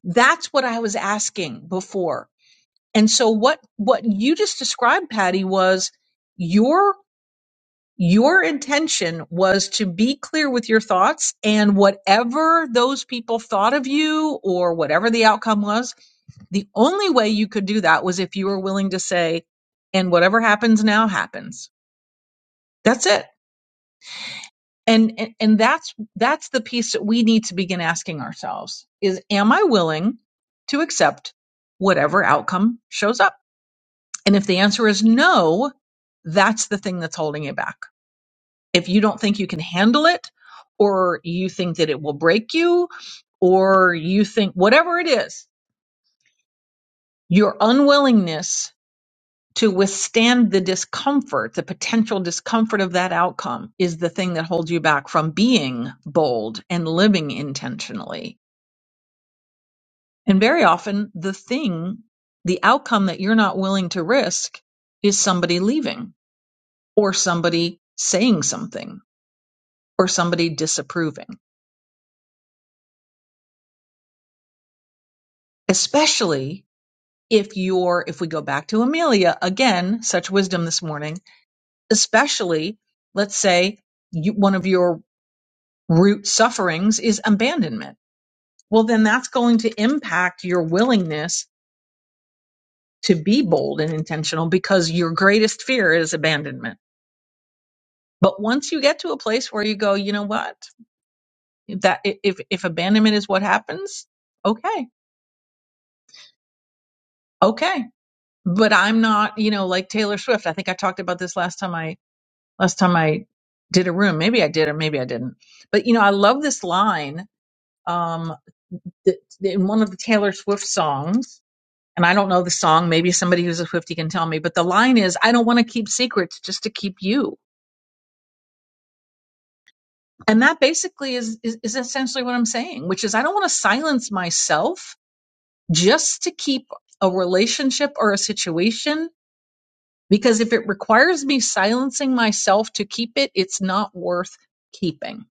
that's what I was asking before. And so what what you just described Patty was your your intention was to be clear with your thoughts and whatever those people thought of you or whatever the outcome was the only way you could do that was if you were willing to say, and whatever happens now happens. That's it. And, and and that's that's the piece that we need to begin asking ourselves is am I willing to accept whatever outcome shows up? And if the answer is no, that's the thing that's holding you back. If you don't think you can handle it or you think that it will break you or you think whatever it is, your unwillingness to withstand the discomfort, the potential discomfort of that outcome is the thing that holds you back from being bold and living intentionally. And very often, the thing, the outcome that you're not willing to risk is somebody leaving or somebody saying something or somebody disapproving, especially if you're, if we go back to Amelia again, such wisdom this morning, especially let's say you, one of your root sufferings is abandonment. Well, then that's going to impact your willingness to be bold and intentional because your greatest fear is abandonment. But once you get to a place where you go, you know what? If That if if abandonment is what happens, okay. Okay. But I'm not, you know, like Taylor Swift. I think I talked about this last time I last time I did a room. Maybe I did or maybe I didn't. But you know, I love this line um that, in one of the Taylor Swift songs and I don't know the song. Maybe somebody who's a 50 can tell me, but the line is, I don't want to keep secrets just to keep you. And that basically is, is, is essentially what I'm saying, which is I don't want to silence myself just to keep a relationship or a situation. Because if it requires me silencing myself to keep it, it's not worth keeping.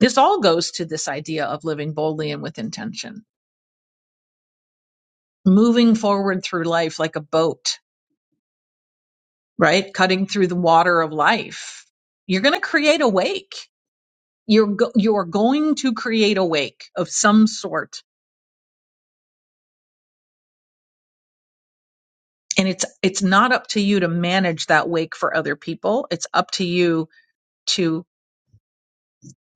This all goes to this idea of living boldly and with intention, moving forward through life like a boat right? Cutting through the water of life. You're going to create a wake. You're go- you're going to create a wake of some sort. And it's it's not up to you to manage that wake for other people. It's up to you to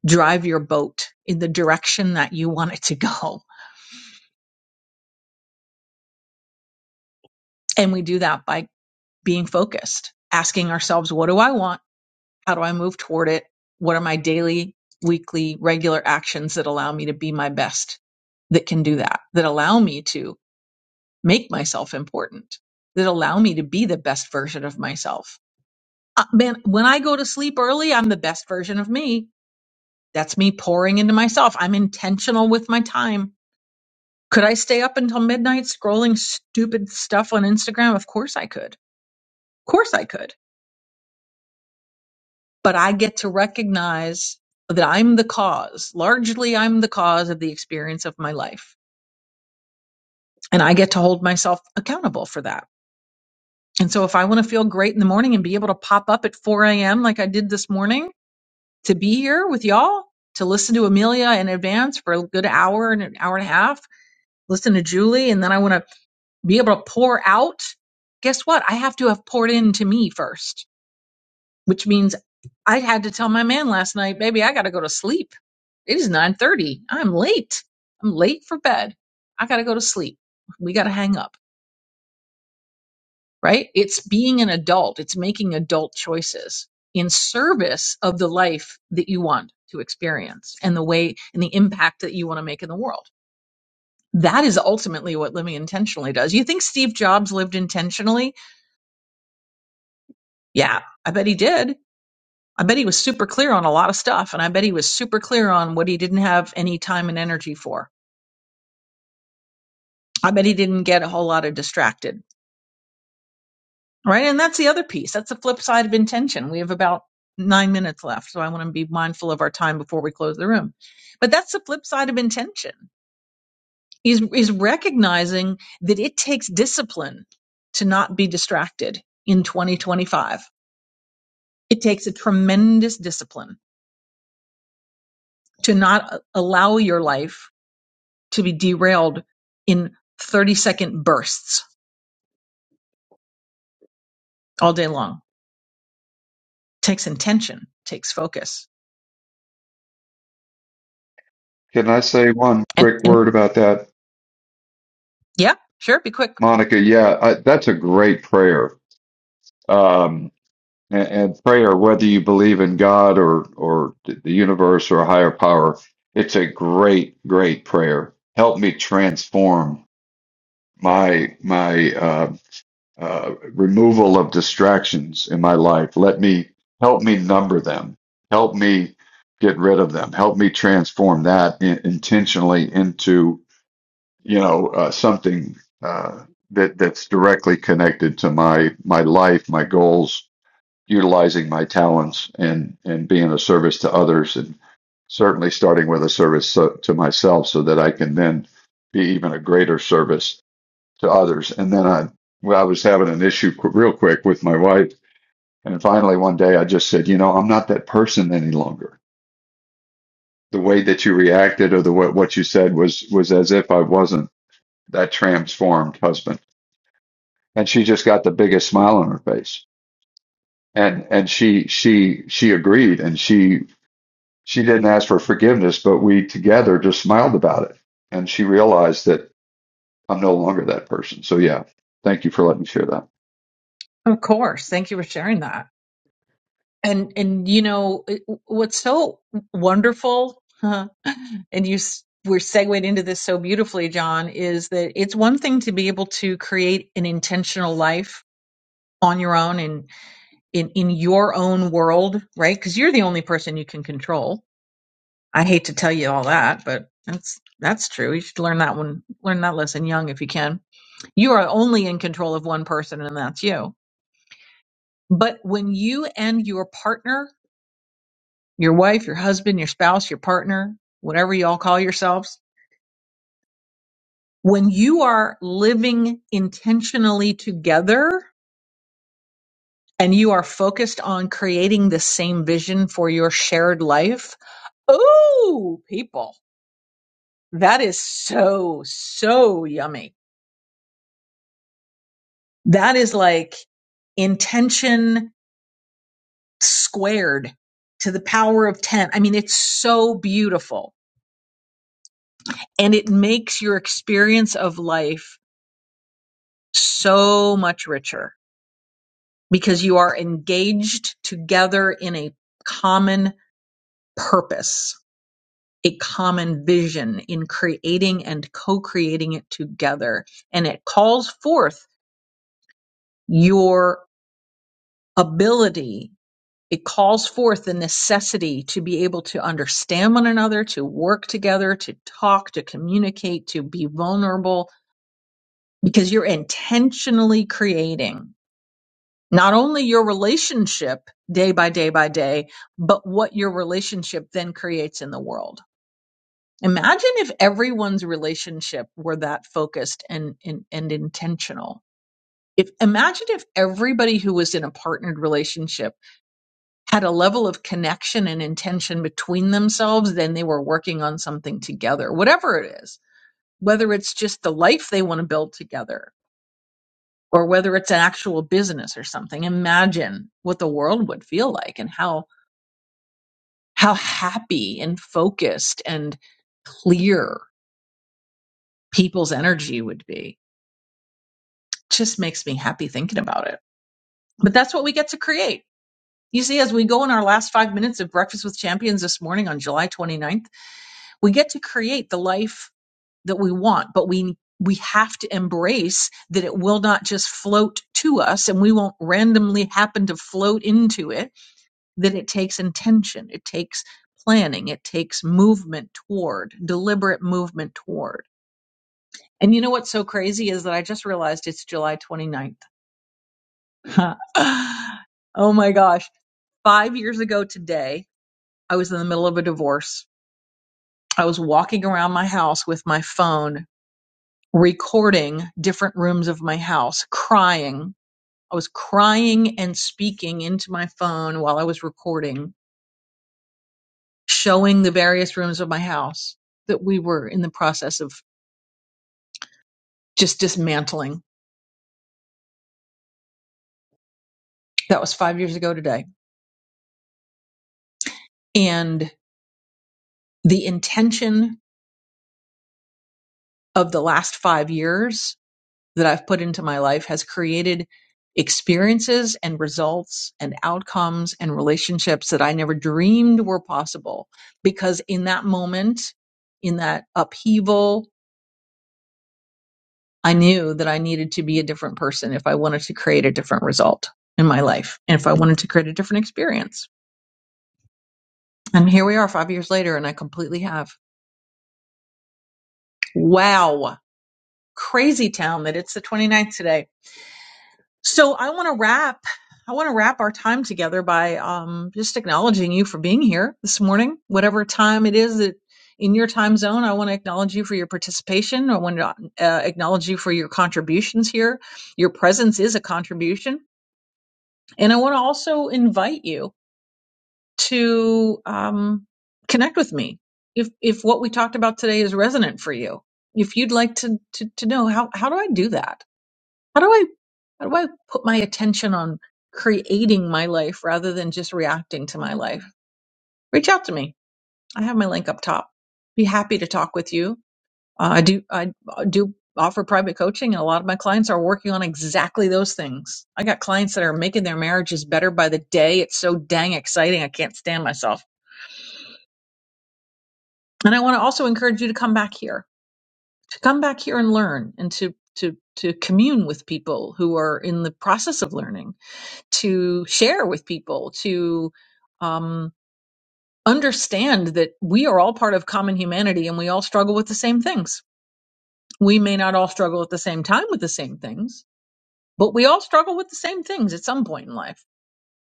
drive your boat in the direction that you want it to go. And we do that by being focused, asking ourselves, what do I want? How do I move toward it? What are my daily, weekly, regular actions that allow me to be my best that can do that, that allow me to make myself important that allow me to be the best version of myself. Uh, man, when I go to sleep early, I'm the best version of me. That's me pouring into myself. I'm intentional with my time. Could I stay up until midnight scrolling stupid stuff on Instagram? Of course I could. Of course I could. But I get to recognize that I'm the cause. Largely, I'm the cause of the experience of my life. And I get to hold myself accountable for that. And so if I want to feel great in the morning and be able to pop up at 4 a.m. like I did this morning to be here with y'all, to listen to Amelia in advance for a good hour and an hour and a half, listen to Julie, and then I want to be able to pour out, guess what? I have to have poured into me first, which means I had to tell my man last night, baby, I got to go to sleep. It is 9:30. I'm late. I'm late for bed. I got to go to sleep. We got to hang up right? It's being an adult, it's making adult choices in service of the life that you want to experience and the way and the impact that you want to make in the world. That is ultimately what living intentionally does. You think Steve Jobs lived intentionally? Yeah, I bet he did. I bet he was super clear on a lot of stuff, and I bet he was super clear on what he didn't have any time and energy for. I bet he didn't get a whole lot of distracted Right. And that's the other piece. That's the flip side of intention. We have about nine minutes left. So I want to be mindful of our time before we close the room. But that's the flip side of intention is, is recognizing that it takes discipline to not be distracted in 2025. It takes a tremendous discipline to not uh, allow your life to be derailed in 30 second bursts all day long. It takes intention, takes focus. Can I say one And, quick and word about that, yeah, sure. Be quick. Monica? Yeah, I, that's a great prayer. Um, and, and prayer, whether you believe in God or or the universe or a higher power, it's a great, great prayer. Help me transform my my uh, uh, removal of distractions in my life. Let me help me number them. Help me get rid of them. Help me transform that in, intentionally into you know uh, something uh, that that's directly connected to my my life, my goals, utilizing my talents, and and being a service to others, and certainly starting with a service so, to myself, so that I can then be even a greater service to others. And then I, well, I was having an issue qu- real quick with my wife. And finally, one day I just said, you know, I'm not that person any longer. The way that you reacted or the way, what you said was, was as if I wasn't that transformed husband. And she just got the biggest smile on her face. And, and she, she, she agreed and she, she didn't ask for forgiveness, but we together just smiled about it. And she realized that I'm no longer that person. So yeah, thank you for letting me share that. Of course. Thank you for sharing that. And and you know it- what's so wonderful, huh, and you s- we're segued into this so beautifully, John, is that it's one thing to be able to create an intentional life on your own and in in your own world, right? Because you're the only person you can control. I hate to tell you all that, but that's that's true. You should learn that one, learn that lesson young if you can. You are only in control of one person, and that's you. But when you and your partner your wife, your husband, your spouse, your partner, whatever you all call yourselves, when you are living intentionally together and you are focused on creating the same vision for your shared life, oh, people, that is so, so yummy. That is like intention squared to the power of 10. I mean, it's so beautiful and it makes your experience of life so much richer because you are engaged together in a common purpose, a common vision in creating and co-creating it together. And it calls forth your ability. It calls forth the necessity to be able to understand one another, to work together, to talk, to communicate, to be vulnerable, because you're intentionally creating. not only your relationship day by day by day, but what your relationship then creates in the world. Imagine if everyone's relationship were that focused and, and, and intentional. If imagine if everybody who was in a partnered relationship had a level of connection and intention between themselves, then they were working on something together, whatever it is, whether it's just the life they want to build together, or whether it's an actual business or something. Imagine what the world would feel like and how how happy and focused and clear people's energy would be. Just makes me happy thinking about it. But that's what we get to create. You see, as we go in our last five minutes of Breakfast with Champions this morning on July twenty ninth, we get to create the life that we want, but we we have to embrace that it will not just float to us and we won't randomly happen to float into it that it takes intention, it takes planning, it takes movement toward, deliberate movement toward. And you know what's so crazy is that I just realized it's July twenty ninth. oh my gosh. Five years ago today, I was in the middle of a divorce. I was walking around my house with my phone, recording different rooms of my house, crying. I was crying and speaking into my phone while I was recording showing the various rooms of my house that we were in the process of just dismantling. That was five years ago today. And the intention of the last five years that I've put into my life has created experiences and results and outcomes and relationships that I never dreamed were possible. Because in that moment, in that upheaval, I knew that I needed to be a different person if I wanted to create a different result in my life and if I wanted to create a different experience. And here we are five years later, and I completely have. Wow. Crazy town that it's the twenty ninth today. So I want to wrap. I want to wrap our time together by um, just acknowledging you for being here this morning, whatever time it is that in your time zone. I want to acknowledge you for your participation. I want to uh, acknowledge you for your contributions here. Your presence is a contribution And I want to also invite you to um, connect with me if if what we talked about today is resonant for you. If you'd like to, to to know how how do I do that? How do I how do I put my attention on creating my life rather than just reacting to my life? Reach out to me. I have my link up top. Be happy to talk with you uh, I do I uh, do offer private coaching and a lot of my clients are working on exactly those things. I got clients that are making their marriages better by the day. It's so dang exciting. I can't stand myself. And I want to also encourage you to come back here. To come back here and learn and to to to commune with people who are in the process of learning, to share with people, to um understand that we are all part of common humanity and we all struggle with the same things. We may not all struggle at the same time with the same things, but we all struggle with the same things at some point in life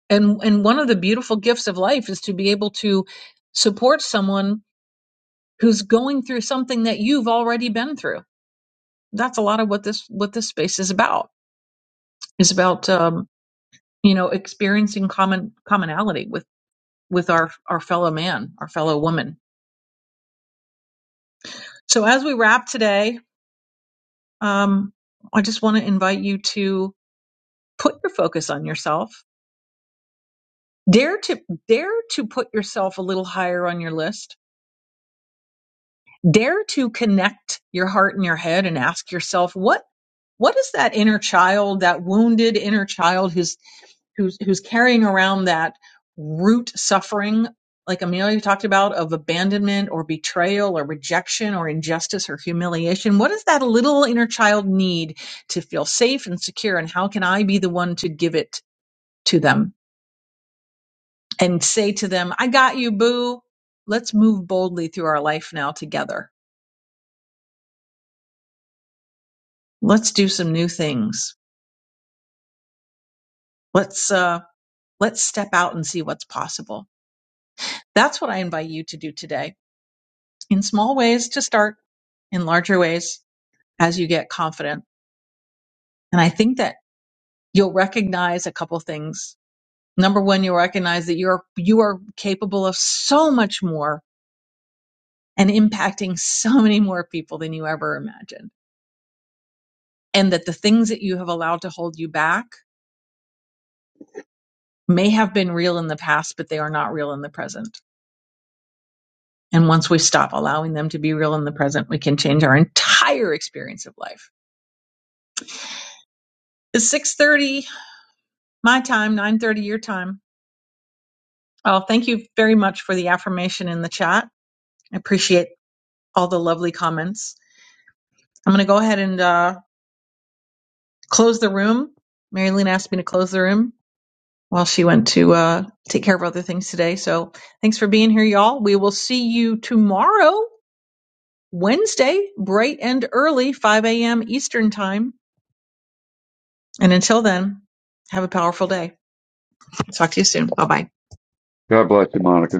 and and one of the beautiful gifts of life is to be able to support someone who's going through something that you've already been through that's a lot of what this what this space is about is about um you know experiencing common commonality with with our our fellow man our fellow woman so as we wrap today um i just want to invite you to put your focus on yourself dare to dare to put yourself a little higher on your list dare to connect your heart and your head and ask yourself what what is that inner child that wounded inner child who's who's who's carrying around that root suffering like amelia talked about of abandonment or betrayal or rejection or injustice or humiliation what does that little inner child need to feel safe and secure and how can i be the one to give it to them and say to them i got you boo let's move boldly through our life now together let's do some new things Let's uh, let's step out and see what's possible. That's what I invite you to do today. In small ways to start, in larger ways as you get confident. And I think that you'll recognize a couple things. Number one, you'll recognize that you're you are capable of so much more and impacting so many more people than you ever imagined. And that the things that you have allowed to hold you back may have been real in the past, but they are not real in the present And once we stop allowing them to be real in the present, we can change our entire experience of life. It's 6:30 my time, 9:30 your time. Oh, thank you very much for the affirmation in the chat. I appreciate all the lovely comments. I'm going to go ahead and uh, close the room. Marilyn asked me to close the room while she went to uh, take care of other things today. So thanks for being here, y'all. We will see you tomorrow, Wednesday, bright and early, 5 a.m. Eastern time And until then, have a powerful day. Talk to you soon. Bye bye. God bless you, Monica.